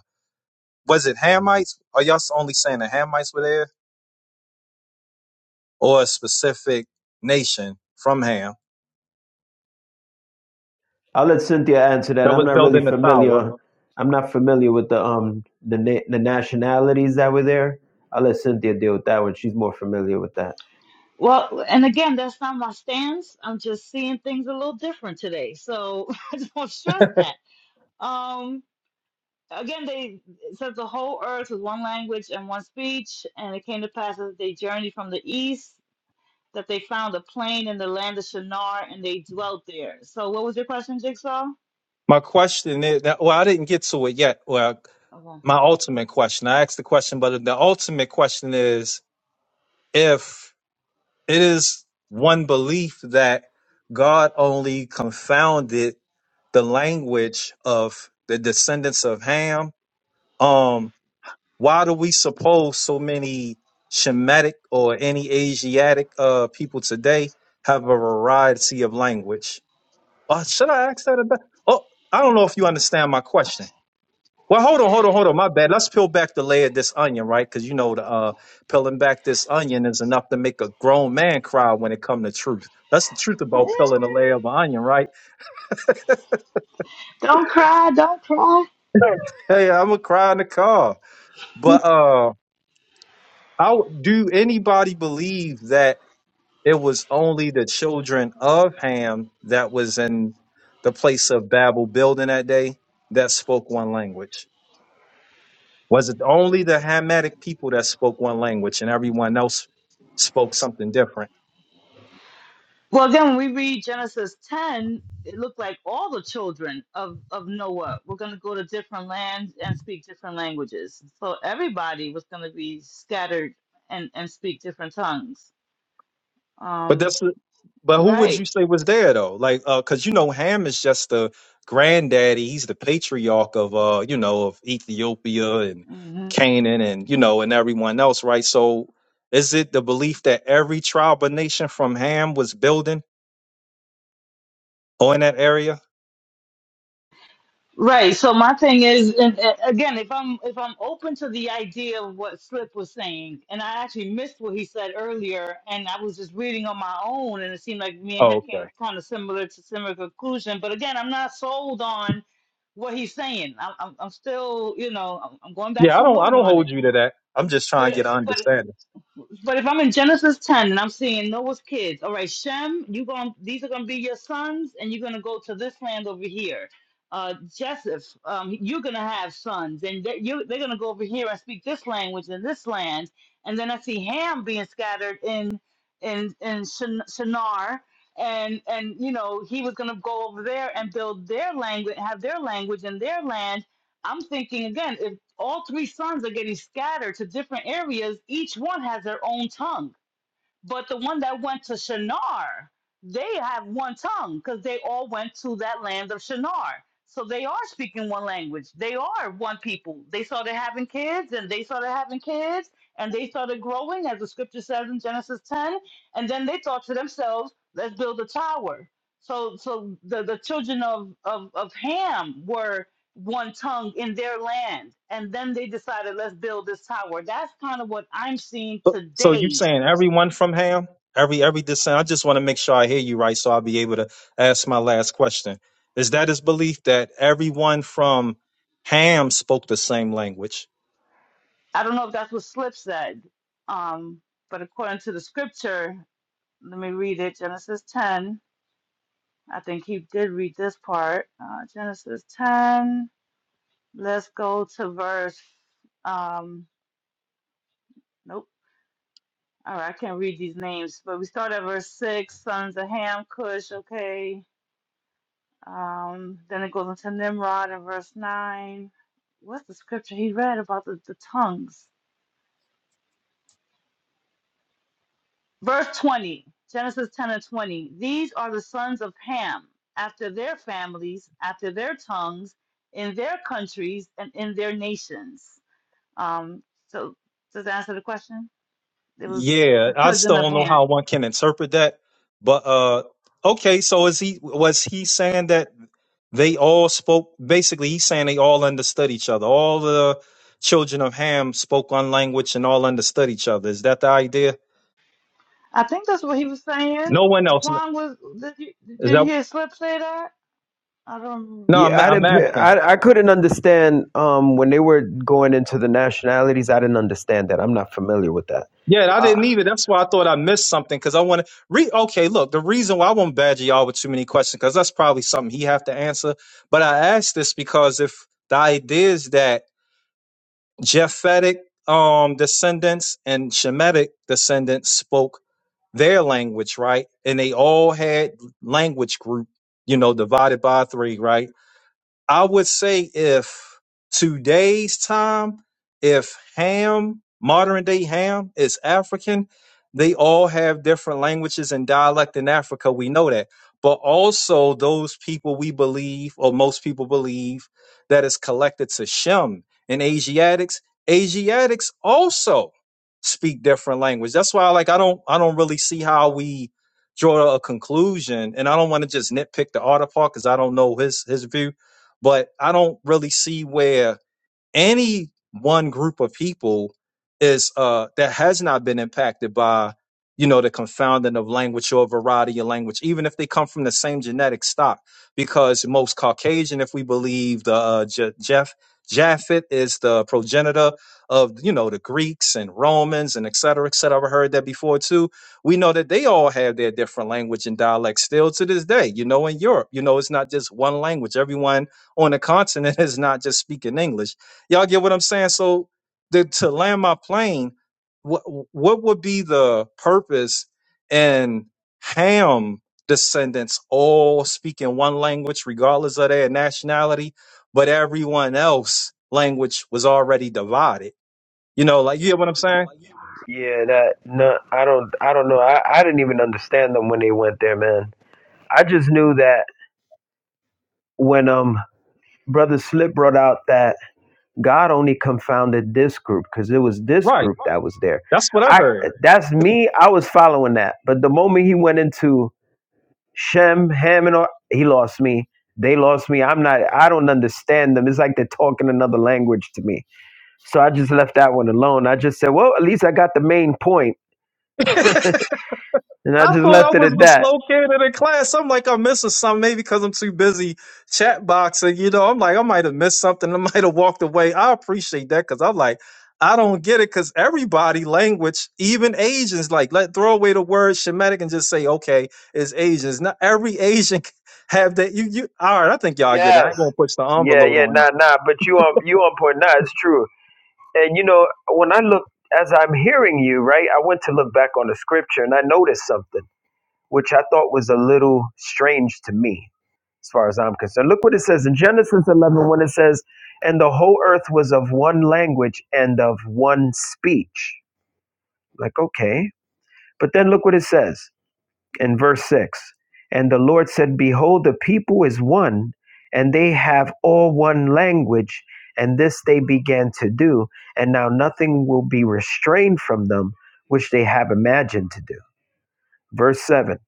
S: was it Hamites? Are y'all only saying the Hamites were there, or a specific nation from Ham
O: I'll let Cynthia answer that.
S: that
O: I'm
S: was
O: not really
S: building the tower?
O: familiar. I'm not familiar with the um the na- the nationalities that were there. I'll let Cynthia deal with that one. She's more familiar with that.
C: Well, and again, that's not my stance. I'm just seeing things a little different today. So I just want to stress that. Um, Again, they it says the whole earth was one language and one speech, and it came to pass as they journeyed from the east that they found a plain in the land of Shinar, and they dwelt there. So, what was your question, Jigsaw?
S: My question is, well, I didn't get to it yet. Well,
C: Okay.
S: my ultimate question, I asked the question, but the ultimate question is if it is one belief that God only confounded the language of the descendants of Ham, um, why do we suppose so many Shemitic or any Asiatic uh, people today have a variety of language? Uh, should I ask that about? Oh, I don't know if you understand my question. Well, hold on, hold on, hold on. My bad. Let's peel back the layer of this onion, right? Because you know, the, uh, peeling back this onion is enough to make a grown man cry when it comes to truth. That's the truth about peeling a layer of an onion, right?
C: Don't cry, don't cry.
S: hey, I'm gonna cry in the car. But uh, how do anybody believe that it was only the children of Ham that was in the place of Babel building that day that spoke one language? Was it only the Hamitic people that spoke one language and everyone else spoke something different?
C: Well, again, when we read Genesis 10, it looked like all the children of, of Noah were going to go to different lands and speak different languages. So everybody was going to be scattered and, and speak different tongues.
S: But
C: Um,
S: that's but who would
C: right.
S: you say was there though? Like uh cuz you know Ham is just the granddaddy, he's the patriarch of uh you know of Ethiopia and
C: Mhm.
S: Canaan and you know and everyone else, right? So is it the belief that every tribe or nation from Ham was building or in that area?
C: Right. So my thing is, and, and again, if I'm if I'm open to the idea of what Slip was saying, and I actually missed what he said earlier, and I was just reading on my own, and it seemed like me and him
S: Oh, okay.
C: came kind of similar to similar conclusion. But again, I'm not sold on what he's saying. I'm I'm, I'm still, you know, I'm, I'm going back
S: Yeah,
C: to
S: I
C: the
S: don't I
C: Lord
S: don't
C: on it.
S: hold you to that. I'm just trying
C: But
S: to get an
C: but
S: understanding.
C: But if I'm in Genesis 10 and I'm seeing Noah's kids, all right, Shem, you going to these are gonna be your sons, and you're gonna go to this land over here. Uh, Joseph, um, you're gonna have sons, and they, you, they're gonna go over here and speak this language in this land. And then I see Ham being scattered in in in Shin- Shinar, and and you know he was gonna go over there and build their language, have their language in their land I'm thinking again, if all three sons are getting scattered to different areas, each one has their own tongue. But the one that went to Shinar, they have one tongue because they all went to that land of Shinar. So they are speaking one language. They are one people. They started having kids and they started having kids and they started growing, as the scripture says in Genesis 10. And then they thought to themselves, let's build a tower. So so the, the children of, of, of Ham were one tongue in their land. And then they decided, let's build this tower. That's kind of what I'm seeing
S: So, so you
C: today
S: saying everyone from Ham, every every descent? I just want to make sure I hear you right, so I'll be able to ask my last question. Is that his belief that everyone from Ham spoke the same language?
C: I don't know if that's what Slip said, um, but according to the scripture, let me read it Genesis 10. I think he did read this part. Uh, Genesis 10. Let's go to verse. Um, nope. All right, I can't read these names, but we start at verse 6 sons of Ham, Cush, okay. Um, then it goes into Nimrod in verse 9. What's the scripture he read about the, the tongues? Verse 20, Genesis 10 and 20. These are the sons of Ham, after their families, after their tongues, in their countries, and in their nations. Um, so, does that answer the question? It was
S: Yeah,
C: the
S: I
C: children
S: still
C: of
S: don't know
C: Ham.
S: how one can interpret that, but uh, okay. So is he was he saying that they all spoke? Basically, he's saying they all understood each other. All the children of Ham spoke one language and all understood each other. Is that the idea?
C: I think that's what he was saying.
S: No one else.
C: Juan was, did you,
S: Is
C: did you
S: that
C: hear Slip say that? I don't remember.
S: No, I'm
O: Yeah, I
S: I'm
O: didn't. pa-
S: asking.
O: I I couldn't understand um when they were going into the nationalities. I didn't understand that. I'm not familiar with that.
S: Yeah, I
O: Uh,
S: didn't either. That's why I thought I missed something because I want to re. Okay, look, the reason why I won't badger y'all with too many questions because that's probably something he have to answer. But I asked this because if the idea is that Japhetic um, descendants and Shemitic descendants spoke their language, right, and they all had language group, you know, divided by three, right? I would say if today's time, if Ham, modern day Ham, is African, they all have different languages and dialect in Africa. We know that. But also, those people we believe, or most people believe, that is collected to Shem and Asiatics. Asiatics also speak different language. That's why, like, I don't, I don't really see how we draw a conclusion, and I don't want to just nitpick the author part because I don't know his his view but I don't really see where any one group of people is uh that has not been impacted by you know the confounding of language or variety of language even if they come from the same genetic stock because most caucasian if we believe the uh, Je- jeff japhet is the progenitor of you know the greeks and romans and et cetera et cetera i've heard that before too we know that they all have their different language and dialects still to this day you know in europe you know it's not just one language everyone on the continent is not just speaking english Y'all get what I'm saying? So the, to land my plane, what what would be the purpose in Ham descendants all speaking one language, regardless of their nationality, but everyone else language was already divided. You know, like you get what I'm saying?
O: yeah, that no, I don't. I don't know. I I didn't even understand them when they went there, man. I just knew that when um brother Slip brought out that God only confounded this group because it was this
S: Right.
O: group that was there.
S: That's what
O: That's I
S: I
O: what I
S: heard.
O: heard. that's me. I was following that, but the moment he went into Shem, Ham, and all, he lost me. They lost me. I'm not. I don't understand them. It's like they're talking another language to me. So I just left that one alone. I just said, well, at least I got the main point, and I
S: I
O: just
S: thought I
O: left it
S: was
O: at
S: the
O: that.
S: slow kid in the class. I'm like, I'm missing something, maybe because I'm too busy chat boxing. You know, I'm like, I might have missed something. I might have walked away. I appreciate that because I'm like, I don't get it because everybody language, even Asians, like, let throw away the word Shemitic and just say, okay, it's Asians. Not every Asian have that. You, you, all right, I think y'all get it. I
O: Yes.
S: ain't going to push the
O: Yeah.
S: envelope
O: Yeah.
S: on that.
O: Nah. Nah. But you on you on point. Nah. It's true And you know, when I look as I'm hearing you, right, I went to look back on the scripture and I noticed something which I thought was a little strange to me as far as I'm concerned. Look what it says in Genesis 11 when it says, "And the whole earth was of one language and of one speech." Like, okay. But then look what it says in verse 6 and the lord said behold the people is one and they have all one language and this they began to do and now nothing will be restrained from them which they have imagined to do verse 7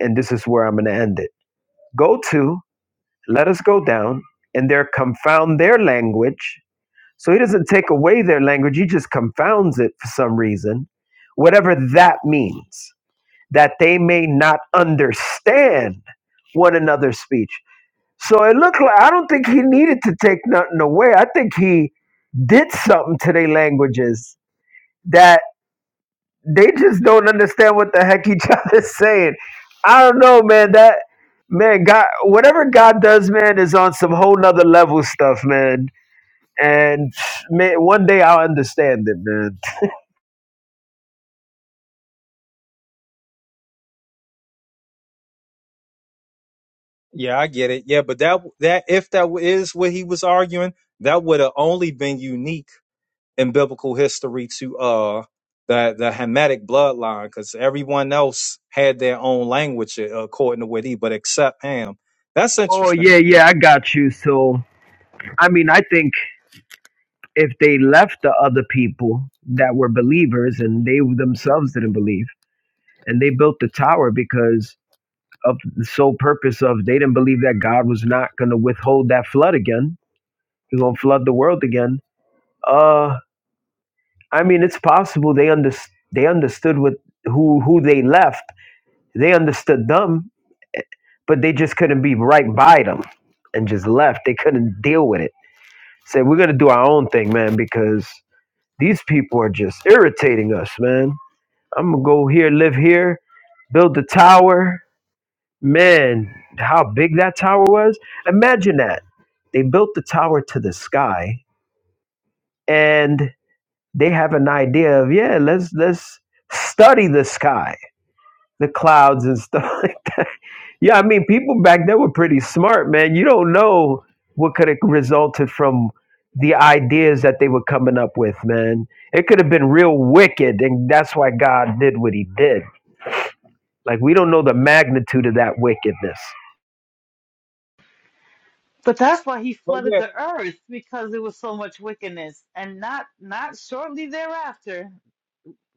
O: and this is where i'm going to end it go to let us go down and there confound their language so he doesn't take away their language he just confounds it for some reason whatever that means that they may not understand one another's speech. So it looked like I don't think he needed to take nothing away. I think he did something to their languages that they just don't understand what the heck each other's saying. I don't know, man. That man, God, whatever God does, man, is on some whole nother level stuff, man. And man, one day I'll understand it, man.
S: Yeah, I get it. Yeah, but that that if that is what he was arguing, that would have only been unique in biblical history to uh the the Hamitic bloodline, because everyone else had their own language uh, according to what he, but except Ham. That's
O: Oh
S: interesting.
O: yeah, yeah, I got you. So I mean, I think if they left the other people that were believers and they themselves didn't believe and they built the tower because of the sole purpose of they didn't believe that god was not going to withhold that flood again he's going to flood the world again uh i mean it's possible they under, they understood what who who they left they understood them but they just couldn't be right by them and just left they couldn't deal with it said we're going to do our own thing man because these people are just irritating us man I'm gonna go here, live here, build the tower. Man, how big that tower was! Imagine that. They built the tower to the sky, and they have an idea of yeah, let's let's study the sky, the clouds and stuff like that. Yeah, I mean, people back then were pretty smart, man. You don't know what could have resulted from the ideas that they were coming up with, man. It could have been real wicked, and that's why God did what He did Like we don't know the magnitude of that wickedness.
C: But that's why he
S: Well,
C: flooded
S: yeah.
C: the earth because there was so much wickedness, and not not shortly thereafter.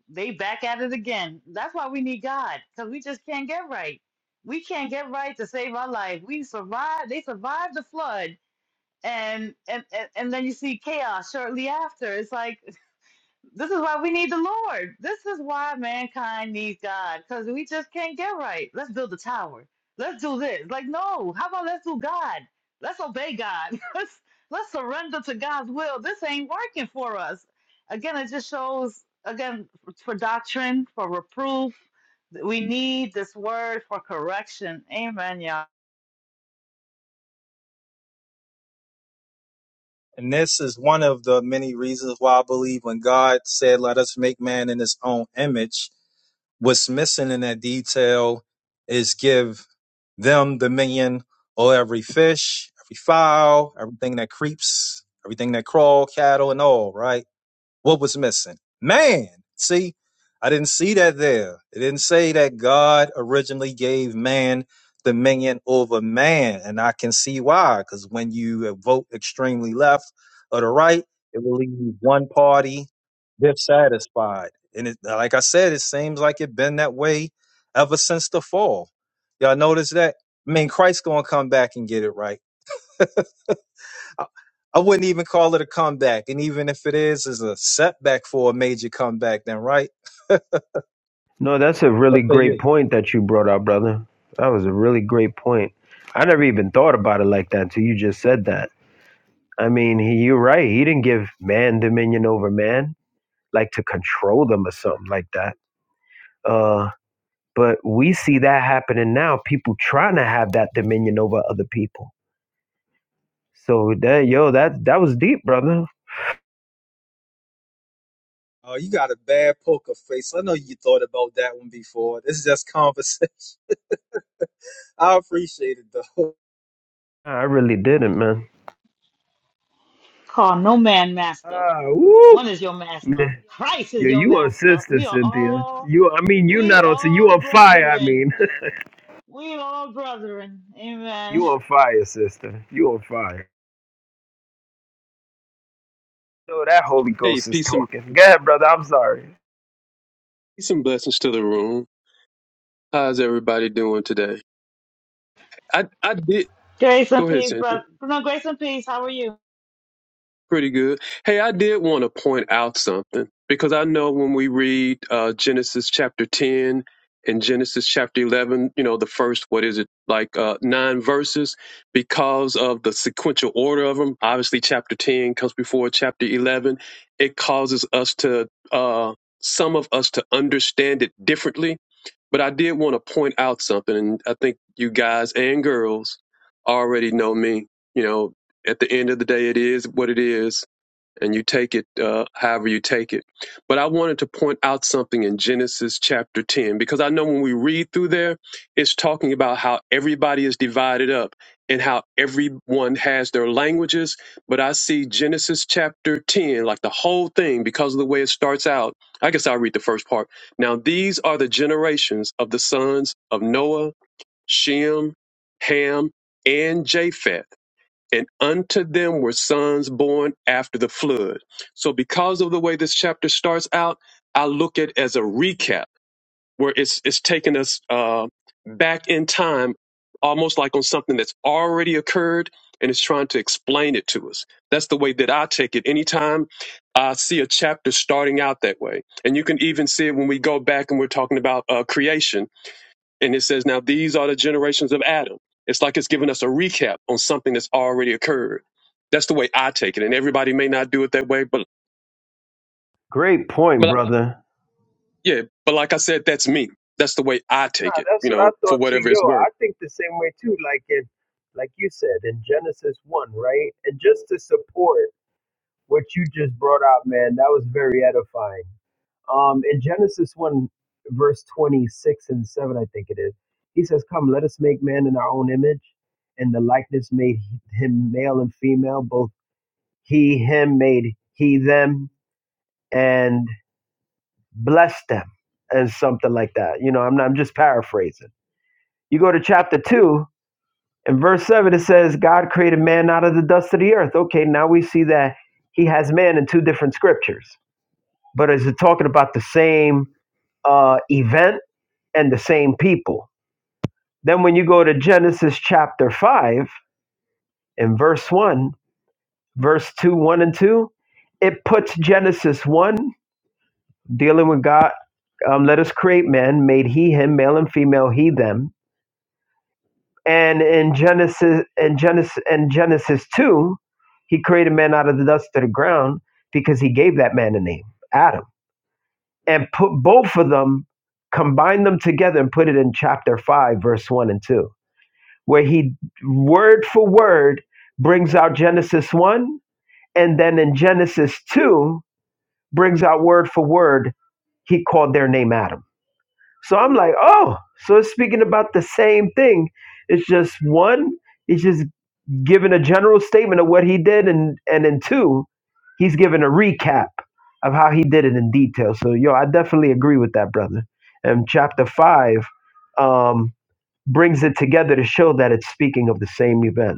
C: They back at it again. That's why we need God, because we just can't get right. We can't get right to save our life. We survived. They survived the flood, and and and, and then you see chaos shortly after. It's like this is why we need the Lord. This is why mankind needs God because we just can't get right. Let's build a tower. Let's do this. Like, no, how about let's do God? Let's obey God. Let's, let's surrender to God's will. This ain't working for us. Again, it just shows, again, for doctrine, for reproof. We need this word for correction. Amen, y'all.
S: And this is one of the many reasons why I believe when God said, Let us make man in his own image, what's missing in that detail is give them dominion over every fish, every fowl, everything that creeps, everything that crawl, cattle, and all, right? What was missing? Man. See, I didn't see that there. It didn't say that God originally gave man dominion over man. And I can see why, because when you vote extremely left or the right, it will leave one party dissatisfied. And it, like I said, it seems like it has been that way ever since the fall. Y'all notice that? I mean, Christ's gonna come back and get it right I, I wouldn't even call it a comeback. And even if it is, is a setback for a major comeback, then right?
O: No, that's a
S: What
O: really
S: say
O: great
S: you?
O: point that you brought out, brother. That was a really great point. I never even thought about it like that until you just said that. I mean, he, you're right. He didn't give man dominion over man, like to control them or something like that. Uh, but we see that happening now. People trying to have that dominion over other people. So that yo, that that was deep, brother.
S: Oh, you got a bad poker face. I know you thought about that one before. This is just conversation. I appreciate it though.
O: I really didn't, man.
C: Call no man master.
O: Ah,
C: One
O: woo!
C: is your master. Christ is
O: Yeah,
C: your
O: you on
C: master.
O: sister,
C: We are
O: Cynthia.
C: all,
O: You, I mean, you
C: we
O: not on. so You
C: all
O: on fire. I
C: brethren.
O: mean,
C: We all brethren. Amen.
O: you on fire, sister. You on fire. No, that Holy
T: Hey,
O: Ghost is
T: peace and
O: talking. Go ahead, brother. I'm sorry.
T: peace and blessings to the room. How's everybody doing today? I I did
C: Grace and
T: go ahead,
C: peace,
T: Sandy.
C: brother. No, grace and peace. How are you?
T: Pretty good. Hey, I did want to point out something because I know when we read uh, Genesis chapter 10 and Genesis chapter 11, you know, the first, what is it, like uh, nine verses, because of the sequential order of them, obviously chapter 10 comes before chapter 11, it causes us to, uh, some of us to understand it differently. But I did want to point out something, and I think you guys and girls already know me. You know, at the end of the day, it is what it is, and you take it uh, however you take it. But I wanted to point out something in Genesis chapter 10, because I know when we read through there, it's talking about how everybody is divided up and how everyone has their languages. But I see Genesis chapter 10, like the whole thing, because of the way it starts out. I guess I'll read the first part. Now, these are the generations of the sons of Noah, Shem, Ham, and Japheth and unto them were sons born after the flood. So because of the way this chapter starts out, I look at it as a recap where it's it's taking us uh, back in time, almost like on something that's already occurred, and it's trying to explain it to us. That's the way that I take it. Anytime I see a chapter starting out that way, and you can even see it when we go back and we're talking about uh, creation and it says, now these are the generations of Adam. It's like it's giving us a recap on something that's already occurred. That's the way I take it. And everybody may not do it that way, but,
O: Great point,
T: but
O: brother.
T: yeah, but like I said, that's me. That's the way I
O: Nah,
T: take it,
O: that's
T: you
O: what I
T: know, for
O: thought too.
T: whatever
O: Yo,
T: it's worth.
O: I think the same way too. Like in, like you said in Genesis one, right? And just to support what you just brought out, man, that was very edifying. Um, in Genesis 1, verse 26 and 7, I think it is, he says, Come, let us make man in our own image. And the likeness made him male and female, both he, him made he, them, and blessed them, and something like that. You know, I'm, not, I'm just paraphrasing. You go to chapter 2, in verse 7, it says, God created man out of the dust of the earth. Okay, now we see that he has man in two different scriptures, but is it talking about the same uh, event? and the same people. Then when you go to Genesis chapter 5 and verse 1, verse 2, 1 and 2, it puts Genesis 1 dealing with God, um, let us create man, made he him, male and female, he them. And in Genesis and Genesis and Genesis 2, he created man out of the dust of the ground because he gave that man a name, Adam. And put both of them, combine them together and put it in chapter 5, verse 1 and 2 where he word for word brings out Genesis 1 and then in Genesis 2 brings out word for word he called their name Adam. So I'm like, "Oh, so it's speaking about the same thing. It's just one he's just giving a general statement of what he did and and in two he's giving a recap of how he did it in detail. So yo, I definitely agree with that, brother. And chapter 5 um brings it together to show that it's speaking of the same event.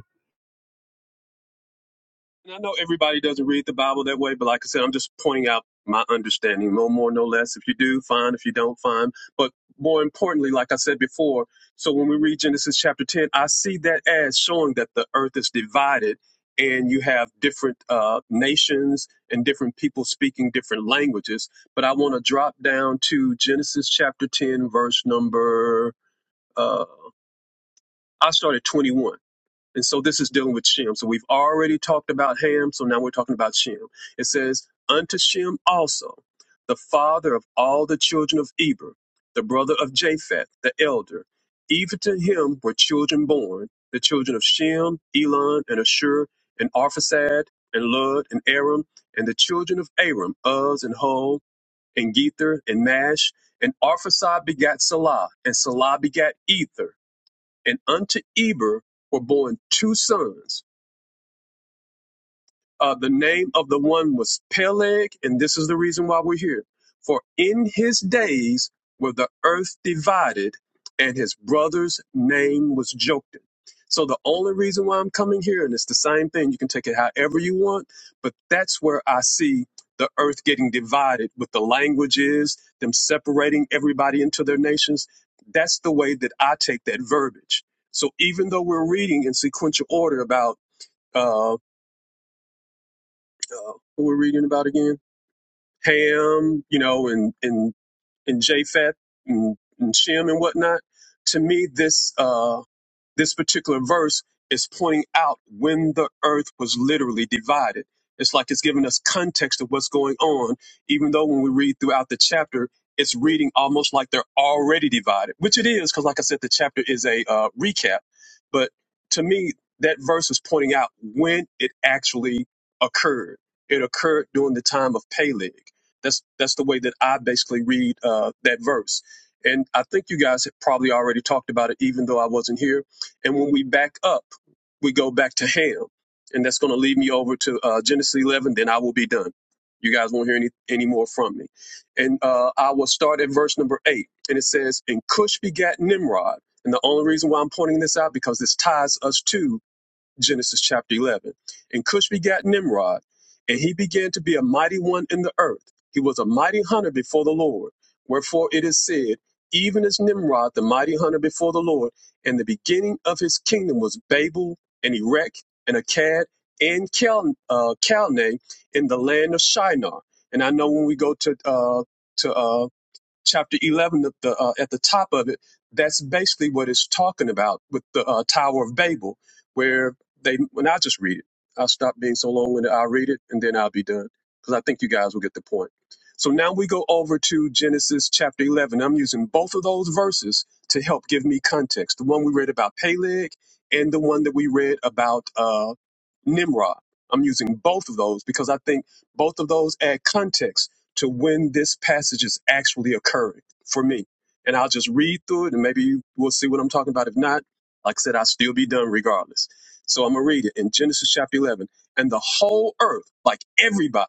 T: And I know everybody doesn't read the Bible that way, but like I said, I'm just pointing out my understanding, no more, no less. If you do, fine. If you don't, fine. But more importantly, like I said before, so when we read Genesis chapter 10, I see that as showing that the earth is divided and you have different uh, nations and different people speaking different languages. But I want to drop down to Genesis chapter 10, verse number, uh, I started 21. And so this is dealing with Shem. So we've already talked about Ham, so now we're talking about Shem. It says, Unto Shem also, the father of all the children of Eber, the brother of Japheth, the elder. Even to him were children born, the children of Shem, Elon, and Ashur, and Arphaxad, and Lud, and Aram, and the children of Aram, Uz, and Hol, and Gether, and Mash. And Arphaxad begat Salah, and Salah begat Ether. And unto Eber were born two sons. Uh, the name of the one was Peleg, and this is the reason why we're here. For in his days were the earth divided, and his brother's name was Joktan. So the only reason why I'm coming here, and it's the same thing, you can take it however you want, but that's where I see the earth getting divided with the languages, them separating everybody into their nations. That's the way that I take that verbiage. So even though we're reading in sequential order about um, uh, what we're reading about again? Ham, you know, and and and Japheth and, and Shem and whatnot. To me, this. Uh, this particular verse is pointing out when the earth was literally divided. It's like it's giving us context of what's going on, even though when we read throughout the chapter, it's reading almost like they're already divided, which it is, because like I said, the chapter is a uh, recap. But to me, that verse is pointing out when it actually occurred. It occurred during the time of Peleg. That's that's the way that I basically read uh, that verse. And I think you guys have probably already talked about it, even though I wasn't here and when we back up, we go back to Ham. And that's going to lead me over to uh, Genesis 11. Then I will be done. You guys won't hear any, any more from me. And uh, I will start at verse number eight. And it says, And Cush begat Nimrod. And the only reason why I'm pointing this out because this ties us to Genesis chapter 11. And Cush begat Nimrod, and he began to be a mighty one in the earth. He was a mighty hunter before the Lord. Wherefore it is said, even as Nimrod, the mighty hunter before the Lord, and the beginning of his kingdom was Babel and Erech and Akkad and Cal, uh, Calne in the land of Shinar. And I know when we go to uh, to uh, chapter 11 of the, uh, at the top of it that's basically what it's talking about with the uh, tower of babel where they when i just read it i'll stop being so long and i'll read it and then i'll be done because i think you guys will get the point so now we go over to genesis chapter 11 i'm using both of those verses to help give me context the one we read about peleg and the one that we read about uh, nimrod i'm using both of those because i think both of those add context to when this passage is actually occurring for me. And I'll just read through it and maybe you will see what I'm talking about. If not, like I said, I'll still be done regardless. So I'm going to read it in Genesis chapter 11. And the whole earth, like everybody,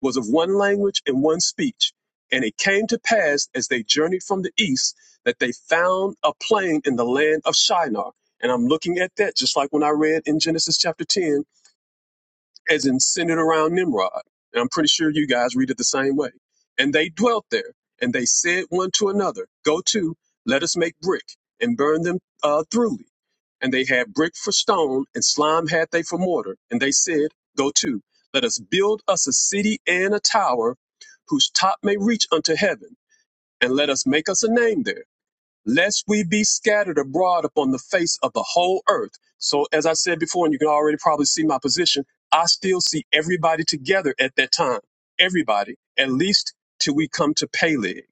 T: was of one language and one speech. And it came to pass as they journeyed from the east that they found a plain in the land of Shinar. And I'm looking at that just like when I read in Genesis chapter 10 as in centered around Nimrod. And I'm pretty sure you guys read it the same way. And they dwelt there, and they said one to another, Go to, let us make brick, and burn them uh, throughly. And they had brick for stone, and slime had they for mortar. And they said, Go to, let us build us a city and a tower, whose top may reach unto heaven, and let us make us a name there lest we be scattered abroad upon the face of the whole earth. So, as I said before, and you can already probably see my position, I still see everybody together at that time. Everybody, at least till we come to Peleg.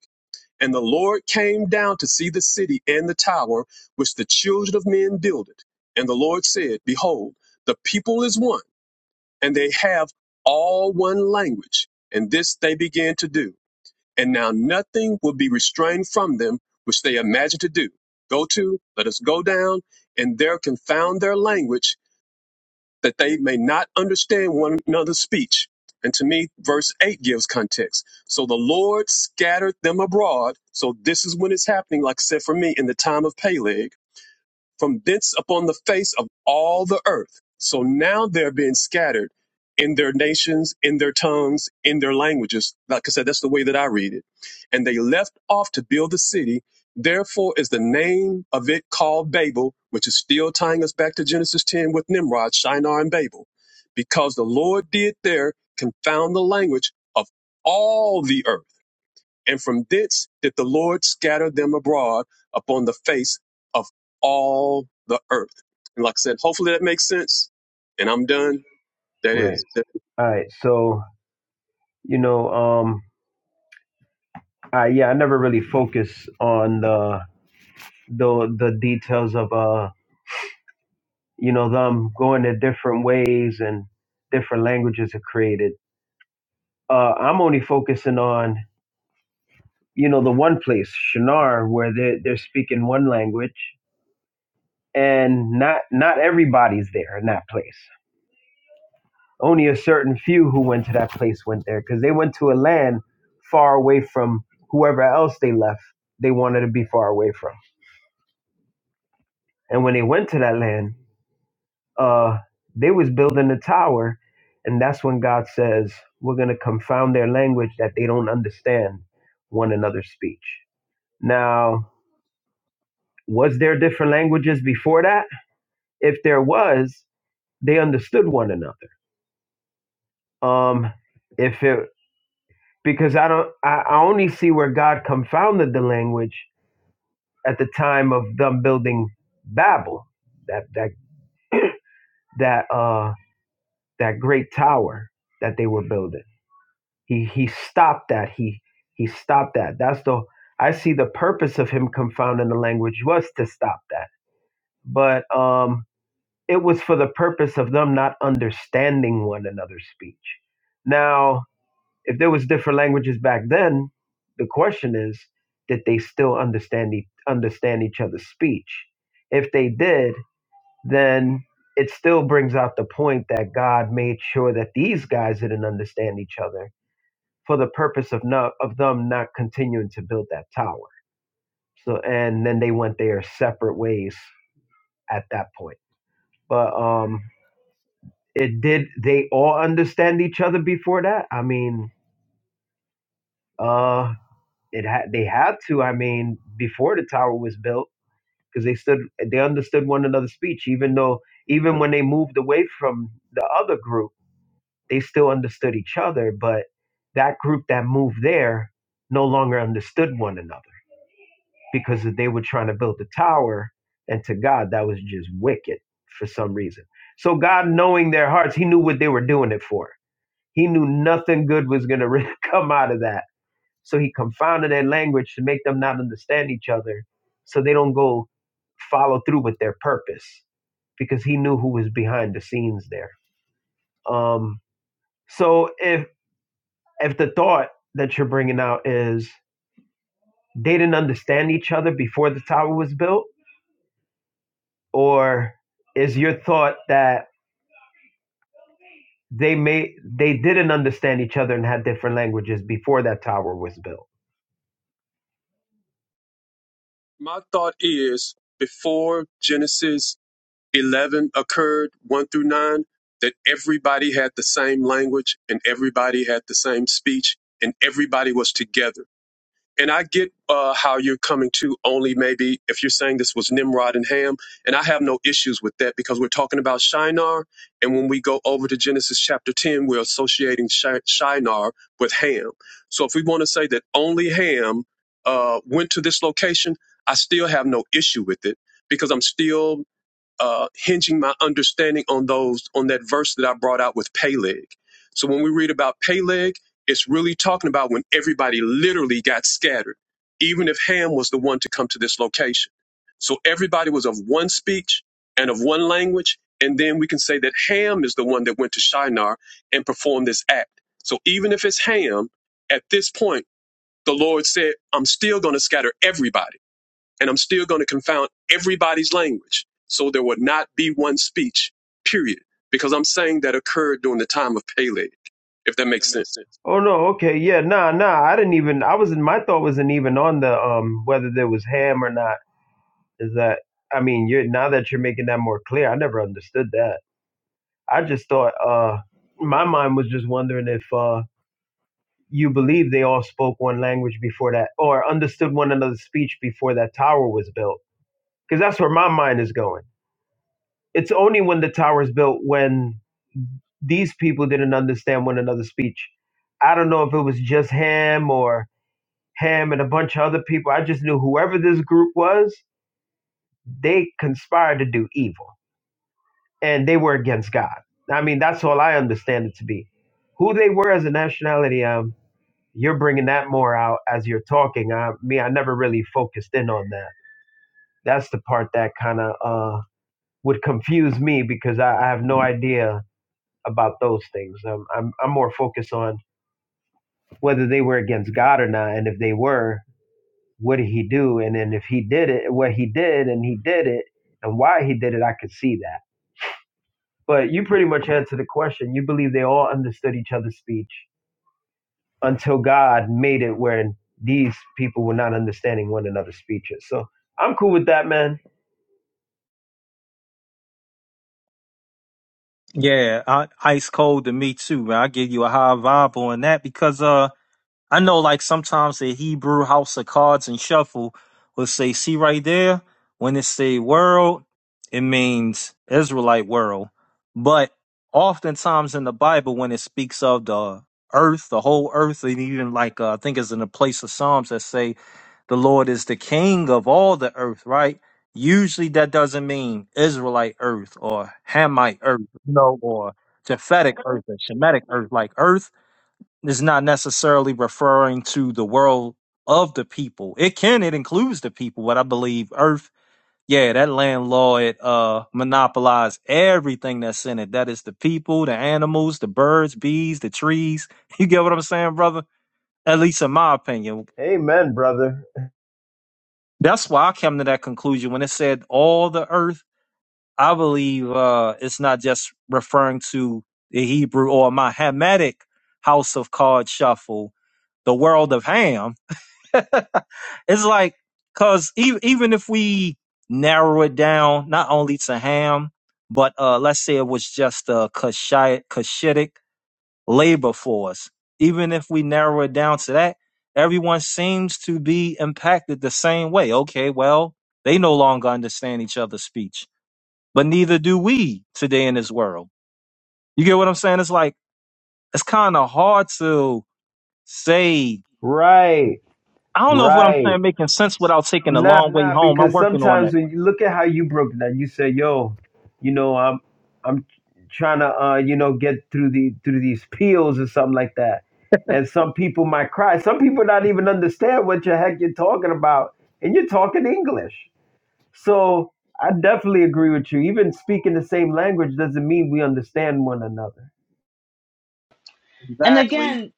T: And the Lord came down to see the city and the tower which the children of men builded. And the Lord said, Behold, the people is one, and they have all one language. And this they began to do. And now nothing will be restrained from them which they imagine to do. Go to, let us go down, and there confound their language, that they may not understand one another's speech. And to me, verse 8 gives context. So the Lord scattered them abroad. So this is when it's happening, like I said for me, in the time of Peleg from thence upon the face of all the earth. So now they're being scattered in their nations, in their tongues, in their languages. Like I said, that's the way that I read it. And they left off to build the city. Therefore is the name of it called Babel, which is still tying us back to Genesis 10 with Nimrod, Shinar, and Babel, because the Lord did there confound the language of all the earth and from thence did the Lord scatter them abroad upon the face of all the earth. And like I said, hopefully that makes sense. And I'm done. That
O: Right.
T: is. that-
O: All right. So you know, um, I yeah, I never really focus on the the the details of uh, you know, them going to different ways and different languages are created. Uh, I'm only focusing on you know the one place Shinar where they they're they're speaking one language and not not everybody's there in that place. Only a certain few who went to that place went there because they went to a land far away from whoever else they left. They wanted to be far away from. And when they went to that land, uh, they was building a tower, and that's when God says, "We're gonna confound their language that they don't understand one another's speech." Now, was there different languages before that? If there was, they understood one another. Um, if it because I don't I, I only see where God confounded the language at the time of them building Babel, that that that uh that great tower that they were building. He he stopped that. He he stopped that. That's the I see the purpose of him confounding the language was to stop that. But um it was for the purpose of them not understanding one another's speech. Now if there was different languages back then, the question is, did they still understand e- understand each other's speech? If they did, then it still brings out the point that God made sure that these guys didn't understand each other for the purpose of not of them not continuing to build that tower. So and then they went their separate ways at that point. But um it did they all understand each other before that? I mean, uh. it had they had to i mean before the tower was built because they stood they understood one another's speech even though even when they moved away from the other group they still understood each other but that group that moved there no longer understood one another because they were trying to build the tower and to god that was just wicked for some reason so god knowing their hearts he knew what they were doing it for he knew nothing good was going to come out of that so he confounded their language to make them not understand each other so they don't go follow through with their purpose because he knew who was behind the scenes there. Um, so if if the thought that you're bringing out is they didn't understand each other before the tower was built, or is your thought that they may they didn't understand each other and had different languages before that tower was built?
T: My thought is before Genesis 11 occurred, 1 through 9, that everybody had the same language and everybody had the same speech and everybody was together and I get uh, how you're coming to only maybe if you're saying this was Nimrod and Ham, and I have no issues with that because we're talking about Shinar, and when we go over to Genesis chapter 10, we're associating Shi- Shinar with Ham. So if we want to say that only Ham uh, went to this location, I still have no issue with it because I'm still uh, hinging my understanding on those on that verse that I brought out with Peleg. So when we read about Peleg, it's really talking about when everybody literally got scattered, even if Ham was the one to come to this location. So everybody was of one speech and of one language, and then we can say that Ham is the one that went to Shinar and performed this act. So even if it's Ham, at this point, the Lord said, "I'm still going to scatter everybody." and I'm still going to confound everybody's language. So there will not be one speech, period, because I'm saying that occurred during the time of Peleg, if that makes sense.
O: Oh no, okay, yeah, nah, nah. I didn't even. I was in my thought wasn't even on the um whether there was ham or not. Is that I mean, you're now that you're making that more clear, I never understood that. I just thought uh my mind was just wondering if uh you believe they all spoke one language before that or understood one another's speech before that tower was built because that's where my mind is going. It's only when the tower is built when these people didn't understand one another's speech. I don't know if it was just ham or Ham and a bunch of other people. I just knew whoever this group was, they conspired to do evil and they were against God. I mean, that's all I understand it to be. Who they were as a nationality, um, you're bringing that more out as you're talking. I, me, I never really focused in on that. That's the part that kind of uh, would confuse me because I, I have no idea about those things. Um, I'm, I'm more focused on whether they were against God or not, and if they were, what did he do? And then if he did it, what he did and he did it and why he did it, I could see that. But you pretty much answered the question. You believe they all understood each other's speech until God made it where these people were not understanding one another's speeches. So I'm cool with that, man.
S: Yeah, I, ice cold to me too, man. I give you a high vibe on that because uh I know, like sometimes the Hebrew House of Cards and Shuffle will say, "See right there, when it say world, it means Israelite world." But oftentimes in the Bible, when it speaks of the earth, the whole earth, and even like uh, I think it's in the place of Psalms that say, "The Lord is the King of all the earth." Right? Usually, that doesn't mean Israelite earth or Hamite earth, you know, or Japhetic earth or Shemitic earth, like earth is not necessarily referring to the world of the people. It can, it includes the people, but I believe Earth, yeah, that landlord uh monopolized everything that's in it. That is the people, the animals, the birds, bees, the trees. You get what I'm saying, brother? At least in my opinion.
O: Amen, brother.
S: That's why I came to that conclusion when it said all the earth. I believe uh it's not just referring to the Hebrew or my Hamitic house of card shuffle, the world of Ham it's like because even even if we narrow it down not only to ham but uh let's say it was just a Kushite- cushitic labor force even if we narrow it down to that everyone seems to be impacted the same way okay well they no longer understand each other's speech but neither do we today in this world you get what i'm saying it's like it's kind of hard to say
O: Right.
S: I don't know if what I'm
O: Right.
S: saying making sense without taking a
O: Nah,
S: long way
O: nah,
S: home. I'm
O: because
S: working on
O: sometimes
S: it.
O: when you look at how you broke it down, you say, "Yo, you know, I'm, I'm trying to, uh, you know, get through the through these peels or something like that." And some people might cry. Some people not even understand what the heck you're talking about, and you're talking English. So I definitely agree with you. Even speaking the same language doesn't mean we understand one another.
C: And
S: Exactly.
C: again,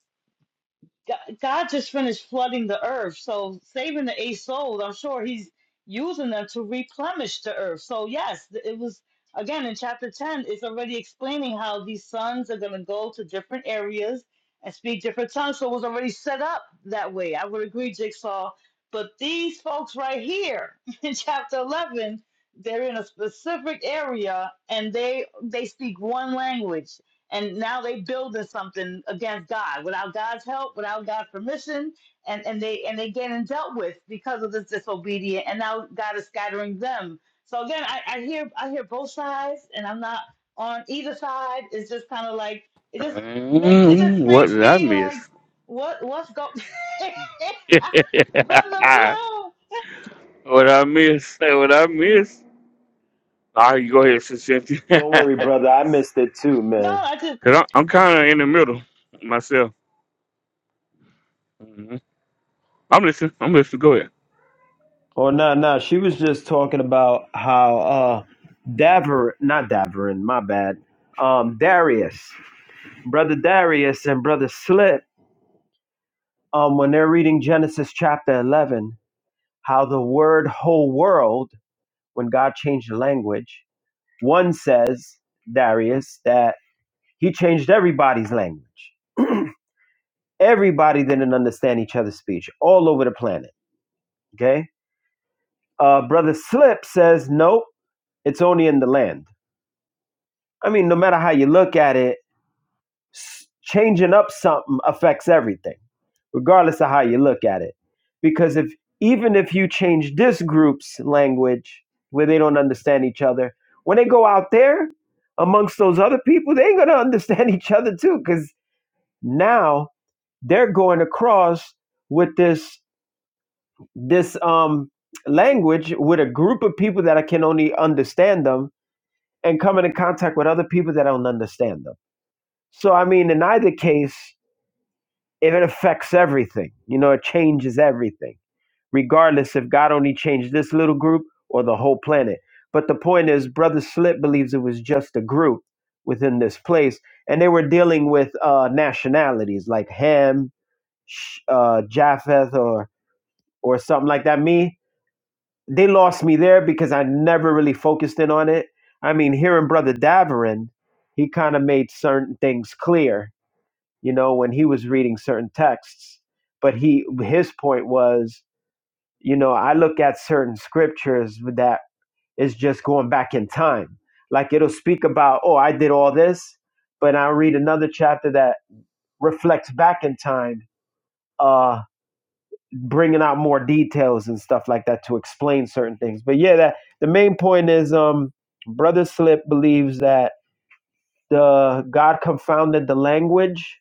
C: Go- God just finished flooding the earth, so saving the eight souls, I'm sure He's using them to replenish the earth. So yes, th- it was again in chapter ten. It's already explaining how these sons are going to go to different areas and speak different tongues. So it was already set up that way. I would agree, Jigsaw. But these folks right here in chapter eleven, they're in a specific area and they they speak one language and now they building something against God without God's help, without God's permission, and and they and they getting dealt with because of this disobedience. and now God is scattering them. So again, I, I hear I hear both sides, and I'm not on either side. It's just kind of like it just makes it just
J: Mm, what
C: makes
J: did I
C: me like
J: miss?
C: what what's go, brother blue.
J: what I miss? Say what I miss. All right, you go ahead, Sister Cynthia.
O: Don't worry, brother. I missed it too,
C: No,
O: man.
C: I just
J: Cause I'm, I'm kind of in the middle myself. Mm-hmm. I'm listening. I'm listening. Go ahead.
O: Oh no, no. She was just talking about how uh Daver not Daverin, my bad. Um Darius, brother Darius and brother Slip, um, when they're reading Genesis chapter eleven, how the word whole world, when God changed the language, one says, Darius, that he changed everybody's language. Everybody didn't understand each other's speech all over the planet. Okay? Uh brother Slip says, Nope, it's only in the land. I mean, no matter how you look at it, s- changing up something affects everything, regardless of how you look at it. Because if even if you change this group's language where they don't understand each other, when they go out there amongst those other people, they ain't gonna understand each other too. Because now they're going across with this this um language with a group of people that I can only understand them and coming in contact with other people that don't understand them So, I mean, in either case, if it affects everything, you know, it changes everything, regardless if God only changed this little group or the whole planet. But the point is, Brother Slip believes it was just a group within this place, and they were dealing with uh, nationalities like Ham, Sh- uh, Japheth, or or something like that. Me, they lost me there because I never really focused in on it. I mean, hearing Brother Daverin, he kind of made certain things clear you know, when he was reading certain texts. But he his point was, you know, I look at certain scriptures that is just going back in time. Like it'll speak about, oh, I did all this, but I'll read another chapter that reflects back in time, uh, bringing out more details and stuff like that to explain certain things. But yeah, that the main point is, um, Brother Slip believes that the God confounded the language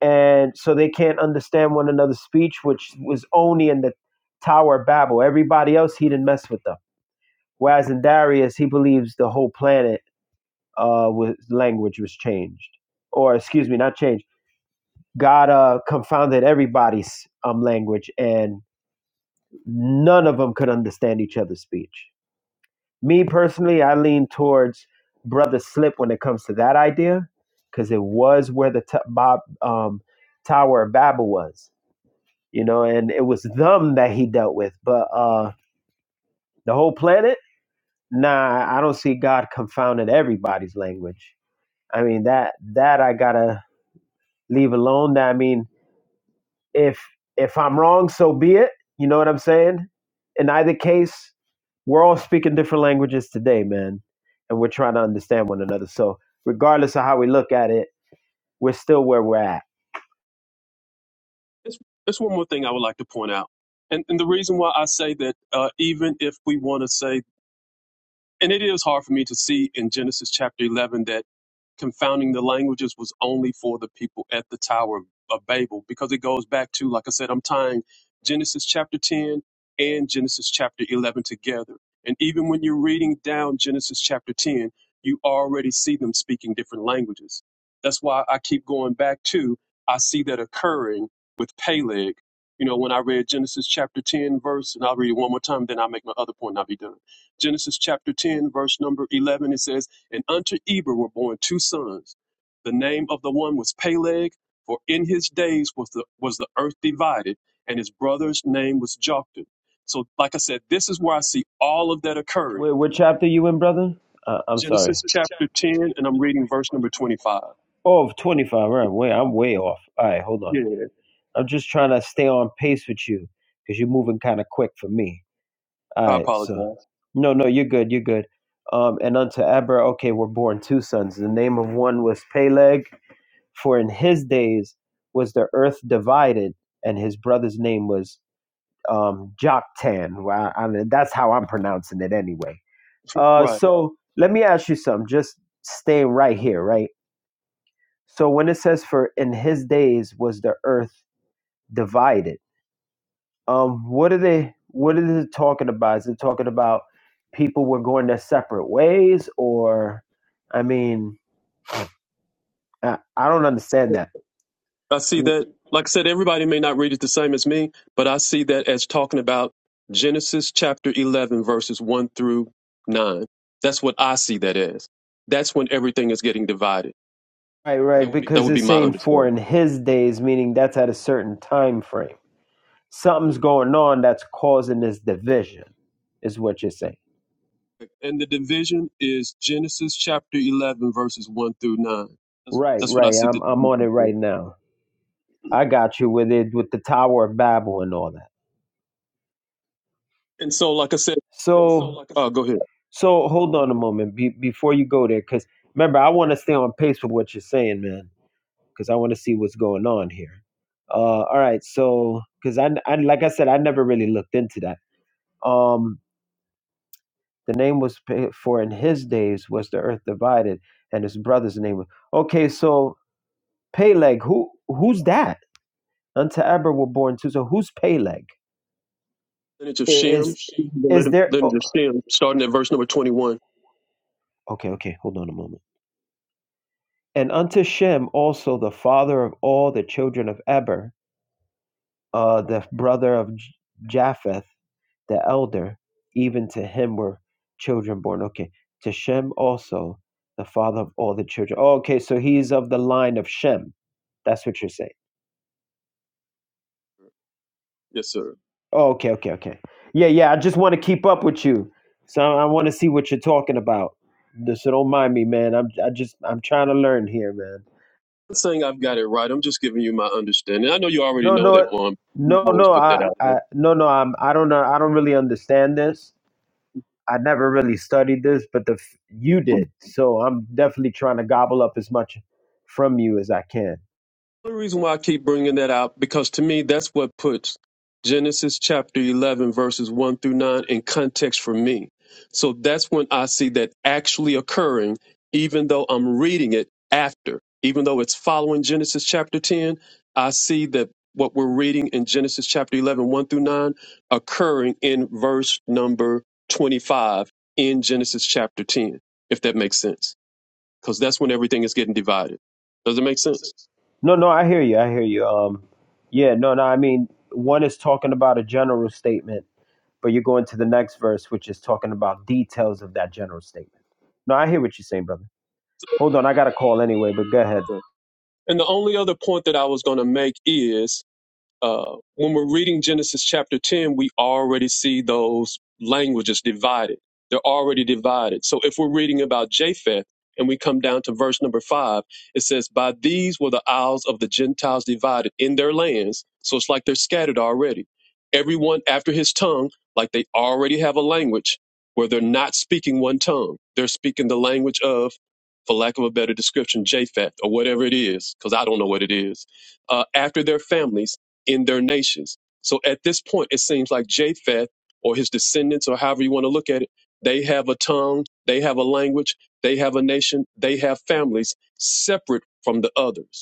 O: and so they can't understand one another's speech, which was only in the Tower of Babel. Everybody else, he didn't mess with them. Whereas in Darius, he believes the whole planet uh, was language was changed, or excuse me, not changed. God uh, confounded everybody's um, language, and none of them could understand each other's speech. Me personally, I lean towards brother slip when it comes to that idea, because it was where the t- Bob, um, Tower of Babel was you know, and it was them that he dealt with. But uh, the whole planet, nah, I don't see God confounded everybody's language. I mean that that I gotta leave alone. I mean, if if I'm wrong, so be it. You know what I'm saying? In either case, we're all speaking different languages today, man, and we're trying to understand one another. So regardless of how we look at it, we're still where we're at.
T: There's, there's one more thing I would like to point out. And, and the reason why I say that, uh, even if we want to say, and it is hard for me to see in Genesis chapter 11 that confounding the languages was only for the people at the Tower of Babel because it goes back to, like I said, I'm tying Genesis chapter 10 and Genesis chapter 11 together. And even when you're reading down Genesis chapter 10, you already see them speaking different languages. That's why I keep going back to, I see that occurring with Peleg. You know, when I read Genesis chapter 10, verse, and I'll read it one more time, then I'll make my other point and I'll be done. Genesis chapter 10, verse number 11, it says, and unto Eber were born two sons. The name of the one was Peleg, for in his days was the was the earth divided, and his brother's name was Joktan. So, like I said, this is where I see all of that occurring.
O: Where, what chapter you in, brother? Uh, I'm sorry.
T: Genesis
O: Oh,
T: chapter 10, and I'm reading verse number 25.
O: 25, Oh, twenty-five. right. Wait, I'm way off. All right, hold on.
T: Yeah,
O: I'm just trying to stay on pace with you because you're moving kind of quick for me. All
T: I
O: right, so.
T: apologize.
O: No, no, you're good. You're good. Um, and unto Abra, okay, were born two sons. The name of one was Peleg, for in his days was the earth divided, and his brother's name was um, Joktan. Well, I, I mean, that's how I'm pronouncing it anyway. Uh,
T: Right.
O: so let me ask you something. Just staying right here, right? So when it says for in his days was the earth divided, um, what are they? What is it talking about? Is it talking about people were going their separate ways, or I mean, I, I don't understand that.
T: I see
O: W-
T: that, like I said, everybody may not read it the same as me, but I see that as talking about Genesis chapter 11, verses 1 through 9. That's what I see that as. That's when everything is getting divided.
O: Right, right,
T: That
O: because
T: would
O: it's
T: be my
O: saying for
T: understanding.
O: in his days, meaning that's at a certain time frame. Something's going on that's causing this division, is what you're saying.
T: And the division is Genesis chapter 11, verses 1 through 9.
O: Right,
T: That's what I
O: right.
T: see
O: I'm
T: the
O: I'm on it
T: division for.
O: right now. I got you with it with the Tower of Babel and all that.
T: And so, like I said,
O: So,
T: uh, go ahead.
O: so hold on a moment be, before you go there, because remember, I want to stay on pace with what you're saying, man, because I want to see what's going on here. Uh, all right, so because I, I, like I said, I never really looked into that. Um, the name was pa- for in his days was the earth divided, and his brother's name was okay. So Peleg, who who's that? Unto Eber were born too. So who's Peleg?
T: Lineage of
O: I-
T: Shem,
O: Is is
T: the
O: there?
T: lineage
O: Oh,
T: of Shem, starting at verse number 21.
O: okay, okay. Hold on a moment. And unto Shem also the father of all the children of Eber, uh, the brother of J- Japheth, the elder. Even to him were children born. Okay, to Shem also the father of all the children. Oh, okay, so he's of the line of Shem. That's what you're saying.
T: Yes, sir.
O: Oh, okay, okay, okay. Yeah, yeah. I just want to keep up with you, so I want to see what you're talking about. No, So don't mind me, man. I'm I just I'm trying to learn here, man.
T: not saying I've got it right. I'm just giving you my understanding. I know you already
O: No,
T: know that
O: no,
T: one. I
O: no,
T: always
O: no.
T: put that
O: I,
T: out there.
O: I no, no. I'm I don't know. I don't really understand this. I never really studied this, but the f- you did, so I'm definitely trying to gobble up as much from you as I can.
T: The reason why I keep bringing that out because to me that's what puts Genesis chapter 11 verses 1 through 9 in context for me. So that's when I see that actually occurring even though I'm reading it after. Even though it's following Genesis chapter 10, I see that what we're reading in Genesis chapter eleven one through 9 occurring in verse number 25 in Genesis chapter 10 if that makes sense because that's when everything is getting divided. Does it make sense?
O: No, no. I hear you. I hear you. Um, yeah. No, no. I mean, one is talking about a general statement But you go into the next verse, which is talking about details of that general statement. No, I hear what you're saying, brother. Hold on, I got a call anyway, but go ahead.
T: Okay. And the only other point that I was going to make is uh, when we're reading Genesis chapter 10, we already see those languages divided. They're already divided. So if we're reading about Japheth and we come down to verse number five, it says, By these were the isles of the Gentiles divided in their lands. So it's like they're scattered already. Everyone after his tongue, like they already have a language where they're not speaking one tongue. They're speaking the language of, for lack of a better description, Japheth or whatever it is, because I don't know what it is uh, after their families in their nations. So at this point, it seems like Japheth or his descendants, or however you want to look at it, they have a tongue, they have a language, they have a nation, they have families separate from the others.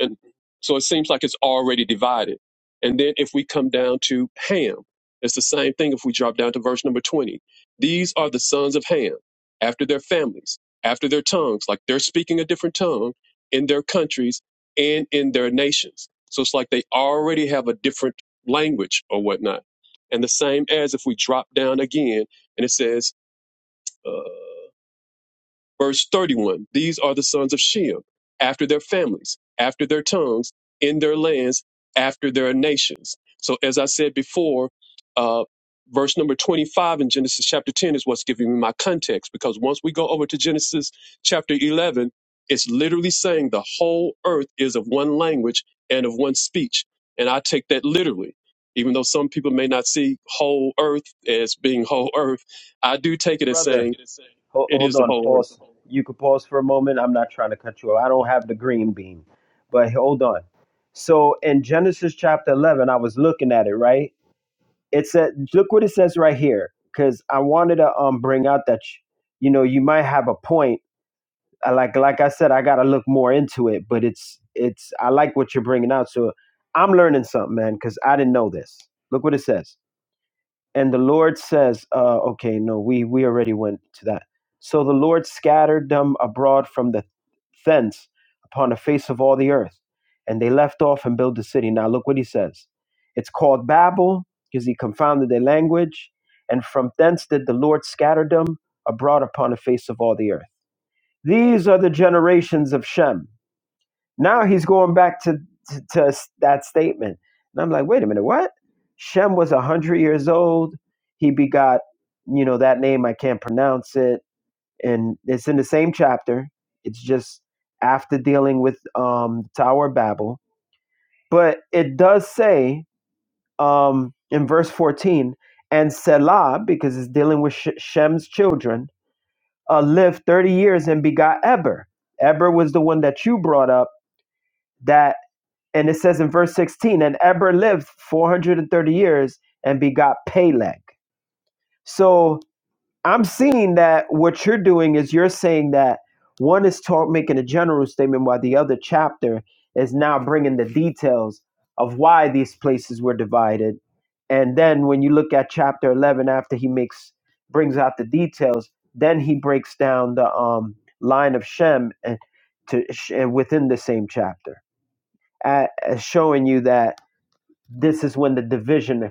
T: And so it seems like it's already divided. And then if we come down to Ham, it's the same thing if we drop down to verse number 20. These are the sons of Ham, after their families, after their tongues, like they're speaking a different tongue in their countries and in their nations. So it's like they already have a different language or whatnot. And the same as if we drop down again and it says, uh, Verse 31 These are the sons of Shem, after their families, after their tongues, in their lands, after their nations. So, as I said before, uh, verse number 25 in Genesis chapter 10 is what's giving me my context because once we go over to Genesis chapter 11, it's literally saying the whole earth is of one language and of one speech. And I take that literally. Even though some people may not see whole earth as being whole earth, I do take it as
O: Brother,
T: saying
O: hold,
T: it
O: hold
T: is the
O: on,
T: whole earth.
O: pause. You could pause for a moment. I'm not trying to cut you off. I don't have the green bean, but hold on. So in Genesis chapter 11, I was looking at it, right? It said, look what it says right here, because I wanted to um bring out that, you know, you might have a point I like like I said, I gotta look more into it. But it's it's I like what you're bringing out. So I'm learning something, man, because I didn't know this. Look what it says. And the Lord says, uh, okay, no, we we already went to that. So the Lord scattered them abroad from the thence upon the face of all the earth, and they left off and built the city. Now look what he says. It's called Babel because he confounded their language, and from thence did the Lord scatter them abroad upon the face of all the earth. These are the generations of Shem. Now he's going back to, to, to that statement. And I'm like, wait a minute, what? Shem was 100 years old. He begot, you know, that name, I can't pronounce it. And it's in the same chapter. It's just after dealing with um, the Tower of Babel. But it does say um, in verse 14, and Selah, because it's dealing with Sh- Shem's children, uh, lived 30 years and begot Eber. Eber was the one that you brought up that, and it says in verse 16, and Eber lived 430 years and begot Peleg. So I'm seeing that what you're doing is you're saying that one is talk, making a general statement while the other chapter is now bringing the details of why these places were divided. And then when you look at chapter 11 after he makes brings out the details, then he breaks down the um, line of Shem and to and within the same chapter, uh, uh, showing you that this is when the division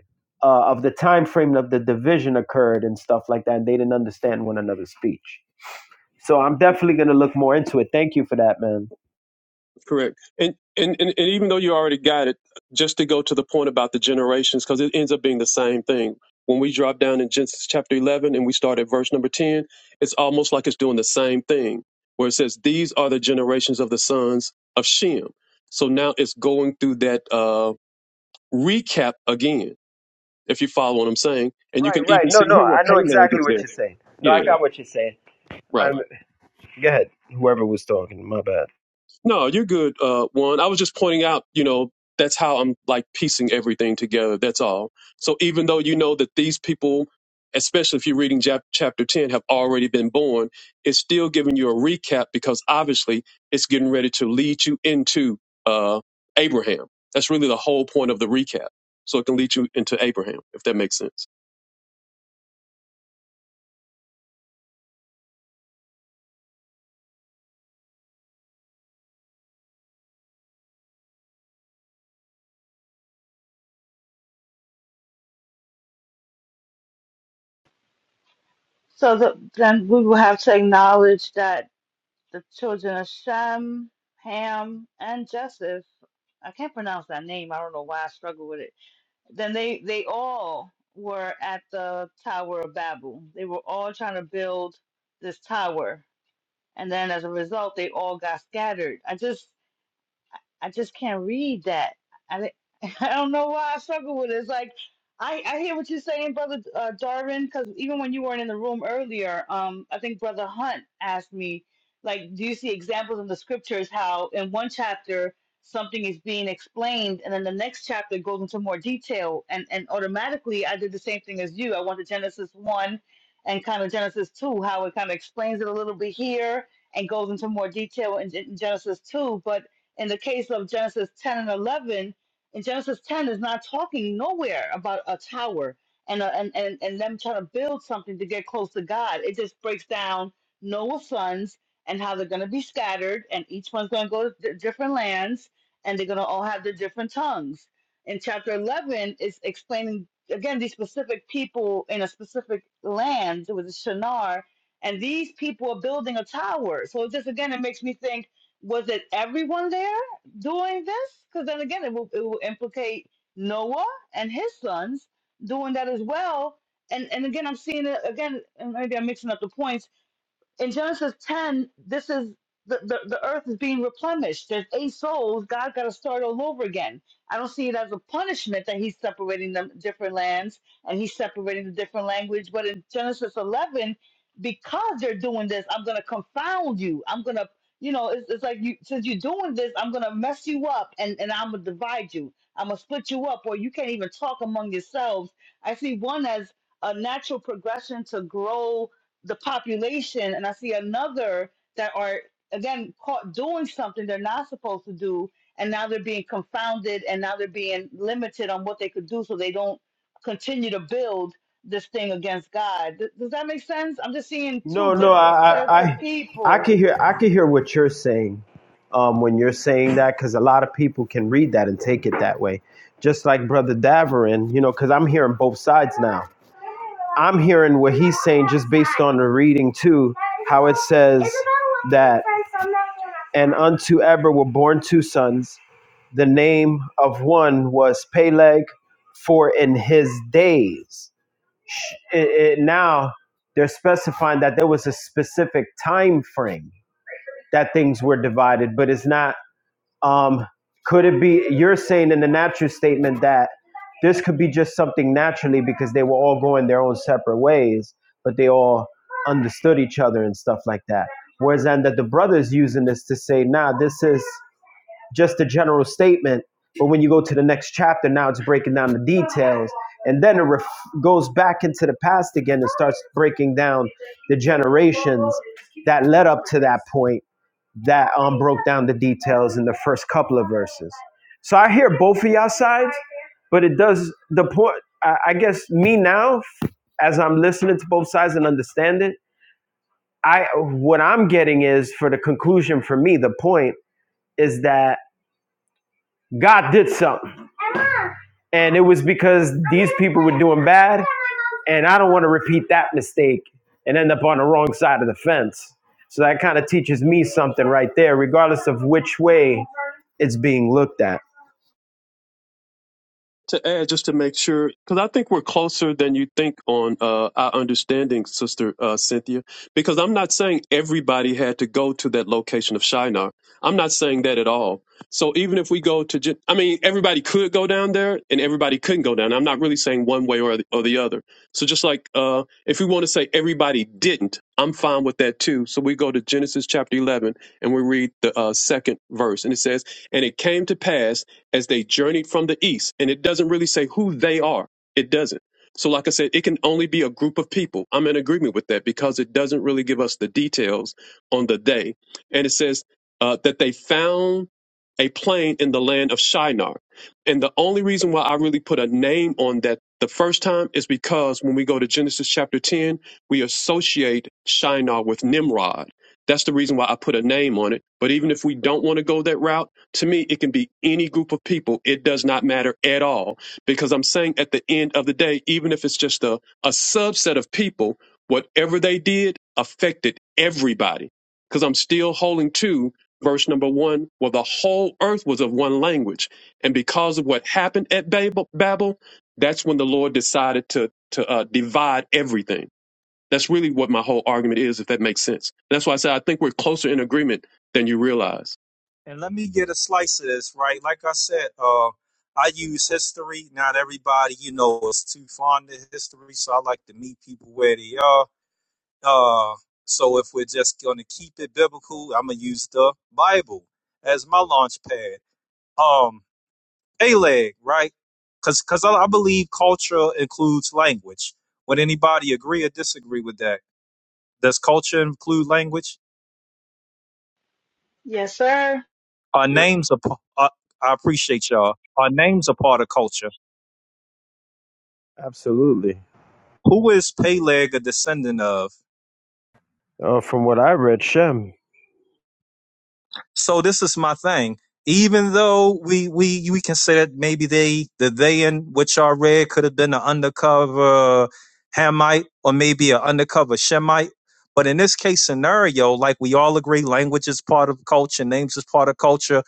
O: uh, of the time frame of the division occurred and stuff like that. And they didn't understand one another's speech. So I'm definitely going to look more into it. Thank you for that, man.
T: Correct. And, and and and even though you already got it, just to go to the point about the generations, because it ends up being the same thing. When we drop down in Genesis chapter 11 and we start at verse number 10, it's almost like it's doing the same thing, where it says, These are the generations of the sons of Shem. So now it's going through that uh, recap again, if you follow what I'm saying. And you
O: Right,
T: can
O: right.
T: even
O: No,
T: see
O: no.
T: here where
O: I know
T: Peleg
O: exactly
T: is
O: what
T: there.
O: you're saying. No, I
T: Yeah,
O: got what you're saying.
T: right.
O: I'm, go ahead. Whoever was talking, my bad.
T: No, you're good. Uh, one, I was just pointing out, you know, that's how I'm like piecing everything together. That's all. So even though you know that these people, especially if you're reading chap- chapter 10, have already been born, it's still giving you a recap because obviously it's getting ready to lead you into uh, Abraham. That's really the whole point of the recap. So it can lead you into Abraham, if that makes sense.
C: so the, then we will have to acknowledge that the children of Shem, Ham, and Joseph. I can't pronounce that name. I don't know why I struggle with it. Then they they all were at the Tower of Babel. They were all trying to build this tower, and then as a result, they all got scattered. I just I just can't read that. I, di- I don't know why I struggle with it. It's like I, I hear what you're saying, brother uh, Darwin, because even when you weren't in the room earlier, um, I think brother Hunt asked me, like, do you see examples in the scriptures how in one chapter something is being explained, and then the next chapter goes into more detail, and and automatically I did the same thing as you. I went to Genesis one and kind of Genesis two, how it kind of explains it a little bit here and goes into more detail in Gen- Genesis two, but in the case of Genesis 10 and 11, in Genesis 10 is not talking nowhere about a tower and, a, and, and, and them trying to build something to get close to God. It just breaks down Noah's sons and how they're going to be scattered, and each one's going to go to di- different lands, and they're going to all have their different tongues. In chapter 11, is explaining again these specific people in a specific land with the Shinar, and these people are building a tower. So it just again, it makes me think was it everyone there doing this? Because then again, it will, it will implicate Noah and his sons doing that as well. And and again, I'm seeing it again. and Maybe I'm mixing up the points in Genesis 10, this is the, the, the earth is being replenished. There's eight souls. God got to start all over again. I don't see it as a punishment that he's separating them different lands and he's separating the different language. But in Genesis 11, because they're doing this, I'm going to confound you. I'm going to, you know, it's, it's like you, since you're doing this, I'm going to mess you up and, and I'm going to divide you. I'm going to split you up or you can't even talk among yourselves. I see one as a natural progression to grow the population and I see another that are again caught doing something they're not supposed to do and now they're being confounded and now they're being limited on what they could do so they don't continue to build this thing against God. Th- does that make sense? I'm just seeing
O: No,
C: two
O: no, I,
C: different sets
O: I,
C: of
O: I I
C: people.
O: can hear, I can hear what you're saying um, when you're saying that, because a lot of people can read that and take it that way. Just like Brother Daverin, you know, because I'm hearing both sides now. I'm hearing what he's saying just based on the reading too, how it says that, and unto Eber were born two sons. The name of one was Peleg, for in his days it, it now they're specifying that there was a specific time frame that things were divided but it's not um could it be you're saying in the natural statement that this could be just something naturally because they were all going their own separate ways but they all understood each other and stuff like that whereas then that the brothers using this to say nah this is just a general statement. But when you go to the next chapter, now it's breaking down the details. And then it ref- goes back into the past again and starts breaking down the generations that led up to that point that um, broke down the details in the first couple of verses. So I hear both of y'all sides, but it does the point. I, I guess me now, as I'm listening to both sides and understand it, I what I'm getting is for the conclusion for me, the point is that God did something. and it was because these people were doing bad, and I don't want to repeat that mistake and end up on the wrong side of the fence. So that kind of teaches me something right there, regardless of which way it's being looked at.
T: to add just to make sure because i think we're closer than you think on uh, our understanding sister uh, cynthia because i'm not saying everybody had to go to that location of shinar i'm not saying that at all so even if we go to Gen- i mean everybody could go down there and everybody couldn't go down i'm not really saying one way or the, or the other so just like uh, if we want to say everybody didn't i'm fine with that too so we go to genesis chapter 11 and we read the uh, second verse and it says and it came to pass as they journeyed from the east. And it doesn't really say who they are. It doesn't. So, like I said, it can only be a group of people. I'm in agreement with that because it doesn't really give us the details on the day. And it says uh, that they found a plain in the land of Shinar. And the only reason why I really put a name on that the first time is because when we go to Genesis chapter 10, we associate Shinar with Nimrod. That's the reason why I put a name on it. But even if we don't want to go that route, to me, it can be any group of people. It does not matter at all because I'm saying at the end of the day, even if it's just a, a subset of people, whatever they did affected everybody because I'm still holding to verse number one where the whole earth was of one language. And because of what happened at Babel, Babel that's when the Lord decided to, to uh, divide everything. That's really what my whole argument is, if that makes sense. That's why I say I think we're closer in agreement than you realize.
S: And let me get a slice of this, right? Like I said, uh, I'm gonna use the Bible as my launch pad. Um, a leg, right? Because because I, I believe culture includes language. Would anybody agree or disagree with that? Does culture include language?
C: Yes, sir.
S: Our names are. p- Uh, I appreciate y'all. Our names are part of culture.
O: Absolutely.
S: Who?
O: Uh, from what I read, Shem.
S: So this is my thing. Even though we we we can say that maybe they the they in which are read could have been an undercover Hamite or maybe an undercover Shemite, but in this case scenario, like we all agree, language is part of culture, names is part of culture.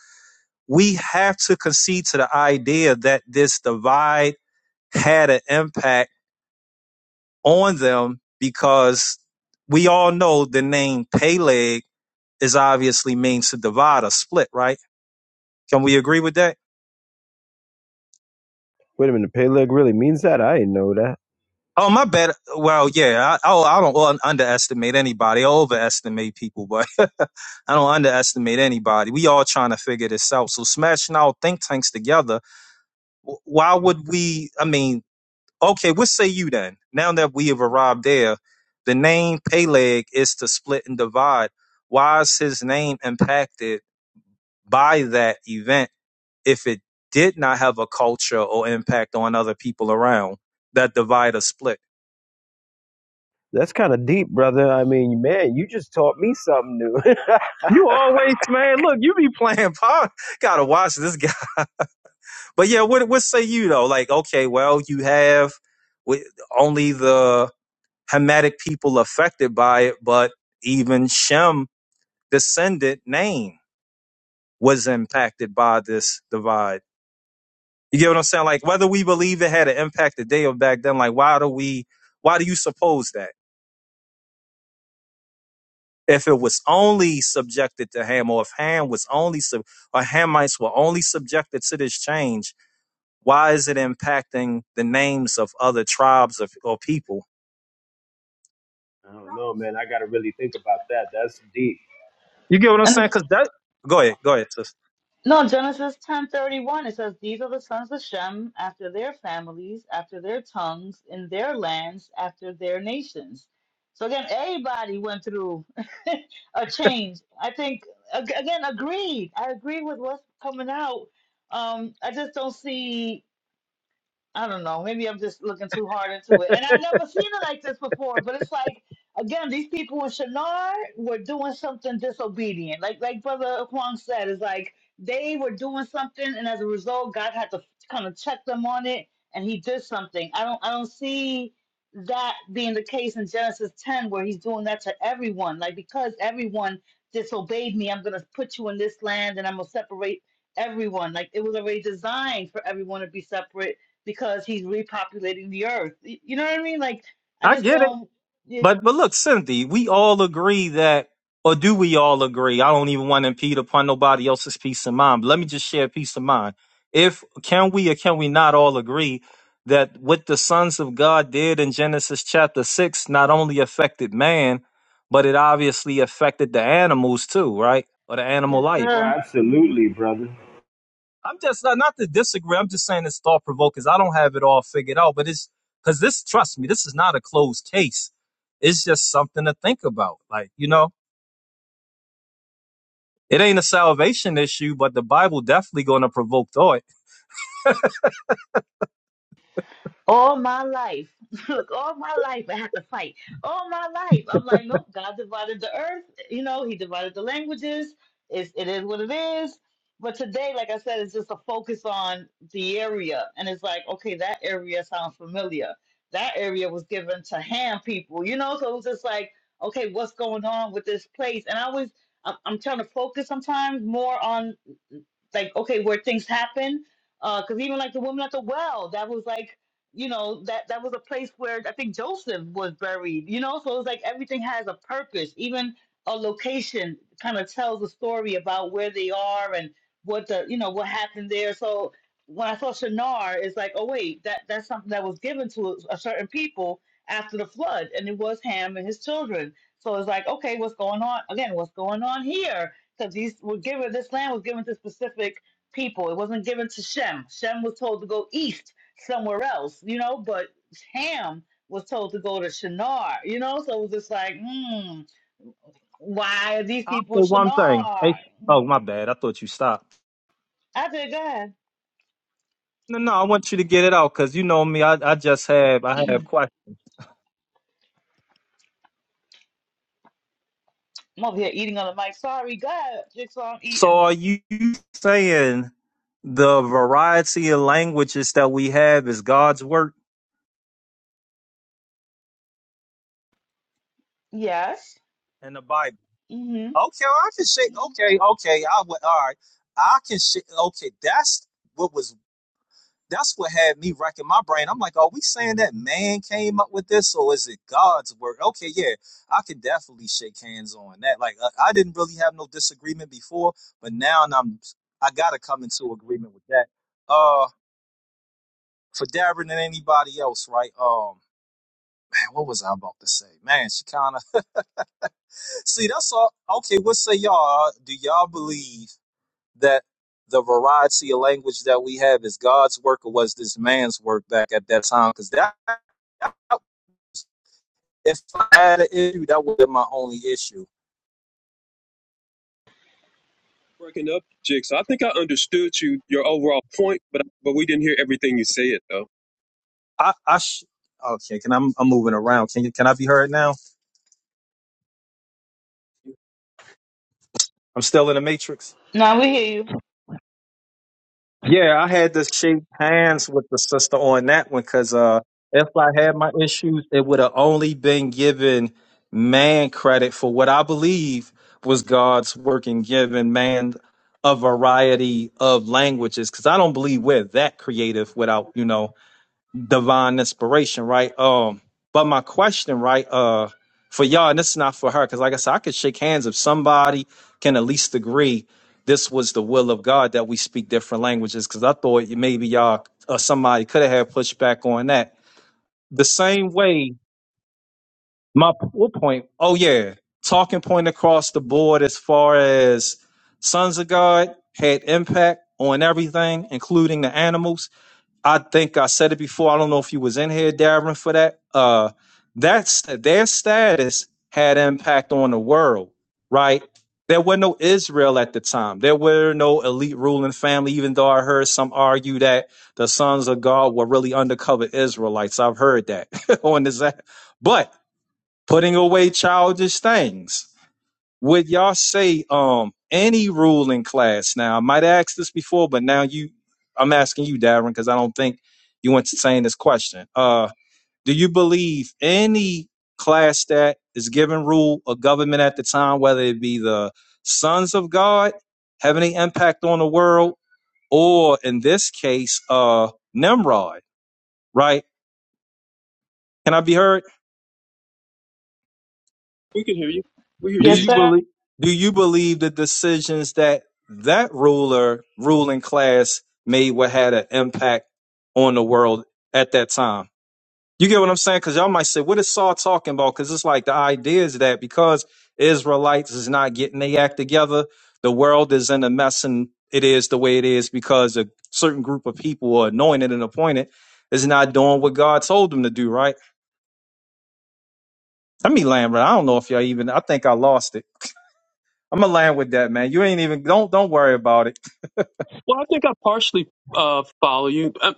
S: We have to concede to the idea that this divide had an impact on them because we all know the name Peleg is obviously means to divide or split, right? Can we agree with that?
O: Wait a minute, Peleg really means that? I didn't know that.
S: Oh, my bad. Well, yeah. I, oh, I don't un- underestimate anybody. I overestimate people, but I don't underestimate anybody. We all trying to figure this out. So smashing our think tanks together. wh- Why would we? I mean, okay. What say you then? Now that we have arrived there, the name Peleg is to split and divide. Why is his name impacted by that event? if it did not have a culture or impact on other people around that divide or split.
O: That's kind of deep, brother. I mean, man, you just taught me something new. I
S: You always, man. Look, you be playing pop. Gotta watch this guy. But yeah, what what say you though? Like, okay, well, you have with only the Hamitic people affected by it, but even Shem descendant name was impacted by this divide. You get what I'm saying? Like, whether we believe it had an impact today or back then, like, why do we? Why do you suppose that? If it was only subjected to Ham, or if Ham was only sub, or Hamites were only subjected to this change why is it impacting the names of other tribes of, or people?
O: don't know, man. I got to really think about that. That's deep.
S: You get what I'm
C: And
S: saying? Because that. Go ahead. Go ahead, sis.
C: No, Genesis ten thirty one. It says, These are the sons of Shem after their families, after their tongues, in their lands, after their nations. So again, everybody went through a change. I think ag- again, agreed. I agree with what's coming out. Um, I just don't see. I don't know. Maybe I'm just looking too hard into it. And I've never seen it like this before. But it's like, again, these people with Shinar were doing something disobedient. Like like Brother Kwong said, it's like they were doing something, and as a result, God had to kind of check them on it, and He did something. I don't I don't see that being the case in Genesis 10, where He's doing that to everyone. Like because everyone disobeyed me, I'm gonna put you in this land, and I'm gonna separate everyone. Like it was already designed for everyone to be separate because he's repopulating the earth. Y- You know what I mean? Like I
S: I
C: just
S: get it.
C: don't. Yeah.
S: But but look, Cynthia, we all agree that, or do we all agree? I don't even want to impede upon nobody else's peace of mind. But let me just share peace of mind. If can we or can we not all agree that what the sons of God did in Genesis chapter six not only affected man, but it obviously affected the animals too, right? Or the animal
C: Yes,
S: life.
O: Oh,
C: sir.
O: absolutely, brother.
S: I'm just not, not to disagree. I'm just saying it's thought provoking. I don't have it all figured out, but it's because this. Trust me, this is not a closed case. It's just something to think about. Like you know, it ain't a salvation issue, but the Bible definitely going to provoke thought.
C: All my life, look, all my life I had to fight. All my life, I'm like, nope, God divided the earth. You know, He divided the languages. It's, it is what it is. But today, like I said, it's just a focus on the area. And it's like, okay, that area sounds familiar. That area was given to Ham people, you know? So it was just like, okay, what's going on with this place? And I was, I'm I'm trying to focus sometimes more on like okay where things happen because even like the woman at the well that was like you know that that was a place where i think joseph was buried you know so it's like everything has a purpose even a location kind of tells a story about where they are and what the you know what happened there so when i saw shinar it's like oh wait that that's something that was given to a, a certain people after the flood and it was ham and his children so it's like okay what's going on again what's going on here because these were given this land was given to specific people. It wasn't given to Shem. Shem was told to go east somewhere else, you know, but Ham was told to go to Shinar, you know, so it was just like, hmm, why are these
S: I'll
C: people
S: say
C: in
S: one thing. Hey,
C: Shinar?
S: oh my bad. I thought you stopped.
C: I did go ahead.
S: No, no. I want you to get it out because you know me. I, I just have I have questions.
C: I'm over here eating on the mic. Sorry, go ahead, Jigsaw, I'm
S: So
C: eating.
S: are you saying the variety of languages that we have is God's work
C: Yes.
S: in the Bible?
C: Mm-hmm.
S: All right. I can share. That's what had me racking my brain. I'm like saying that came up with this, or is it God's work? Okay, yeah, I can definitely shake hands on that. Like I, I didn't really have no disagreement before, but now I'm I gotta come into agreement with that. Uh, for Darren and anybody else, right? Um, what was I about to say? Man, she kind of see. That's all. Okay, what say y'all? Do y'all believe that the variety of language that we have is God's work or was man's work back at that time? Because that that if I had an issue, that would have been my only issue.
T: breaking up, Jix. I think I understood you your overall point, but but we didn't hear everything you said though.
S: I, I sh- okay, can I'm, I'm moving around. Can you, can I be heard now? I'm still in the matrix.
C: No, we hear you.
S: Yeah, I had to shake hands with the sister on that one because uh, if I had my issues, it would have only been given man credit for what I believe was God's work and giving man a variety of languages because I don't believe we're that creative without you know divine inspiration, right? Um, but my question, right, uh, for y'all, and this is not for her, because like I said, I could shake hands if somebody can at least agree this was the will of God that we speak different languages. Because I thought you- maybe y'all or somebody could have had pushback on that. The same way, my p- what point? Oh yeah, talking point across the board as far as sons of God had impact on everything, including the animals I think I said it before. I don't know if you was in here, Darren, for that. Uh, that's their status had impact on the world, right? There were no Israel at the time. There were no elite ruling family, even though I heard some argue that the sons of God were really undercover Israelites. I've heard that on this app. But putting away childish things, would y'all say um any ruling class? Now I might ask this before, but now you, I'm asking you, Darren, because I don't think you entertained this question. Uh, do you believe any class that is given rule or government at the time, whether it be the sons of God, have any impact on the world, or in this case, uh, Nimrod? Right? Can I be heard?
T: We can hear you. We hear
S: Do
T: you,
C: Yes,
T: Jix.
S: you
C: sir.
S: believe do you believe the decisions that that ruler ruling class made what had an impact on the world at that time? You get what I'm saying? Because y'all might say, "What is Saul talking about?" Because it's like the idea is that because Israelites is not getting their act together, the world is in a mess, and it is the way it is because a certain group of people are anointed and appointed is not doing what God told them to do. Right? I mean, Lambert, I don't know if y'all even. I think I lost it. I'm gonna land with that, man. You ain't even don't don't worry about it.
T: Well, I think I partially uh, follow you. Um,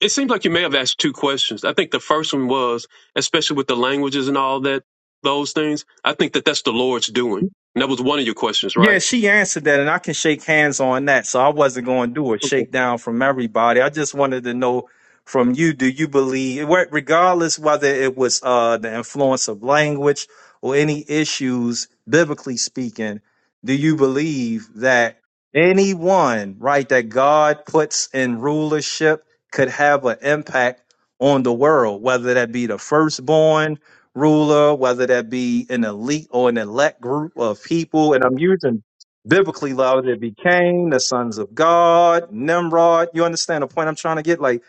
T: It seems like you may have asked two questions. I think the first one was, especially with the languages and all that, those things. I think that that's the Lord's doing, and that was one of your questions,
S: Yeah,
T: right?
S: she answered that, and I can shake hands on that. So I wasn't going to do a
T: Okay.
S: shakedown from everybody. I just wanted to know from you: Do you believe, wh- regardless whether it was uh, the influence of language or any issues, biblically speaking, do you believe that anyone, right, that God puts in rulership could have an impact on the world, whether that be the firstborn? ruler, whether that be an elite or an elect group of people. And I'm using biblically, whether it be Cain, the sons of God, Nimrod. You understand the point I'm trying to get? Like,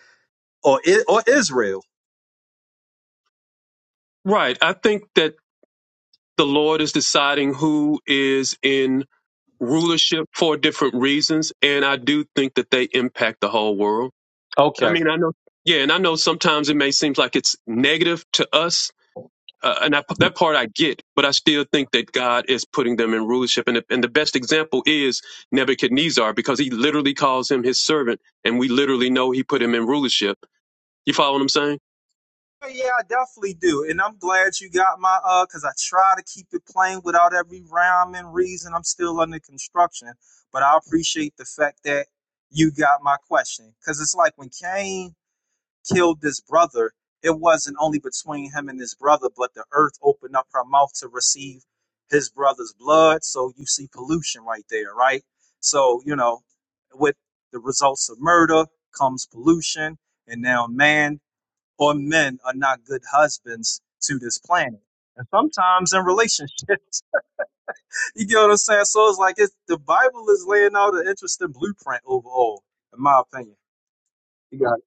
S: or, I- or Israel.
T: Right. I think that the Lord is deciding who is in rulership for different reasons, and I do think that they impact the whole world. I
S: Okay.
T: mean, I know. Yeah, and I know sometimes it may seem like it's negative to us, uh, and I, that part I get. But I still think that God is putting them in rulership, and the- and the best example is Nebuchadnezzar because he literally calls him his servant, and we literally know he put him in rulership. You follow what I'm saying?
S: You. And I'm glad you got my, uh, cause I try to keep it plain without every rhyme and reason. I'm still under construction, but I appreciate the fact that you got my question. Cause it's like when Cain killed his brother, it wasn't only between him and his brother, but the earth opened up her mouth to receive his brother's blood. So you see pollution right there, right? So, you know, with the results of murder comes pollution. And now man or men are not good husbands to this planet. And sometimes in relationships, you get what I'm saying? So it's like it's, the Bible is laying out an interesting blueprint overall, in my opinion. You got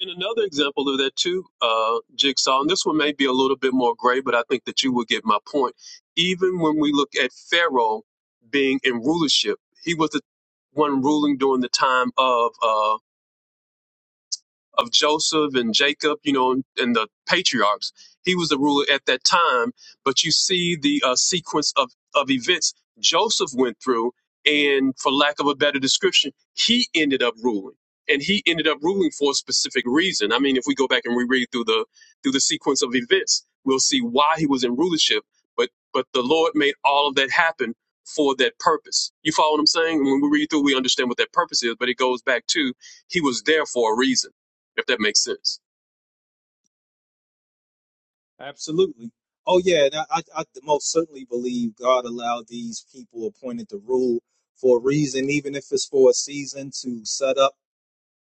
T: And another example of that too, uh, Jigsaw, and this one may be a little bit more gray, but I think that you will get my point. Even when we look at Pharaoh being in rulership, he was the one ruling during the time of uh, of Joseph and Jacob, you know, and, the patriarchs. He was the ruler at that time, but you see the uh, sequence of, of events Joseph went through, and for lack of a better description, he ended up ruling. And he ended up ruling for a specific reason. I mean, if we go back and reread through the through the sequence of events, we'll see why he was in rulership. But but the Lord made all of that happen for that purpose. You follow what I'm saying? When we read through, we understand what that purpose is. But it goes back to he was there for a reason if that makes sense.
S: it. Absolutely. Oh, yeah. but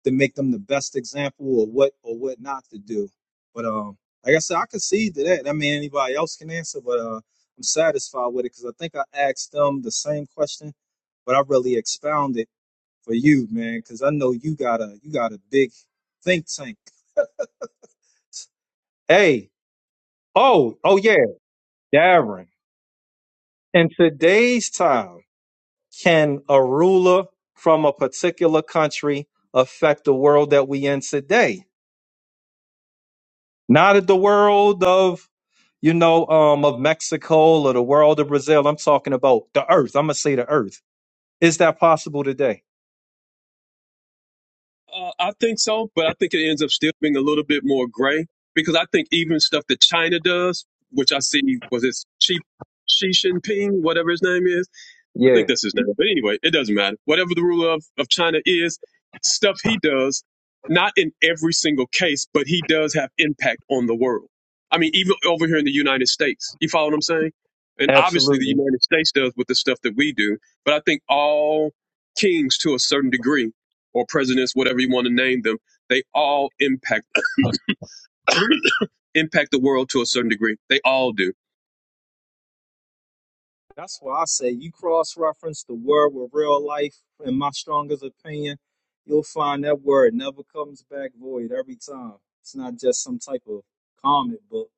S: to make them the best example or what or what. But um, like I said, I concede to that. I mean, anybody else can answer, but uh, ask them the same question. But I really expound it for you, man, because I know you got a you got a big think tank. Hey, oh, oh yeah, Darren. In today's time, can a ruler from a particular country affect the world that we in today? Not at the world of you know, um, of Mexico or the world of Brazil. I'm talking about the earth. I'm gonna say the earth. Is that possible today?
T: Uh, I think so, but I think it ends up still being a little bit more gray because I think even stuff that China does, which I see was it Xi, Xi Jinping, whatever his name is. I think
S: Yeah.
T: that's his name. But anyway, it doesn't matter. Whatever the ruler of, of China is, stuff he does, not in every single case, but he does have impact on the world. I mean, even over here in the United States. You follow what I'm saying? And obviously the
S: Absolutely.
T: United States does with the stuff that we do, but I think all kings to a certain degree, or presidents, whatever you want to name them, they all impact impact the world to a certain degree. They all do
S: Fact void every time. It's not just some type of comic book.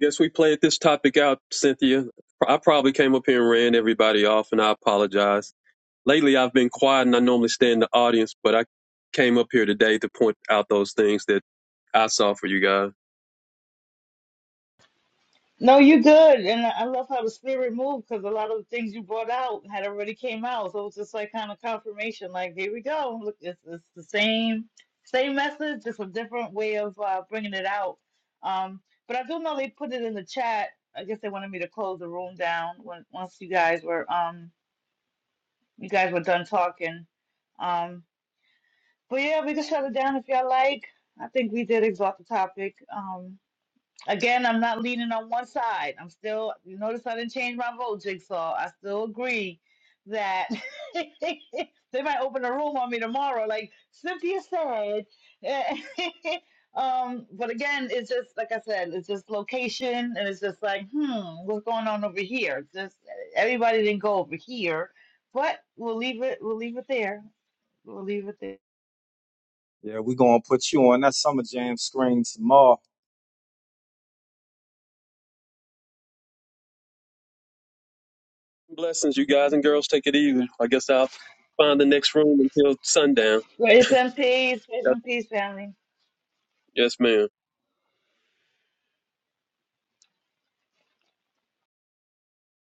T: guess we played this topic out, Cynthia. I probably came up here and ran everybody off, and I apologize. Lately, I've been quiet, and I normally stay in the audience, but I came up here today to point out those things that I saw for you guys.
C: No, you good. And I I love how the spirit moved because a lot of the things you brought out had already came out. So it was just like kind of confirmation, like, here we go. Look, it's, it's the same same message, just a different way of uh, bringing it out. Um, but I do know they put it in the chat. I guess they wanted me to close the room down when, once you guys were um you guys were done talking. Um, but yeah, we can shut it down if y'all like. I think we did exhaust the topic. Um, Again, I'm not leaning on one side. I'm still, you notice I didn't change my vote, Jigsaw. I still agree that they might open a room on me tomorrow, like Cynthia said. um, but again, it's just, like I said, it's just location, and it's just like, hmm, what's going on over here? It's Just everybody didn't go over here, but we'll leave it, we'll leave it there. We'll leave it there.
S: Yeah, we're gonna put you on that summer jam screen tomorrow.
T: Blessings, you guys and girls. Take it easy. I guess I'll find the next room until sundown.
C: Grace and peace, grace
T: Yes,
C: and peace, family.
T: yes, ma'am.